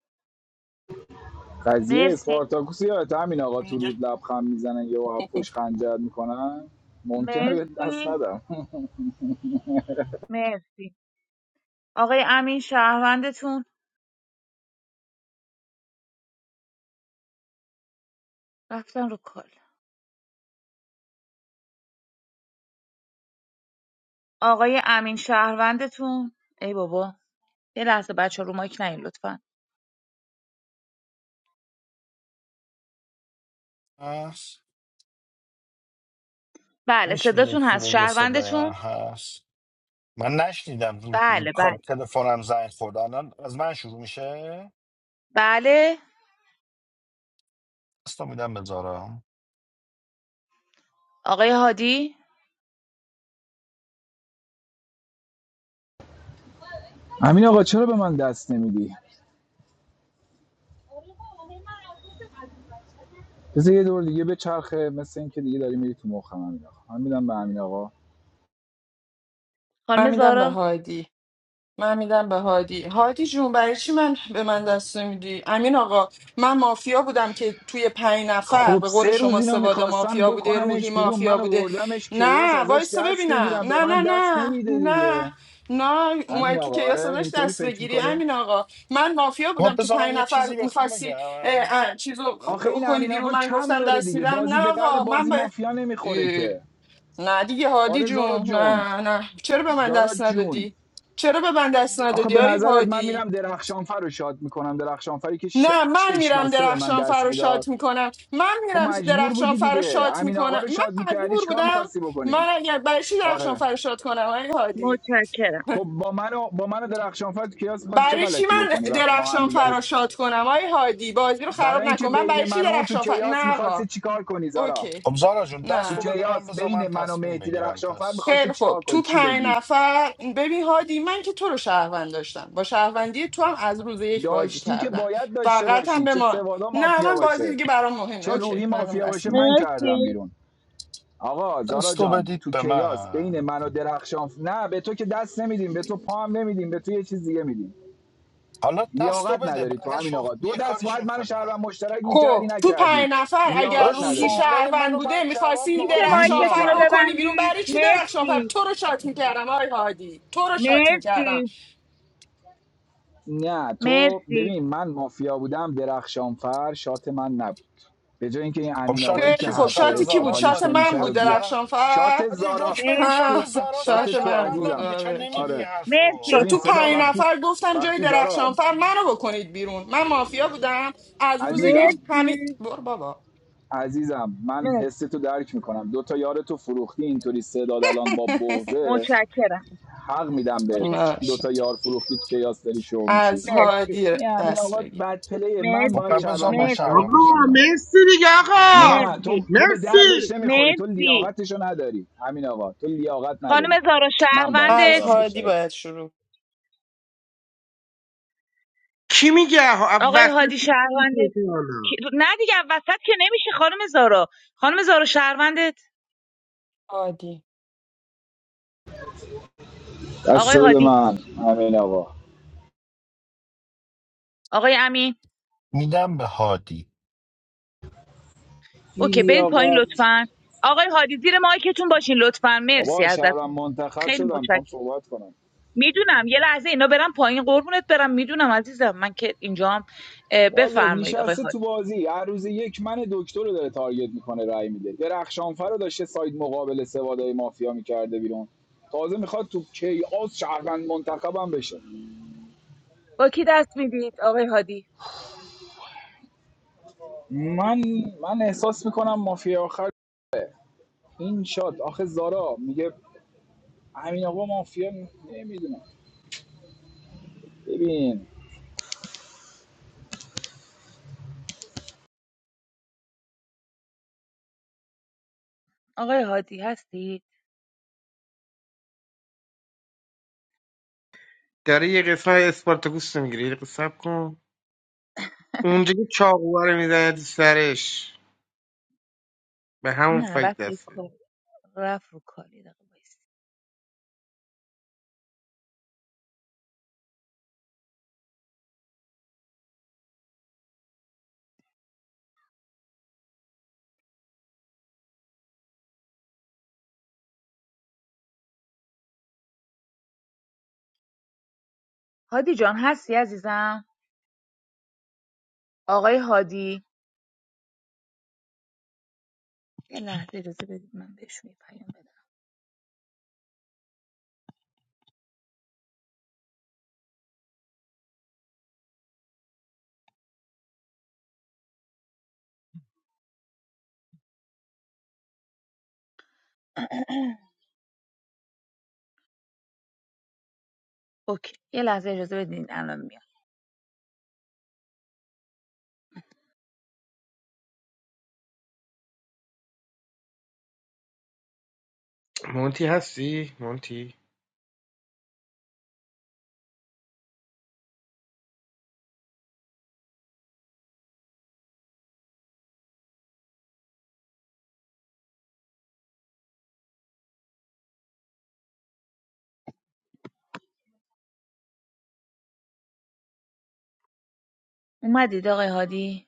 Speaker 2: قضیه
Speaker 21: مرسی
Speaker 2: اسپارتاکوس یادت همین آقا تو
Speaker 11: دیگه
Speaker 2: رود لبخند میزنن یه آب پشت خنجر میکنن ممکنه به دست
Speaker 21: مرسی
Speaker 2: ندم
Speaker 21: مرسی آقای امین شهروندتون رفتن رو کال آقای امین شهروندتون ای بابا یه لحظه بچه رو مایک نین لطفا
Speaker 11: هست
Speaker 21: بله
Speaker 11: میشه
Speaker 21: صداتون
Speaker 11: یکی
Speaker 21: هست
Speaker 11: بگه صدای من
Speaker 21: شهروندتون
Speaker 11: هست من نشنیدم رو رو
Speaker 21: بله بله
Speaker 11: کار- تلفنم زنگ خورد الان از من شروع میشه
Speaker 21: بله
Speaker 11: دست رو میدم به زارا
Speaker 21: آقای هادی
Speaker 2: همین آقا چرا به من دست نمیدی بذار یه دور دیگه به چرخه مثل اینکه دیگه داری میری تو مخم همین آقا من میدم به همین آقا
Speaker 4: من
Speaker 21: خانم
Speaker 4: میدم به
Speaker 21: زارا
Speaker 4: هادی من میدم به هادی هادی جون برای چی من به من دست نمیدی امین آقا من مافیا بودم که توی پنج نفر
Speaker 2: خب
Speaker 4: به قول
Speaker 2: سه روز
Speaker 4: شما
Speaker 2: اینو
Speaker 4: سوادا
Speaker 2: میخواستن
Speaker 4: مافیا بوده
Speaker 2: بکننش
Speaker 4: روحی
Speaker 2: بیرون
Speaker 4: مافیا
Speaker 2: من
Speaker 4: بوده
Speaker 2: آوردمش کیاس
Speaker 4: نه
Speaker 2: ازش
Speaker 4: وایسا
Speaker 2: دست
Speaker 4: ببینم
Speaker 2: بگیرم به
Speaker 4: نه
Speaker 2: من
Speaker 4: نه
Speaker 2: دست
Speaker 4: نه
Speaker 2: نمیده
Speaker 4: نه
Speaker 2: دیگه
Speaker 4: نه
Speaker 2: همین
Speaker 4: اومدی تو
Speaker 2: آقا
Speaker 4: کیاس
Speaker 2: آره
Speaker 4: ازش
Speaker 2: اینطوری
Speaker 4: دست
Speaker 2: فکر
Speaker 4: بگیری
Speaker 2: میکنی
Speaker 4: امین آقا من مافیا
Speaker 11: خب
Speaker 4: بودم تو
Speaker 11: بذار من
Speaker 4: پنج
Speaker 11: یه
Speaker 4: نفر
Speaker 11: چیزی بهتون
Speaker 4: میخواستی
Speaker 11: بگم
Speaker 4: چیزو
Speaker 2: آخه این
Speaker 4: کنی
Speaker 2: امین
Speaker 4: بیرون
Speaker 2: آقا
Speaker 4: من
Speaker 2: کم
Speaker 4: گفتم
Speaker 2: داره
Speaker 4: دست
Speaker 2: دیگه
Speaker 4: میدم نه
Speaker 2: بازی به درد
Speaker 4: آقا من
Speaker 2: بازی مافیا نمیخوره
Speaker 4: باید
Speaker 2: که
Speaker 4: نه دیگه هادی
Speaker 2: آره زارا
Speaker 4: جون
Speaker 2: جون
Speaker 4: نه نه چرا به من
Speaker 2: زارا
Speaker 4: دست
Speaker 2: جون
Speaker 4: ندادی چرا به من دست
Speaker 2: آخه
Speaker 4: ندادی
Speaker 2: به
Speaker 4: آی
Speaker 2: نظرت من
Speaker 4: هادی
Speaker 2: میرم درخشانفر رو شاد میکنم درخشانفری که ش...
Speaker 4: نه من
Speaker 2: چشم
Speaker 4: میرم
Speaker 2: بسته به من
Speaker 4: درخشان فر
Speaker 2: دست
Speaker 4: رو
Speaker 2: میداد
Speaker 4: شات میکنم من
Speaker 2: تو
Speaker 4: میرم
Speaker 2: مجبور
Speaker 4: درخشان
Speaker 2: بودی
Speaker 4: فر رو
Speaker 2: دیگه
Speaker 4: شات
Speaker 2: امین آقا
Speaker 4: میکنم
Speaker 2: رو شاد
Speaker 4: من
Speaker 2: میکردی
Speaker 4: مجبور
Speaker 2: چیکار
Speaker 4: بودم
Speaker 2: میخواستی بکنی
Speaker 4: من اگر برای چی درخشان
Speaker 2: آره
Speaker 4: فر رو شات کنم آی هادی
Speaker 21: متشکرم
Speaker 2: خب با من و با من و درخشانفر تو کیاس میخواستی چه
Speaker 4: برای چی
Speaker 2: غلطی
Speaker 4: من
Speaker 2: بکنی وقتی ما هم
Speaker 4: درخشان
Speaker 2: دیگه
Speaker 4: فر رو شات کنم آی هادی بازی رو
Speaker 2: برای
Speaker 4: خراب
Speaker 2: اینکه
Speaker 4: نکن من
Speaker 2: بین
Speaker 4: برای چی
Speaker 2: من و اون تو
Speaker 4: درخشان فر
Speaker 2: کیاس
Speaker 4: نه
Speaker 2: میخواستی
Speaker 4: آقا
Speaker 2: چیکار کنی زارا
Speaker 4: اوکی
Speaker 11: خب زارا جون
Speaker 2: تو
Speaker 11: دست رو
Speaker 4: نه
Speaker 11: بده من
Speaker 2: کیاس
Speaker 11: بذار
Speaker 2: بین
Speaker 11: من
Speaker 2: من و
Speaker 11: تصمیم
Speaker 2: مهدی
Speaker 11: بگیرم
Speaker 2: درخشانفر
Speaker 11: پس
Speaker 2: میخواستی
Speaker 4: خیلی خب
Speaker 2: چیکار کنی
Speaker 4: تو
Speaker 2: چی
Speaker 4: پنج
Speaker 2: بگی
Speaker 4: نفر ببین هادی من که تو رو شهروند داشتم با شهروندی تو هم از روز یک بازی
Speaker 2: داشتی که
Speaker 4: کردم
Speaker 2: باید داشته
Speaker 4: فقط هم
Speaker 2: باشی
Speaker 4: به
Speaker 2: چه
Speaker 4: ما
Speaker 2: سوادا
Speaker 4: نه
Speaker 2: مافیا
Speaker 4: من بازی
Speaker 2: باشه
Speaker 4: دیگه برام مهم نیست.
Speaker 2: چه روحی
Speaker 4: اوکی منم
Speaker 2: مافیا
Speaker 4: دست
Speaker 2: باشه
Speaker 4: میدم
Speaker 2: من کردم
Speaker 21: مرسی
Speaker 2: بیرون آقا زارا
Speaker 11: دستو
Speaker 2: جان
Speaker 11: بدید
Speaker 2: تو
Speaker 11: به
Speaker 2: کیاس
Speaker 11: من
Speaker 2: بین من و درخشان نه به تو که دست نمیدیم به تو پا هم نمیدیم به تو یه چیز دیگه میدیم
Speaker 11: حالا دستو
Speaker 2: لیاقت
Speaker 11: بده
Speaker 2: نداری تو
Speaker 11: بقیش
Speaker 2: همین آقا دو
Speaker 11: یه
Speaker 2: دست
Speaker 11: کاریش
Speaker 2: باید منو
Speaker 11: میکنه
Speaker 2: شهروند مشترک میکردی
Speaker 4: خب تو
Speaker 2: نکردی
Speaker 4: پنج نفر اگر
Speaker 2: لیاقت
Speaker 11: داداش
Speaker 4: روحی
Speaker 2: نداری
Speaker 11: سوالای
Speaker 4: شهروند
Speaker 11: منو
Speaker 4: بوده
Speaker 11: باید جواب
Speaker 4: میخواستی
Speaker 11: آقا
Speaker 21: میشه
Speaker 11: ز-
Speaker 2: بی
Speaker 21: مایکتون
Speaker 4: درخشانفر
Speaker 21: رو
Speaker 2: لیاقت
Speaker 4: بکنی بیرون
Speaker 21: ببندید
Speaker 4: برای چی درخشانفر
Speaker 21: مرسی
Speaker 4: تو رو شات میکردم آی هادی تو رو شات میکردم
Speaker 21: مرسی
Speaker 2: نه تو
Speaker 21: مرسی
Speaker 2: ببین من مافیا بودم درخشانفر شات من نبود به جای اینکه این
Speaker 11: خب
Speaker 2: امین
Speaker 11: شات
Speaker 2: آقایی که
Speaker 11: کی
Speaker 4: خیلی
Speaker 11: بود
Speaker 4: خب
Speaker 2: حرف
Speaker 11: شات
Speaker 4: شاتی کی
Speaker 2: حساب
Speaker 4: بود
Speaker 11: زاراس
Speaker 4: شات
Speaker 2: حالیش
Speaker 11: هاد...
Speaker 2: نمیشه
Speaker 4: من بود
Speaker 2: رو
Speaker 11: هادی
Speaker 2: بیا
Speaker 11: برم
Speaker 4: درخشانفر
Speaker 2: شات
Speaker 11: هادی
Speaker 2: زارا
Speaker 11: رک بگو شات
Speaker 21: مرسی
Speaker 4: آه،
Speaker 11: زاراس من
Speaker 2: شات
Speaker 4: شات
Speaker 2: تو
Speaker 4: من بود
Speaker 11: شهروندم
Speaker 2: عزیزم
Speaker 11: دیگه چرا
Speaker 4: آره اوکی.
Speaker 11: نمیگی این
Speaker 2: آره
Speaker 11: حرفو
Speaker 4: شا...
Speaker 21: مرسی
Speaker 2: ببین
Speaker 4: تو
Speaker 2: صدا
Speaker 4: پنج
Speaker 11: هادی
Speaker 2: وقتی
Speaker 4: نفر گفتم جای
Speaker 2: وقتی زارا
Speaker 4: درخشانفر منو بکنید بیرون من مافیا بودم از روز یک
Speaker 2: عزیزم
Speaker 4: همه
Speaker 21: مرسی
Speaker 4: بر بابا
Speaker 2: عزیزم من
Speaker 21: مرسی
Speaker 2: حس تو درک میکنم دو یار تو فروختی اینطوری صداد الان با بغزه
Speaker 21: متشکرم
Speaker 2: حق میدم بهت
Speaker 21: متشکرم
Speaker 2: دو
Speaker 4: باشه
Speaker 2: یار فروختی که یاس داری شو میشی
Speaker 4: از
Speaker 21: مرسی
Speaker 4: هادی
Speaker 2: این همین
Speaker 4: دست
Speaker 2: آقا
Speaker 4: بگیر
Speaker 2: بد پلیه من
Speaker 11: خب
Speaker 2: باید
Speaker 11: پس
Speaker 21: مرسی
Speaker 11: بذار
Speaker 2: چربم
Speaker 11: من شهروند
Speaker 2: مشترک
Speaker 21: مرسی
Speaker 10: آقا
Speaker 2: بشم این
Speaker 11: مشتم
Speaker 2: بالا
Speaker 10: مرسی دیگه آقا
Speaker 2: نه تو
Speaker 21: مرسی
Speaker 2: تو به دردش
Speaker 10: مرسی
Speaker 2: نمیخوری تو
Speaker 21: مرسی
Speaker 2: لیاقتشو نداری همین آقا تو لیاقت
Speaker 21: خانم
Speaker 2: نداری
Speaker 21: زارا
Speaker 2: من باید
Speaker 4: از
Speaker 2: چربم
Speaker 21: شهروندت
Speaker 4: هادی
Speaker 2: مشترک
Speaker 4: باید شروع
Speaker 10: کی میگه آقا از
Speaker 21: آقای
Speaker 10: وسط
Speaker 21: هادی
Speaker 10: کسی
Speaker 21: شهروندت
Speaker 10: میگه که
Speaker 21: کی-
Speaker 10: حالا؟
Speaker 21: نه دیگه وسط که نمیشه خانم زارا خانم زارا شهروندت
Speaker 4: هادی
Speaker 21: آقای
Speaker 2: دست بده
Speaker 21: هادی
Speaker 2: من همین آقا
Speaker 21: آقای امین
Speaker 11: میدم به هادی
Speaker 2: بی
Speaker 21: اوکی برید پایین
Speaker 2: لیاقت
Speaker 21: لطفا آقای هادی زیر مایکتون باشین لطفا مرسی
Speaker 2: بابا شهرم
Speaker 21: ازتون
Speaker 2: منتخب
Speaker 21: خیلی
Speaker 2: شدم میخوام
Speaker 21: متشکرم
Speaker 2: صحبت کنم
Speaker 21: میدونم یه لحظه اینا برم پایین قربونت برم میدونم عزیزم من که اینجام اه،
Speaker 2: والا
Speaker 21: بفرمایید آقای
Speaker 2: نشسته تو
Speaker 21: هادی
Speaker 2: بازی هر روز یک من دکتر رو داره تارگت میکنه رای میده درخشانفر رو داشته ساید مقابل سوادای مافیا میکرده بیرون تازه میخواد تو کیاس شهروند منتخبم بشه
Speaker 21: با کی دست میدید آقای هادی
Speaker 2: من من احساس میکنم مافیا آخر این شاد آخه زارا میگه همین آقا مافیا نمیدونم ببین
Speaker 21: آقای هادی هستی
Speaker 10: داره یه قسمت اسپارتاکوس رو میگیره یه دقیقه صبر کن اونجا که چاقوها رو میزنه تو سرش به همون
Speaker 21: نه
Speaker 10: فکر
Speaker 21: رفت رو
Speaker 10: دسته
Speaker 21: کار رفت رو کار یه دقیقه وایس. هادی جان هستی عزیزم آقای هادی یه لحظه اجازه بدید من بهشون یه پیام بدم اوکی یه لحظه اجازه بدین الان میام
Speaker 10: مونتی هستی مونتی
Speaker 21: اومدید آقای هادی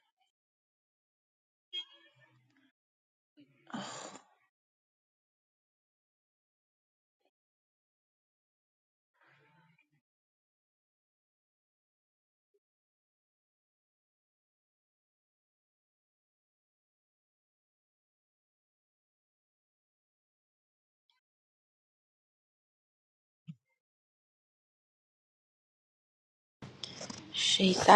Speaker 6: شیطان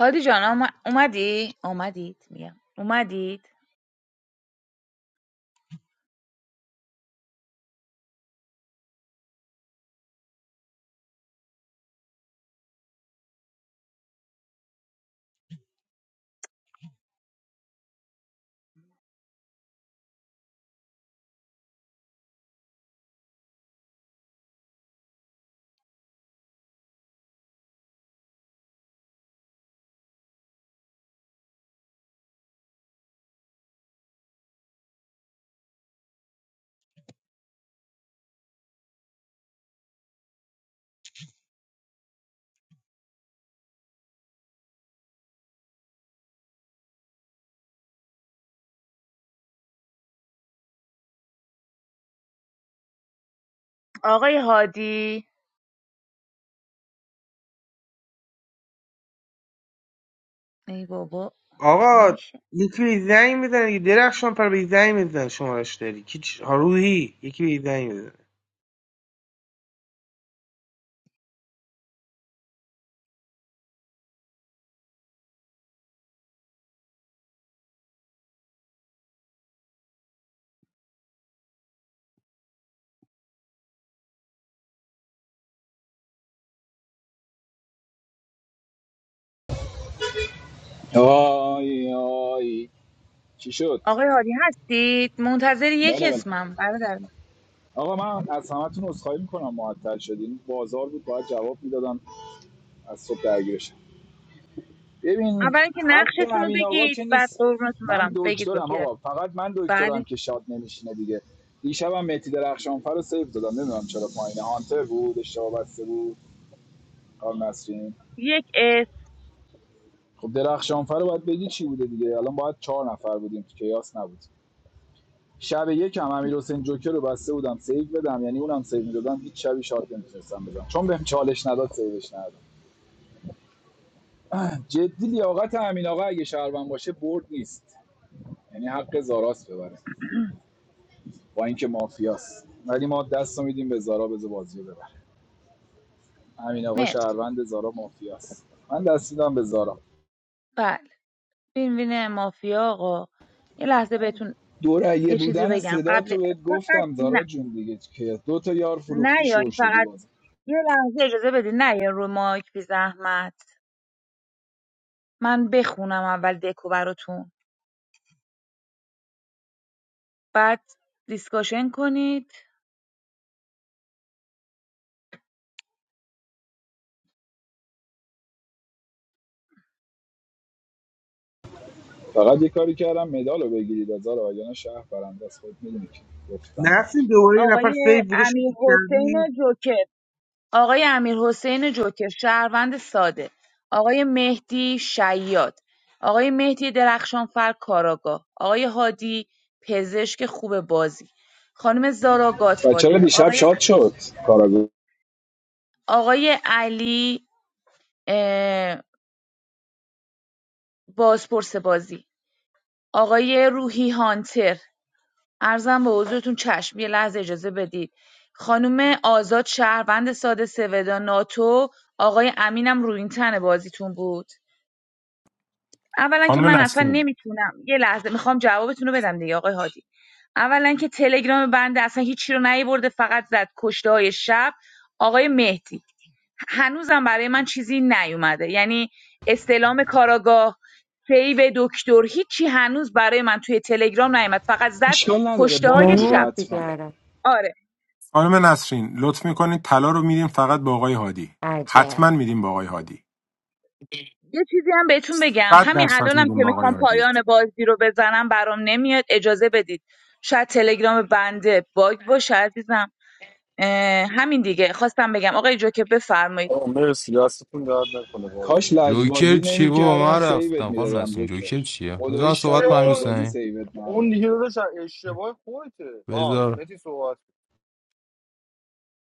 Speaker 21: هادی جان اوم- اومدی؟ اومدید میگم اومدید آقای هادی ای بابا
Speaker 10: آقا
Speaker 21: نمیشه
Speaker 10: یکی به زنگ میزنه یه درخشان پر به زنگ میزنه شمارش داری کی چ- ها، یکی به زنگ میزنه
Speaker 2: آی آی چی شد
Speaker 21: آقای هادی هستید منتظر یک
Speaker 2: بله بله
Speaker 21: اسمم برادر من.
Speaker 2: آقا من از همتون عذرخواهی میکنم معطل شدین بازار بود باید جواب میدادم از صبح درگیرش ببین
Speaker 21: اول اینکه
Speaker 2: حرف
Speaker 21: نقشتون رو
Speaker 2: امین آقا
Speaker 21: بگید
Speaker 2: که
Speaker 21: بعد
Speaker 2: نیست
Speaker 21: قربونتون
Speaker 2: من
Speaker 21: برم بگید با
Speaker 2: دکترم
Speaker 21: کی دست
Speaker 2: آقا فقط من دکترم
Speaker 21: بله
Speaker 2: که شاد نمیشینه دیگه دیشبم مهدی درخشانفر رو سیو دادم نمیدونم چرا پایینه هانتر بود اشتباه بسته بود کار نسرین
Speaker 21: یک اسم
Speaker 2: خب درخشانفر رو باید بگی چی بوده دیگه الان باید چهار نفر بودیم تو کیاس نبود شب یکم امیر حسین جوکر رو بسته بودم سیو بدم یعنی اونم سیو میدادم هیچ شبی شاد نمیتونستم بزنم چون بهم چالش نداد سیوش ندادم جدی لیاقت امین آقا اگه شهروند باشه برد نیست یعنی حق زاراست ببره با اینکه مافیاست ولی ما دست میدیم به زارا بذار بازی ببره همین آقا
Speaker 21: مرسی
Speaker 2: شهروند زارا مافیاست من دست میدم به زارا
Speaker 21: بله بین بین مافیا آقا یه لحظه بهتون
Speaker 2: دورگه
Speaker 21: یه چیزی رو
Speaker 2: بودن
Speaker 21: بگم
Speaker 2: صدا تو
Speaker 21: قبل
Speaker 2: بهت
Speaker 21: فقط
Speaker 2: گفتم زارا
Speaker 21: نه
Speaker 2: جون دیگه که دو تا یار
Speaker 21: نه
Speaker 2: فروختی
Speaker 21: یا
Speaker 2: شو
Speaker 21: این
Speaker 2: شدی
Speaker 21: فقط
Speaker 2: بازی
Speaker 21: یه لحظه اجازه بدید نه یا رو مایک بی زحمت من بخونم اول دکو براتون بعد دیسکاشن کنید
Speaker 2: فقط یه کاری کردم مدالو بگیرید از زارا وگرنه شهر برنده است خود میدونی که گفتم ما
Speaker 10: نسیم دوباره یه نفر
Speaker 21: آقای
Speaker 10: سیف بوده شد
Speaker 21: امیر حسین جوکر آقای امیر حسین جوکر شهروند ساده آقای مهدی شیاد آقای مهدی درخشانفر کاراگاه آقای هادی پزشک خوب بازی خانم زارا
Speaker 2: بچه‌ها
Speaker 21: گاتفادر
Speaker 2: دیشب
Speaker 21: آقای
Speaker 2: شاد شد کاراگو
Speaker 21: آقای علی اه، بازپرس بازی آقای روحی هانتر عرضم به حضورتون چشم یه لحظه اجازه بدید خانم آزاد شهروند ساده سودا ناتو آقای امینم رو این تن بازیتون بود اولا که
Speaker 13: خانم
Speaker 21: من اصلا
Speaker 13: نسرین
Speaker 21: نمیتونم یه لحظه میخوام جوابتون رو بدم دیگه آقای هادی اولا که تلگرام بنده اصلا هیچی رو نیورده فقط زد کشته های شب آقای مهدی هنوزم برای من چیزی نیومده یعنی استلام کاراگاه سیو دکتر هیچی هنوز برای من توی تلگرام نیومد فقط زد
Speaker 2: اشکال نداره
Speaker 21: کشته
Speaker 2: باگ
Speaker 21: های
Speaker 2: بوده
Speaker 21: شب
Speaker 14: نمیاد
Speaker 2: حتما
Speaker 14: دیگه آره.
Speaker 21: آره
Speaker 13: خانم نسرین لطف میکنید طلا رو میدیم فقط با آقای هادی حتما
Speaker 14: عجب
Speaker 13: میدیم با آقای هادی
Speaker 21: یه چیزی هم بهتون بگم
Speaker 13: صد
Speaker 21: همین
Speaker 13: درصد
Speaker 21: الانم
Speaker 13: میدیم
Speaker 21: که
Speaker 13: با آقای
Speaker 21: میخوام
Speaker 13: هادی
Speaker 21: پایان بازی رو بزنم برام نمیاد اجازه بدید شاید تلگرام بنده باگ باشه عزیزم اه، همین دیگه خواستم بگم آقای جوکه بفرمایید
Speaker 20: آه مرسی دستتون درد نکنه بازی
Speaker 2: کاش
Speaker 18: جوکر
Speaker 2: لجبازی
Speaker 18: چی بابا
Speaker 2: نمیکردم
Speaker 18: من
Speaker 2: سیوت
Speaker 18: رفتم خانم
Speaker 2: میدادم
Speaker 18: نسیم
Speaker 2: جوکر
Speaker 18: جوکر چیه بذار من
Speaker 2: خدایی سر
Speaker 18: صحبت کنم امیر
Speaker 2: لجبازی
Speaker 18: حسین
Speaker 2: سیوت نردم.
Speaker 18: بذار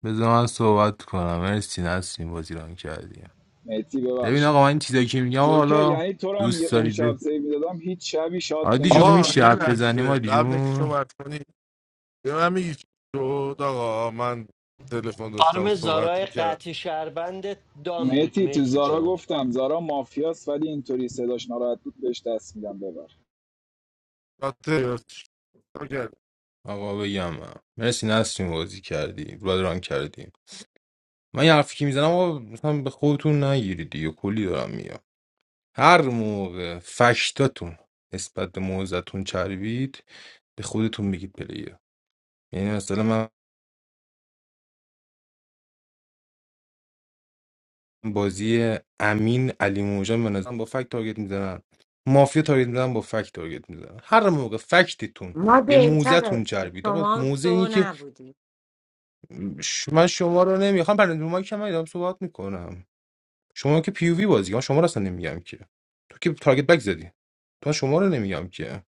Speaker 18: بذار من صحبت کنم مرسی نسیم بازی ران کردی
Speaker 2: مهدی
Speaker 18: ببین
Speaker 2: ببخشید
Speaker 18: آقا من این چیزایی که میگم
Speaker 2: جوکر
Speaker 18: حالا
Speaker 2: یعنی تو رو هم
Speaker 18: دوست
Speaker 2: اون
Speaker 18: دارید
Speaker 2: شب
Speaker 18: به
Speaker 2: سیو میدادم هیچ شبی شاد
Speaker 18: عادی جون
Speaker 7: آقا
Speaker 2: نمیزدم
Speaker 18: میشه
Speaker 7: یه
Speaker 18: حرف بزنیم
Speaker 7: لحظه
Speaker 18: عادی
Speaker 7: قبل که
Speaker 18: جون
Speaker 7: صحبت کنی به من میگی چی شد آقا من تلفن داشتم
Speaker 1: خانم
Speaker 7: صحبت
Speaker 1: زارای
Speaker 7: میکرد
Speaker 1: قطع شهروند دان بود
Speaker 2: مهتی تو
Speaker 1: مهدی
Speaker 2: زارا
Speaker 1: جان
Speaker 2: گفتم زارا مافیاست ولی اینطوری صداش ناراحت بود بهش دست میدم ببر
Speaker 18: آقا بگم من. مرسی نسیم بازی کردی بازی ران کردی من یه حرفی که میزنم آقا مثلا به خودتون نگیرید دیگه کلی دارم میگم هر موقع فشتاتون نسبت به موزتون چربید به خودتون بگید پلیر یعنی مثلا من بازی امین علی موجان به نظرم با فکت تارگت میزنن مافیا تارگت میزنن با فکت تارگت میزنن هر موقع فکتتون
Speaker 14: ما
Speaker 18: به
Speaker 14: دیتا
Speaker 18: موزتون
Speaker 14: داشتیم
Speaker 18: چربید آقا
Speaker 14: شما
Speaker 18: موزه اینی
Speaker 14: تو
Speaker 18: که
Speaker 14: نبودی
Speaker 18: ش- من شما رو نمیخوام پرنده ما که من دارم صحبت میکنم شما که پی وی بازی من شما رو اصلا نمیگم که تو که تارگت بک زدی تو شما رو نمیگم که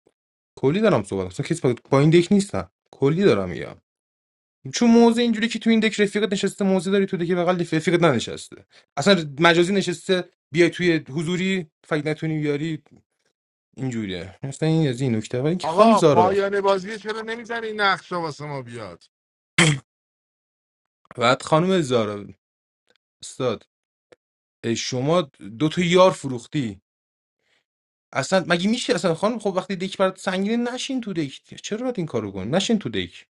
Speaker 18: کلی دارم صحبت اصلا کسی با با این دک نیستم کلی دارم میگم چون موضع اینجوری که تو این دک رفیقت نشسته موضع داری تو دک بغل رفیقت ننشسته اصلا مجازی نشسته بیای توی حضوری فکر نتونی بیاری اینجوریه مثلا این از این نکته ولی اینکه خانم
Speaker 7: آقا
Speaker 18: زارا
Speaker 7: پایان بازی چرا نمیزنی این نقشه واسه ما بیاد
Speaker 18: بعد خانم زارا استاد ای شما دو تا یار فروختی اصلا مگه میشه اصلا خانم خب وقتی دک برات سنگینه نشین تو دک چرا باید این کارو کن نشین تو دک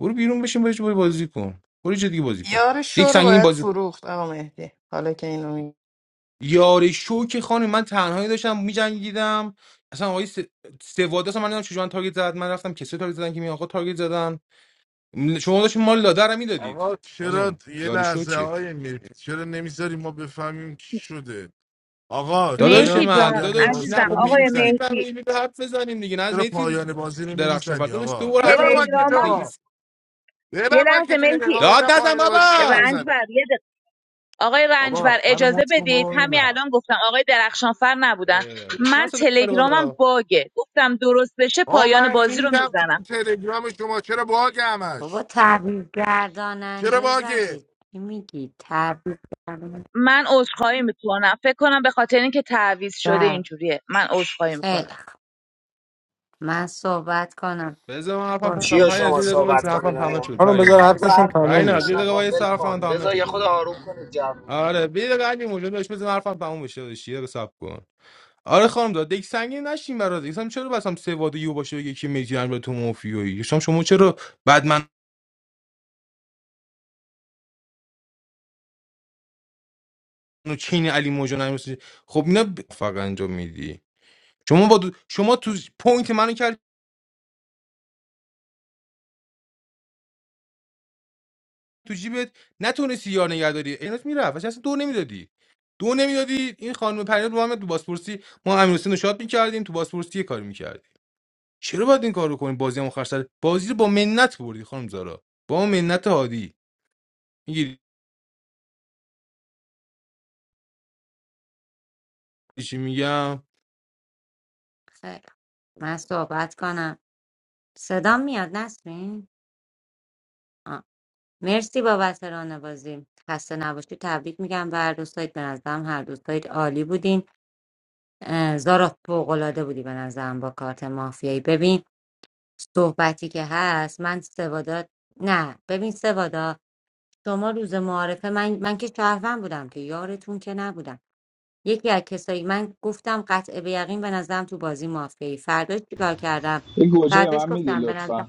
Speaker 18: برو بیرون بشین برو یه جای بازی کن برو یه جای دیگه بازی کن
Speaker 4: یار شو
Speaker 18: دک
Speaker 4: رو
Speaker 18: سنگین
Speaker 4: باید
Speaker 18: بازی
Speaker 4: فروخت آقا مهدی حالا که اینو می
Speaker 18: یاری شو که خانم من تنهایی داشتم میجنگیدم اصلا آقای س- سواده اصلا من نمیدونم چجوری من تارگت زد من رفتم کسی تارگت زدن که می آقا تارگت زدن م- شما داشتین مال لادر رو میدادید
Speaker 7: آقا چرا
Speaker 18: خانم
Speaker 7: یه
Speaker 18: یاری شو
Speaker 7: لحظه
Speaker 18: چیه
Speaker 7: های میری چرا نمیذاری ما بفهمیم چی شده آقا
Speaker 18: داداش
Speaker 7: چرا
Speaker 21: مهدی
Speaker 18: من
Speaker 21: جان
Speaker 7: پایان
Speaker 18: داداش
Speaker 7: بازی
Speaker 18: نه
Speaker 21: عزیزم
Speaker 7: رو
Speaker 18: خب می
Speaker 21: آقای
Speaker 18: بودی
Speaker 7: نمیزنی
Speaker 21: مهدی
Speaker 18: میفهمیدی حرف بزنیم دیگه نه
Speaker 7: چرا
Speaker 18: میتی
Speaker 7: پایان بازی رو
Speaker 18: درخشان فرد
Speaker 7: نمیزنی
Speaker 18: داداش دو
Speaker 7: آقا
Speaker 18: بار حرف
Speaker 7: ببن
Speaker 18: ما رو
Speaker 21: تلگرامم
Speaker 7: مایکتو
Speaker 18: نگیز
Speaker 7: ببن
Speaker 21: یه لحظه
Speaker 7: مایکتو یه
Speaker 21: مهدی
Speaker 7: نگاه ببینم
Speaker 18: داد نزن
Speaker 7: پایان
Speaker 18: بابا
Speaker 7: بازی چرا نمیزنه
Speaker 21: رنجبر یه دق- آقای
Speaker 7: بابا
Speaker 21: رنجبر
Speaker 7: منو
Speaker 21: اجازه
Speaker 7: مت کن
Speaker 21: بدید
Speaker 7: بابا
Speaker 21: همین
Speaker 7: ببینم
Speaker 21: الان گفتم آقای درخشانفر نبودن
Speaker 18: اه، واسه من
Speaker 21: من
Speaker 18: صدا می‌بره
Speaker 21: تلگرامم
Speaker 18: بالا
Speaker 21: باگه گفتم درست بشه
Speaker 7: آقا
Speaker 21: پایان
Speaker 7: من
Speaker 21: بازی رو
Speaker 7: ریدم
Speaker 21: میزنم
Speaker 7: تو تلگرام شما چرا باگ
Speaker 14: بابا
Speaker 7: همش
Speaker 14: تبریک
Speaker 7: چرا
Speaker 14: گرداننده زده
Speaker 7: باگه
Speaker 14: چی میگی تبریک گرداننده
Speaker 21: من عذرخواهی میکنم فکر کنم به خاطر اینکه تعویض شده
Speaker 14: زد.
Speaker 21: اینجوریه من عذرخواهی
Speaker 14: خیلی
Speaker 21: میکنم
Speaker 14: خوب من صحبت کنم
Speaker 18: بذار من حرفم
Speaker 14: برو
Speaker 18: پم
Speaker 16: چیا
Speaker 18: پم یه
Speaker 16: شما
Speaker 18: دقیقه وایس
Speaker 16: صحبت کنین
Speaker 18: حرفم تمام
Speaker 16: آیا؟
Speaker 18: شد
Speaker 13: خانم بذار
Speaker 16: بذار
Speaker 18: پریناز
Speaker 13: حرفشون
Speaker 16: حرفشو
Speaker 13: تموم
Speaker 18: پریناز
Speaker 16: بزن
Speaker 18: یه
Speaker 13: بشه
Speaker 18: دقیقه
Speaker 16: آقا
Speaker 18: وایس
Speaker 16: ول
Speaker 18: حرفم
Speaker 16: کن
Speaker 18: تمام
Speaker 16: بذار یه
Speaker 18: نشده
Speaker 16: خود
Speaker 18: بود
Speaker 16: آروم کنید جو
Speaker 18: آره بیا یه دقیقه علی موجود داشت بزن حرفم تموم بشه داشت یه دقیقه صبر کن آره خانم داد یک سنگین نشین برات دیگه اصلا چرا بس هم سواد یو باشه بگه کی میجی امر تو مافیایی شما شما چرا بعد من و چین علی موجان نمیشه خب اینا ب... فقط انجام میدی شما با دو... شما تو پوینت منو کرد تو جیبت نتونستی یار نگهداری اینات میرفت اصلا دو نمیدادی دو نمیدادی این خانم پرینات با هم تو بازپرسی ما امیر حسین رو شاد میکردیم تو بازپرسی یه کاری میکردیم چرا باید این کارو کنی بازی هم آخر بازی رو با منت بردی خانم زارا با منت هادی میگیری چی میگم
Speaker 14: خیلی خوب. من صحبت کنم صدا میاد نسرین آه. مرسی بابت رانه بازی خسته نباشی تبریک میگم به هر دو سایت به نظرم هر دو سایت عالی بودین اه، زارا فوقالعاده بودی به نظرم با کارت مافیایی ببین صحبتی که هست من سوادا نه ببین سوادا شما روز معارفه من من که شهروند بودم که یارتون که نبودم یکی از کسایی من گفتم قطع به یقین به نظرم تو بازی مافیایی فرداش چیکار کردم
Speaker 2: یه گوجه
Speaker 14: فرداش
Speaker 2: من میدین
Speaker 14: گفتم به نظرم
Speaker 2: لطفا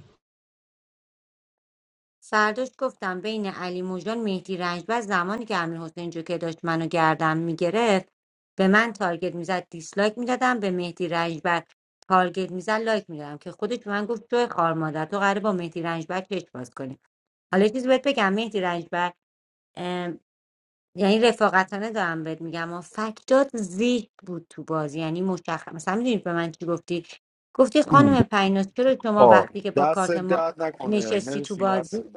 Speaker 14: فرداش گفتم بین علی موجان مهدی رنجبر زمانی که امیرحسین جوکر داشت منو گردم میگرفت به من تارگت میزد دیسلایک میدادم به مهدی رنجبر تارگت میزد لایک میدادم که خودش به من گفت تو خار مادر تو قراره با مهدی رنجبر چش باز کنی حالا یه چیزی بهت بگم مهدی رنجبر ام، یعنی رفاقتانه دارم بهت میگم و فکتات زیاد بود تو بازی یعنی مشخص مثلا میدونی به من چی گفتی گفتی خانم پیناز چرا شما
Speaker 20: آه
Speaker 14: وقتی که با
Speaker 20: دست
Speaker 14: کارت ما
Speaker 20: درد نکنه
Speaker 14: نشستی تو
Speaker 20: مرسی
Speaker 14: بازی
Speaker 20: نسی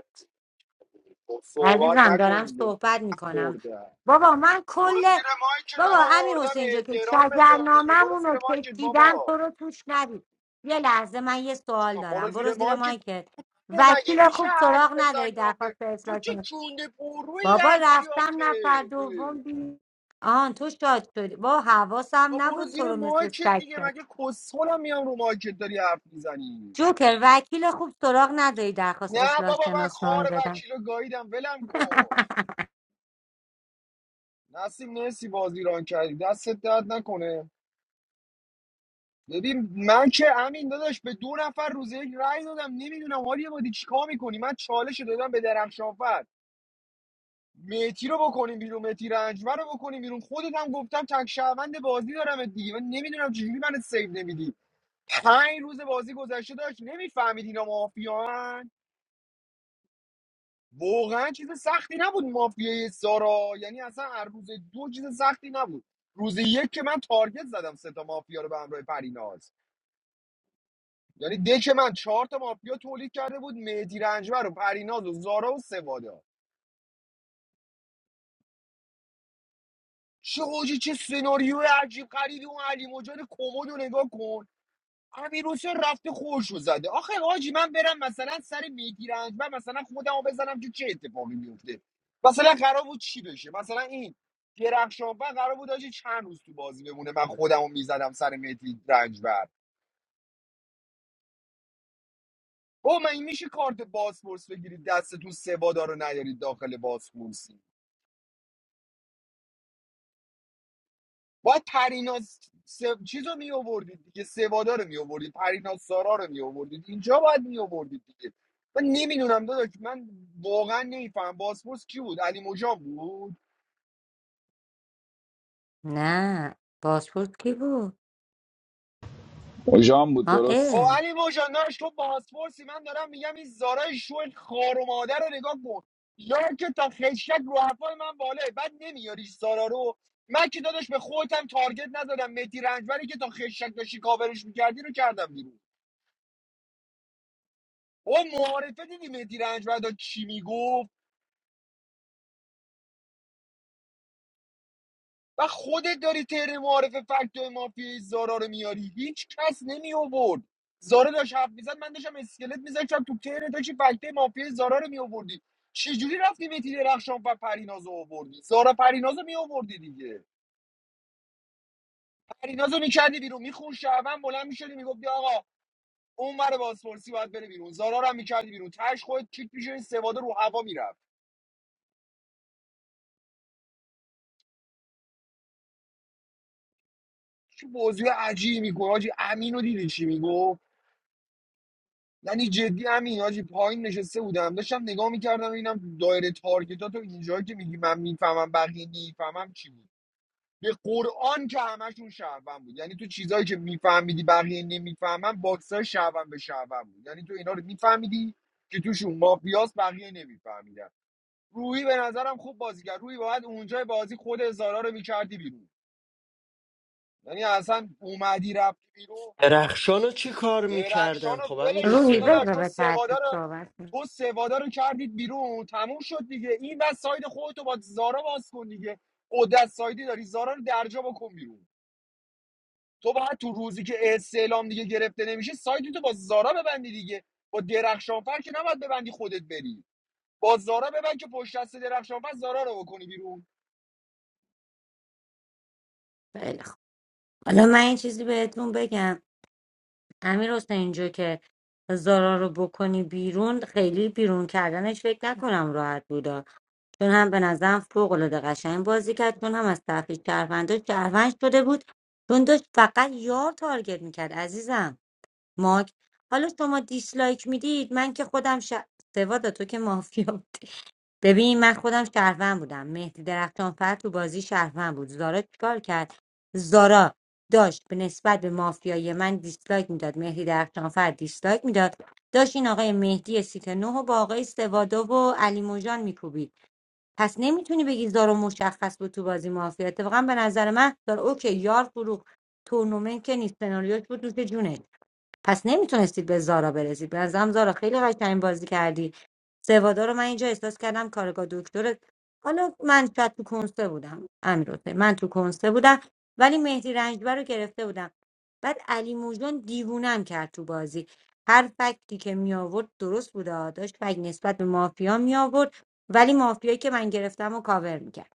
Speaker 14: عزیزم
Speaker 20: نکن
Speaker 14: دارم
Speaker 20: دیگه
Speaker 14: صحبت میکنم
Speaker 20: مرده
Speaker 14: بابا من
Speaker 20: برو
Speaker 14: کل
Speaker 20: زیر مایکت
Speaker 14: بابا
Speaker 20: آقا
Speaker 14: امیر
Speaker 20: برده به
Speaker 14: حسین جو که
Speaker 20: احترام بذار دیگه برو
Speaker 14: شجرناممون
Speaker 20: زیر
Speaker 14: رو
Speaker 20: مایکت
Speaker 14: کشیدم
Speaker 20: بابا
Speaker 14: تو رو توش ندید یه لحظه من یه سوال
Speaker 20: برو
Speaker 14: دارم برو
Speaker 20: زیر
Speaker 14: زیر
Speaker 20: مایکت
Speaker 14: مایکت
Speaker 20: دیگه مگه
Speaker 14: وکیل خوب سراغ نداری درخواست اصلاح کنه. بابا رفتم نفر دوم بی آن تو شاد شدی با حواسم
Speaker 20: آقا برو
Speaker 14: نبود تو
Speaker 20: زیر
Speaker 14: رو مثل
Speaker 20: مایکت
Speaker 14: سگ
Speaker 20: دیگه
Speaker 14: شد
Speaker 20: مگه کسخلم میام رو مایکت داری حرف میزنی
Speaker 14: جوکر وکیل خوب سراغ نداری درخواست
Speaker 20: نه
Speaker 14: اصلاح
Speaker 20: بابا من خار
Speaker 14: شناسنامه بدن
Speaker 20: وکیل رو گاییدم ولم کن نسیم نسی بازی ران کردی دستت درد نکنه ببین من که امین داداش به دو نفر روز یک رأی دادم نمیدونم حالی یه بادی چیکار میکنی من چالش رو دادم به درخشانفر میتی رو بکنیم بیرون میتی رنجبر رو بکنیم بیرون خودت هم گفتم تک شهروند بازی دارم دیگه من نمیدونم چجوری من سیو نمیدی پنج روز بازی گذشته داشت نمیفهمید اینا مافیان واقعا چیز سختی نبود مافیای سارا یعنی اصلا هر روز دو چیز سختی نبود روز یک که من تارگت زدم سه تا مافیا رو به همراه پریناز یعنی دک من چهار تا مافیا تولید کرده بود مهدی رنجبر و پریناز و زارا و سوادا چه حاجی چه سناریو عجیب غریبی اون علی مجان کمد رو نگاه کن امیر حسین رفته خورشو زده آخه حاجی من برم مثلا سر مهدی رنجبر مثلا خودمو بزنم تو چه اتفاقی میفته مثلا قرار بود چی بشه مثلا این درخشانفر قرار بود حاجی چند روز تو بازی بمونه من خودمو میزدم سر مهدی رنجبر او من این میشه کارت باسپورس بگیرید دستتون سوادا رو نیارید داخل باسپورس باید پریناز س... چیز رو می آوردید دیگه سوادا رو می آوردید پریناز سارا رو می آوردید اینجا باید می آوردید دیگه من نمیدونم داداش من واقعا نمیفهم باسپورس کی بود علی موجان بود
Speaker 14: نه پاسپورت کی بود
Speaker 2: اوژان بود
Speaker 14: آه
Speaker 2: درست
Speaker 20: خب
Speaker 14: اه.
Speaker 20: علی موجان داشت تو باسپورسی من دارم میگم این زارای شو خار و مادر رو نگاه کن یا که تا خشک رو حرفای من باله بعد نمیاری سارا رو من که داداش به خودتم تارگت نزدم متی رنجبری که تا خشک داشتی کاورش میکردی رو کردم بیرون با معارفه دیدی مهدی رنج چی میگفت و خودت داری تر معارفه فکت مافیای زارا رو میاری هیچ کس نمی آورد زارا داشت حرف میزد من داشتم اسکلت میذاشتم تو تر داشتی فکت مافیای زارا رو می آوردی چجوری رفتی مهدی درخشان و پریناز رو آوردی زارا پریناز رو می آوردی دیگه پریناز رو میکردی بیرون میخون شعبن بلند میشدی میگفتی آقا اون ور بازپرسی باید بره بیرون زارا رو هم میکردی بیرون تش خودت کیک میشدی سواده رو هوا میرفت چه بازی عجیبی میگو حاجی امین رو دیدی چی میگفت یعنی جدی همین حاجی پایین نشسته بودم داشتم نگاه میکردم اینم دایره تارگتات و اینجایی که میگی من میفهمم بقیه میفهمم چی بود به قرآن که همشون شهروند بود یعنی تو چیزایی که میفهمیدی بقیه نمیفهمن باکسای شهروند به شهروند بود یعنی تو اینا رو میفهمیدی که توشون مافیاس بقیه نمیفهمیدن روحی به نظرم خوب بازی کرد روحی باید اونجای بازی خود هزارا رو میکردی بیرون یعنی اصلا اومدی رفتی بیرون
Speaker 1: درخشانو چی کار
Speaker 20: درخشان
Speaker 1: میکردم
Speaker 20: رو
Speaker 1: خب امیر
Speaker 20: ولش کن
Speaker 14: روحی
Speaker 20: داداش
Speaker 1: حسین
Speaker 14: بذار
Speaker 20: تو
Speaker 14: به
Speaker 20: سوادا
Speaker 14: ترتیب
Speaker 20: رو
Speaker 14: صحبت کنیم.
Speaker 20: تو سوادا رو کردید بیرون تموم شد دیگه این بس ساید خودتو با زارا باز کن دیگه قدرت سایدی داری زارا رو درجا بکن بیرون تو باید تو روزی که استعلام دیگه گرفته نمیشه سایدی تو با زارا ببندی دیگه با درخشانفر که نباید ببندی خودت بری با زارا ببند که پشت دست درخشانفر زارا رو بکنی بیرون
Speaker 14: خیلی خوب حالا من این چیزی بهتون بگم امیر حسین اینجا که زارا رو بکنی بیرون خیلی بیرون کردنش فکر نکنم راحت بودا چون هم به نظرم فوق العاده قشنگ بازی کرد چون هم از طرف شهروندا شهروند شده بود چون داشت فقط یار تارگت میکرد عزیزم ماک حالا شما دیسلایک میدید من که خودم ش... سواد تو که مافیا ببین من خودم شهروند بودم مهدی درخشانفر تو بازی شهروند بود زارا چیکار کرد زارا داشت به نسبت به مافیای من دیسلایک میداد مهدی درخشانفر دیسلایک میداد داشت این آقای مهدی سیت نه و با آقای سوادا و علی موجان میکوبید پس نمیتونی بگی زارا مشخص بود تو بازی مافیا اتفاقا به نظر من زارا اوکی یار فروخ تورنمنت که نیست سناریوش بود دوست جونه پس نمیتونستید به زارا برسید به نظرم زارا خیلی قشنگ بازی کردی سوادا رو من اینجا احساس کردم کارگاه دکتر حالا من شاید تو کنسه بودم امیر حسین من تو کنسه بودم ولی مهدی رنجبر رو گرفته بودم بعد علی موجان دیوونم کرد تو بازی هر فکتی که می آورد درست بود آه. داشت فکت نسبت به مافیا می آورد ولی مافیایی که من گرفتم و کاور میکرد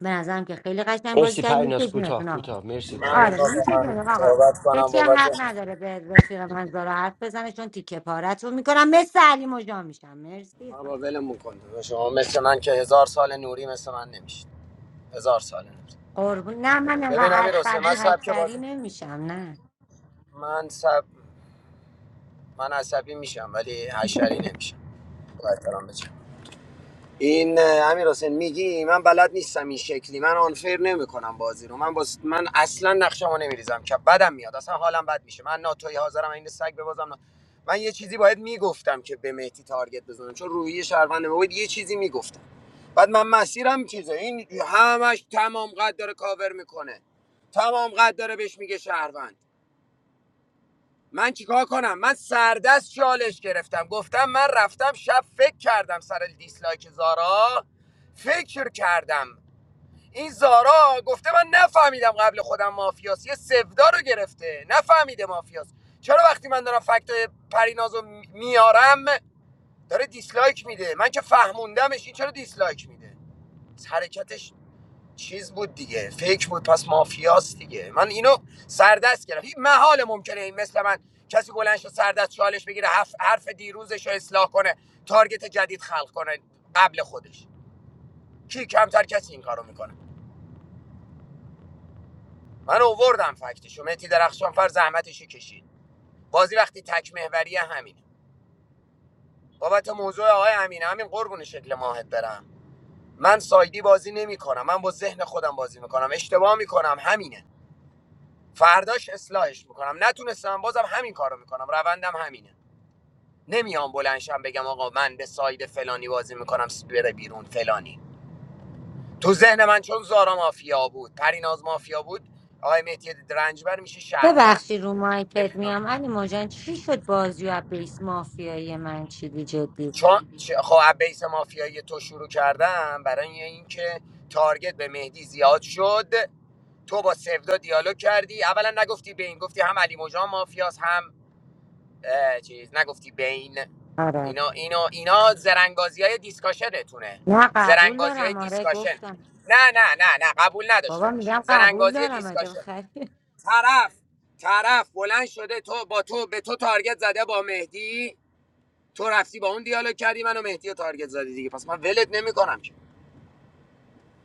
Speaker 14: به نظرم که خیلی قشنگ بازی
Speaker 1: مرسی
Speaker 14: کردی.
Speaker 1: پریناس کوتاه
Speaker 14: نیست
Speaker 1: کوتاه مرسی
Speaker 16: من
Speaker 14: آره
Speaker 1: پریناس
Speaker 14: میشه
Speaker 16: آقا
Speaker 14: جناب آقا
Speaker 16: صحبت کنم
Speaker 14: کسی هم
Speaker 16: بابت
Speaker 14: حق نداره به رفیق من زارا حرف بزنه چون تیکه پارتون میکنم مثل علی مجا میشم مرسی
Speaker 16: ما
Speaker 14: خدا
Speaker 16: با ولمون کن شما مثل من که هزار سال نوری مثل من نمیشید هزار سال نوری
Speaker 14: قربون نه من انقدر
Speaker 16: ببین امیر حسین من
Speaker 14: عصبی
Speaker 16: سبک
Speaker 14: حسری
Speaker 16: بازی
Speaker 14: نمیشم نه
Speaker 16: من سب من عصبی میشم ولی حشری نمیشم با احترام بچم این اه، امیر میگی من بلد نیستم این شکلی من آنفر نمیکنم بازی رو من باز من اصلا نقشمو نمیریزم که بدم میاد اصلا حالم بد میشه من ناتوی حاضرم این سگ ببازم نا- من یه چیزی باید میگفتم که به مهدی تارگت بزنم چون روحی شهروند ما یه چیزی میگفتم بعد من مسیرم چیزه این همش تمام قد داره کاور میکنه تمام قد داره بهش میگه شهروند من چیکار کنم من سردست چالش گرفتم گفتم من رفتم شب فکر کردم سر دیسلایک زارا فکر کردم این زارا گفته من نفهمیدم قبل خودم مافیاس یه سفدا رو گرفته نفهمیده مافیاس چرا وقتی من دارم فکت پرینازو میارم داره دیسلایک میده من که فهموندمش این چرا دیسلایک میده حرکتش چیز بود دیگه فکر بود پس مافیاست دیگه من اینو سردست گرفتم هیچ محال ممکنه این مثل من کسی بلند شه سردست چالش بگیره حرف, حرف دیروزش رو اصلاح کنه تارگت جدید خلق کنه قبل خودش کی کمتر کسی این کارو میکنه من اووردم فکتشو مهدی درخشان فر زحمتشو کشید بازی وقتی تک محوریه همینه بابت موضوع آقای امین همین قربون شکل ماهت برم من سایدی بازی نمیکنم من با ذهن خودم بازی میکنم اشتباه میکنم همینه فرداش اصلاحش میکنم نتونستم بازم همین کارو میکنم روندم همینه نمیام بلنشم بگم آقا من به ساید فلانی بازی میکنم بره بیرون فلانی تو ذهن من چون زارا مافیا بود پریناز مافیا بود آقای مهدی رنجبر میشه
Speaker 14: ببخشی
Speaker 16: شهروند
Speaker 14: رو مایکت میام
Speaker 16: نمیتونم
Speaker 14: علی مجان چی شد بازی و بیس مافیایی من چیدی جدی
Speaker 16: چون چ- خب بیس مافیایی تو شروع کردم برای اینکه تارگت به مهدی زیاد شد تو با سودا دیالوگ کردی اولا نگفتی به این گفتی هم علی مجان مافیاس هم اه، چیز نگفتی بین
Speaker 14: آره
Speaker 16: اینا اینا اینا زرنگازی های دیسکاشنتونه
Speaker 14: نه قبول
Speaker 16: زرنگازی های
Speaker 14: دارم آره
Speaker 16: دیسکاشن
Speaker 14: گفتم
Speaker 16: نه نه نه نه قبول نداشته
Speaker 14: بابا
Speaker 16: باش
Speaker 14: میگم قبول
Speaker 16: زرنگازی
Speaker 14: دارم عجب
Speaker 16: دیسکاشن
Speaker 14: خیلی
Speaker 16: طرف طرف بلند شده تو با تو به تو تارگت زده با مهدی تو رفتی با اون دیالوگ کردی منو مهدی رو تارگت زدی دیگه پس من ولت نمیکنم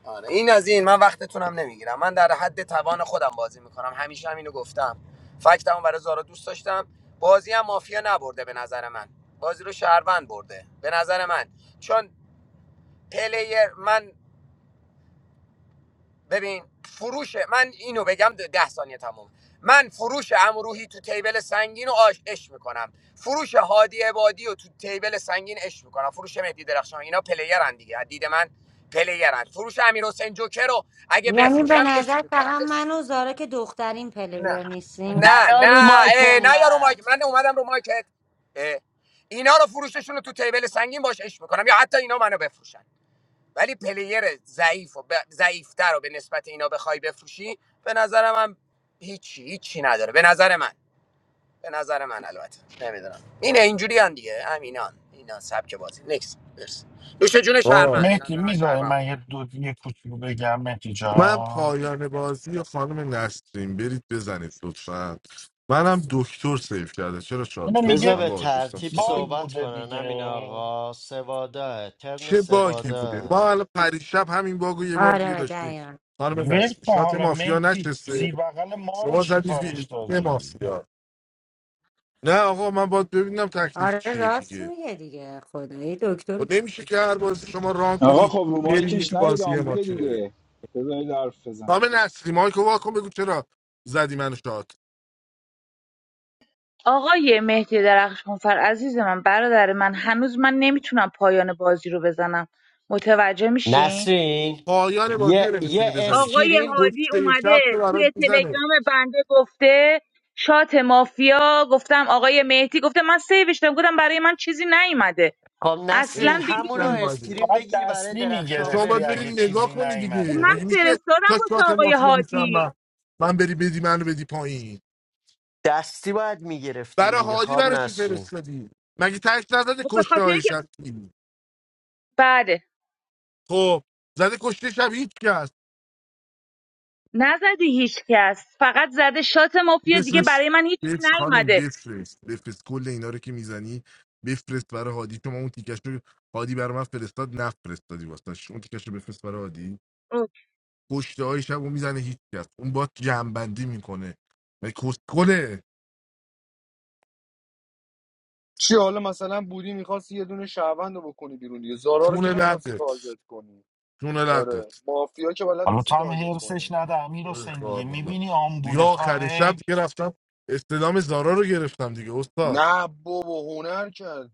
Speaker 16: آره این از این من وقتتونم نمیگیرم من در حد توان خودم بازی میکنم همیشه هم اینو گفتم فکتمو برای زارا دوست داشتم بازی هم مافیا نبرده به نظر من بازی رو شهروند برده به نظر من چون پلیر من ببین فروش من اینو بگم ده ده ثانیه تموم من فروش امروحی تو تیبل سنگین رو آش اش میکنم فروش هادی عبادی رو تو تیبل سنگین اش میکنم فروش مهدی درخشان اینا پلیرن دیگه از دید من پلیرن فروش امیر حسین جوکر رو اگه
Speaker 14: یعنی به
Speaker 16: بفروشم اش
Speaker 14: نظر
Speaker 16: میکنم
Speaker 14: فقط
Speaker 16: اش
Speaker 14: من و زارا که دخترین پلیر
Speaker 16: نه
Speaker 14: نیستیم
Speaker 16: نه
Speaker 1: نیا
Speaker 16: نه
Speaker 1: رو مایک
Speaker 16: اه، نه یا رو مایک
Speaker 1: انقدر
Speaker 16: من اومدم رو مایکت اه. اینا رو فروششون رو تو تیبل سنگین باش اش میکنم یا حتی اینا منو بفروشن ولی پلیر ضعیف و ب- ضعیفتر رو به نسبت اینا بخوای بفروشی به نظر من هیچی هیچی نداره به نظر من به نظر من البته نمیدونم اینه اینجوری هم دیگه همینان اینا سبک بازی نکس برس نوش جون
Speaker 7: آه.
Speaker 16: شهروند به
Speaker 11: مهدی
Speaker 16: نظر من
Speaker 11: میدای
Speaker 16: شهروند
Speaker 11: من
Speaker 16: بود
Speaker 11: یه دو یه کوچولو بگم مهدی
Speaker 7: من
Speaker 11: جان
Speaker 7: پایان بازی خانم نسرین برید بزنید لطفا منم دکتر سیف کرده چرا شاد
Speaker 11: اینو
Speaker 7: شدم
Speaker 1: بذار
Speaker 11: میگه
Speaker 7: من
Speaker 1: به
Speaker 7: با داشتم
Speaker 1: ترتیب
Speaker 7: صحبت
Speaker 11: باگ
Speaker 1: صحبت
Speaker 11: بوده
Speaker 1: کنن امین
Speaker 11: دیگه
Speaker 1: آقا سوادا ترن
Speaker 7: چه باگی بوده
Speaker 1: سوادا
Speaker 7: ما حالا پریشب همین باگو یه بار دیگه
Speaker 14: آره
Speaker 7: داشتیم
Speaker 14: دقیقا
Speaker 7: خانم
Speaker 11: ول
Speaker 7: نسرین
Speaker 11: کن
Speaker 7: شات
Speaker 11: حالا
Speaker 7: مافیا
Speaker 11: مهدی
Speaker 7: نشسته
Speaker 11: زیر بغل ما رو
Speaker 7: شما
Speaker 11: چی
Speaker 7: زدی
Speaker 11: کارش
Speaker 7: فیلم
Speaker 11: داری
Speaker 7: مافیا نه آقا من باید ببینم تکلیف
Speaker 14: آره
Speaker 7: چیه
Speaker 14: راست
Speaker 7: دیگه
Speaker 14: میگه دیگه خدایی
Speaker 7: و
Speaker 14: دکتر
Speaker 7: نمیشه که هر بازی شما ران
Speaker 2: آقا
Speaker 7: کنی
Speaker 2: خب رو
Speaker 7: برینی
Speaker 2: مایکش
Speaker 7: تو
Speaker 2: نید
Speaker 7: بازی ما
Speaker 2: آمبول
Speaker 7: که
Speaker 2: دیگه بذارید حرف بزنه
Speaker 7: خام نصری مایکو واکن بگو چرا زدی منو شاد
Speaker 21: آقای مهدی درخشانفر عزیز من برادر من هنوز من نمیتونم پایان بازی رو بزنم متوجه میشین
Speaker 1: نسرین
Speaker 7: پایان بازی رو
Speaker 1: یه,
Speaker 7: نمیتونی
Speaker 1: یه
Speaker 7: بزنی
Speaker 21: آقای
Speaker 1: اسکرین
Speaker 21: هادی
Speaker 7: پشته چپ
Speaker 21: اومده
Speaker 7: تو
Speaker 21: توی
Speaker 7: برات میزنه
Speaker 21: تلگرام بنده گفته شات مافیا گفتم آقای مهدی گفته من سیوش دادم گفتم برای من چیزی نیومده
Speaker 1: خب
Speaker 7: این
Speaker 1: نسرین
Speaker 21: اصلا به
Speaker 7: چی
Speaker 21: هیچ
Speaker 1: همونو
Speaker 21: عنوان
Speaker 7: نیومدی
Speaker 1: اسکرین
Speaker 11: باید
Speaker 1: بگیر برای
Speaker 11: دستی
Speaker 7: و
Speaker 1: درخشان
Speaker 7: شما
Speaker 11: میگرفتی
Speaker 7: باید بری
Speaker 11: اگه
Speaker 1: بفرست
Speaker 7: نگاه
Speaker 11: چیزی
Speaker 7: کنی
Speaker 21: خب
Speaker 7: دیگه
Speaker 21: من
Speaker 7: مگه
Speaker 11: نیومده
Speaker 7: میشه
Speaker 21: فرستادم
Speaker 7: تا شات
Speaker 21: واسه آقای
Speaker 7: مافیا میشم من
Speaker 21: هادی
Speaker 7: من بری بدی منو بدی پایین
Speaker 1: دستی باید میگرفتین
Speaker 7: برای
Speaker 1: دیگه
Speaker 7: هادی
Speaker 1: خب
Speaker 7: برای چی
Speaker 1: نسرین
Speaker 7: فرستادی مگه تک نزده
Speaker 21: خب به
Speaker 7: کشته
Speaker 21: خاطر
Speaker 7: های
Speaker 21: اینکه
Speaker 7: شخصی
Speaker 21: بله
Speaker 7: خب زده کشته شب هیچ کس
Speaker 21: نزده هیچ کس فقط زده شات مافیا دیگه
Speaker 7: بفرست
Speaker 21: برای من هیچی
Speaker 7: بفرست خانم
Speaker 21: نیومده
Speaker 7: بفرست بفرست کل اینا رو که میزنی بفرست برای هادی شما اون تیکش رو هادی برای من فرستاد نفرستادی واسه اون تیکش رو بفرست برای هادی کشته های شب رو میزنه هیچ کس اون با جنبندی میکنه و کسکله
Speaker 20: چی حالا مثلا بودی میخواست یه دونه شهروند رو بکنی بیرون دیگه زارا رو که
Speaker 7: شونه
Speaker 20: نمیخواستی
Speaker 7: لقت
Speaker 20: تارگت کنی
Speaker 7: شونه
Speaker 20: آره
Speaker 7: لقت
Speaker 20: مافیا که بلد
Speaker 11: حالا
Speaker 20: نیستی
Speaker 11: تو هم
Speaker 20: تارگت
Speaker 11: حرسش
Speaker 20: کنی
Speaker 11: نده امیر
Speaker 7: ای
Speaker 11: حسین دیگه
Speaker 7: خار مادر.
Speaker 11: میبینی
Speaker 7: دیگه
Speaker 11: آمبوله تو هم
Speaker 7: آخرین شب
Speaker 11: هی
Speaker 7: دیگه رفتم استلام زارا رو گرفتم دیگه استاد
Speaker 20: نه بابا هنر کردی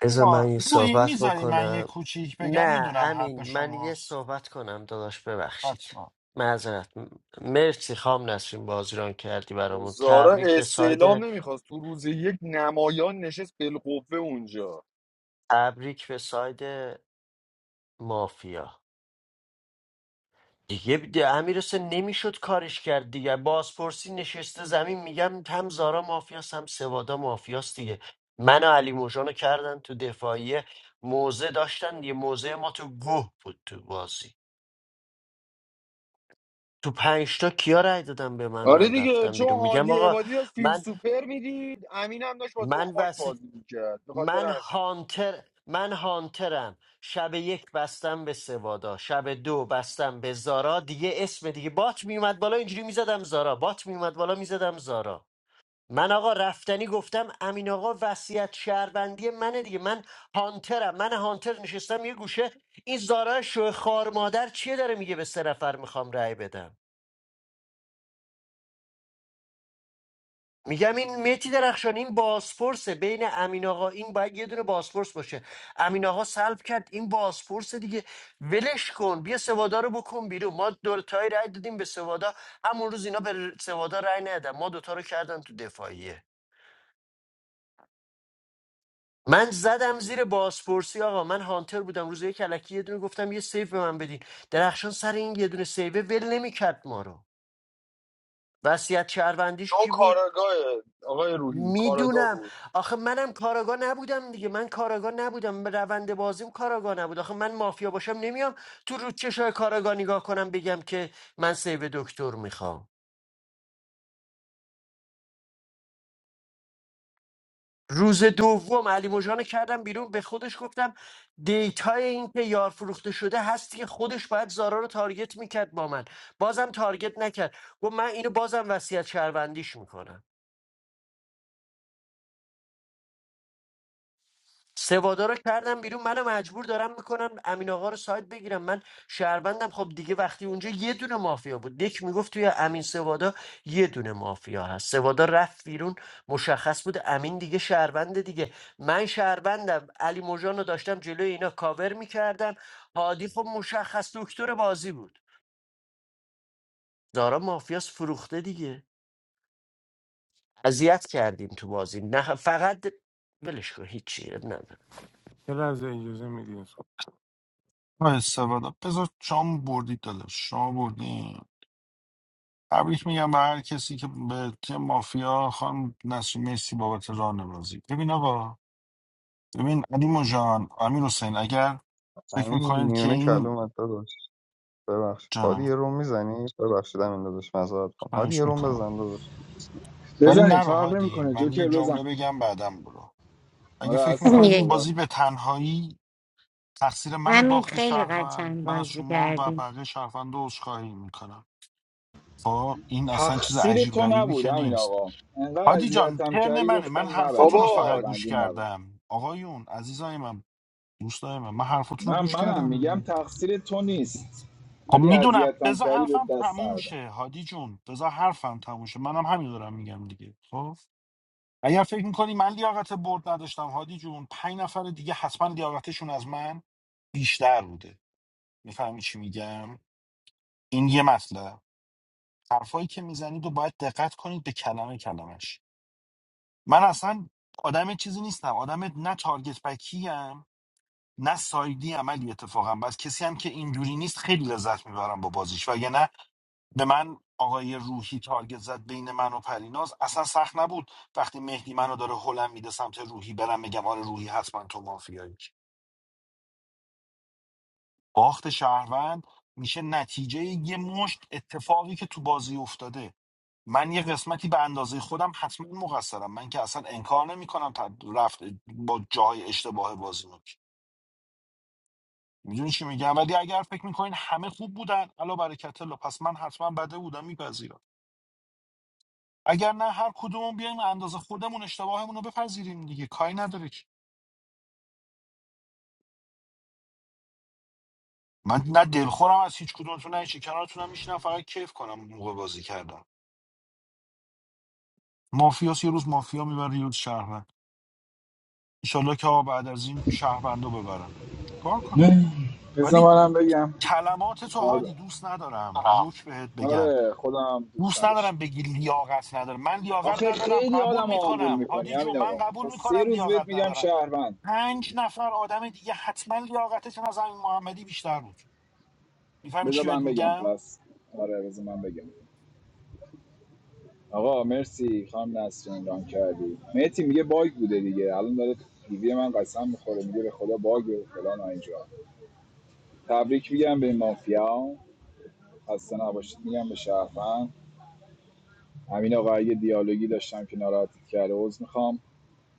Speaker 1: بذار من
Speaker 11: وا-
Speaker 1: یه
Speaker 11: روحی
Speaker 1: صحبت
Speaker 11: میذاری من یه
Speaker 1: بکنم
Speaker 11: کوچیک بگم
Speaker 1: نه
Speaker 11: میدونم حق
Speaker 1: امین من یه
Speaker 11: شماست
Speaker 1: صحبت کنم داداش ببخشید
Speaker 11: حتما
Speaker 1: معذرت م- مرسی خام نسرین بازیران کردی برامون
Speaker 20: زارا
Speaker 1: تبریک به ساید
Speaker 20: استعلام نمیخواست تو روز یک نمایان نشست بالقوه اونجا
Speaker 1: تبریک به ساید مافیا دیگه ب- امیر حسین نمیشد کارش کرد دیگه بازپرسی نشسته زمین میگم هم زارا مافیاست هم سوادا مافیاست دیگه من و علی موجانو کردن تو دفاعیه موزه داشتن یه موزه ما تو گوه بود تو بازی تو پنج تا کیا رأی دادم به من
Speaker 20: آره
Speaker 1: من
Speaker 20: دیگه
Speaker 1: رفتم
Speaker 20: چون
Speaker 1: بیرون میگم
Speaker 20: هادی
Speaker 1: آقا
Speaker 20: عبادی داشت فیلم
Speaker 1: من
Speaker 20: سوپر میدید امین هم داشت با
Speaker 1: من
Speaker 20: تخماش
Speaker 1: بس
Speaker 20: بازی میکرد بخاطر
Speaker 1: من
Speaker 20: همین
Speaker 1: هانتر من هانترم شب یک بستم به سوادا شب دو بستم به زارا دیگه اسم دیگه بات میومد بالا اینجوری میزدم زارا بات میومد بالا میزدم زارا من آقا رفتنی گفتم امین آقا وصیت شهروندی منه دیگه من هانترم من هانتر نشستم یه گوشه این زارا شوه خار مادر چیه داره میگه به سه نفر میخوام رأی بدم میگم این متی درخشان این بازپرسه بین امین آقا این باید یه دونه بازپرس باشه امین آقا سلب کرد این بازپرسه دیگه ولش کن بیا سوادا رو بکن بیرون ما دورتای رای دادیم به سوادا همون روز اینا به سوادا رای ندادن ما دوتا رو کردن تو دفاعیه من زدم زیر بازپرسی آقا من هانتر بودم روز یک الکی یه دونه گفتم یه سیف به من بدین درخشان سر این یه دونه سیوه ول نمیکرد ما رو وصیت شهروندیش
Speaker 20: چون
Speaker 1: کی بود
Speaker 20: کاراگاه آقای روحی کاراگاه
Speaker 1: میدونم
Speaker 20: بود
Speaker 1: آخه منم کاراگاه نبودم دیگه من کاراگاه نبودم به روند بازیم کاراگاه نبود آخه من مافیا باشم نمیام تو رو چشای کاراگاه نگاه کنم بگم که من سیو دکتر میخوام روز دوم علی مژان کردم بیرون به خودش گفتم دیتای این که یار فروخته شده هستی که خودش باید زارا رو تارگت میکرد با من بازم تارگت نکرد گفت من اینو بازم وصیت شهروندیش میکنم سوادا رو کردم بیرون منو مجبور دارم میکنن امین آقا رو سایت بگیرم من شهروندم خب دیگه وقتی اونجا یه دونه مافیا بود دک میگفت توی امین سوادا یه دونه مافیا هست سوادا رفت بیرون مشخص بود امین دیگه شهرونده دیگه من شهروندم علی موجان رو داشتم جلوی اینا کاور میکردم هادی خب مشخص دکتر بازی بود دارا مافیاس فروخته دیگه اذیت کردیم تو بازی نه فقط ولش کن هیچی اب نداره
Speaker 13: یه لحظه اجازه میدیم
Speaker 11: با استفاده بذار شما بردید داداش شما بردید تبریک میگم به هر کسی که به تیم مافیا خان نسیم مرسی بابت راهنمایی ببین آقا ببین علیمو جان امیر حسین اگر فکر
Speaker 23: همین
Speaker 11: میکنین که
Speaker 23: میونه
Speaker 11: این
Speaker 23: کلومت داداش ببخشید هادی
Speaker 11: جانم
Speaker 23: یه روم میزنی ببخشید همین داداش مزاد کن هادی یه
Speaker 11: خواهش
Speaker 23: روم
Speaker 11: میکنم
Speaker 23: بزن داداش
Speaker 11: ولی
Speaker 2: بزنید
Speaker 11: نرو
Speaker 2: فرق
Speaker 11: هادی
Speaker 2: نمیکنه
Speaker 11: من یه
Speaker 2: جوکر
Speaker 11: جمله
Speaker 2: بزن
Speaker 11: بگم بعدم برو اگه
Speaker 2: آره
Speaker 11: فکر
Speaker 2: هستم
Speaker 11: میکنید این
Speaker 14: یک
Speaker 2: صحبت
Speaker 11: بازی به تنهایی تقصیر من
Speaker 14: همین
Speaker 11: باخت
Speaker 14: خیلی
Speaker 11: شهروند
Speaker 14: قشنگ
Speaker 11: من از
Speaker 14: بازی
Speaker 11: شما و
Speaker 14: کردیم
Speaker 11: بقیه شهروند رو عذرخواهی میکنم خب این اصلا چیز
Speaker 2: تقصیر
Speaker 11: عجیب
Speaker 2: تو
Speaker 11: غریبی
Speaker 2: نبود
Speaker 11: که
Speaker 2: همین
Speaker 11: نیست
Speaker 2: آقا انقدر
Speaker 11: هادی جان
Speaker 2: اذیتم
Speaker 11: ترن
Speaker 2: کردی
Speaker 11: منه من
Speaker 2: گفتم
Speaker 11: حرفاتون
Speaker 2: نبریم
Speaker 11: رو
Speaker 20: بابا
Speaker 11: فقط گوش
Speaker 2: شهروندی نبریم
Speaker 11: کردم آقایون عزیزای من دوستای من من حرفاتون رو
Speaker 2: نه
Speaker 11: گوش
Speaker 2: منم
Speaker 11: کردم
Speaker 2: میگم
Speaker 11: دیگه
Speaker 2: تقصیر تو نیست
Speaker 11: خب
Speaker 2: ولی
Speaker 11: میدونم
Speaker 2: اذیتم
Speaker 11: بذار
Speaker 2: کردی به
Speaker 11: حرفم
Speaker 2: دست
Speaker 11: تموم
Speaker 2: ندادم
Speaker 11: شه هادی جون بذار حرفم تموم شه منم همین دارم میگم دیگه خب اگر فکر میکنی من لیاقت برد نداشتم هادی جون پنج نفر دیگه حتما لیاقتشون از من بیشتر بوده میفهمی چی میگم این یه مطلب حرفایی که میزنید و باید دقت کنید به کلمه کلمش من اصلا آدم چیزی نیستم آدم نه تارگت بکیم، ام نه سایدی عملی اتفاقا بس کسی هم که اینجوری نیست خیلی لذت میبرم با بازیش وگرنه به من آقای روحی تارگت زد بین من و پریناز اصلا سخت نبود وقتی مهدی منو داره هلم میده سمت روحی برم بگم آره روحی حتما تو مافیایی باخت شهروند میشه نتیجه یه مشت اتفاقی که تو بازی افتاده من یه قسمتی به اندازه خودم حتما مقصرم من که اصلا انکار نمیکنم رفت با جای اشتباه بازی رو میدونی چی میگم ولی اگر فکر میکنین همه خوب بودن الا برکت الله پس من حتما بده بودم میپذیرم اگر نه هر کدومون بیایم اندازه خودمون اشتباهمون رو بپذیریم دیگه کاری نداره که. من نه دلخورم از هیچ کدومتون نه هیچی کنارتونم میشینم فقط کیف کنم اون موقع بازی کردم مافیاس یه روز مافیا میبره یه روز شهروند انشالله که آقا بعد از این شهروندو ببرن کار کنم
Speaker 2: نه. بذار
Speaker 11: ولی
Speaker 2: منم بگم
Speaker 11: کلمات تو
Speaker 2: کار
Speaker 11: هادی
Speaker 2: دارم.
Speaker 11: دوست ندارم روک بهت بگم
Speaker 2: آره خودم دوست
Speaker 11: دوست
Speaker 2: نداشتم
Speaker 11: ندارم بگی لیاقت ندارم من لیاقت
Speaker 2: آخه
Speaker 11: ندارم
Speaker 2: خیلی
Speaker 11: قبول
Speaker 2: آدم آمبول
Speaker 11: میکنم
Speaker 2: میکنی
Speaker 11: هادی جو
Speaker 2: همین
Speaker 11: من
Speaker 2: آقا
Speaker 11: قبول
Speaker 2: تا سه
Speaker 11: میکنم
Speaker 2: روز بهت
Speaker 11: لیاقت
Speaker 2: میگم
Speaker 11: ندارم
Speaker 2: شهروند
Speaker 11: پنج نفر آدم دیگه حتما لیاقتشون از همین محمدی بیشتر بود میفهمی
Speaker 2: بذار
Speaker 11: چی بهت
Speaker 2: من بگم
Speaker 11: میگم
Speaker 2: پس آره بذار من بگم آقا مرسی خانم نسرین ران کردی مهتی میگه باگ بوده دیگه الان داره دیوی من قسم میخوره میگه به خدا باگ فلان اینجا تبریک میگم به مافیا خسته نباشید میگم به شهروند همین آقا اگه دیالوگی داشتم که ناراحتت کرده عذر میخوام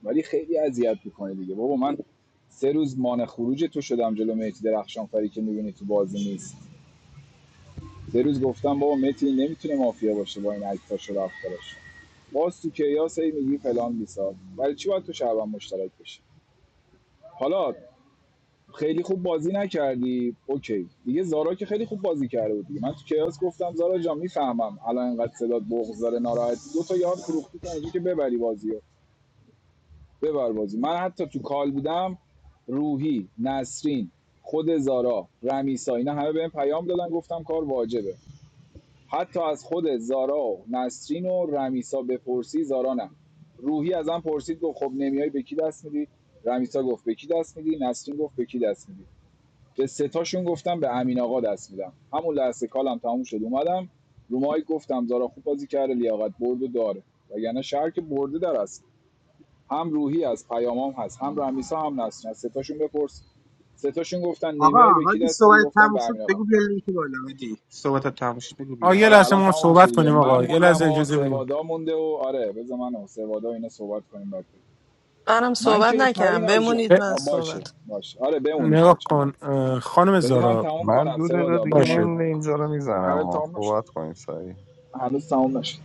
Speaker 2: ولی خیلی اذیت میکنه دیگه بابا من سه روز مان خروج تو شدم جلو مهدی درخشانفری که میبینی تو بازی نیست سه روز گفتم بابا مهدی نمیتونه مافیا باشه با این عکساش و رفتارش باز تو کیاس هی میگی فلان بیسار ولی چی باید تو شعبان مشترک بشه حالا خیلی خوب بازی نکردی اوکی دیگه زارا که خیلی خوب بازی کرده بود دیگه من تو کیاس گفتم زارا جان میفهمم الان اینقدر صدات بغض داره ناراحت دو تا یار فروختی تا اینجا که ببری بازیو ببر بازی من حتی تو کال بودم روحی نسرین خود زارا رمیسا اینا همه بهم پیام دادن گفتم کار واجبه حتی از خود زارا و نسرین و رمیسا بپرسی زارا نه روحی ازم پرسید گفت خب نمیای به کی دست میدی رمیسا گفت به کی دست میدی نسرین گفت به کی دست میدی به سه تاشون گفتم به امین آقا دست میدم همون لحظه کالم تموم شد اومدم رو مایک گفتم زارا خوب بازی کرده لیاقت برد داره وگرنه شهر که برده در است هم روحی از پیامام هست هم رمیسا هم نسرین از ستاشون بپرس ستاشون گفتن
Speaker 10: آقا
Speaker 2: نمیای به کی
Speaker 10: هادی
Speaker 2: دست میدی
Speaker 10: صحبت
Speaker 2: گفتم
Speaker 10: تموم
Speaker 2: به
Speaker 10: شد
Speaker 2: امین آقا
Speaker 10: بگو بیا لینک بالا هادی صحبت تموم شد بگو بیا
Speaker 13: آ یه
Speaker 2: آره
Speaker 13: لحظه
Speaker 2: الان
Speaker 13: ما
Speaker 2: تمام میشه
Speaker 13: صحبت
Speaker 2: دیگه
Speaker 13: کنیم
Speaker 2: من
Speaker 13: آقا یه
Speaker 2: موندم
Speaker 13: لحظه
Speaker 2: و
Speaker 13: اجازه بدیم
Speaker 2: سوادا مونده و آره بذار من و سوادا و اینا صحبت کنیم بعد
Speaker 4: منم
Speaker 2: من
Speaker 4: صحبت
Speaker 2: که
Speaker 4: نکردم
Speaker 2: پرین از جون
Speaker 13: اه،
Speaker 4: بمونید من صحبت
Speaker 2: باشه باشه آره بمونید
Speaker 13: نگاه
Speaker 2: بچه‌ها
Speaker 13: کن
Speaker 2: نرید
Speaker 13: اه، خانم
Speaker 2: بذار من
Speaker 13: زارا
Speaker 2: تمام
Speaker 23: من
Speaker 2: کنم
Speaker 23: دو دقیقه
Speaker 2: سوادا
Speaker 23: دیگه
Speaker 2: بذار من
Speaker 13: باشه
Speaker 23: end
Speaker 2: تمام کنم
Speaker 23: اینجا رو
Speaker 2: هر
Speaker 23: میزنم
Speaker 2: تمام نشد
Speaker 23: صحبت کنید سریع
Speaker 2: هنوز تمام نشد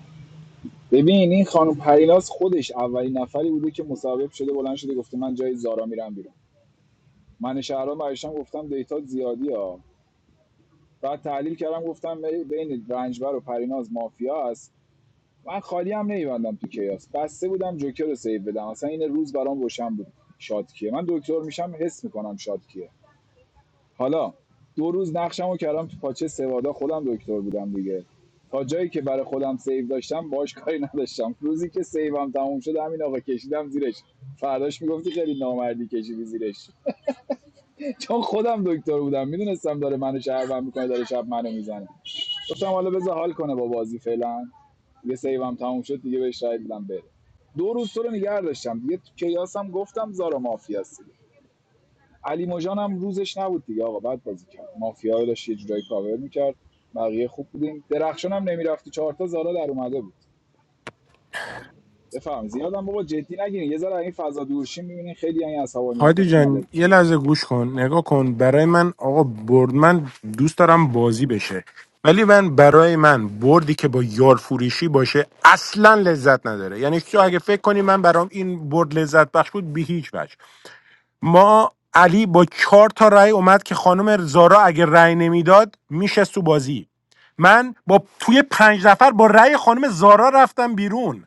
Speaker 2: ببین این خانم پریناز خودش اولین نفری بوده که مصاحبه شده بلند شده گفته من جای زارا میرم بیرون من شهرام برشتم گفتم دیتا زیادی ها بعد تحلیل کردم گفتم بی- بین رنجبر و پریناز مافیا است من خالی هم نمیبندم تو کیاس بسته بودم جوکر رو سیو بدم اصلا این روز برام روشن بود شاد کیه من دکتر میشم حس میکنم شاد کیه حالا دو روز نقشمو کردم تو پاچه سوادا خودم دکتر بودم دیگه تا جایی که برای خودم سیو داشتم باش کاری نداشتم روزی که سیوم تموم شد همین آقا کشیدم زیرش فرداش میگفتی خیلی نامردی کشیدی زیرش چون خودم دکتر بودم میدونستم داره منو شهروند میکنه داره شب منو میزنه گفتم حالا بذار حال کنه با بازی فعلا یه سیوم تموم شد دیگه بهش رای دادم بره دو روز تو رو نگه داشتم دیگه تو کیاس گفتم زارا مافیاست دیگه علی مژان هم روزش نبود دیگه آقا بعد بازی کرد مافیا رو داشت یه جورایی کاور میکرد بقیه خوب بودیم درخشان هم نمیرفتی چهار تا زارا در اومده بود بفهم زیادم بابا جدی نگیرین یه ذره این فضا دورشین میبینین خیلی این
Speaker 13: هادی
Speaker 2: عصبانیتاتون
Speaker 13: جان یه
Speaker 2: الکیه
Speaker 13: لحظه گوش کن نگاه کن برای من آقا برد من دوست دارم بازی بشه ولی من برای من بردی که با یار فروشی باشه اصلا لذت نداره یعنی تو اگه فکر کنی من برام این برد لذت بخش بود به هیچ وجه ما علی با چهار تا رأی اومد که خانم زارا اگه رأی نمیداد میشه تو بازی من با توی پنج نفر با رأی خانم زارا رفتم بیرون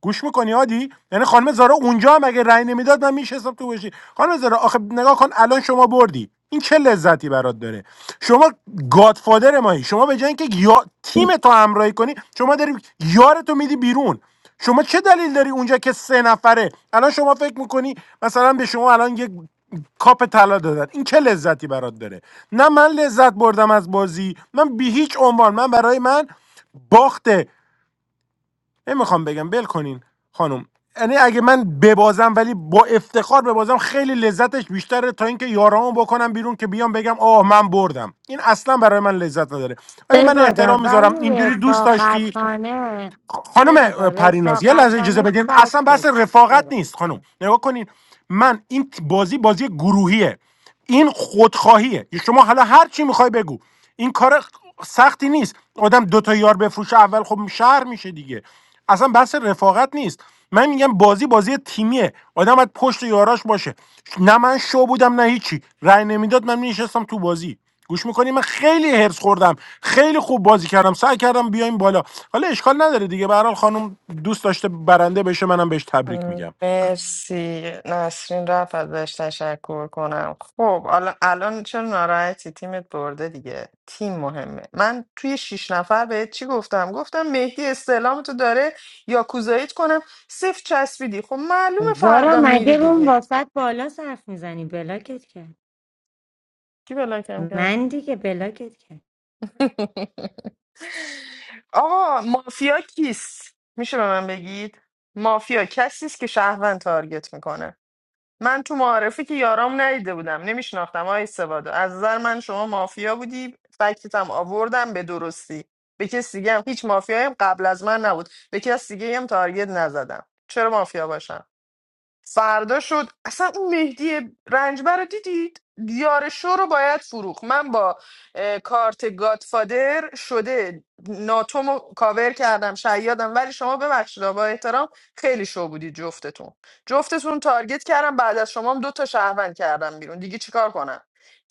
Speaker 13: گوش میکنی هادی یعنی خانم زارا اونجا هم اگه رأی نمیداد من میشستم تو گوشی خانم زارا آخه نگاه کن الان شما بردی این چه لذتی برات داره شما گادفادر مایی شما به جای اینکه یا تیم تو همراهی کنی شما داری یارتو میدی بیرون شما چه دلیل داری اونجا که سه نفره الان شما فکر میکنی مثلا به شما الان یک کاپ طلا دادن این چه لذتی برات داره نه من لذت بردم از بازی من به هیچ عنوان من برای من باخته. نمیخوام بگم بل کنین خانم یعنی اگه من ببازم ولی با افتخار ببازم خیلی لذتش بیشتره تا اینکه یارامو بکنم بیرون که بیام بگم آه من بردم این اصلا برای من لذت نداره ولی من
Speaker 14: سبادا
Speaker 13: احترام
Speaker 14: ولی
Speaker 13: میذارم اینجوری دوست داشتی
Speaker 14: رفاقتانه
Speaker 13: خانم
Speaker 14: سوادا
Speaker 13: پریناز یه لحظه اجازه
Speaker 14: رفاقتانه
Speaker 13: بدین
Speaker 14: فکر
Speaker 13: اصلا بحث
Speaker 14: داشتی
Speaker 13: رفاقت
Speaker 14: سبادا.
Speaker 13: نیست خانم نگاه کنین من این بازی بازی گروهیه این خودخواهیه شما حالا هر چی میخوای بگو این کار سختی نیست آدم دو تا یار بفروشه اول خب شهر میشه دیگه اصلا بحث رفاقت نیست من میگم بازی بازی تیمیه آدم باید پشت یاراش باشه نه من شو بودم نه هیچی رأی نمیداد من میشستم تو بازی گوش میکنی من خیلی هرس خوردم خیلی خوب بازی کردم سعی کردم بیایم بالا حالا اشکال نداره دیگه به هر حال خانم دوست داشته برنده بشه منم بهش تبریک
Speaker 4: م،
Speaker 13: میگم
Speaker 4: مرسی نسرین رفت ازش تشکر کنم خب الان الان چرا ناراحتی تیمت برده دیگه تیم مهمه من توی شیش نفر بهت چی گفتم گفتم مهدی استعلام تو داره یا کوزاییت کنم صفر چسبیدی خب معلومه
Speaker 14: زارا
Speaker 4: فردا
Speaker 14: مگه
Speaker 4: میری
Speaker 14: اون
Speaker 4: دیگه
Speaker 14: واسط بالا صرف میزنی بلاکت کرد
Speaker 4: کی بلاکم کرد
Speaker 14: من دیگه بلاکت کرد
Speaker 4: آقا مافیا کیست میشه به من بگید مافیا کسی است که شهروند تارگت میکنه من تو معارفه که یارام ندیده بودم نمیشناختم آی سوادو از نظر من شما مافیا بودی فکتتم آوردم به درستی به کسی دیگه هم هیچ مافیایی هم قبل از من نبود به کسی دیگه هم تارگت نزدم چرا مافیا باشم فردا شد اصلا اون مهدی رنجبر رو دیدید دیار شو رو باید فروخ من با اه، کارت گادفادر شده ناتوم رو کاور کردم شیادم ولی شما ببخشید با احترام خیلی شو بودید جفتتون جفتتون تارگت کردم بعد از شما هم دو تا شهروند کردم بیرون دیگه چیکار کنم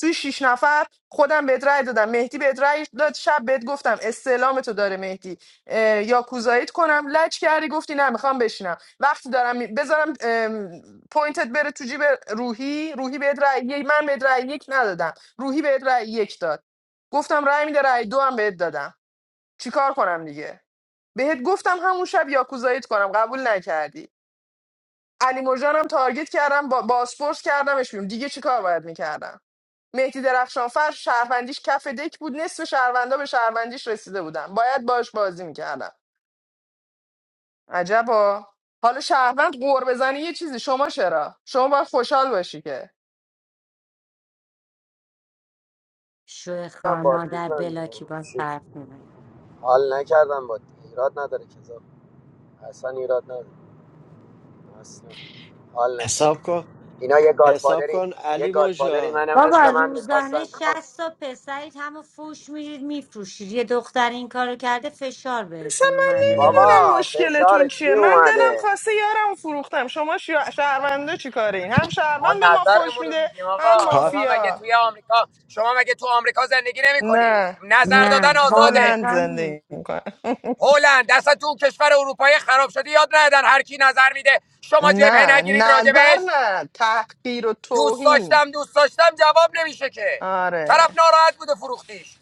Speaker 4: توی شیش نفر خودم بهت رأی دادم مهدی بهت رأی داد شب بهت گفتم استعلامتو داره مهدی اه، یا کوزاییت کنم لج کردی گفتی نه میخوام بشینم وقتی دارم بذارم ام، پوینتت بره تو جیب روحی روحی بهت رأی یک من بهت رأی یک ندادم روحی بهت رأی یک داد گفتم رأی میده رأی دو هم بهت دادم چیکار کنم دیگه بهت گفتم همون شب یاکوزاییت کنم قبول نکردی علی مژانم تارگت کردم با باسپورس کردمش بیرون دیگه چیکار باید میکردم مهدی درخشانفر شهروندیش کف دک بود نصف شهروندا به شهروندیش رسیده بودن باید باش بازی میکردم عجبا حالا شهروند قور بزنی یه چیزی شما چرا شما باید خوشحال باشی که
Speaker 14: شو خار
Speaker 16: من باد
Speaker 14: مادر
Speaker 16: دیدم.
Speaker 14: بلاکی با
Speaker 16: چی؟
Speaker 14: صرف میزن
Speaker 16: حال نکردم باد ایراد نداره که زار. اصلا ایراد نداره اصلا حال
Speaker 1: حساب
Speaker 16: نکردم
Speaker 1: کن
Speaker 16: اینا یه
Speaker 1: حساب
Speaker 16: گادفادری
Speaker 1: کن
Speaker 16: یه
Speaker 1: علی
Speaker 16: گادفادری
Speaker 1: موجان
Speaker 16: منم
Speaker 14: بابا
Speaker 16: مثل من
Speaker 14: روزانه
Speaker 16: میخواستن
Speaker 14: 60 تا پسرید همه فوش میرید میفروشید یه دختر این کارو کرده فشار
Speaker 4: اصلا
Speaker 14: بهتون
Speaker 4: من
Speaker 14: اومده
Speaker 1: م،
Speaker 14: داداش
Speaker 4: نمیدونم
Speaker 16: بابا فشار
Speaker 4: مشکلتون
Speaker 16: چی
Speaker 4: چیه من دلم
Speaker 16: اومده
Speaker 4: خواسته یارم فروختم شما شیا- شهروندا چی کارین هم
Speaker 16: ما
Speaker 4: شهروند به ما فوش
Speaker 16: نظرمون رو
Speaker 4: میده
Speaker 16: میگیم
Speaker 4: هم
Speaker 16: آقا
Speaker 1: کا-
Speaker 16: شما مگه
Speaker 4: مافیا
Speaker 16: توی آمریکا شما مگه تو آمریکا زندگی نمیکنی
Speaker 4: نه
Speaker 16: نظر دادن
Speaker 14: نه
Speaker 16: آزاده
Speaker 4: هلند
Speaker 14: آمریکا
Speaker 4: زندگی
Speaker 14: نیست
Speaker 4: میکنه
Speaker 16: هلند اصلا تو کشور اروپایی خراب شده یاد ندن هر کی نظر میده شما جبهه
Speaker 4: نه
Speaker 16: نگیرید
Speaker 4: نظر
Speaker 16: راجبش
Speaker 4: نه تحقیر و
Speaker 16: دوست
Speaker 4: توهین
Speaker 16: داشتم دوست داشتم جواب نمیشه که طرف
Speaker 4: آره
Speaker 16: ناراحت بوده فروختیش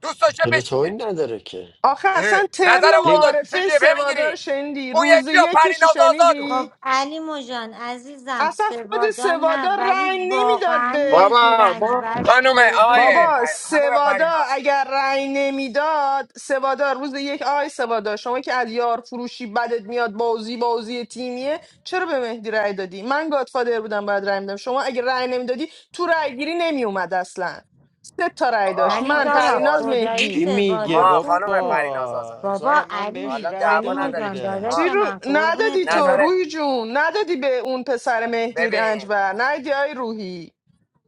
Speaker 16: دوست داشته
Speaker 1: پلوتئوری
Speaker 16: بشینه
Speaker 1: نداره که
Speaker 4: آخه
Speaker 16: اه،
Speaker 4: اصلا ترن
Speaker 16: نظرمون رو
Speaker 1: ولی
Speaker 16: دادیم چه
Speaker 4: معارفه
Speaker 16: جبهه
Speaker 4: سوادار
Speaker 16: میگیری
Speaker 4: شنیدی
Speaker 16: اون
Speaker 4: روز
Speaker 16: یکی یا
Speaker 4: یکیش
Speaker 16: پریناز آزادو
Speaker 4: شنیدی
Speaker 14: خب علی مجان عزیزم
Speaker 4: اصلا خود
Speaker 14: سوادا نه
Speaker 4: سوادا
Speaker 14: ولی
Speaker 4: رنگ نمیداد
Speaker 14: واقعا
Speaker 4: به
Speaker 14: مهدی رنجبر
Speaker 16: خانم
Speaker 14: شو
Speaker 16: آقای
Speaker 14: بود
Speaker 4: بابا
Speaker 16: پر... خانم
Speaker 4: سوادا
Speaker 16: پریناز
Speaker 4: اگر رنگ نمیداد سوادا روز یک آی سوادا شما که از یار فروشی بدت میاد بازی بازی تیمیه چرا به مهدی رأی دادی من گادفادر بودم باید رأی میدم شما اگر رأی نمیدادی تو رأی گیری نمیومد اصلا سه تا رأی داشت
Speaker 16: آقا
Speaker 14: ولی
Speaker 16: ما
Speaker 4: من
Speaker 16: یه
Speaker 14: دارا
Speaker 16: سوال
Speaker 4: پریناز
Speaker 14: خدایی
Speaker 1: چی
Speaker 4: مهدی
Speaker 1: میگه
Speaker 14: سوادا
Speaker 16: ما
Speaker 14: خوب
Speaker 16: خانم
Speaker 14: بود
Speaker 16: پریناز آزاد
Speaker 1: بابا
Speaker 14: بابا
Speaker 1: زارا من بهش
Speaker 14: علی
Speaker 16: حالا
Speaker 1: رأی
Speaker 14: علی
Speaker 16: دعوا
Speaker 1: داده
Speaker 16: نداره
Speaker 14: مجان
Speaker 16: که
Speaker 1: بودم
Speaker 14: داداش
Speaker 4: چی
Speaker 16: ما
Speaker 4: رو
Speaker 14: من قربونت
Speaker 4: ندادی تو
Speaker 16: نظر
Speaker 14: برم
Speaker 4: روحی جون ندادی به اون پسر مهدی
Speaker 16: ببین
Speaker 4: رنجبر ندادی آی روحی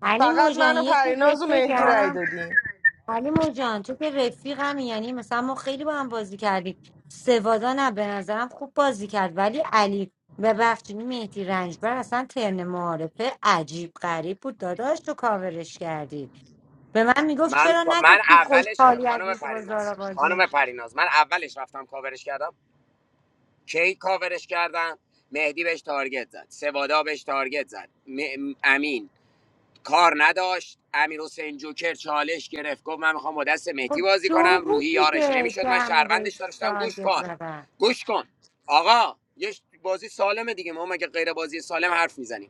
Speaker 14: علی
Speaker 4: فقط
Speaker 14: مجان
Speaker 4: من و
Speaker 14: یه چیز بهت
Speaker 4: پریناز و مهدی
Speaker 16: آه.
Speaker 4: رأی
Speaker 14: بگم
Speaker 4: دادیم
Speaker 14: علی جان تو که رفیقم یعنی مثلا ما خیلی با هم بازی کردیم سوادا نه به نظرم خوب بازی کرد ولی علی ببخشید مهدی رنجبر اصلا ترن معارفه عجیب غریب بود داداش تو کاورش کردی به من میگفت
Speaker 16: من
Speaker 14: چرا
Speaker 16: من
Speaker 14: نگفتی
Speaker 16: اولش که
Speaker 14: خوشحالی از
Speaker 16: خانم
Speaker 14: اینکه با
Speaker 16: پریناز
Speaker 14: زارا بازی نمی-
Speaker 16: خانم پریناز من اولش رفتم کاورش کردم کی کاورش کردم مهدی بهش تارگت زد سوادا بهش تارگت زد م- امین کار نداشت امیر حسین جوکر چالش گرفت گفت من میخوام با دست مهدی
Speaker 14: خب
Speaker 16: بازی
Speaker 14: جو
Speaker 16: کنم روحی
Speaker 14: بود
Speaker 16: یارش
Speaker 14: دیگه
Speaker 16: نمیشد
Speaker 14: که
Speaker 16: من
Speaker 14: همه بهش
Speaker 16: شهروندش داشتم گوش
Speaker 14: تارگت
Speaker 16: کن
Speaker 14: زدن
Speaker 16: گوش کن آقا یه بازی سالمه دیگه ما مگه غیر بازی سالم حرف میزنیم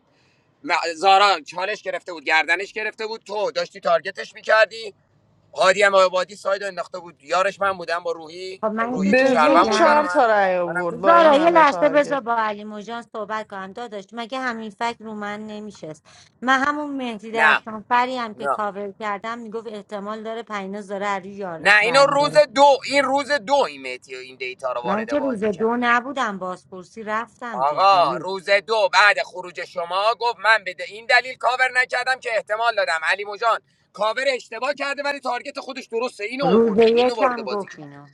Speaker 16: م- زارا چالش گرفته بود گردنش گرفته بود تو داشتی تارگتش میکردی هادی هم آبادی سایدو انداخته بود یارش من بودم با روحی
Speaker 14: خب
Speaker 16: خب
Speaker 14: من یه
Speaker 16: روحی
Speaker 14: چیز
Speaker 16: که
Speaker 4: به
Speaker 14: بهت
Speaker 4: زور
Speaker 16: شهروند بود برا
Speaker 14: بگم
Speaker 4: چهار
Speaker 16: من
Speaker 4: تا رأی
Speaker 16: منم که
Speaker 4: آورد با این
Speaker 14: زارا
Speaker 16: شهروند
Speaker 14: یه
Speaker 16: بودم
Speaker 4: همه
Speaker 14: لحظه
Speaker 4: تارگت
Speaker 14: بذار با علی موجان صحبت کنم داداش مگه همین فکر رو من نمیشست من همون مهدی
Speaker 16: نه
Speaker 14: درخشانفری هم که
Speaker 16: نه
Speaker 14: کاور کردم میگفت احتمال داره پیناز داره از روی
Speaker 16: نه
Speaker 14: یاراش
Speaker 16: اینو روز
Speaker 14: برمیداره
Speaker 16: دو این روز دو این میتی این دیتا رو
Speaker 14: من
Speaker 16: وارد
Speaker 14: که روز
Speaker 16: بازی کرد
Speaker 14: دو نبودم بازپرسی رفتم که
Speaker 16: آقا
Speaker 14: علی
Speaker 16: روز دو بعد خروج شما گفت من بده این دلیل کاور نکردم که احتمال دادم علی مجان کاور اشتباه کرده ولی تارگت خودش درسته اینو
Speaker 14: روز
Speaker 16: آورد دیگه، اینو
Speaker 14: یک
Speaker 16: وارد
Speaker 14: هم
Speaker 16: بازی
Speaker 14: گفت
Speaker 16: کرد
Speaker 14: اینو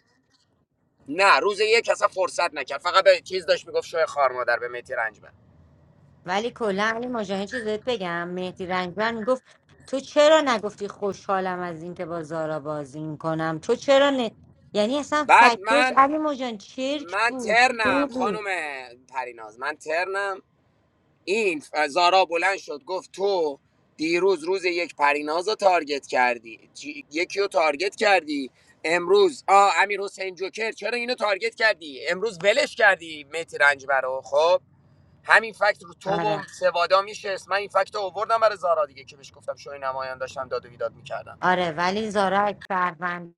Speaker 16: نه روز یک اصلا فرصت نکرد فقط به چیز داشت میگفت شوی خار مادر به متی رنجبر
Speaker 14: ولی کلا علی موجان یه چیز بهت بگم مهدی رنگبر میگفت تو چرا نگفتی خوشحالم از اینکه با زارا بازی میکنم تو چرا نه یعنی اصلا
Speaker 16: بعد
Speaker 14: فکرش
Speaker 16: من
Speaker 14: علی موجان چرک
Speaker 16: من
Speaker 14: بود
Speaker 16: ترنم
Speaker 14: چرک بود
Speaker 16: خانم پریناز من ترنم این زارا بلند شد گفت تو دیروز روز یک پریناز رو تارگت کردی چی- یکی رو تارگت کردی امروز آ امیر حسین جوکر چرا اینو تارگت کردی امروز ولش کردی متی رنجبر رو خب همین فکت رو تو و
Speaker 14: آره
Speaker 16: سوادا میشه من این فکت رو آوردم برای زارا دیگه که بهش گفتم شوی نمایان داشتم داد و بیداد می‌کردم.
Speaker 14: آره ولی زارا شهروند